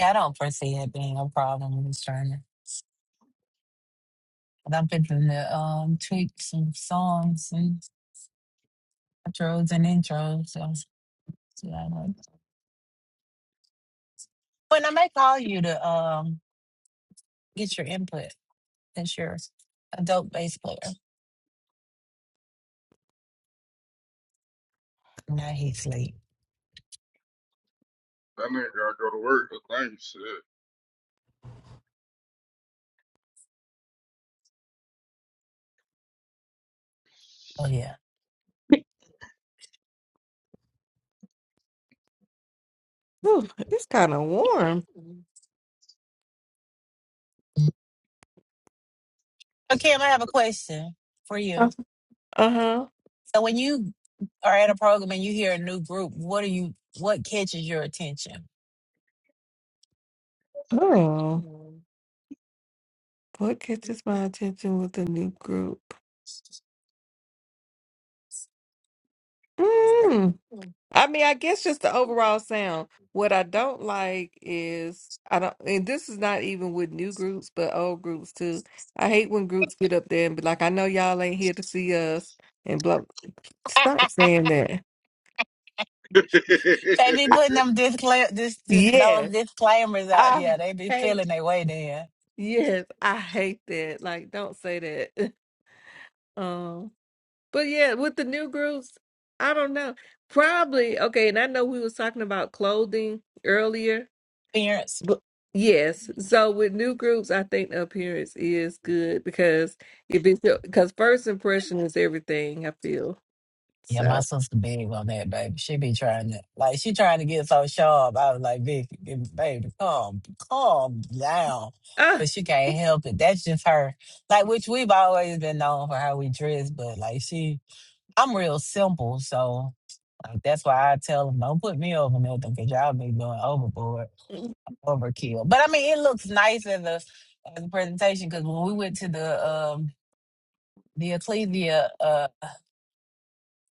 Yeah, I don't foresee it being a problem with Australia. But I'm picking the um tweaks and songs and intros and intros. So, so I know. When I may call you to um get your input since you're a dope bass player. Now he's asleep. That nigga gotta go to work. I think Oh yeah. Ooh, it's kind of warm. So, Kim, I have a question for you. Uh huh. So, when you are at a program and you hear a new group, what are you? What catches your attention? Oh, what catches my attention with the new group? Mm. I mean, I guess just the overall sound. What I don't like is I don't, and this is not even with new groups, but old groups too. I hate when groups get up there and be like, "I know y'all ain't here to see us," and blah. Stop saying that. you said. They be putting them discla- this, this those Yes, disclaimers out. Yeah, I they be hate. feeling their way there. Yes, I hate that. Like, don't say that. Oh, but yeah, with the new groups, I don't know. Probably okay. And I know we was talking about clothing earlier, Parents. but yes. So with new groups, I think the appearance is good because if it's because first impression is everything. I feel Yeah, my so. sister big on that, baby. She be trying to like she trying to get so sharp. I was like, Vicky, baby, calm, calm down. Ah, But she can't help it. That's just her. Like, which we've always been known for how we dress, but like she I'm real simple, so like that's why I tell them don't put me over nothing because y'all be going overboard, mm, overkill. But I mean, it looks nice as a as a presentation because when we went to the um the Ecclesia, uh,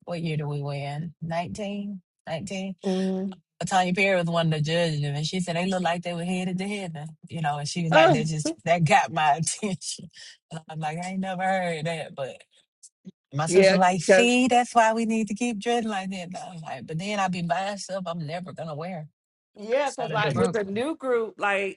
what year did we win? Nineteen, nineteen. mm, 19? Tanya Perry was one of the judges, and she said they looked like they were headed to heaven, you know. And she was like, ah, "That just that got my attention." And I'm like, "I ain't never heard that," but My sister yeah, like, because see, that's why we need to keep dreading like that. And I was like, but then I be buying stuff I'm never gonna wear yeah, because outside of the like with group. the new group, like.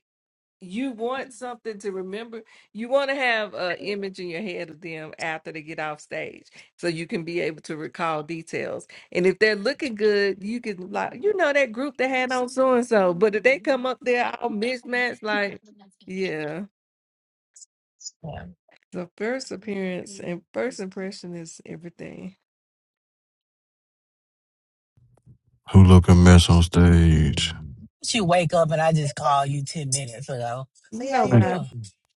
you want something to remember. You want to have an image in your head of them after they get off stage, so you can be able to recall details. And if they're looking good, you can like you know that group that had on so and so. But if they come up there all mismatched, like yeah, Yeah. the first appearance and first impression is everything. look a mess on stage? She wake up and I just call you ten minutes ago. See how No, you Man, doing? Bob.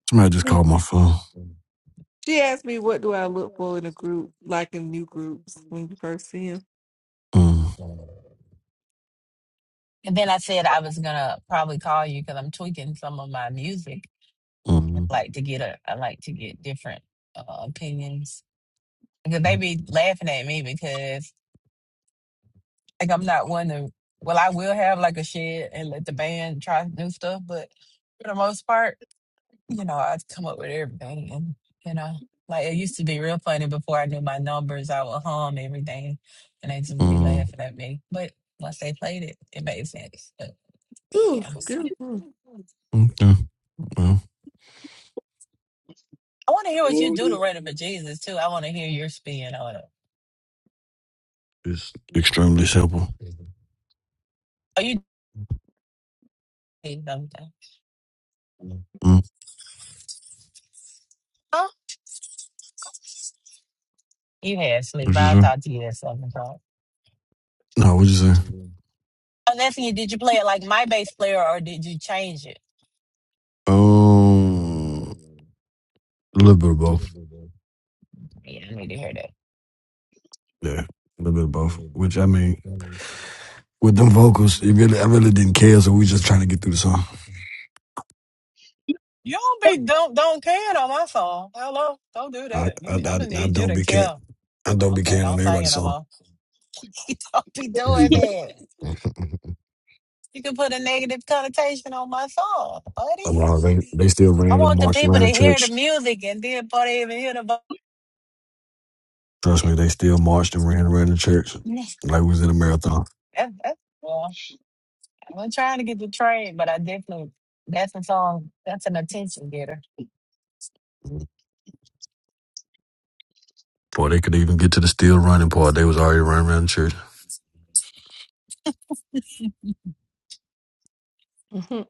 Somebody just called my phone. She asked me, "What do I look for in a group, like in new groups when you first see them?" Mm. And then I said I was gonna probably call you because I'm tweaking some of my music. I Mm. like to get a, I like to get different uh, opinions because they Mm. be laughing at me because Like I'm not one to. Well, I will have like a shed and let the band try new stuff, but for the most part, you know, I'd come up with everything, and you know, like it used to be real funny before I knew my numbers. I would hum everything, and they just be mm. laughing at me. But once they played it, it made sense. But Ooh, yeah, I good. Okay. Well, want to hear what you do to Ooh. Rhythm of Jesus too. I want to hear your spin on it. it's extremely simple. Are you? did Mm. Huh? You had sleep. What you I'll say? talk to you at seven o'clock. No, what you say? I'm asking you, did you play it like my bass player or did you change it? Um, a little bit of both. Yeah, I need to hear that. Yeah, a little bit of both. Which I mean. with them vocals, it really, I really didn't care. So we just trying to get through the song. You don't be don't don't care on my song. Hello, don't do I, that. I, You, I'm I, gonna I need you don't to be can, kill. I don't be Okay, can don't on sing it everybody's no song. more. You don't be doing that. You can put a negative connotation on my song, buddy. A lot they, they still I ran and want the marched people around to the hear the church. music and then before they even hear the vocal. Trust me, they still marched and ran around the church like we was in a marathon. That, that, well, I'm trying to get the train, but I definitely that's a song. That's an attention getter. Before they could even get to the still running part, they was already running around the church. All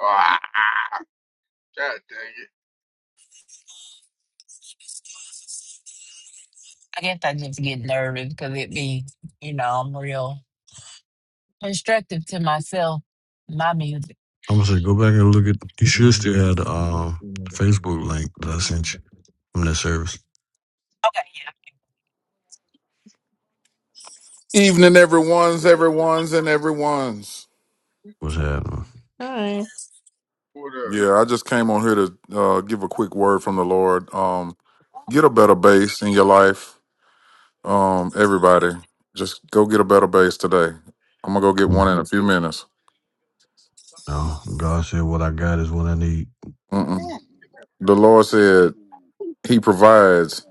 Ah, God dang it! I guess I just get nervous because it be, you know, I'm real constructive to myself. My music. I'm gonna say, go back and look at. You should still have the um, Facebook link that I sent you from that service. Okay. Evening, everyone's, everyone's, and everyone's. What's happening? right. What up? Yeah, I just came on here to uh, give a quick word from the Lord. Um, get a better base in your life. Um, everybody, just go get a better base today. I'm gonna go get one Mm. in a few minutes. No, God said, "What I got is what I need." Mm-mm. The Lord said He provides,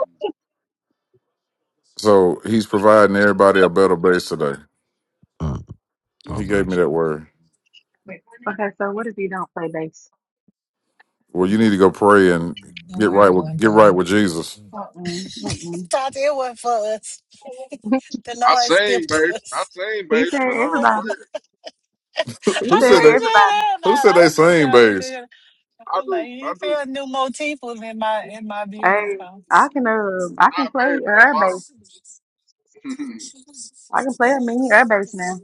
so He's providing everybody a better base today. Mm. He God gave me bless. that word. Okay, so what if you don't play bass? Well, you need to go pray and The get right word with one, get right boy with Jesus. Mm-mm, mm-mm. Thought it was for us. The I Lord sing, skipped babe. I us. sing, He babe, but I said I don't everybody. play it. He Who said know said he they? said everybody. that, Who everybody. said I they was just same trying to base? figure. I I was like, do. I he do. found new motifs in my in my beautiful Hey, I songs. can uh, I can Not babe, play but air bass. bottom. I can play a mini air bass now.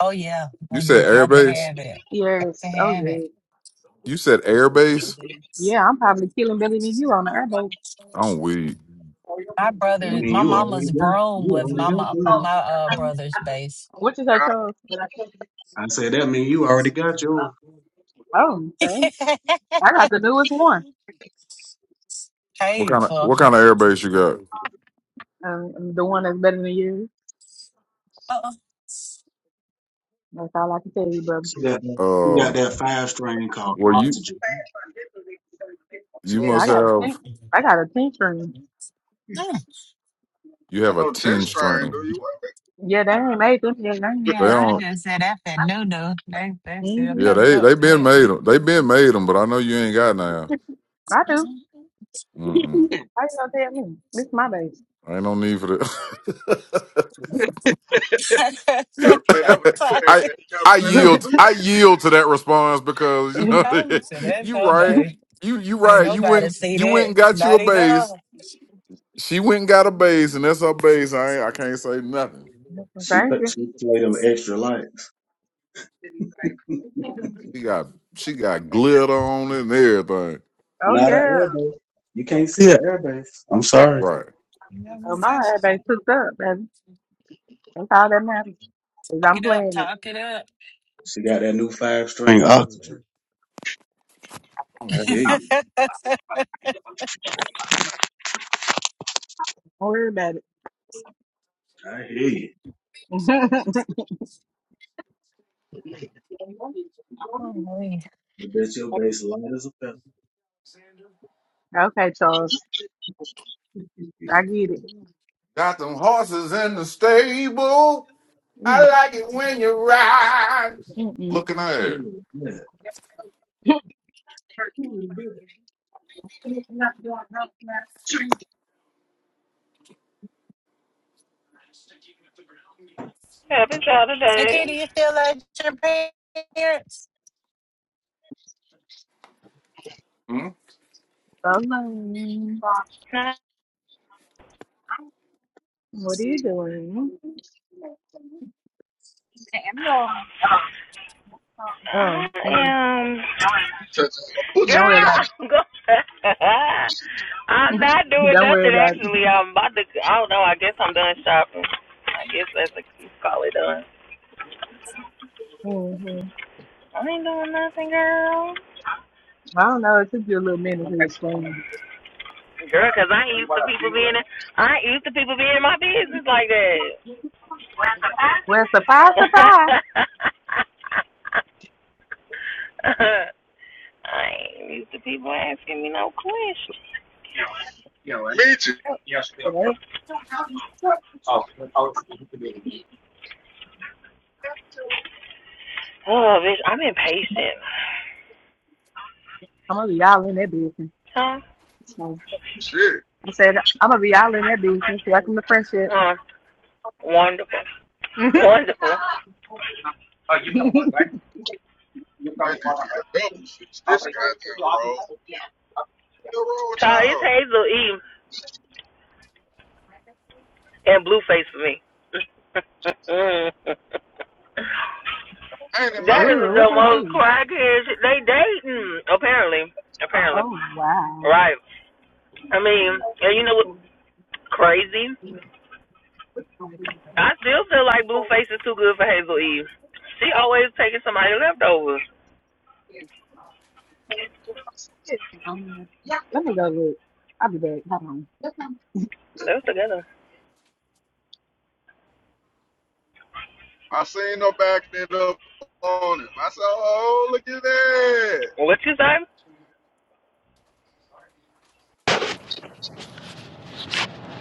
Oh yeah, You when said you air got to base. have it, got to Yes. Oh have it. yeah. You said airbase. Yeah, I'm probably killing Billy and you on the air bass. I'm weak. My brother, mean, my you already mama's got broom you was already my got mo- yours. my uh brother's base. What you say, Charles? Oh, I said that mean you already got yours. okay. I got the newest one. What kind of Painful. what kind of airbase you got? Um, the one that's better than you. Uh-uh. That's all I can tell you, brother. You got you got Um, that well you oxygen. you must I got a have pink. I got a pink string. Mm. you I have a know ten chest string. triangle. You want Yeah, they ain't made them yet. They it. ain't, They yeah, Yeah, I ain't I never- don't. just said that for no no. They they still mhm. Yeah, coming they up they to been that. made them. They been made them, but I know you ain't got none. I do. Mm-mm. How you gonna tell me? This is my baby. Ain't no need for that. You gotta play that with the leg, I Toxic. man. You gotta I play that with yield two I hands. yield to that response because you know I'm so that's you her right base. you you Ain't right you nobody went see you went that. and got you a Not even her. base. She went and got a base, and that's her base. I ain't, I can't say nothing. Thank you. She got she got glitter on it and everything. Oh yeah. Right. You know what I'm Oh saying? She- my they took up, baby. Talk That's all that matters. Is I'm it up, playing it. talk it up. Oh, we Don't worry about it. Oh, okay, Charles. I get it. Got them horses in the stable. Mm. I like it when you ride. Mm. Looking at it. Happy Nikki, Saturday. do you feel like your parents? Hmm? Hello. I What are you doing? Oh, I mm, am. Touches a Girl, booty don't worry about I'm going. I'm it. not doing don't worry nothing about it. actually. I'm about to. I don't know. I guess I'm done shopping. I guess that's a you call it done. hmm I ain't doing nothing, girl. I don't know. It took you a little minute to explain. Girl, 'cause I ain't used to people being. In, I ain't used to people being in my business like that. Well, surprise, surprise. I ain't used to people asking me no questions. midget. Today, Oh, bitch, I'm impatient. I'm gonna be y'all in that business. Huh? So, Shit. I said I'm gonna be y'all in that business. Welcome to friendship. Huh? Wonderful. Wonderful. I did a double fix this goddamn roll. What the roll, Child, it's child? Hazel E. and Blueface for me. that Ain't it is mine? Ooh, what the they most do? crackhead shit. They dating, apparently. Apparently. Oh wow. Right. I mean, and you know what's crazy? I still feel like Blueface is too good for Hazel Eve. She always taking somebody leftovers. Um, let me go look. I'll be back. Hold on. Let's together. I seen no backing it up on him. I said, oh, look at that. What you say?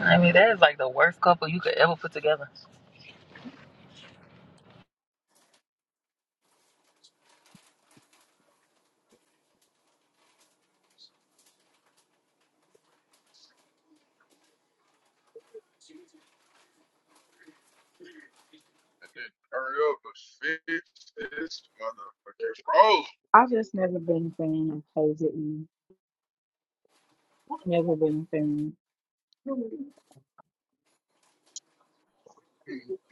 I mean, that is like the worst couple you could ever put together. I did hurry up and fix this motherfucking roll. I've just never been a fan of Taser E. I've never been a fan. That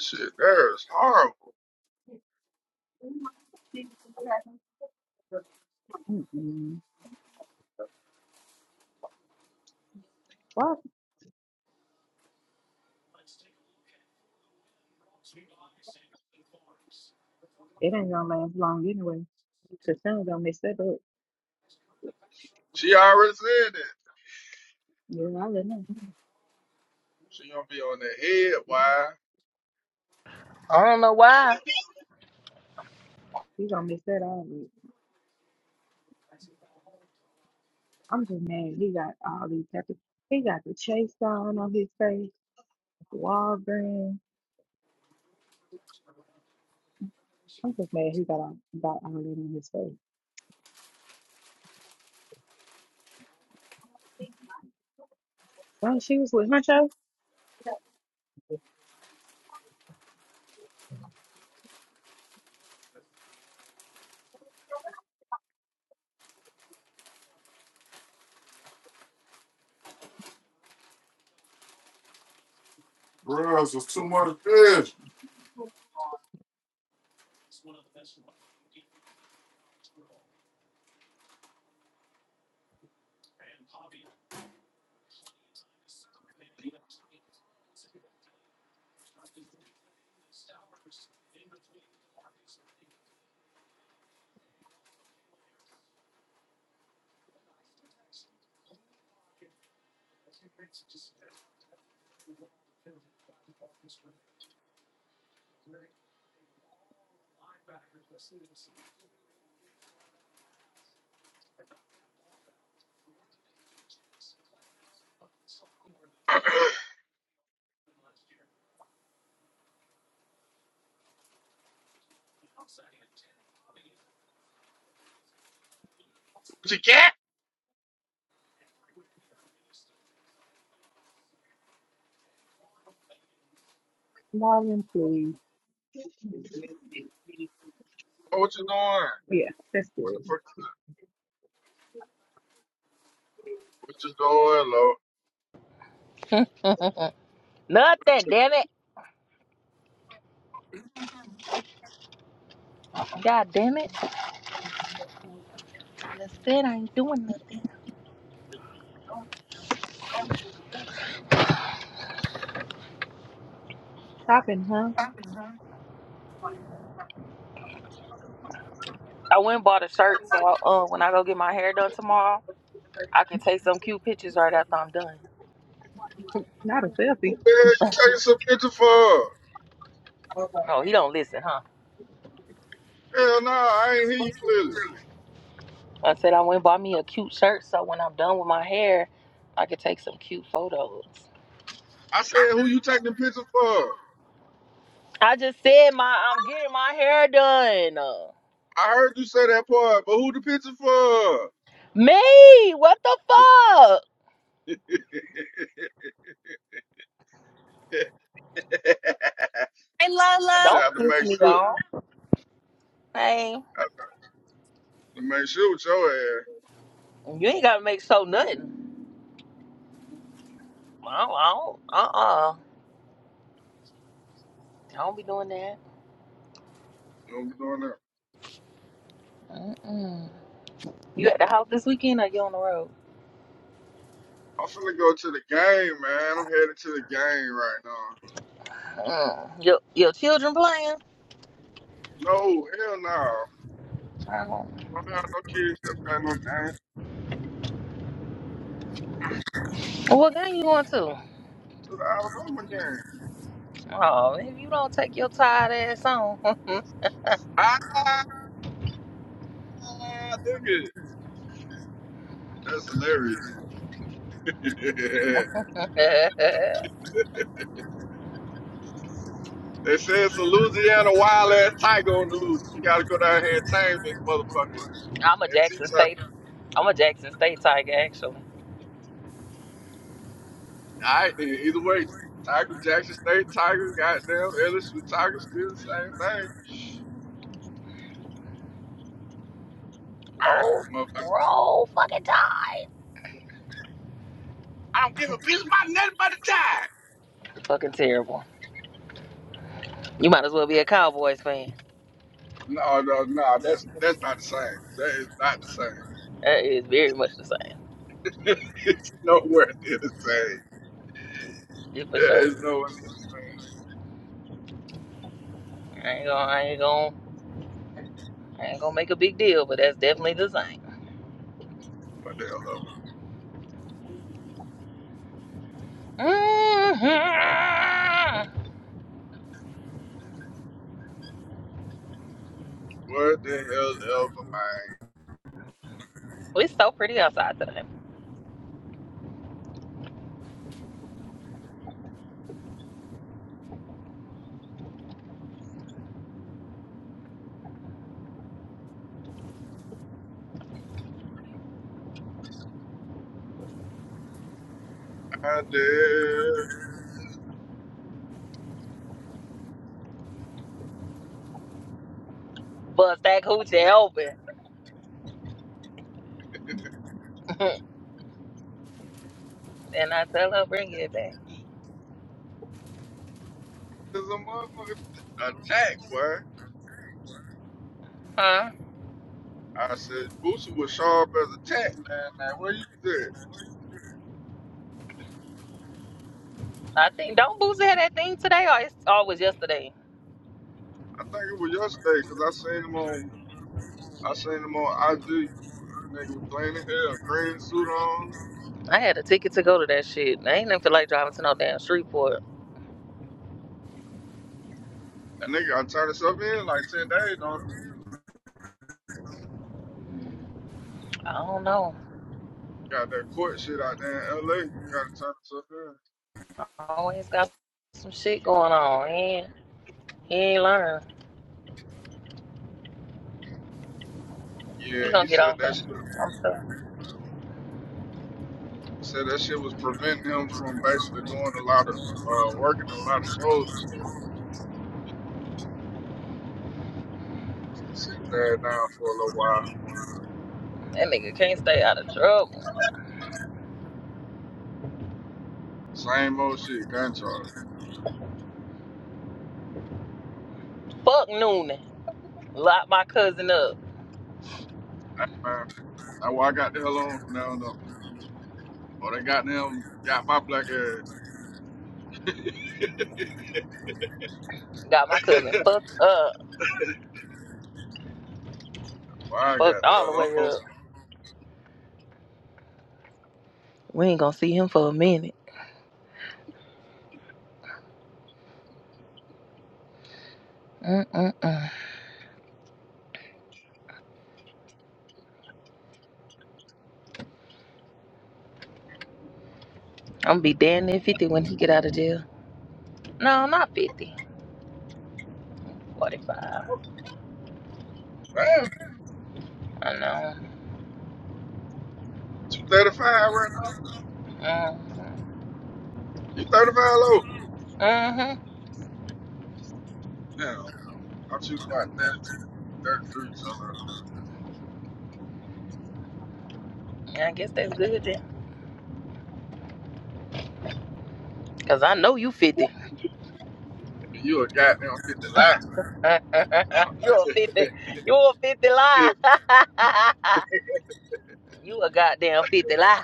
shit there is horrible. Mm-mm. Well, it ain't gonna last long anyway. The son gonna mess that up. She already said that. Yeah, I let him. She gonna be on the head, why? I don't know why. He gonna mess that all up. I'm just mad. He got all these tattoos. He got the chase down on his face. Walgreens. I'm just mad. He got all, got all that on his face. When she was with Huncho, Bruh, it's just too much fish. She can't. Marlon, please. Lord, what you doing? Yeah, that's What good. the fuck? What you doing, Lord? Nothing, damn it. God damn it. That's it. I ain't doing nothing. Stopping, huh? I went and bought a shirt, so I, uh, when I go get my hair done tomorrow. I can take some cute pictures right after I'm done. Not a What selfie. you taking some picture for? Oh, he don't listen, huh? Hell no, I ain't hear you clearly. I said I went and bought me a cute shirt so when I'm done with my hair, I could take some cute photos. I said, who you taking the picture for? I just said my I'm getting my hair done. Uh, I heard you say that part, but who the picture for? Me, what the fuck? I Hey, just Lola. Don't have to piss make me sure. off. Hey, I have to make sure with your ass. you ain't gotta make so nothing. I don't, I don't uh-uh. I don't be doing that. You don't be doing that. Mm-mm. You at the house this weekend or you on the road? I'm finna go to the game, man. I'm headed to the game right now. Mm. Your your children playing? No, hell no. I I don't- don't have no kids that play no game to What game you going to? the Alabama game. Oh, if you don't take your tired ass on, I'm Ah, nigga. That's hilarious. a they said it's a Louisiana wild ass tiger on the loose. We gotta go down here and tame this motherfucker. And teach Jackson her. State. I'm a Jackson State Tiger, actually. All right, then. Either way, Tiger Jackson State Tiger, goddamn LSU Tiger, still the same thing. All Roll, right, motherfucker. roll, fucking tide. I don't give a piece of my nothing but the time. Fucking terrible. You might as well be a Cowboys fan. No, no, no. That's that's not the same. That is not the same. That is very much the same. it's nowhere near the same. It's for There is sure. nowhere near the same. I ain't gonna, I ain't gonna, I ain't gonna make a big deal, but that's definitely the same. What the hell? hmm What the hell ever, man? It's so pretty outside today. I did. Bust that coochie open, and I tell her bring it back. There's a motherfucking attack, boy. Huh? I said, Boosie was sharp as a tack, man. Now, where you was at? I think don't Boosie had that thing today or it's always yesterday. I think it was yesterday, cause I seen him on, I seen him on IG. Nigga was clean as hell, green suit on. I had a ticket to go to that shit. I ain't even feel like driving to no damn Shreveport. That nigga gotta turn himself in like 10 days, on. I don't know. Got that court shit out there in LA. Gotta turn himself in. Always got some shit going on. He ain't, he ain't learn. Yeah, he said that shit, he said that shit was preventing him from basically doing a lot of, uh, working a lot of shows sit his ass down for a little while. Same old shit, gun charge. Fuck Noonan. Locked my cousin up. Hey man, that's why I got the hell on from now on. up. Or they got them, got my black ass. Got my cousin fucked up. Why I got Fucked the all the hell way on? up. We ain't gonna see him for a minute. Mm-mm-mm. I'm gonna be damn near 50 when he get out of jail. No, not 50. 45. Oh, Damn, I know. you 35 right now? Mm-hmm. You 35 low? Mm-hmm. Damn, I'm shooting about 32, thirty-three, something like I guess that's good then. Cause I know you 50. that. You a goddamn 50 you a fifty. You a fifty lie. you a goddamn fifty lie.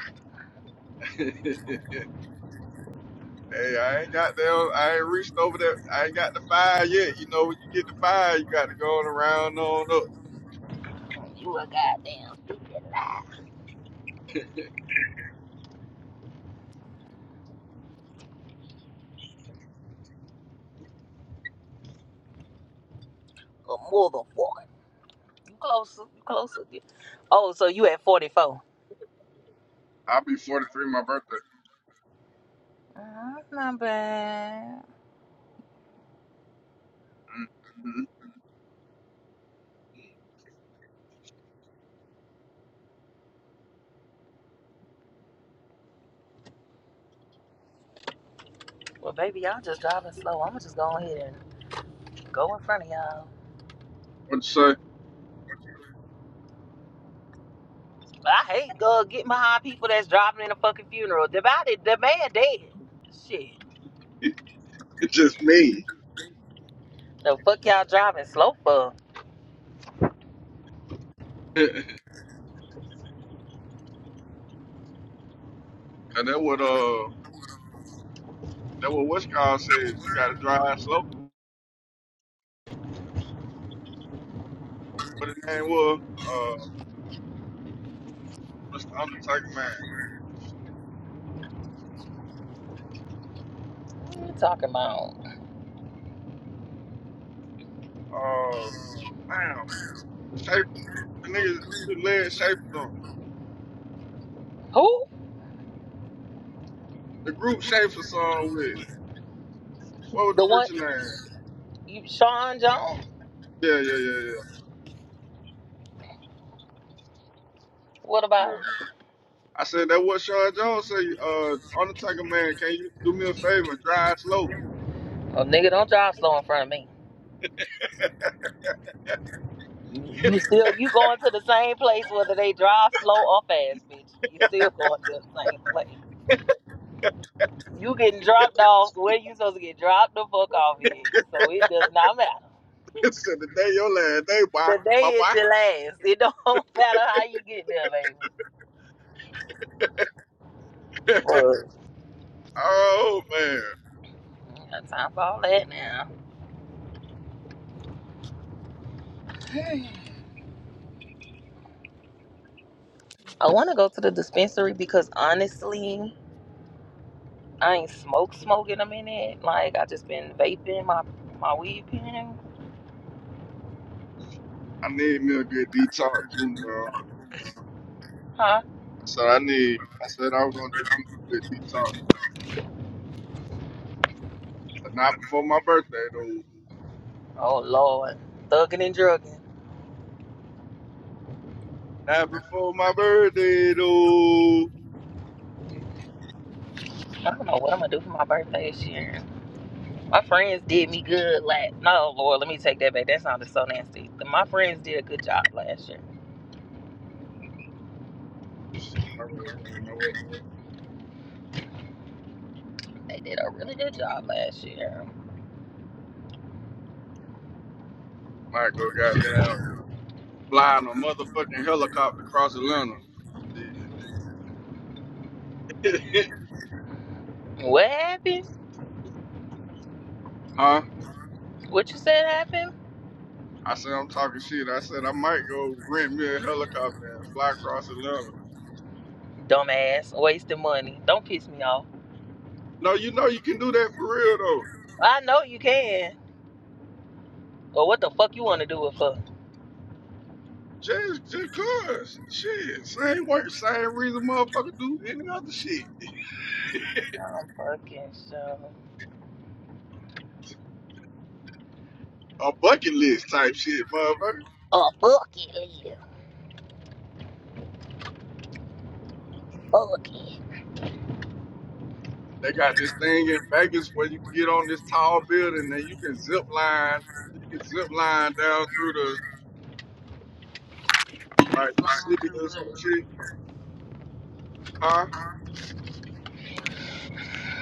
life. Hey, I ain't got there. I ain't reached over there. I ain't got the five yet. You know, when you get the five, you got to go on around on up. You a goddamn fifty lie. A motherfucker. You closer. You closer. Oh, so you at forty four. I'll be 43 my birthday. That's not bad. Mm-hmm. Well, baby, y'all just driving slow. I'ma just go ahead and go in front of y'all. What say? But I hate go getting behind people that's driving in a fucking funeral. The body, the man dead. Shit. It's just me. The fuck y'all driving slow for? and that what uh that what West God said. You got to drive slow. But the name was uh Mr. Undertaker man. What you talking about? Uh, damn, shape the niggas who led Shaper on Who? the group Shaper song with what was the The one. preacher name? You Sean Jones. Yeah, yeah, yeah, yeah. What about him? Yeah. I said that what Sean Jones say. Uh, Undertaker man, can you do me a favor and drive slow? Oh nigga, don't drive slow in front of me. You still you going to the same place whether they drive slow or fast, bitch. You still going to the same place. said You getting dropped off where you supposed to get dropped the fuck off here. So it does not matter. the day your last day, boy, The day my is the last. It don't matter how you get there, baby. boy. Word. oh man. Ain't Got time for all that now. I want to go to the dispensary because honestly. I ain't smoke smoke in a minute. Like I just been vaping my my weed pen. I need me a good detox too, man. I Huh? said I need. I said I was gonna do me a good detox, but not before my birthday though. Oh Lord. Thugging and drugging. Not before my birthday though. I don't know what I'm gonna do for my birthday this year. My friends did me good last no Lord, let me take that back. That sounded so nasty. My friends did a good job last year. Shit, I really you know what? They did a really good job last year. Michael goddamn flying a motherfucking helicopter across Atlanta. Shit. What happened? huh? What you said happened? I said I'm talking shit. I said I might go rent me a helicopter and fly across Atlanta. Dumbass, wasting money. Don't piss me off. No, you know you can do that for real I know you can. But what the fuck you wanna do it for? Just, just cause. Shit, same work, same reason motherfucker do any other shit. I'm fucking sure. A bucket list type shit, motherfucker. Oh fuck it, bucket fuck it. They got this thing in Vegas where you get on this tall building and you can zip line, you can zip line down through the, like, Mississippi or some shit, huh?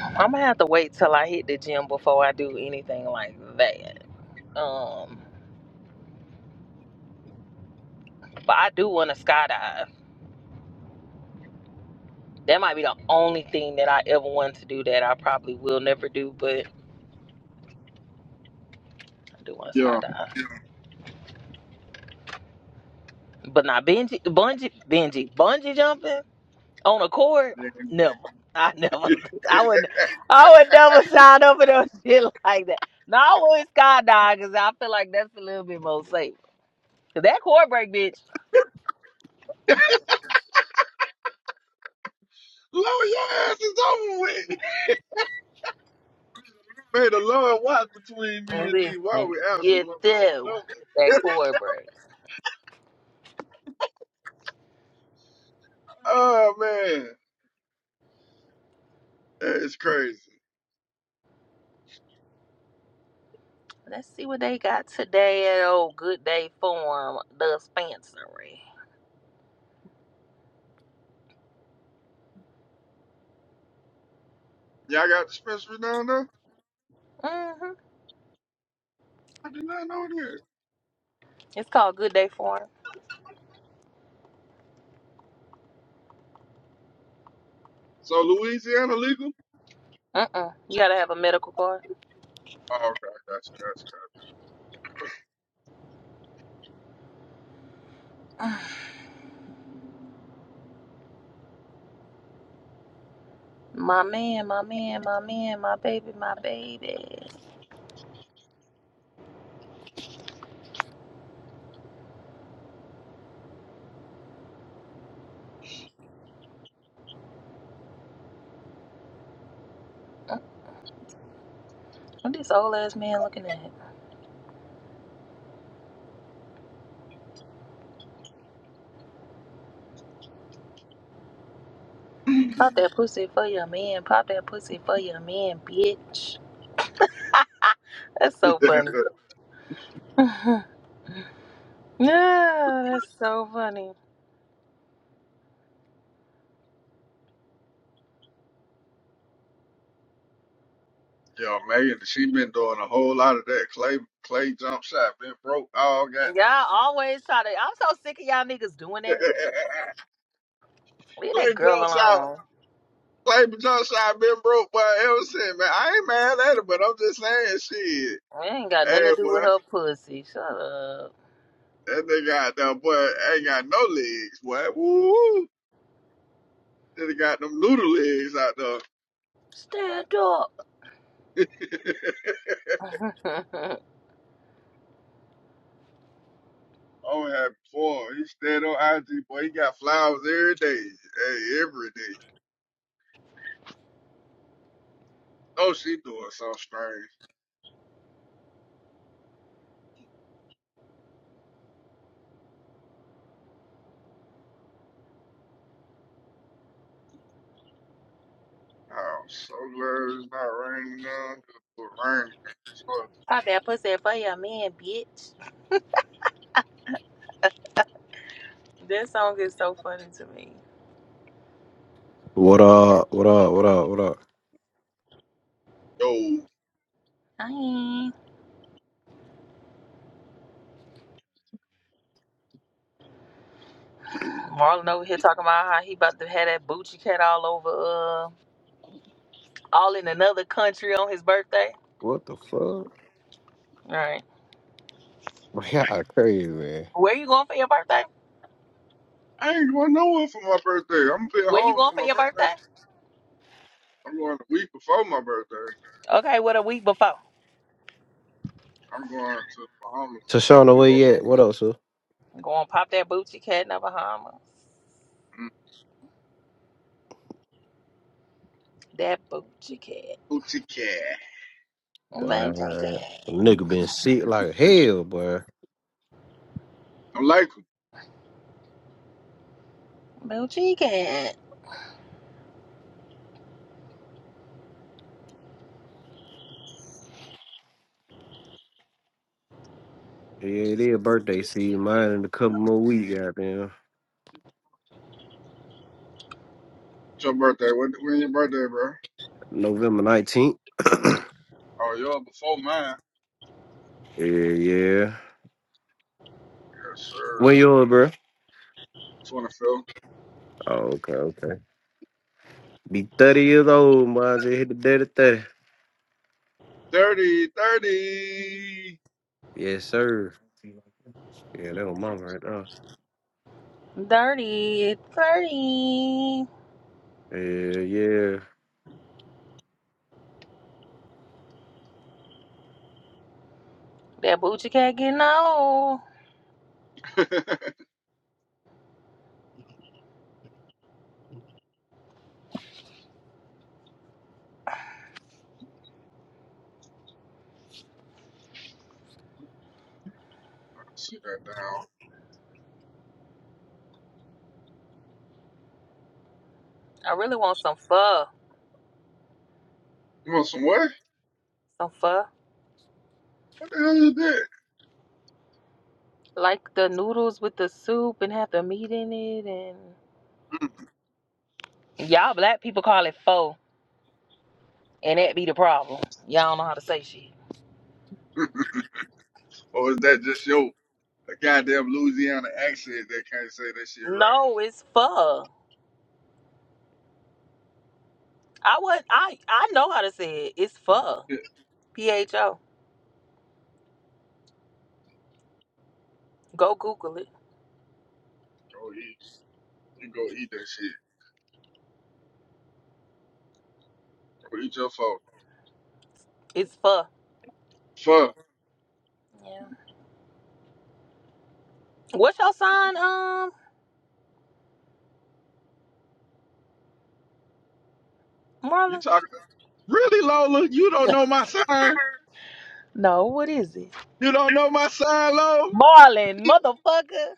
I'm gonna have to wait till I hit the gym before I do anything like that. Um, but I do want to skydive. That might be the only thing that I ever wanted to do that I probably will never do, but I do want to Yeah. skydive. But not bungee, bungee, bungee, bungee jumping on a cord. yeah. Never. I never. I would. I would never sign up for no shit like that. No, I would skydive because I feel like that's a little bit more safe. 'Cause that cord break, bitch. Lower your ass is over with. May the Lord watch between me and thee while Listen, we absent you one from do another. that cord break. oh, man. That is crazy. Let's see what they got today at old Good Day Farm dispensary. Y'all got dispensary down there? Mm-hmm. I did not know that. It's called Good Day Farm. So Louisiana legal? Mm-mm. You gotta have a medical card. Oh, okay, gotcha, gotcha, My man, my man, my man, my baby, my baby. Mm, What this old ass man looking at? Pop that pussy for your man. Pop that pussy for your man, bitch. That's so gotcha. funny. yeah, that's so funny. Yo, Megan, she been doing a whole lot of that. Clay, Clay jump shot been broke all goddamn Y'all always try to. I'm so sick of y'all niggas doing season. that. Leave Clay that girl jump shot, alone. Clay jump shot been broke by ever since, man. I ain't mad at it, but I'm just saying, shit. We ain't got nothing to Hey, do boy, with her pussy. Shut up. that nigga out there, boy, ain't got no legs, boy. Woo! Then he got them noodle legs out Stand up. there. Oh, happy for him. He stayed on IG, boy. He got flowers every day. Hey, every day. Oh, she doing so strange. I'm so glad it's not raining now. 'Cause if it rain, It's raining. So, Pop that pussy for your man, bitch. That song is so funny to me. What up? What up? What up? What up? yo, Hi. Marlon over here talking about how he about to have that Bucci cat all over, uh, all in another country on his birthday. What the fuck? All right. Y'all crazy. Where you going for your birthday? I ain't going nowhere for my birthday. I'm gonna be at Where you home going for for my your birthday. birthday? I'm going the week before my birthday. Okay, what a week before. I'm going to the Bahamas the week Tashana, where before you my at? What up, sir? Going pop that Bucci cat in the Bahamas. mm, That boochie cat. boutique. boochie Boy, cat. nigga been sick like hell, boy. I'm like boochie cat. Yeah, it is birthday season. Mine in a couple more weeks, goddamn. it's your birthday. When, when your birthday, bro? November 19th. Oh, yo, before mine. Yeah, yeah. Yes, When sir. yours, bro? 25th. Oh, okay, okay. Be 30 years old, boy. I just hit the dead of 30. Dirty, dirty. Yes, sir. Yeah, that was mama right Dirty. Dirty. there. Yeah, yeah. That boochie cat getting old. See that down. I really want some pho. You want some what? Some pho. What the hell is Like the noodles with the soup and have the meat in it and that? y'all black people call it pho. And that be the problem. Y'all don't know how to say shit. or is that just your a goddamn Louisiana accent that can't say that shit right? No, it's pho. I would I I know how to say it. It's pho. Yeah, P H O. Go Google it. go eat. You go eat that shit. Go eat your phone. It's pho. Fuck. Yeah. What's your sign, um? You Marlon? talking really, Lola? You don't know my sign. No, what is it? You don't know my sign, Lola. Marlon, motherfucker.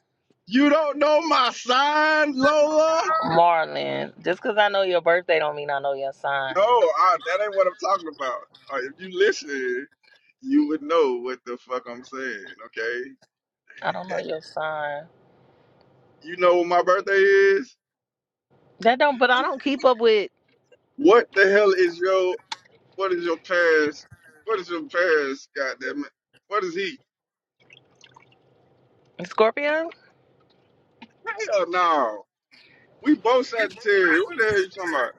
You don't know my sign, Lola. Marlon. Just cause I know your birthday don't mean I know your sign. No, I, that ain't what I'm talking about. Uh, if you listen. you would know what the fuck I'm saying, okay? I don't know your sign. You know what my birthday is? That don't but I don't keep up with What the hell is your what is your parents what is your parents goddamn it? What is he? Scorpio. Hell no. We both Sagittarius. What the hell you talking about?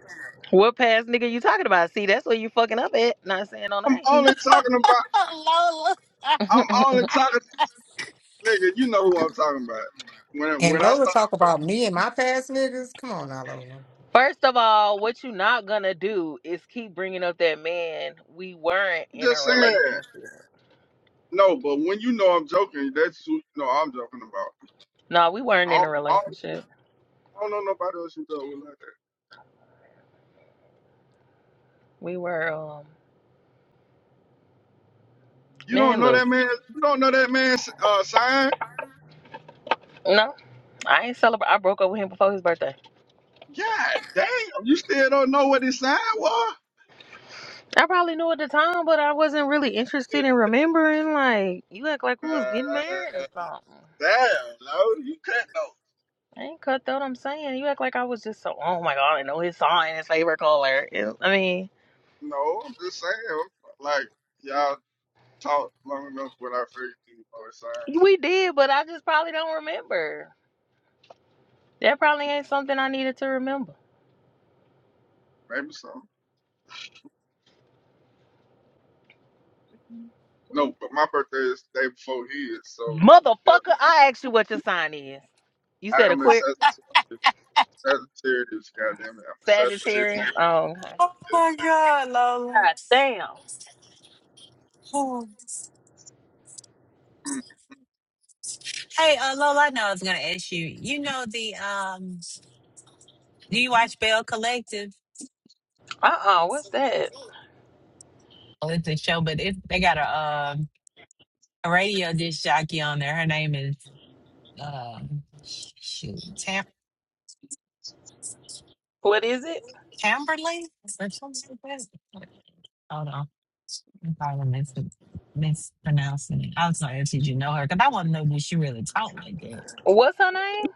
What past nigga you talking about? See, that's where you fucking up at. Not saying no I'm name. only talking about Oh, Lola. I'm only talking nigga, you know who I'm talking about. When And when I Lola start talk about me and my past niggas. Come on now, Lola. First of all, what you not gonna do is keep bringing up that man. We weren't I'm in a just saying. relationship. No, but when you know I'm joking, that's who you know I'm joking about. No, we weren't I in don't, a I don't, relationship. I don't know nobody else you know with like that. We were, um, You don't man, know look, that man. You don't know that man's uh, sign. no, I ain't celebrate. I broke up with him before his birthday. God damn! You still don't know what his sign was. I probably knew at the time, but I wasn't really interested in remembering. Like, you act like we was Uh, getting married or something. damn, no, you can't know. I ain't cut though. I'm saying you act like I was just so. Oh my god, I know his sign, his favorite color. It- I mean, No, I'm just saying. Like y'all talked long enough without figuring you know his sign. we did, but I just probably don't remember. That probably ain't something I needed to remember. Maybe so. No, but my birthday is the day before his, so yeah, Motherfucker, I asked you what your sign is. You I said a am a queer Sagittarius. Sagittarius, goddamn it, I'm a Sagittarius. Sagittarius. Oh, okay. oh my God, Lola. god damn. Oh. Mm. Hey, uh, Lola, I know I was going to ask you. You know the, um, do you watch Bell Collective? Uh uh-uh, uh. What's that? Oh, it's a show, but it, they got a, um, a radio disc jockey on there. Her name is, um, shoot, Tam- What is it? Tamberly. Or something like that. Hold on. I'm probably mis- mispronouncing it. I'm sorry if you know her, because I want to know, did she really talk like that? What's her name?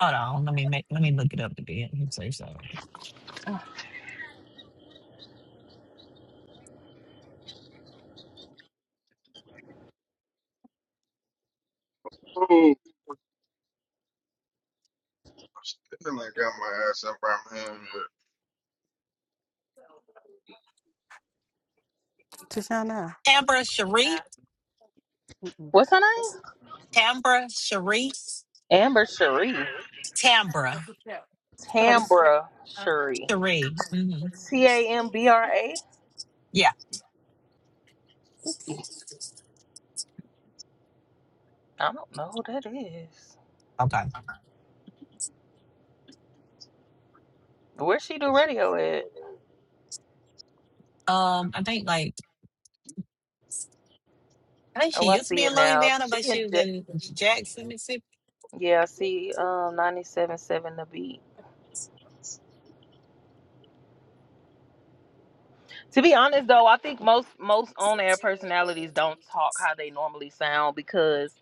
Hold on, let me make let me look it up again. I'm so sorry. Oh, I got my ass up right here. Just now, Tambra Cherie, What's her name? Tambra Cherie, Amber Cherie. Tambra Curtis. Tambra Shuri. Cherie. hmm T A M B R A? Yeah. I don't know who that is. Okay. Where she do radio at? Um, I think like I think she Oh, I used to see be it in now. Louisiana, but She and she was Ja- in Jackson, Mississippi. yeah, I see um 97.7 the beat. To be honest though, I think most most on air personalities don't talk how they normally sound because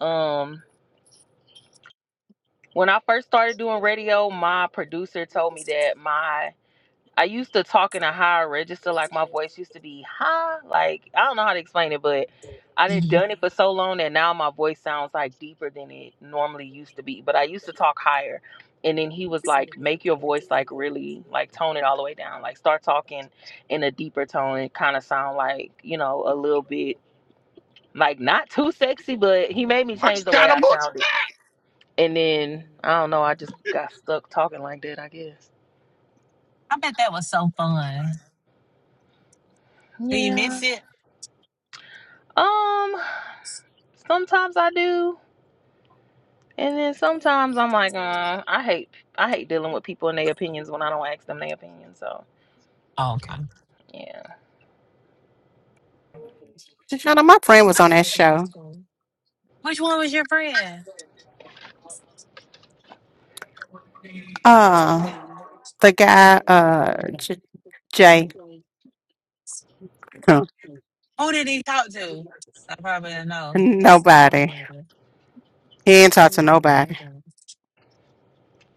um when I first started doing radio, my producer told me that my I used to talk in a higher register, like my voice used to be high. Like I don't know how to explain it, but I done hmm done it for so long that now my voice sounds like deeper than it normally used to be. But I used to talk higher. And then he was like, make your voice like really like tone it all the way down. Like start talking in a deeper tone and kind of sound like, you know, a little bit like not too sexy, but he made me I change just the way got a I bunch. sounded. And then I don't know, I just got stuck talking like that, I guess. I bet that was so fun. Do you Yeah. miss it? Um Sometimes I do, and then Oh, sometimes I'm like, uh, I hate I hate dealing with people and their opinions when I don't ask them their opinion. So okay. yeah. Shoshana, my friend was on that show. Which one was your friend? Uh, the guy, uh, J- Jay. Huh. Who did he talk to? I probably don't know. Nobody. He ain't talk to nobody.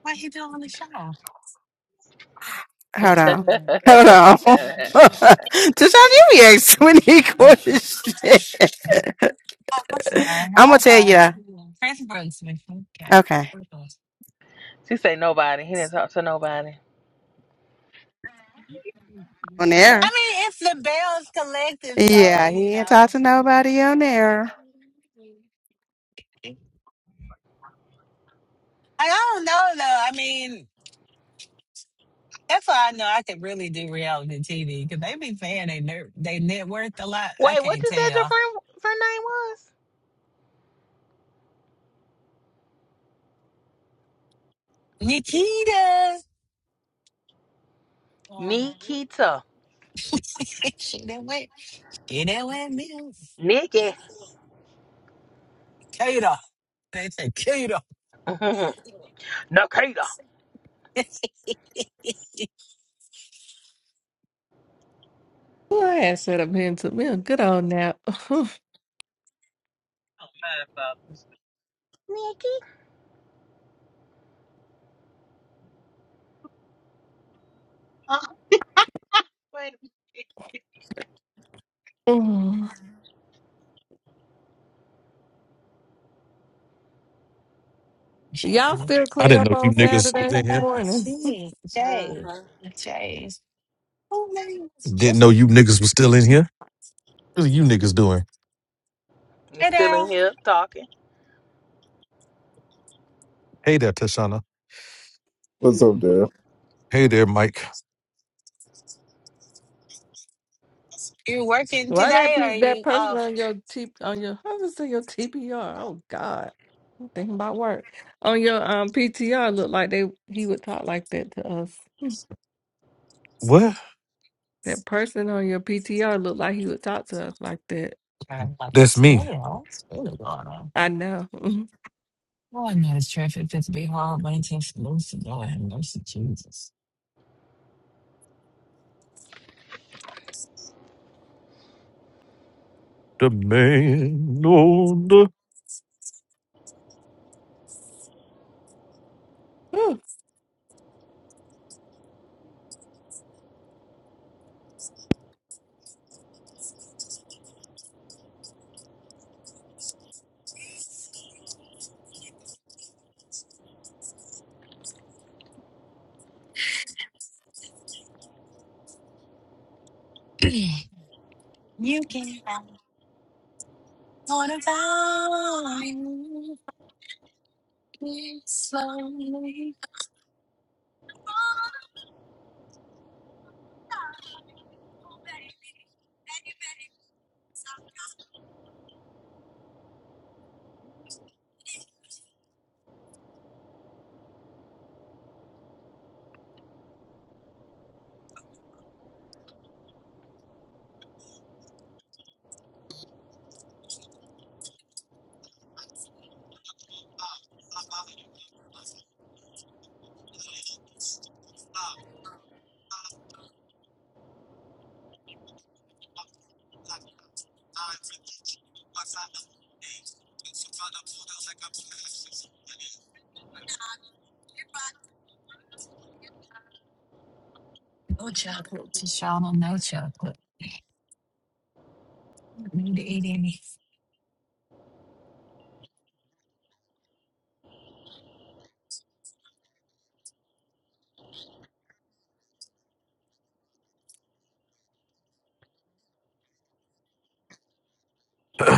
Why he doing on the show? Hold on. Hold on. Just how you react so many questions. Oh, I'm sorry. I'm gonna I'm tell sorry. you. Chris Brooks mission. Okay. Okay. I she say nobody. He didn't talk to nobody. mean, On the air. it's the Bells Collective, so Yeah, you he ain't know. talk to nobody on the air. I don't know though. I mean, that's why I know I could really do reality TV because they be saying they ner- they net worth a lot. I Wait, what can't you said your tell. friend friend name was? Nikita, um, Nikita. she done went, she done went milk. Nikki. Kita, they say Kita. Nikita. Well, I had set up here and took me a good old nap. Mm. Y'all still I clean didn't up know you on niggas was Think Saturday in here. about mornings? she, hmm Jay, Jay. Who name is Didn't know Jay? you niggas was still in here. What are you niggas doing? You Hey, still in Daryl, here talking, Hey there, Tashana. What's up, Dad? Hey there, Mike. you working Why that today or are pe- that you person off? on your T on your I was gonna say your TPR? Oh God, I'm thinking about work on your um PTR. Looked like they he would talk like that to us. What? That person on your PTR looked like he would talk to us like that. Trying like a That's me. snail. What's really going on? I know. Well, I'm not as traffic fit to be hauled by intense mercy. Lord have mercy, Jesus. The man on the. Ooh, you can have one of I slowly. No chocolate to Shauna, no chocolate. I Need to eat any.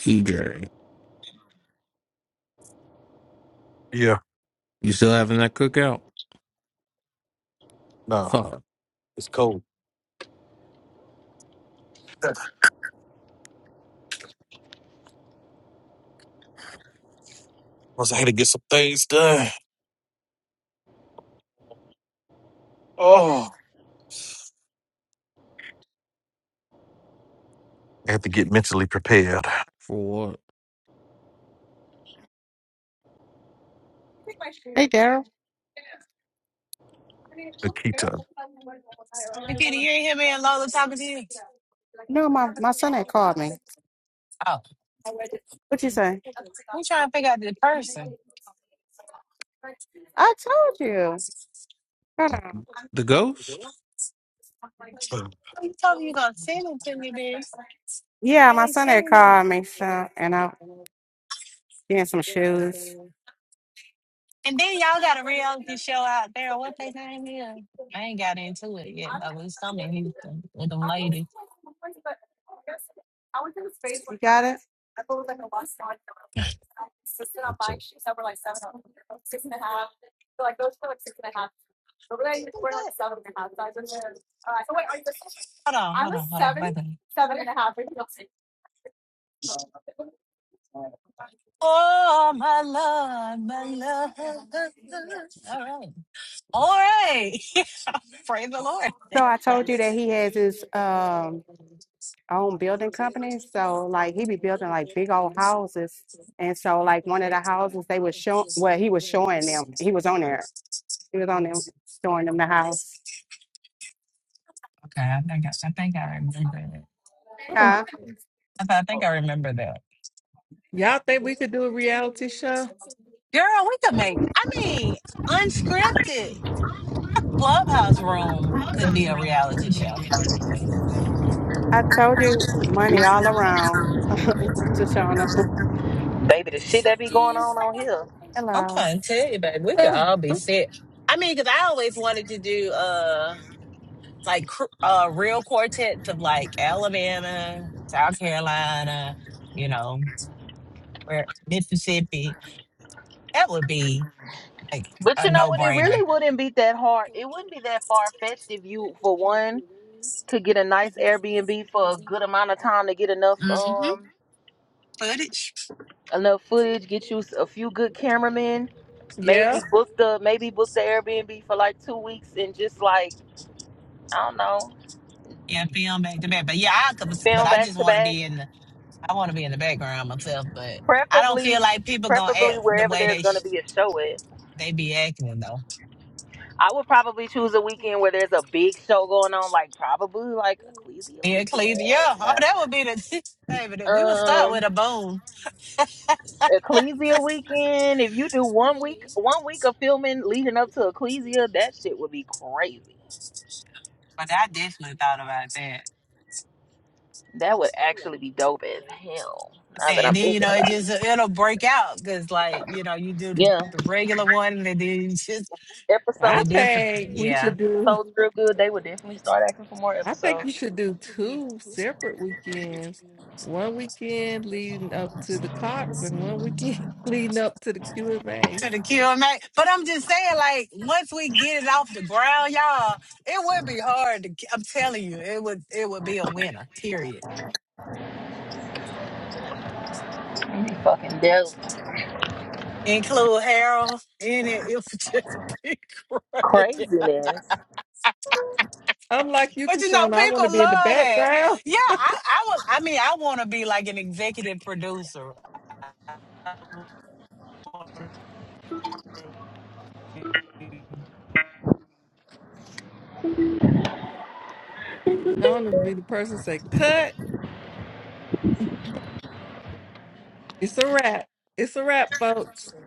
TJ, yeah. you still having that cookout? Nah, Fuck. it's cold. Plus, I had to get some things done. Oh. I have to get mentally prepared. For Nikita. Nikita, you ain't hear me and Lola talking to you. Oh. What you say? We trying to figure out the person. I told you. Hold on. The ghost? You Oh. told me you gonna send it to me, bitch. Yeah, I my ain't son had seen called me so, and I getting some shoes. it. And then y'all got a reality show out there. What they name is? I ain't got into it yet, but it's something in Houston with them ladies. Who's that? Hold on, hold on, hold on. Wait a minute. Oh, my love, my love. All right. All right. Praise the Lord. So I told you that he has his um own building company. So like he be building like big old houses. And so like one of the houses they was show well, he was showing them. He was on there. He was on them showing them the house. Okay, I think I, I think I remember that. mm. I, th- I think I remember that. Y'all think we could do a reality show? Girl, we could make, I mean, unscripted. Clubhouse Room could be a reality show. I told you money all around. Shoshana. baby? The shit that be going on on here. Hello. I'm trying to tell you, babe, we could Ugh, all be sick. I mean, because I always wanted to do uh like cr- uh real quartets of like Alabama, South Carolina, you know, where Mississippi. That would be like But a you know no what? It brainer. really wouldn't be that hard. It wouldn't be that far fetched if you, for one. could get a nice Airbnb for a good amount of time to get enough hmm um Footage, enough footage, get you s- a few good cameramen, yeah, maybe book the maybe book the Airbnb for like two weeks and just like I don't know, yeah, film back to back. But yeah, I could, but film I back just to want to back, be in. I want to be in the background myself, but I don't preferably feel like people gonna preferably act the wherever way there's they gonna sh- be a show at. they be acting though. I would probably choose a weekend where there's a big show going on, like probably like Ecclesia Yeah, weekend. Cleveland. Yeah, oh, that would be the baby. that- We would start Um, with a boom, Ecclesia weekend. If you do one week, one week of filming leading up to Ecclesia, that shit would be crazy. but I definitely thought about that. That would actually be dope as hell. Now that And I'm then you thinking know it about it, just it'll break out because like you know you do the, yeah, the regular one and then you just I the episodes, different. think we Yeah. should the do. episodes real good. They would definitely start acting for more I think you episodes. should do two separate weekends. One weekend leading up to the Cox and one weekend leading up to the Q&A. to the kill man. But I'm just saying, like, once we get it off the ground, y'all, it would be hard to I'm telling you, it would it would be a winner, period. It'd be fucking dope. Include Harold in it, it would just be great. Craziness. I'm like you, But you know, Tashana. I want people to be in the love that. background. Yeah, I I was I mean, I wanna be like an executive producer. I want to be the person say, cut. It's a wrap. It's a wrap, folks.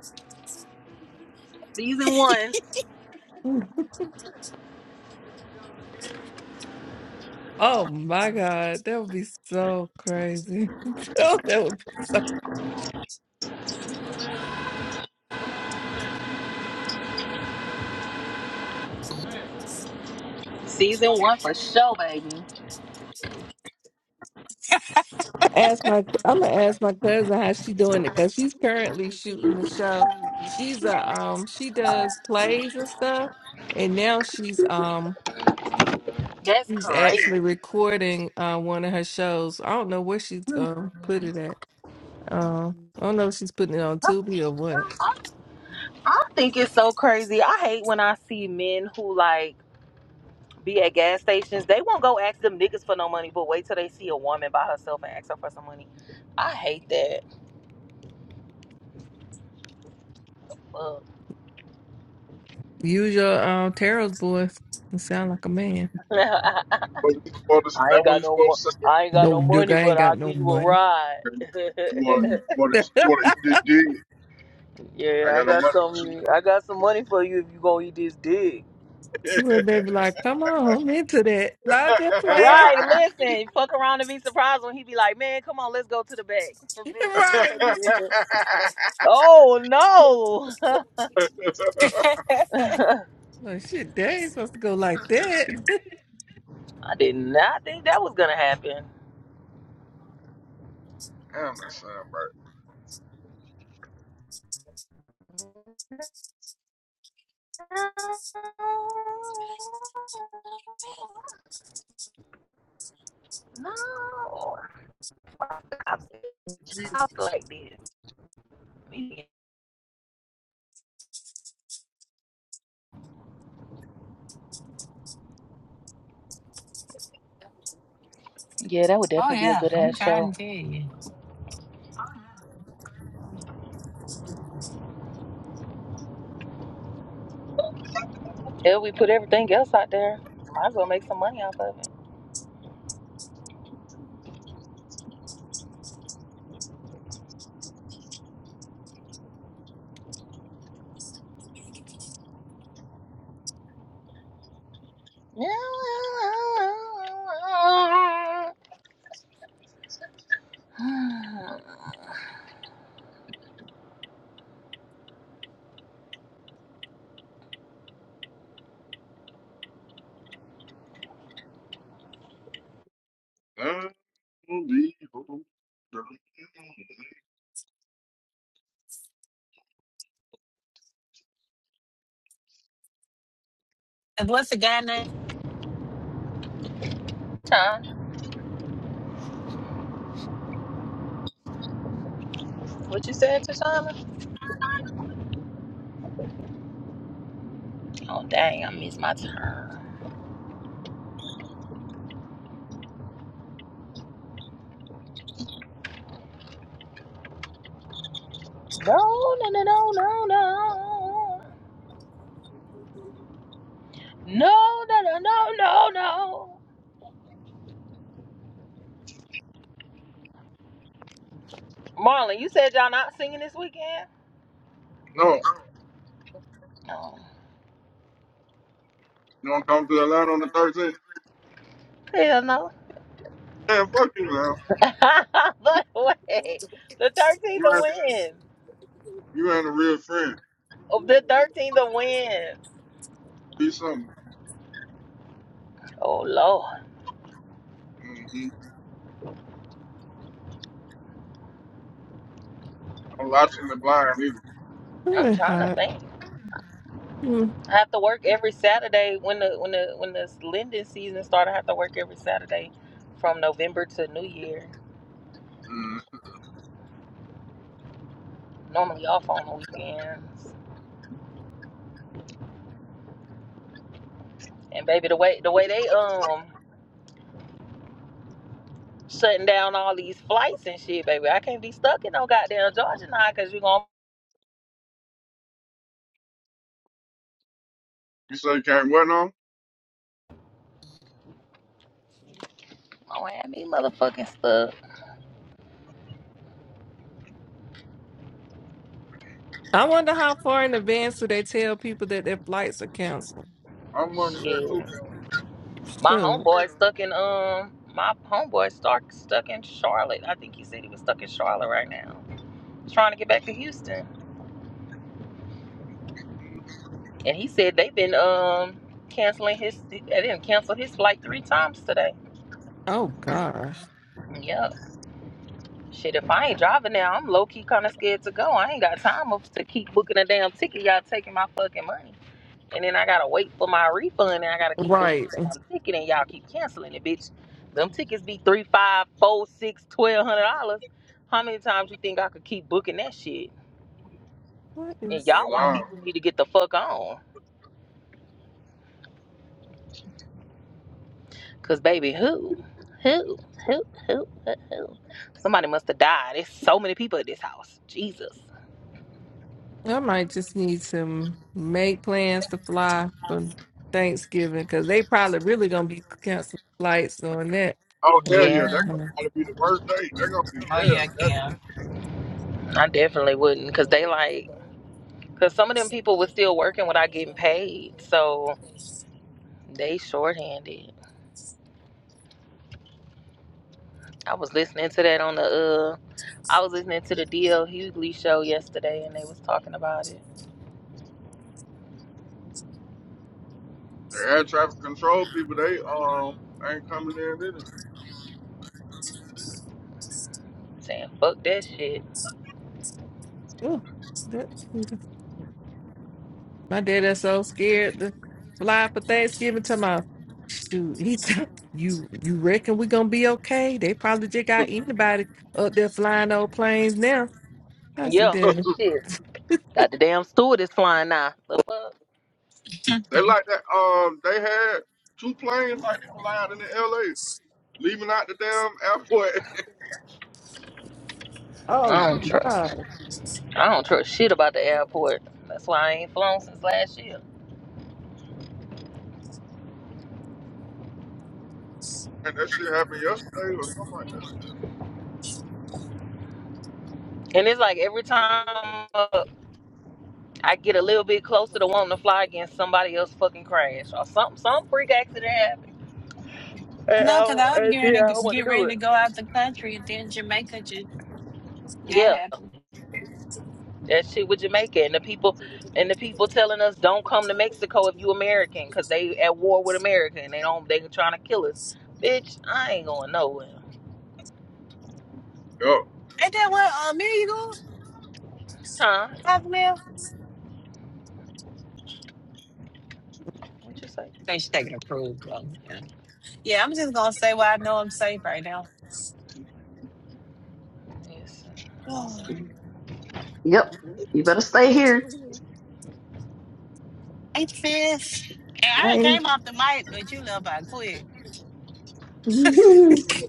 Season one, Oh my God. That would be so crazy. that would be so season one for sure, baby. ask my I'm gonna ask my cousin how she doing it because she's currently shooting the show. She's a um she does plays and stuff, and now she's um That's she's crazy. actually recording uh, one of her shows. I don't know where she's gonna put it at. Um, I don't know if she's putting it on I, Tubi or what. I I think it's so crazy. I hate when I see men who like be at gas stations. They won't go ask them niggas for no money, but wait till they see a woman by herself and ask her for some money. I hate that. Fuck. Use your um Tarot's voice and sound like a man. Well, you supposed to, I ain't that when got you no mo- supposed to say it, I ain't got No, no nigga, money, I ain't but got I'll no give you a money. ride. you want you well, want to you want to dig it. I yeah, I got no got money for you. some I got some money for you if you gonna eat this dick. they be like, come on, I'm into that. Not just playing. Right, listen, fuck around and be surprised when he be like, Man, come on, let's go to the back. The bitch be right. fucking Oh no Well, shit, they ain't supposed to go like that. I did not think that was gonna happen. Damn, that sound right. No. I said, I feel like this. Yeah, that would Oh definitely be a yeah, good I'm ass trying show. to tell you. If we put everything else out there, might as well make some money off of it. Unbelievable. And What's the guy name? Time. What you said to Oh dang, I missed my turn. No, no, no, no, no, no. No, no, no, no, no, no. Marlon, you said y'all not singing this weekend? No, No. you want to come to the line on the 13th? Hell no. Man, fuck you now. But wait. The 13th You of ain't when? you ain't a real friend. Of the 13th to win. Be something. Oh Lord, Mm-hmm. I'm watching the blind either. Ooh, I'm it trying to hot. think. Mm. I have to work every Saturday when the when the when the lending season started. I have to work every Saturday from November to New Year. Mm. Normally off on the weekends. And baby, the way the way they um shutting down all these flights and shit, baby, I can't be stuck in no goddamn Georgia now because you gonna You say you can't win on? gonna have me motherfucking stuck. I wonder how far in advance do they tell people that their flights are canceled? I'm one of that Shit, too. girl. my Sure. homeboy stuck in um my homeboy stuck stuck in Charlotte. I think he said he was stuck in Charlotte right now. trying to get back to Houston, mm and he said they've been um canceling his. They didn't cancel his flight three times today. Oh gosh. Yep. Shit, if I ain't driving now, I'm low key kind of scared to go. I ain't got time to keep booking a damn ticket. Y'all taking my fucking money, and then I gotta wait for my refund, and I gotta keep booking Right. the damn ticket, and y'all keep canceling it, bitch. Them tickets be three, five, four, six, twelve hundred dollars. How many times you think I could keep booking that shit? What And is He y'all white lying. people need to get the fuck on. Cause baby, who, who, who, who, who, who? Somebody must have died. There's so many people at this house. Jesus. I might just need to make plans to fly for Thanksgiving because they probably really gonna be canceling flights on that. Oh hell yeah, that's Yeah, hmm time. gonna be the worst day. They're gonna be Oh hell. yeah, That Cam. I definitely wouldn't. Cause they like, cause some of them people was still working without getting paid, so they shorthanded. I was listening to that on the uh, I was listening to the DL Hughley show yesterday, and they was talking about it, the air traffic control people, they um ain't coming in either. saying fuck that shit. Ooh, that My dad is so scared to fly for Thanksgiving to my shoot. He t- you you reckon we gonna be okay? They probably just got anybody up there flying old planes now. I said, Yeah, Daddy. shit. Got the damn steward is flying now. The fuck? They like that. Um, they had two planes like they flying into L.A. leaving out the damn airport, Oh I don't trust. gosh. I don't trust shit about the airport. That's why I ain't flown since last year. and that shit happened yesterday or something like And it's like every time uh, I get a little bit closer to wanting to fly again, somebody else fucking crash or something, some freak accident happened. And No, because I, I was and getting ready yeah, I to want to get do ready to it. go out the country, and then Jamaica just that Yeah, happened. that shit with Jamaica and the people and the people telling us don't come to Mexico if you American because they at war with America and they don't they trying to kill us. Bitch, I ain't going nowhere. that. Yo, And then what? Um, Mary, you go, Huh? out there? I What you say? think she's taking a cruise though. Yeah. yeah, I'm just gonna say why I know I'm safe right now. Yes. I don't blame you. Yep. You better stay here. Hey, sis. And I Hey. came off the mic, but you love I quit. My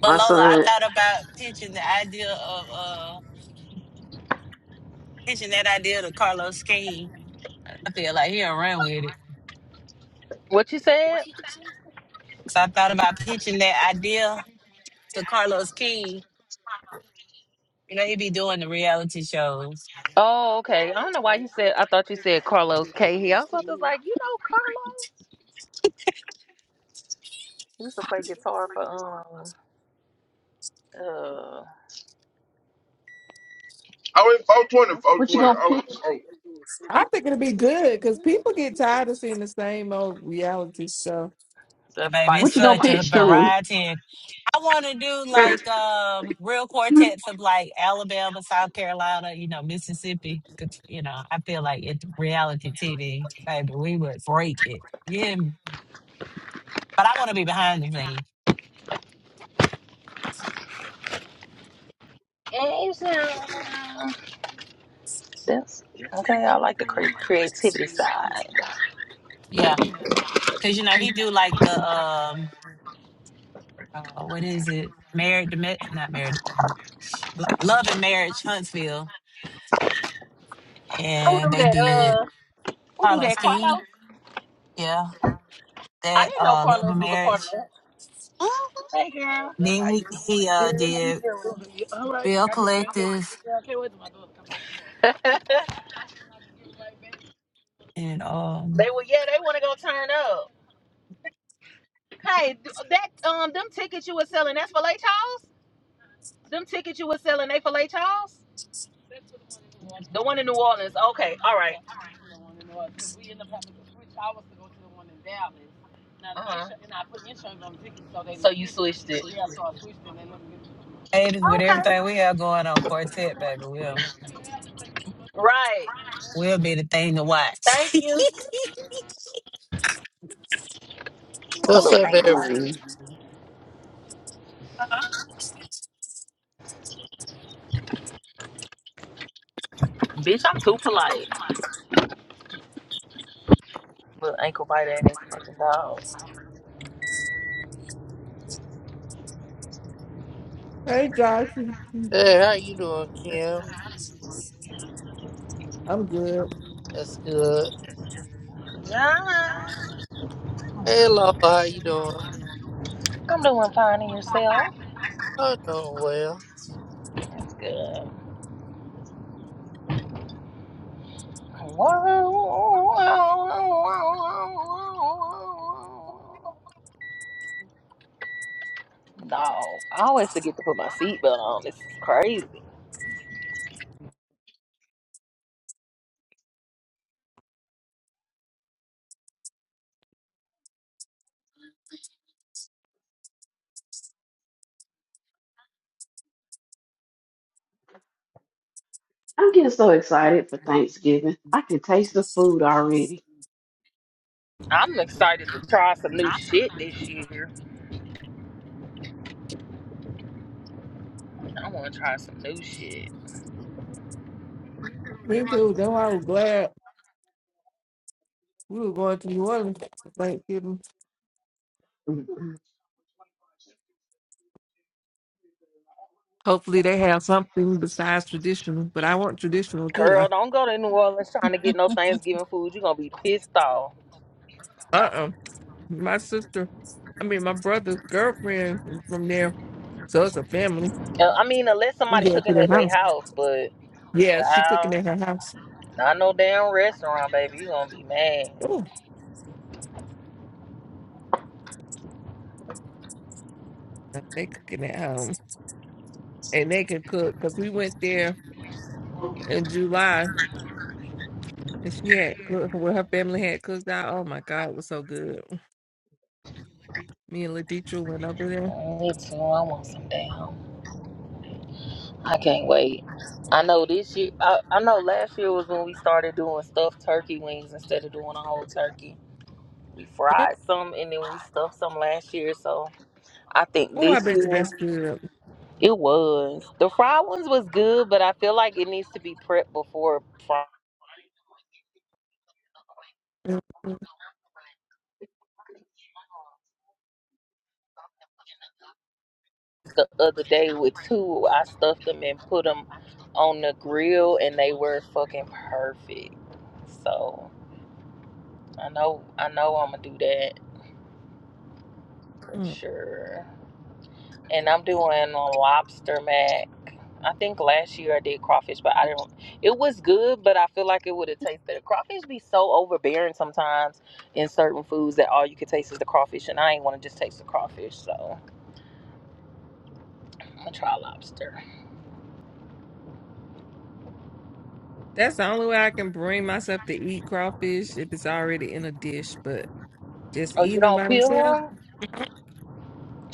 But Lola, I son. thought about pitching the idea of uh pitching that idea to Carlos King. I feel like he'll run with it. What you said? So I thought about pitching that idea to Carlos King You know, he be doing the reality shows. Oh, okay. I don't know why you said. I thought you said Carlos Cahill. I was about to like, you know, Carlos. He used to play guitar for um, uh, I went 420, what's What it you 420. called? gonna Oh, pitch? oh. I think it'll be good because people get tired of seeing the same old reality stuff. The And baby, it's What you fighting. gonna such a pitch to him? variety. I want to do like um real quartets of like Alabama, South Carolina, you know, Mississippi. 'Cause, You know, I feel like it's reality TV, baby, we would break it. Yeah, but I want to be behind the scenes. Asia. Yes. Okay, I like the cre- creativity side. Yeah, because you know he do like the um, uh, what is it? Married to Ma- not married, Lo- Love and Marriage Huntsville, Who and do they that? did Uh, who do Carlos that? King. Carlos. Yeah, I that didn't know uh, Love and Carlos was a part of Marriage that. Hey, girl. Then How you he he doing? Good. uh How you did doing? All right. Bill Got your green- Collective They and um were yeah. They want to go turn up. Hey, that um, them tickets you were selling, that's filet Charles. Them tickets you were selling, they filet Charles. The one in New Orleans. Okay, all right, switched it. Avis with everything we have going on quartet, baby. We'll Right. we'll be the thing to watch. Thank you. A What's little up, ankle oh, everybody? biter. man. Bitch, I'm too polite. Little ankle biter and this fucking dog. Hey Josh, Hey, how you doing, Kim? I'm good. That's good. Yeah, oh, Hey, Law, how you doing? I'm doing fine in yourself. I'm doing well. That's good. No, I always forget to put my seatbelt on. This is crazy. I'm getting so excited for Thanksgiving. I can taste the food already. I'm excited to try some new shit this year. I want to try some new shit. Me too. That's why I was glad we were going to New Orleans for Thanksgiving. Hopefully they have something besides traditional, but I want traditional too though. Girl, don't go to New Orleans trying to get no Thanksgiving food. You're going to be pissed off. Uh uh My sister, I mean, my brother's girlfriend is from there. So it's a family. Uh, I mean, unless We somebody go to cooking their at their house. house, but Yeah, she cooking uh, at her house. not no damn restaurant, baby. You're going to be mad. Oh, they cooking at home. And they can cook because we went there in July and she had cooked, well, her family had cooked out. Oh my God, it was so good. Me and Laditra went over there. Me too. I want some damn. I can't wait. I know this year, I, I know last year was when we started doing stuffed turkey wings instead of doing a whole turkey. We Mm, fried some and then we stuffed some last year, so I think Oh, I this bet you year. that's good. It was. The fried ones was good, but I feel like it needs to be prepped before fries. Mm, mm, The other day with two, I stuffed them and put them on the grill, and they were fucking perfect. So I know, I know, I'm gonna do that for mm. sure. and I'm doing a lobster mac. I think last year I did crawfish, but I didn't. It was good, but I feel like it would have tasted better. Crawfish be so overbearing sometimes in certain foods that all you can taste is the crawfish, and I ain't want to just taste the crawfish, so I'm gonna try lobster. That's the only way I can bring myself to eat crawfish if it's already in a dish, but just Oh, you eating them don't by peel themselves, them?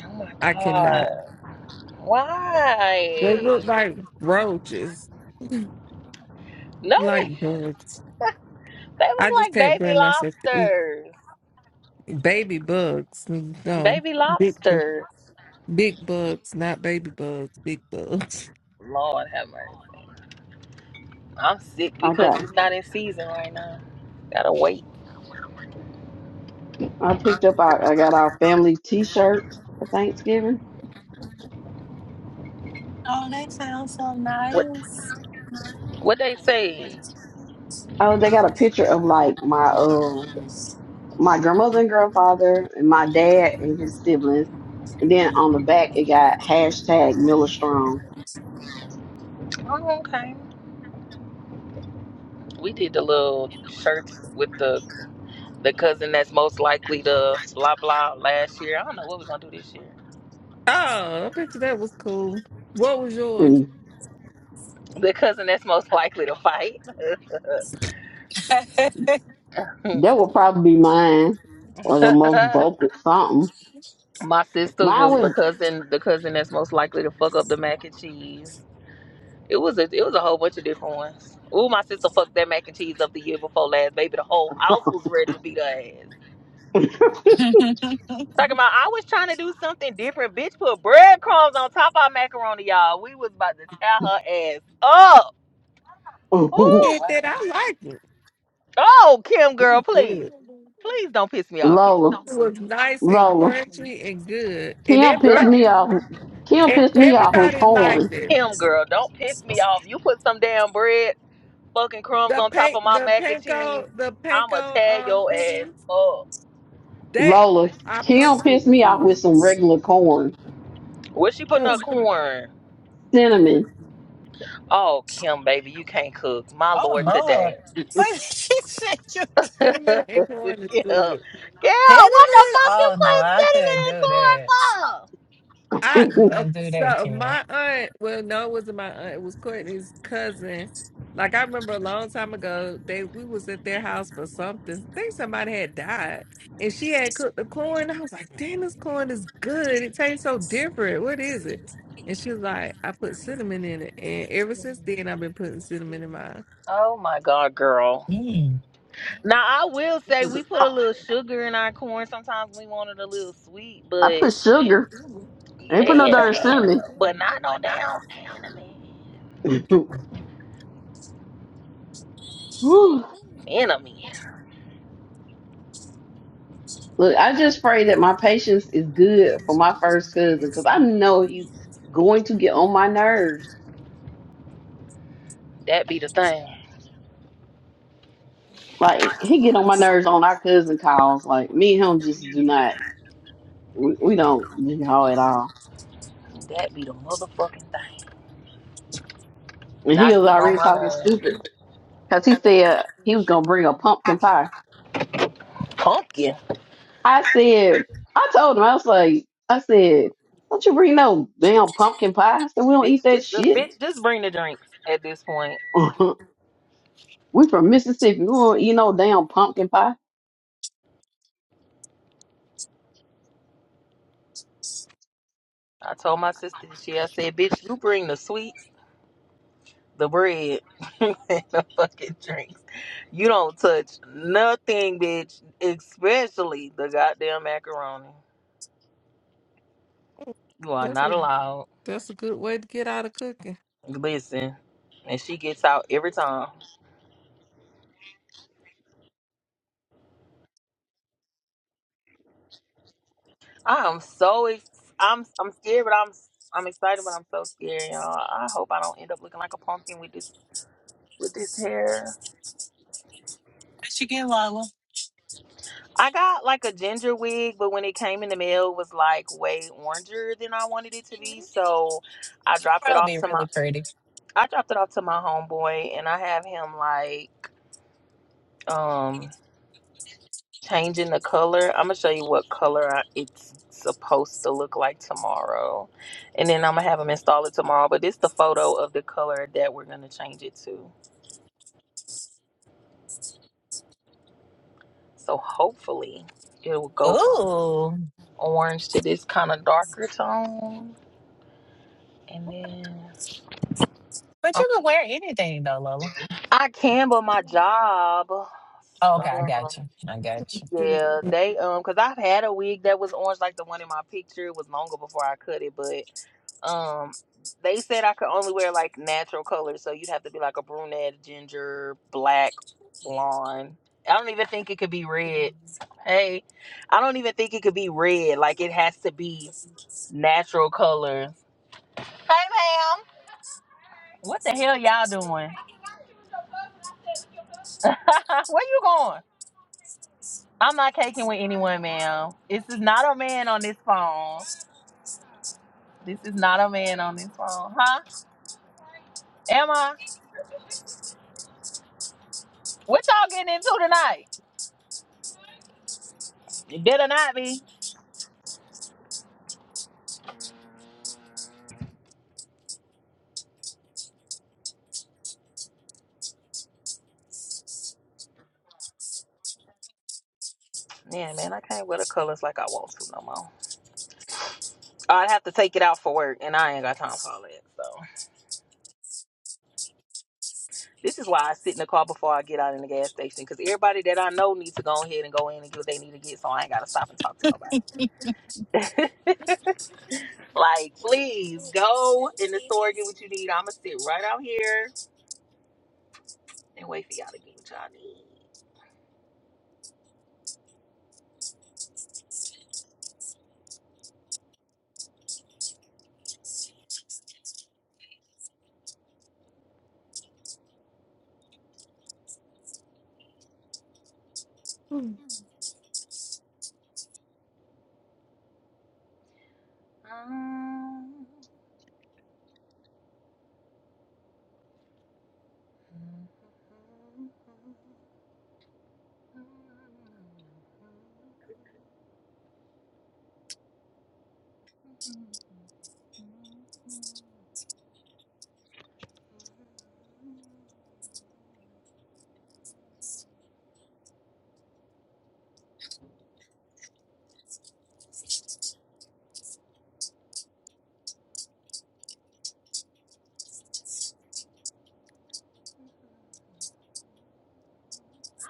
Oh my I cannot. god, They why? look like roaches, No, like they bugs. they I look just like can't baby bring myself to lobsters. eat baby bugs. No, Baby big, bu- lobsters. big bugs, not baby bugs, big bugs. Lord have mercy. I'm sick I because got it's not in season right now. Gotta wait. I picked up our I got our family t shirts for Thanksgiving. oh, What what they say? Oh, they got a picture of like my um my grandmother and grandfather and my dad and his siblings. And then on the back it got hashtag Miller Strong. Oh, okay. We did the little shirts with the the cousin that's most likely to blah blah last year. I don't know what we're gonna do this year. Oh, I bet you that was cool. What was yours? And The cousin that's most likely to fight. that- that would probably be mine or the most vocal something. My sisters Mine was the cousin the cousin that's most likely to fuck up the mac and cheese. It was a it was a whole bunch of different ones. Ooh, my sister fucked that mac and cheese up the year before last. Baby, the whole house was ready to beat her ass. Talking about I was trying to do something different. Bitch put breadcrumbs on top of our macaroni, y'all. We was about to tear her ass up. was Yeah, Ooh. that I liked it. Oh, Kim It girl, was please. good. Please don't piss me off, Kim. Lola. It was nice and Lola. crunchy and good, and Kim pissed everybody, Girl. me off. Kim and pissed me off with everybody liked corn. it. Kim girl, don't piss me off. You put some damn bread, fucking crumbs The on top pan, of my the mac and cheese. panko, the I'ma panko tear um your ass things up. that Lola. I Kim promise it pissed me off with was some regular corn. Where's she putting good. her corn? Cinnamon. Oh, Kim, baby, you can't cook. My oh lord Lord. today. What did she say? Girl, Cinnamon and corn is girl, good. You what the gentleman? fuck you Oh no, put I couldn't cinnamon and do corn that. for? I You I uh, couldn't do that, so Kim. my aunt, well, no, it wasn't my aunt. It was Courtney's cousin. Like I remember a long time ago, they we was at their house for something. I think somebody had died, and she had cooked the corn. I was like, "Damn, this corn is good. It tastes so different. What is it?" And she was like, "I put cinnamon in it, and ever since then, I've been putting cinnamon in mine. Oh my god, girl. Mm. Now I will say we put a little sugar in our corn. Sometimes we want it a little sweet, put but sugar. I ain't put no yeah, darn cinnamon. but not no damn cinnamon. Whew. Cinnamon. Look, I just pray that my patience is good for my first cousin because I know he's going to get on my nerves. That be the thing. Like he get on my nerves on our cousin calls. Like me and him just do not, we, we don't know at all. That be the motherfucking thing. And he Not was getting on already my talking nerves. stupid because he said he was gonna bring a pumpkin pie. Pumpkin. I said, I told him I was like, I said, don't you bring no damn pumpkin pie. I said we don't eat Bitch, that just uh, shit. bitch, just bring the drinks at this point. we from Mississippi. We don't eat no damn pumpkin pie. I told my sister this year, I said, bitch, you bring the sweets the bread and the fucking drinks. You don't touch nothing, bitch, especially the goddamn macaroni. You are That's not a allowed. that's a good way to get out of cooking." Listen, and she gets out every time. I am so ex- I'm I'm scared, but I'm I'm excited, but I'm so scared, y'all. I hope I don't end up looking like a pumpkin with this with this hair. What you get, Lola? I got like a ginger wig, but when it came in the mail, it was like way oranger than I wanted it to be. So I dropped it Probably off be to my really pretty. I dropped it off to my homeboy and I have him like um changing the color. I'm gonna show you what color I, it's supposed to look like tomorrow, and then I'm gonna have him install it tomorrow. But this the photo of the color that we're gonna change it to. So hopefully it will go from Ooh. orange to this kind of darker tone, and then But um, you can wear anything though, Lola. I can, but my job. Oh, okay, I Uh, got you. I got you. Cinnamon. Yeah, they um, cause I've had a wig that was orange, like the one in my picture. It was longer before I cut it, but um, they said I could only wear like natural colors, so you'd have to be like a brunette, ginger, black, blonde. I don't even think it could be red. Hey, I don't even think it could be red. Like it has to be natural colors. Hey, ma'am. What the hell y'all doing? Where you going? I'm not caking with anyone, ma'am. This is not a man on this phone. This is not a man on this phone, huh? Am I? What y'all getting into tonight? It better not be. Yeah, man, I can't wear the colors like I want to no more. I'd have to take it out for work, and I ain't got time for all that. So this is why I sit in the car before I get out in the gas station, because everybody that I know needs to go ahead and go in and get what they need to get, so I ain't gotta stop and talk to nobody. like, please go in the store get what you need. I'ma sit right out here and wait for y'all to get what y'all need. Mm,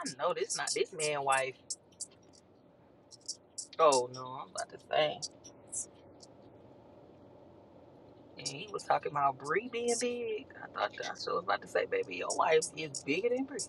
I know this not this man wife. Oh no, I'm about to say. And he was talking about Brie being big. I thought that I sure was about to say, baby, your wife is bigger than Brie.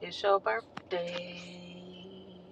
It's your birthday.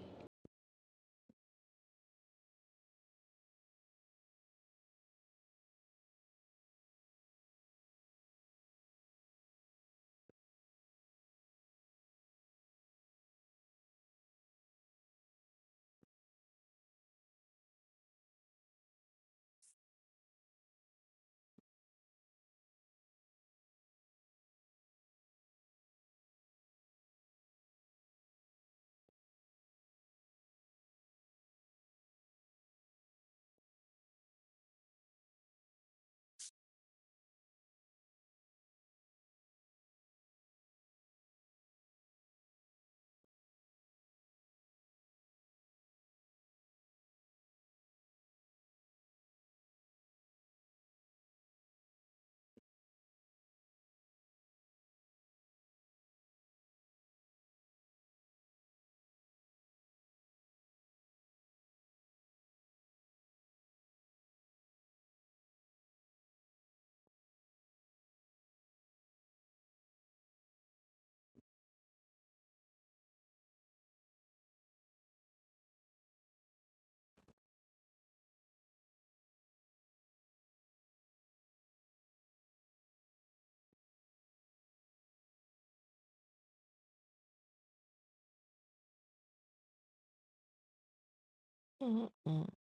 mm, mm.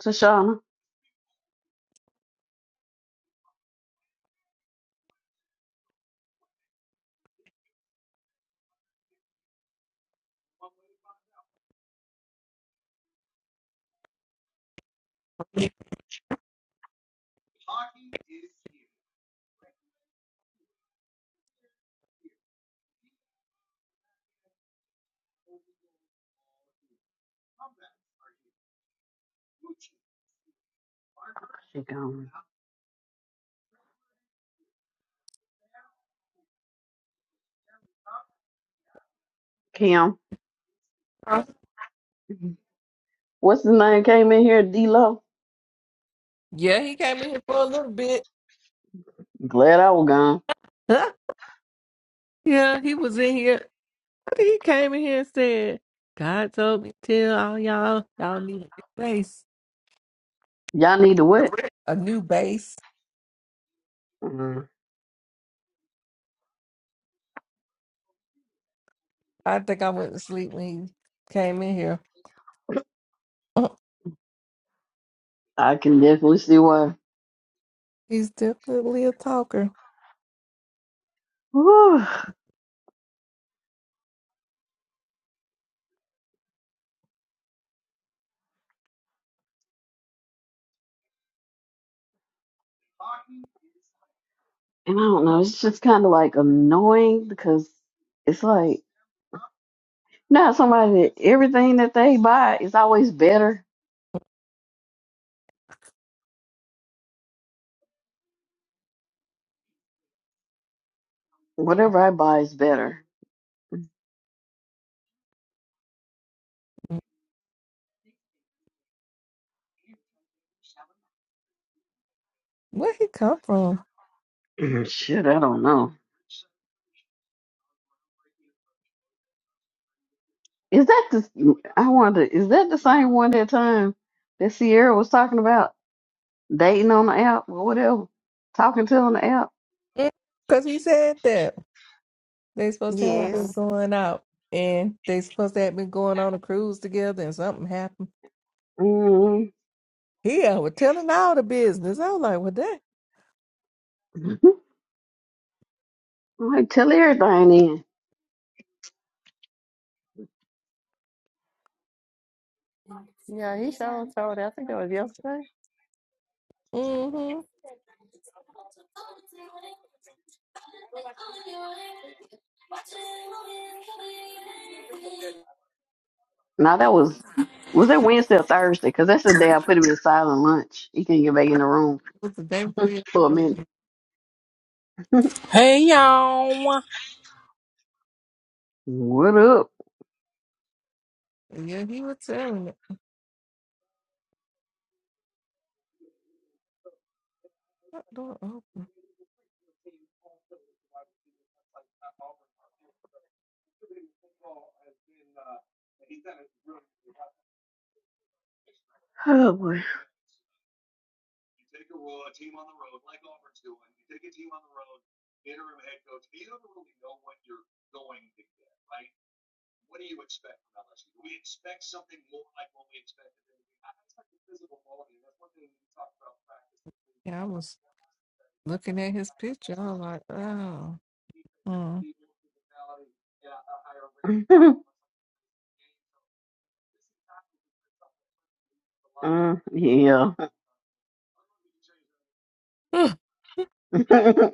Tashana, she gone. Kim. What's his name? Came in here, D Lo. Yeah, he came in here for a little bit. Glad I was gone. Huh? Yeah, he was in here. I think he came in here and said, God told me to tell all y'all, y'all need a new base. Y'all need to what? A new base. Mm, I think I went to sleep when he came in here. Uh, I can definitely see why. He's definitely a talker. Whew. And I don't know. It's just kind of like annoying because it's like not somebody that everything that they buy is always better. Whatever I buy is better. Where he come from? Shit, I don't know. Is that the? I wonder. Is that the same one that time that Sierra was talking about dating on the app or whatever, talking to on the app? Because he said that. They supposed to have been Yes. going out and they supposed to have been going on a cruise together and something happened. mm He uh, was telling all the business. I was like, what that? All right, tell everybody then. I told her. I think that was yesterday. Mm-hmm. Now that was was that Wednesday or Thursday? Because that's the day I put him in silent lunch. He can not get back in the room But the day before for a minute. yesterday, Hey y'all. What up? yeah, he was telling it. What door open? Oh boy. Yeah, I was looking at his picture. I was like, oh, mm. Yeah. then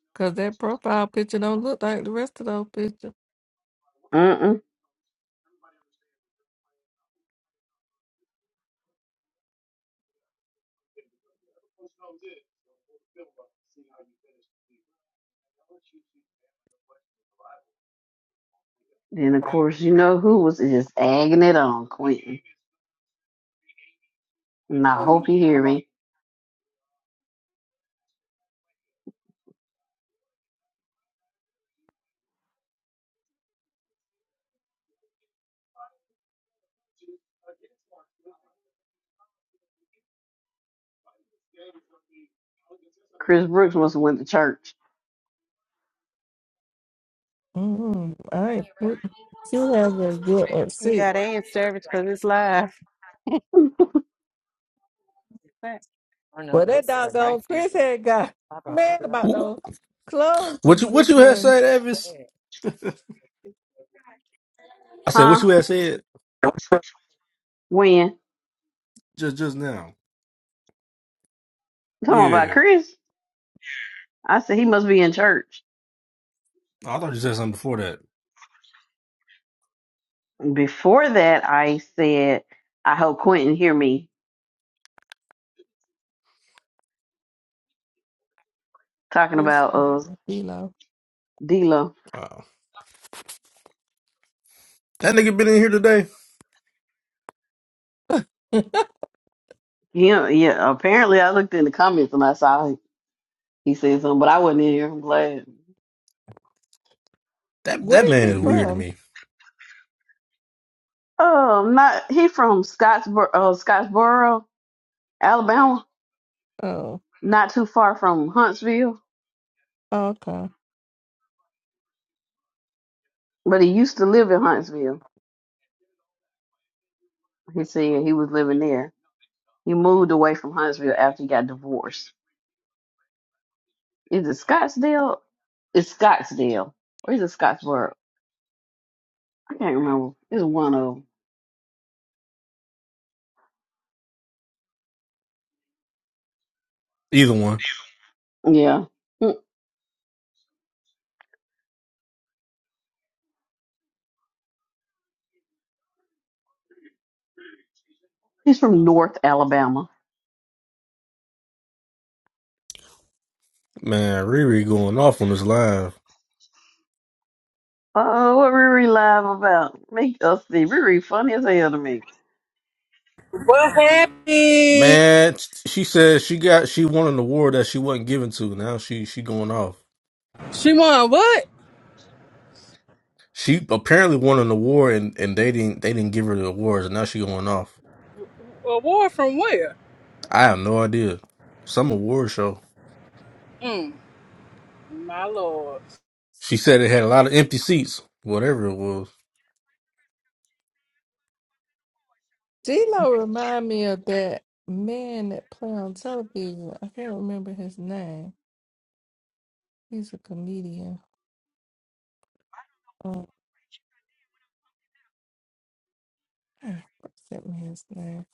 because that profile picture don't look like the rest of those pictures. you know who was just agging it on. And I hope you hear me. Chris Brooks must have went to church. Mm, all right. Well, She has a good at six. Yeah, service because it's live. Well, that doggone Chris had got mad about those Wh- clothes What you this what you had morning. said, Evis? I said what Huh? you had said When? You just just now. Talking about Yeah. Chris? I said he must be in church. I thought you said something before that. Before that, I said I hope Quentin hear me talking It's about uh G-Lo. D'Lo. Oh. That nigga been in here today. Yeah, yeah. Apparently, I looked in the comments and I saw he, he said something, but I wasn't in here. I'm glad. That that Where is man he is weird to from? me. Oh, not he from Scottsboro, uh, Scottsboro, Alabama. Oh, Not too far from Huntsville, okay. but he used to live in Huntsville. He said he was living there. He moved away from Huntsville after he got divorced. Is it Scottsdale? It's Scottsdale, or is it Scottsboro? I can't remember. It's one of Either one. 'em. Yeah, Mm, he's from North Alabama. Man, Riri going off on this live. Uh, what Riri live about? Make us see. Riri funny as hell to me. What happened? Man, she said she got she won an award that she wasn't given to. Now she she going off. She won what? She apparently won an award and, and they didn't they didn't give her the awards and now she going off. Award from where? I have no idea. Some award show. Mm, my lord. She said it had a lot of empty seats. Whatever it was. G-Lo remind me of that man that play on television. I can't remember his name. He's a comedian. Oh, God, sent me his name.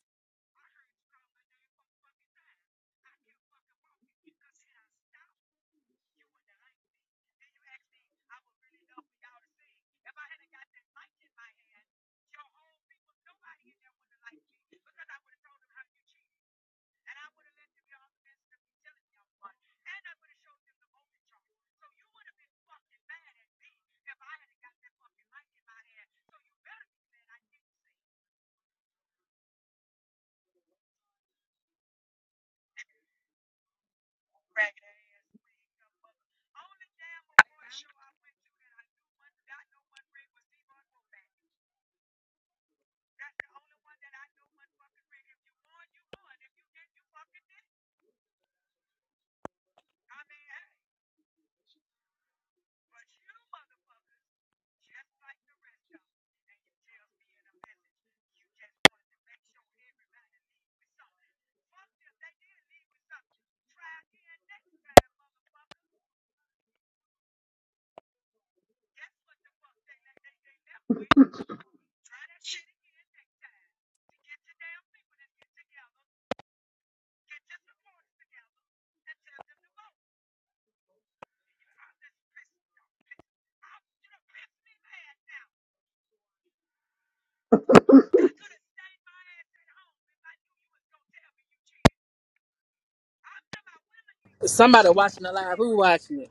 Somebody watching the live. Who watching it?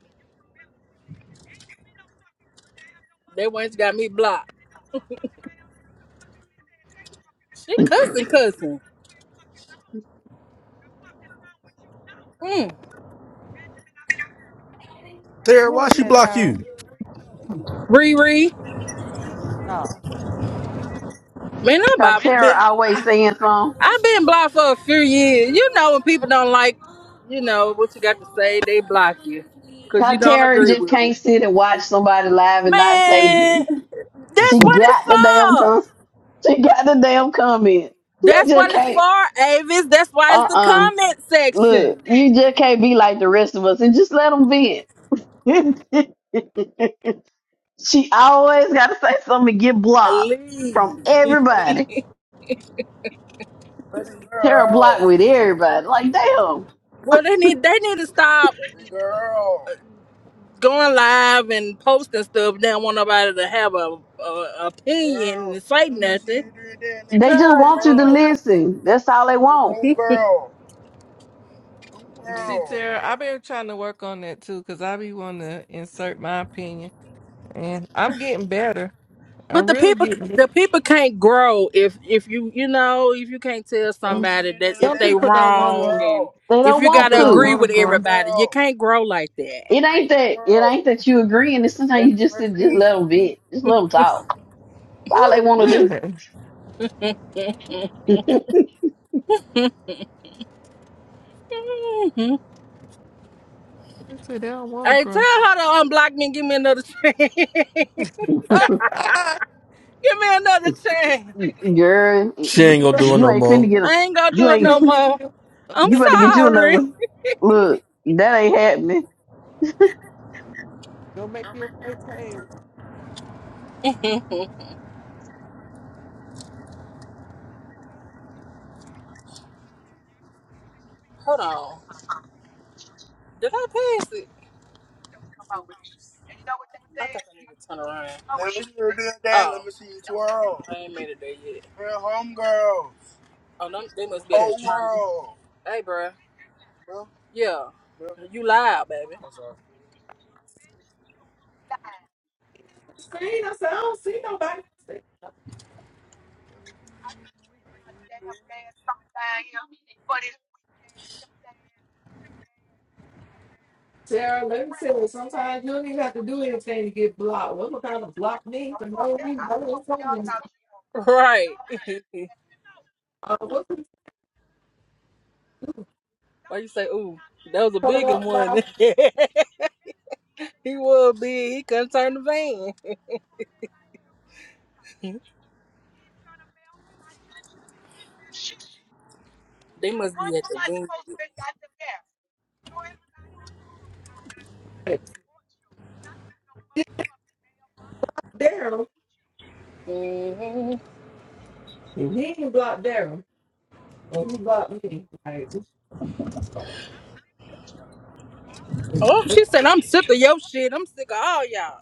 They once got me blocked. She cussing, cussing. Mm. Sarah, Who why is she that block Tara? you? Riri. Man, I've Katara been, always saying something. I've been blocked for a few years. You know when people don't like, you know, what you got to say, they block you. Because you don't Katara agree just with 'em. can't sit and watch somebody live and not say Man, nothing. that's She what it's got the damn for. com. She got the damn comment. She That's just what it's can't. for, Avis. That's why it's Uh the uh comment Look, section. you just can't be like the rest of us and just let them vent. she always got to say something to get blocked from Leave. everybody. Tara blocked with everybody. Like damn. Well, they need they need to stop going live and posting stuff. They don't want nobody to have a, a opinion and say nothing. They just want you to God, listen. That's all they want. man. See, Tara, I've been trying to work on that too because I be wanting to insert my opinion, and I'm getting better. But I'm the really people, getting the people can't grow if if you you know if you can't tell some, somebody that if some they people don't want wrong to and They if don't you want people gotta don't to. agree want to with grow. everybody, you can't grow like that. It ain't that. It ain't that you agreeing. It's sometimes you just just let them vent. Just let them talk. That's all they Who want is to that? hmm They say they don't want to Hey, grow. tell her to unblock me and give me another chance. give me another chance. do. Girl, She you ain't gonna gotta, do it you no ain't more. finna get a. I ain't gonna you You do it gotta ain't. no go make more. you a I'm You better fake get you page. sorry. another. Look, that ain't happening. Go make you a fake page. Hold on, did I pass it? I think I need to turn around. Let Let me see you do that. Let me see see twirl. I ain't made it there yet. Oh, them, they must be at Yeah. the tree. Hey, bruh. Yeah. You lied, baby. Screen. I said I don't see nobody. Sarah, let me tell you. Sometimes you don't even have to do anything to get blocked. What kind of block me for no reason? I didn't say anything. Right. Uh, what's this Why you say, ooh, that was a coming bigger up one. now? he was big. He couldn't turn the van. They must be at the van. Damn, Mhm. If he can block Daryl, or he block me, like, Oh, she said, I'm sick of your shit. I'm sick of all y'all.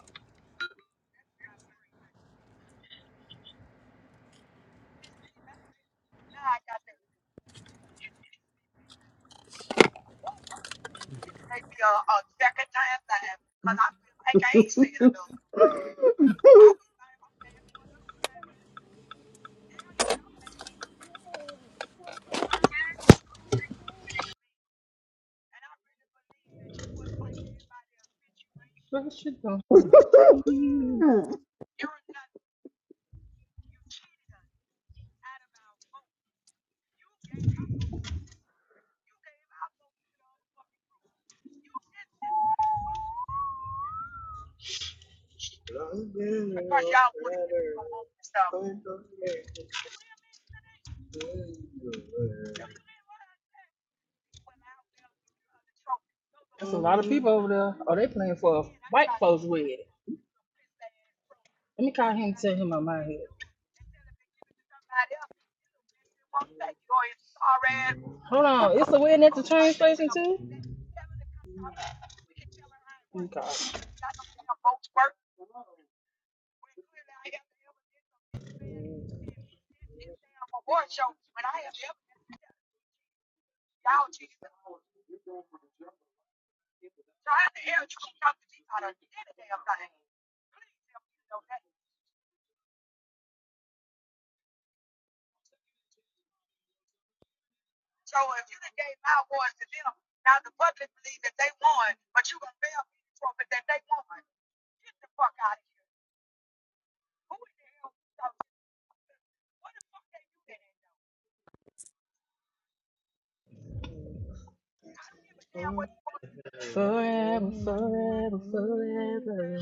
What is she doing? That's a lot of people over there. Oh, they playing for a white folks wedding. Let me call him and tell him I'm out here. Hold on. It's a wedding at the train station, too? Let me call him. Forever, forever, forever.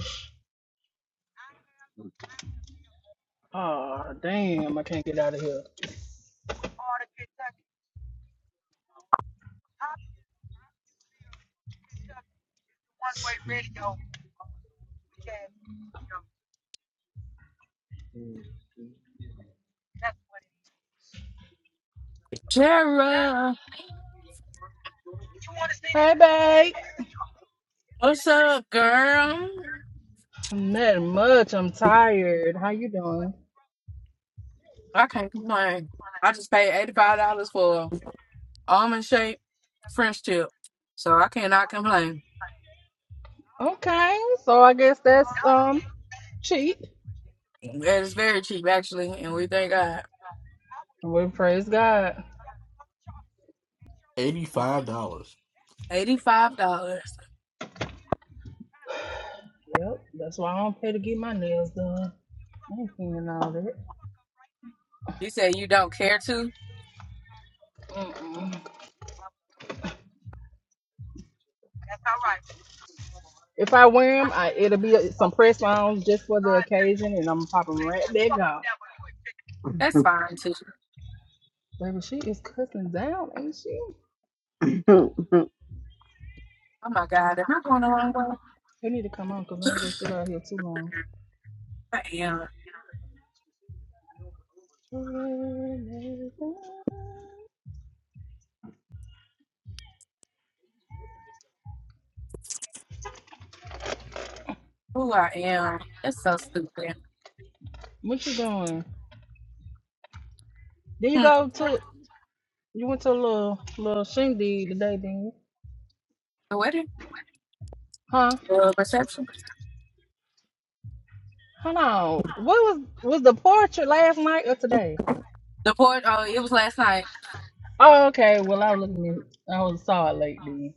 Oh, damn. I can't get out of here. Tara, Hey, babe. what's up, girl? Not much. I'm tired. How you doing? I can't complain. I just paid eighty-five dollars for almond shaped French tip, so I cannot complain. Okay, so I guess that's um cheap. It's very cheap actually, and we thank God. We praise God. $85. Eighty-five dollars. Yep, that's why I don't pay to get my nails done. I ain't seeing all that. You say you don't care to? Mm-mm. If I wear them, I, it'll be some press ons just for the occasion, and I'm popping right back out. That's fine too. Baby, she is cussing down, ain't she? Oh my God, am I going the wrong way? You need to come on, cause I ain't gonna sit out here too long. I am. Who I am? It's so stupid. What you doing? Then you Hmm. go to? You went to a little little shindig today, didn't you? The wedding? Huh? The reception? Hold on. What was was the portrait last night or today? The port? Oh, it was last night. Oh, okay. Well, I was looking. At, I was saw it late then.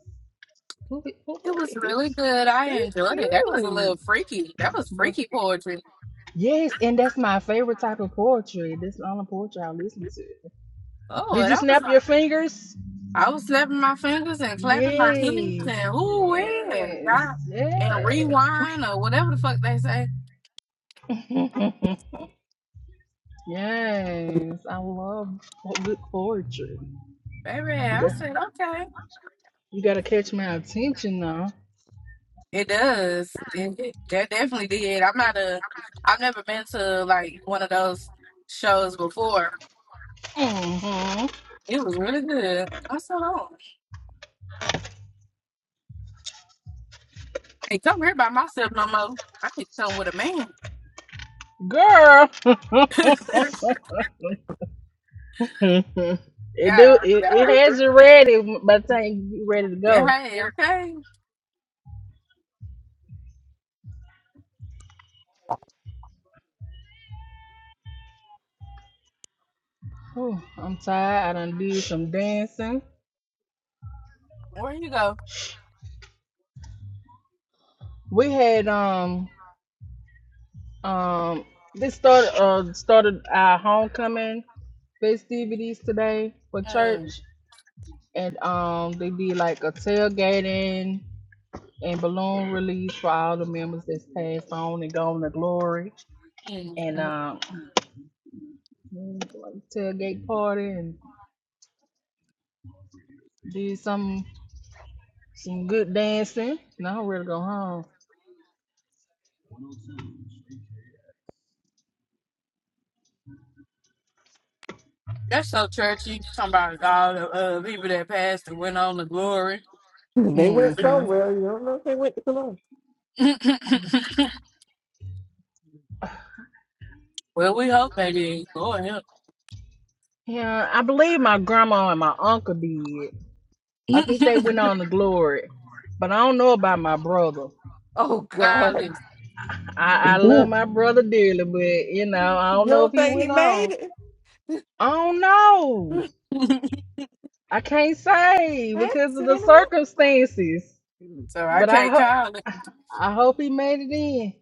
Who be- who It was be- He really good. I he enjoyed it. That was a cute. little freaky. That was But freaky poetry. yes, and that's my favorite type of poetry. This is the only poetry I listen to. Oh, Did you that was snap your like fingers? I was snapping my fingers and clapping my Yes. hands and ooh yeah, Yes. God, and Yes. rewind or whatever the fuck they say. yes. I love po- good poetry. Baby, Yeah. I said okay. You gotta catch my attention now. It does. It, it- that definitely did. I'm not a. I've never been to like one of those shows before. hmm It was really good. I said, oh, I ain't come here by myself no more. I need to come with a man. Girl. it do it, God, it has you ready by the time you get ready to Yeah, go. Hey, okay. Whew, I'm tired. I done did some dancing. Where you go? We had um um this started uh started our homecoming festivities today for Mm, church and um they did like a tailgating and balloon release for all the members that's passed on and gone to glory. mm, And mm. um Mm, Like tailgate party and did some some good dancing. Now I'm ready to go home. That's so churchy. You talking about all the uh, people that passed and went on to glory. mm, they went hmm somewhere. You don't know if they went to Cologne. well, we hope they did. Lord help. Yeah, I believe my grandma and my uncle did. I think they went on to glory, but I don't know about my brother. Oh, God. Golly. I I love my brother dearly, but you know I You don't know if don't he think he went on. made it? I don't know. I can't say Hey, because of the Santa circumstances. so I Man. But I can't call it. ho- I hope he made it in.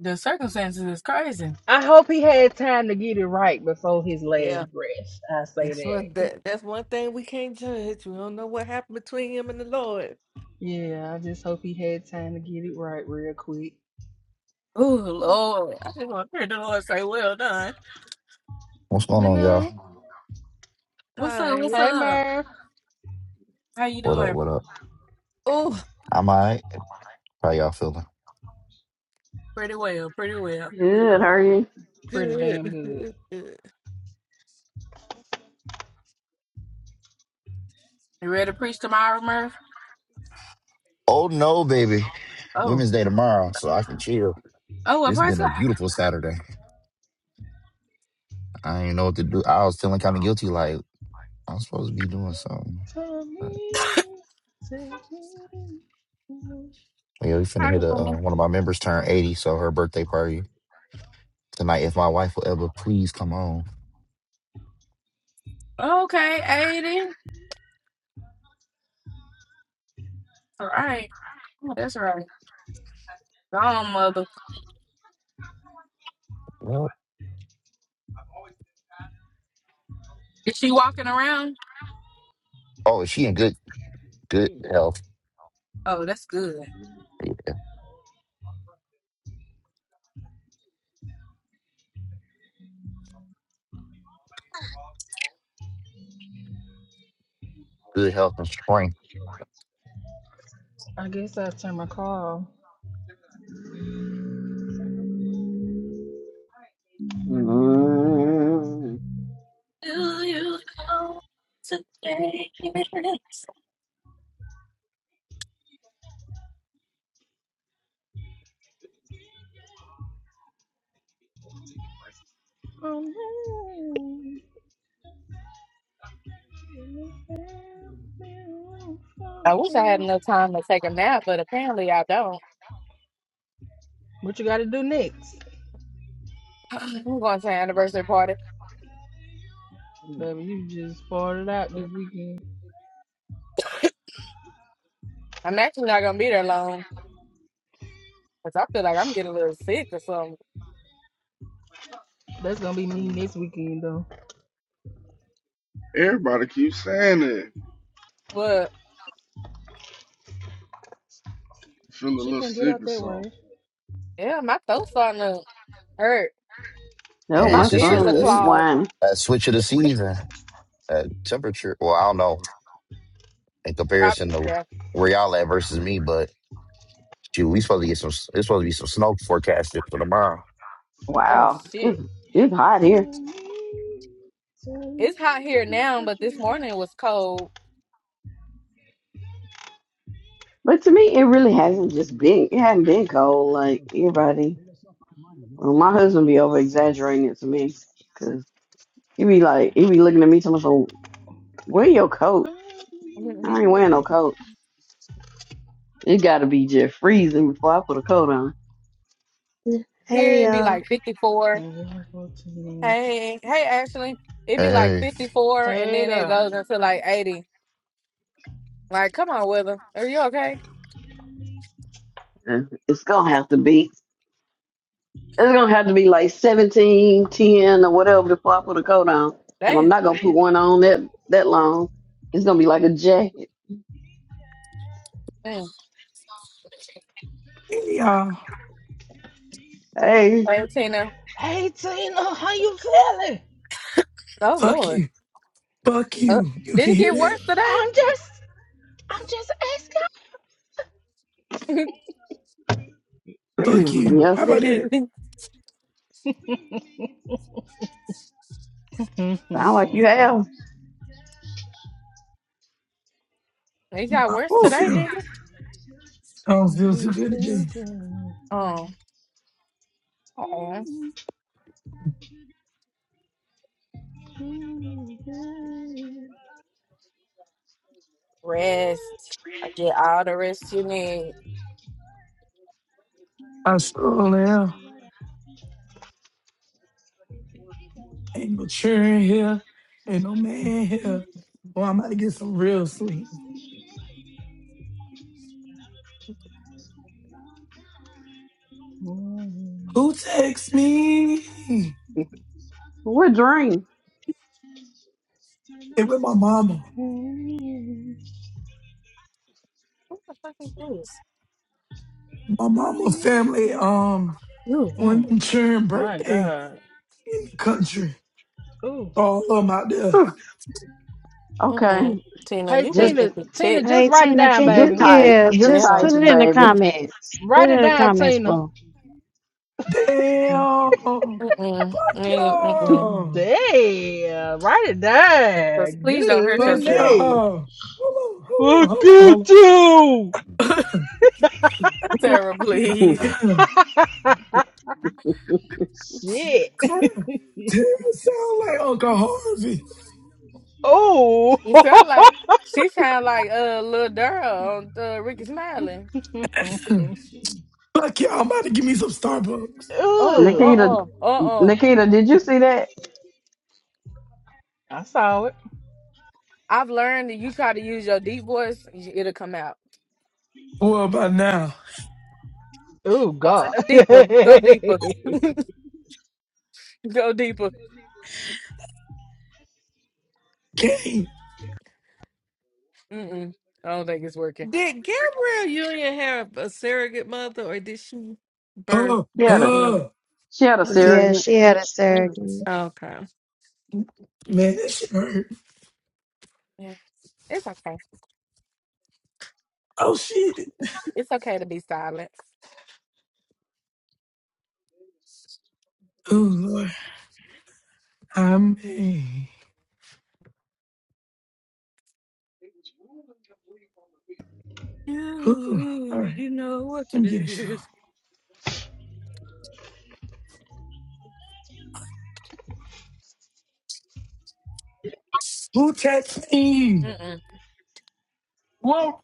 The circumstances is crazy. I hope he had time to get it right before his Yeah. last breath. I say That's that. one that that's one thing we can't judge. We don't know what happened between him and the Lord. Yeah, I just hope he had time to get it right real quick. Oh, Lord. I just want to hear the Lord say, well done. What's going You on, y'all? know? What's up? What's Hey, up? Merv. How you What up? doing? What up? Oh, I'm all right. How y'all feeling? Pretty well. Pretty well. Good, Pretty, hurry. pretty damn good, good. good, good. You ready to preach tomorrow, Murph? Oh no, baby. Oh. Women's Day tomorrow, so I can chill. Oh, well, It's first been a beautiful Saturday. I ain't know what to do. I was feeling kind of guilty, like I'm supposed to be doing something. Tell But me, tell me. yeah, we finna hit a uh, one of my members turned 80, so her birthday party tonight. If my wife will ever please come on. God. Okay, 80. All right. Oh, that's right. Gone, mother. Well, Is she walking around? oh, is she in good good health? Oh, that's good. Yeah, good health and strength. I guess I'll turn my car off. Mm. Oh, no. I wish I had enough time to take a nap, but apparently I don't. What you gotta do next? I'm going to an anniversary party. Baby, you just farted out this weekend. I'm actually not going to be there long because I feel like I'm getting a little sick or something. That's gonna be me next weekend, though. Everybody keeps saying it. But Feel a She little can't get sick out or that way. something. yeah, my throat's starting to hurt. No, And Man, my my it's just ears a, are son, a, he's clogged. whining. a switch of the season. Uh, temperature. Well, I don't know. in I, comparison to yeah. where y'all at versus me. But shoot, we supposed to get some. It's supposed to be some snow forecasted for tomorrow. Oh, Wow, shit. it's, it's hot Tell here. me, tell me It's hot here now, what but this you want. morning it was cold. But to me, it really hasn't just been, it hadn't been cold. Like everybody, well, my husband be over exaggerating it to me because he be like, he be looking at me telling me, so wear your coat. Find me I Here ain't wearing reason. no coat. It got to be just freezing before I put a coat on. Hey, it'd be uh, like 54. No one for tonight. Hey, hey, Ashley. it be like Hey, 54 and Hey then it there. goes into like 80. Like, come on, Willa. Are you okay? And It's going to have to be, it's going to have to be like 17, 10, or whatever before I put a coat on. And I'm Damn. not going to put one on that, that long. It's going to be like a jacket. Damn. Hey y'all, Hey, Hey, Tina. Hey Tina, how you feeling? Oh, fuck Lord. you, fuck Uh, you. You did can it hear get that? worse I'm today? just, I'm just Fuck it's, you. yes, How about that? it asking. sound like you have. got I worse don't Whew, today, feel, didn't it? I don't When feel too we good still today. can. Oh, oh. Rest. I get all the rest you need. I sure am. Ain't no cheering here, ain't no man here. Well, I'm about to get some real sweet. Who texts me? what dream? It was my mama. What the fuck is this? My mama family. Um. You. Mm. When sharing My birthday God. in the country, Ooh. all of them out there. Mm-mm. Okay. Tina, Hey you Just just Tina, look a Tina, tick. just hey, write it Tina, down, can you, just baby. type. yeah, Just just Yeah. type, put it in the baby. comments. Write Put it it in the down, comments, Tina. bro. Mm-mm. Damn! Mm-mm. Fuck Mm-mm. y'all! Damn, write it 'Cause down. Please don't hurt Good Fuck yourself. night. y'all! Hold on, hold I on, hold could on, do. Sarah, please. hold on. Shit. Tara, Tara sound like Uncle Harvey. Ooh. You sound like she sound like uh little Dara on uh, Ricky Smiley. Fuck y'all, I'm about to give me some Starbucks. Oh, uh, Ooh. Nikita uh, uh, uh. Nikita, did you see that? I saw it. I've learned that you try to use your deep voice, y- it'll come out. Well, by now. Ooh, Uh, uh, God. uh, What's deeper, up, go deeper, go deeper. Game. Mm-mm. I don't think it's working. Did Gabrielle Union have a surrogate mother or did she birth Oh, She the had a daughter? oh. she had a Yeah, surrogate. she had a Mm. surrogate. Okay. Man, that shit hurt. Yeah. It's okay. Oh, shit. It's okay to be silent. Oh, Lord. I mean. Ooh, You, all right. you know what Let it me get a shower. is. Who text me? Whoa.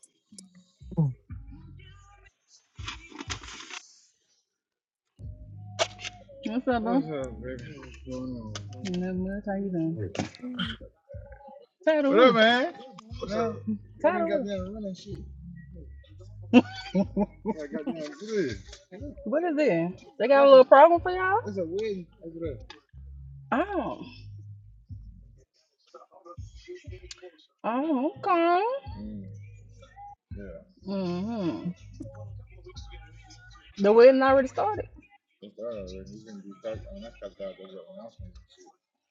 bro? bro? Nothing much. How you doing? Tired of woo. Yeah. You Tired of Hmm. What is it? They got a little problem for y'all? Oh, oh, okay. hmm The wedding already started.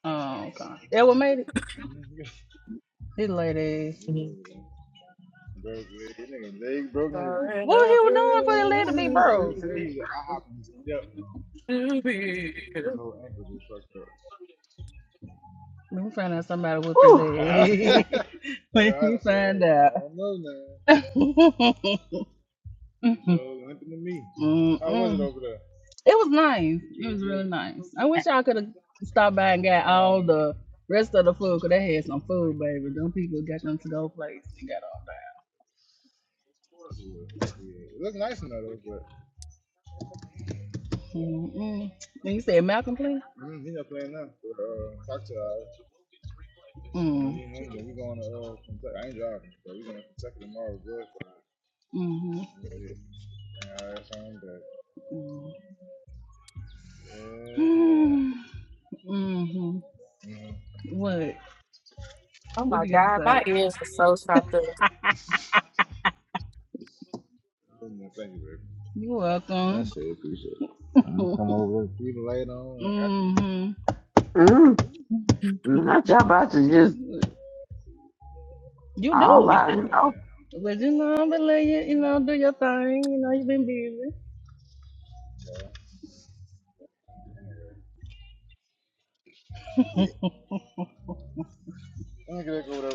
Oh, okay. That what made it? His lady. Mhm. Are What he another was doing for the leg to be broke? He broke? to We find out somebody whooped his I Whew. head. when you said, find out. don't know, man. Mm-hmm. hmm Mm-hmm. It was nice. It really nice. I wish I could have stopped by and got all the rest of the food because they had some food, baby. Them people got them to go place and got all that. Mm-mm. And you said Malcolm, please? Mm. us. Mm-hmm. Mm. yeah. Mm-hmm. What? What you got to say? You're I welcome. it. gonna mm hmm Mm. Not y'all about to just You all do. out and open. But you know, I'm gonna let you, you know, do your thing. You know, you've been busy.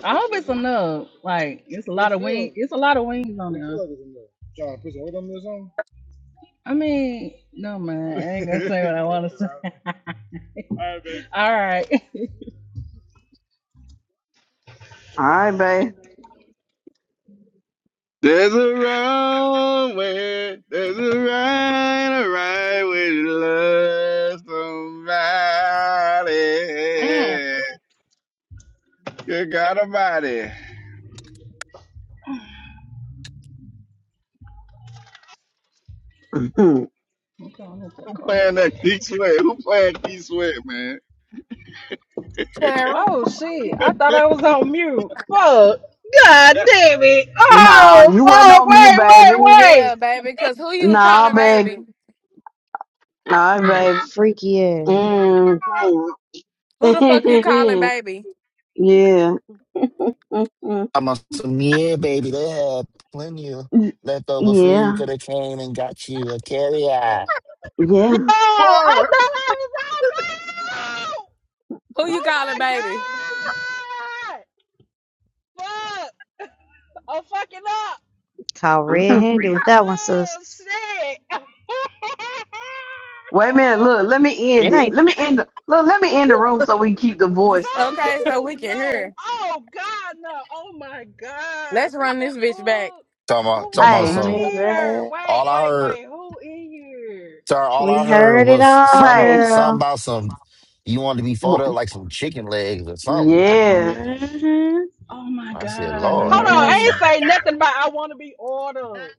I hope it's minutes. enough. Like, it's a lot of wings. It's a lot of wings on there. I mean, no man, I ain't gonna say what I wanna say. All right. All right, babe. There's a wrong way, there's a right, a right way to love somebody. be. Good God Almighty. Okay, I'm gonna put that Who car playing back that there. Keith Sweat? Who playing Keith Sweat, man? Oh shit! I thought I was on mute. Fuck! God That damn it! nah, Oh you wasn't fuck! on mute, Wait, baby. wait, wait! Yeah, baby, because who you Nah, calling baby. baby? All right, Oh, baby. Freaky ass. Mm. Who the fuck you calling baby? yeah. I'm on some yeah, baby. They had plenty of leftover food. You Yeah. could have came and got you a carry out. Yo, Yeah. I boy, thought I was out now. Who you Oh calling baby? my god! Fuck! I'm fucking up. Caught red-handed with that one, sis. Oh shit! Wait a minute, Hold look, let me end It it. ain't Let me end the look, let me end the room so we can keep the on. voice. Okay, so No, we can no. hear. Oh god, no. Oh my god. Let's What run the this bitch back fuck? Talking Who about was talking about Hey, in some. running here? back. Wait, All I wait, heard, wait. Who in here? sorry, all I We heard heard it was all, some hey. some girl. about some. You wanted to be folded up w- like some chicken legs or something. Yes. hmm Oh my I said, god. Lord, Hold have on. I Yeah. mercy. ain't say nothing about I want to be ordered.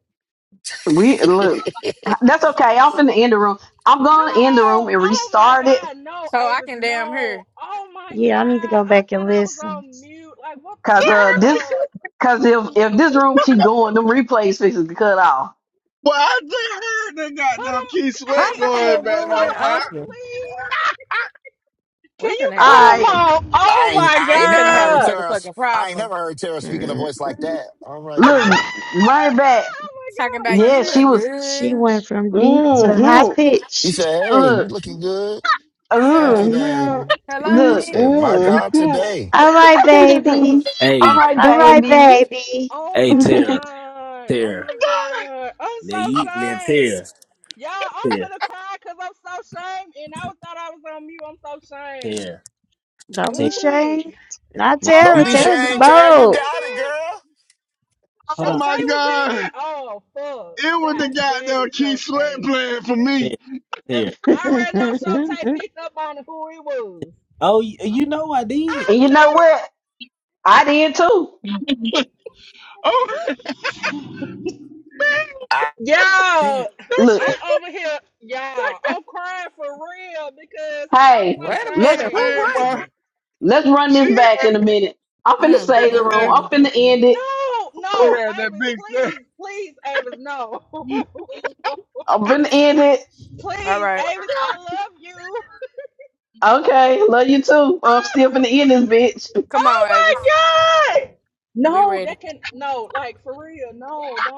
We look. That's okay. I'm finna end the room. I'm No! gonna end the room and Oh my restart it. God! No, so I Avis, can damn no! hear. Oh my God! Yeah, I need to go I back and thought I was listen. on mute. Like, what the Cause uh this fuck? cause if if this room keep going, them replays fixes to cut off. boy, I just heard they got Cut goddamn him! Keith Sweat How Hey, long going the Avis, back room cut now, been him boy. I off, open? please. We Can you finna have a cut him Alright. motherfucking, off? Oh I ain't, my I we ain't never finna have a heard God! Tara. motherfucking I ain't problem. never heard Tara speaking a hmm voice like that. All right, oh baby. Look, my run it back. Talking God! Oh about my Yeah, you God! she look was good. She went from deep to high mm-hmm. He pitched. said, "Hey, you Look. looking good? Thank you, Yeah. baby." Mm-hmm. Hello, I Look. Mhm. said, "My bitch. God, Mm-hmm. today, All right, baby. All Hey, right, All right, baby. baby. Oh my God! Oh hey, my Tara, God! Oh Tara. my died. God. I'm Now so you, now Tara, ashamed. Y'all, I'm Tara, finna cry because I'm so ashamed, and I thought I was on mute. I'm so ashamed. Tara, Don't be Tara. Wait. ashamed. Not Now Oh don't Tara. you, be God, Tara be ashamed, Shotay Tara. was You bold. in got it, here. girl." hold Oh on, Shotay was my hey, in here. God. Oh fuck. It was Tara, the God damn goddamn it, Keith Sweat Shotay. playing for me. Tara. Tara. I already know Shotay picked up on who he was. Oh, you, you know I did, I And you know what? I did too. Oh, know. Tara. Y'all, that Look, shit. I'm over here. Y'all, I'm crying for real because I'm hey, so Wait a let's minute. Who ashamed. Hey, was boy. it? let's run this She, had, back in a minute. I'm finna she Mm, had save the mm, room. that I'm mm. finna end it. No, She no, Ooh, had that Avis, big please, step. please, Avis, no. I'm finna end it. All please, right. Avis, I love you. Okay, love you too. I'm still finna end this bitch. Come oh on, my Avis. god! We No, ready. that can no, like for real, no, don't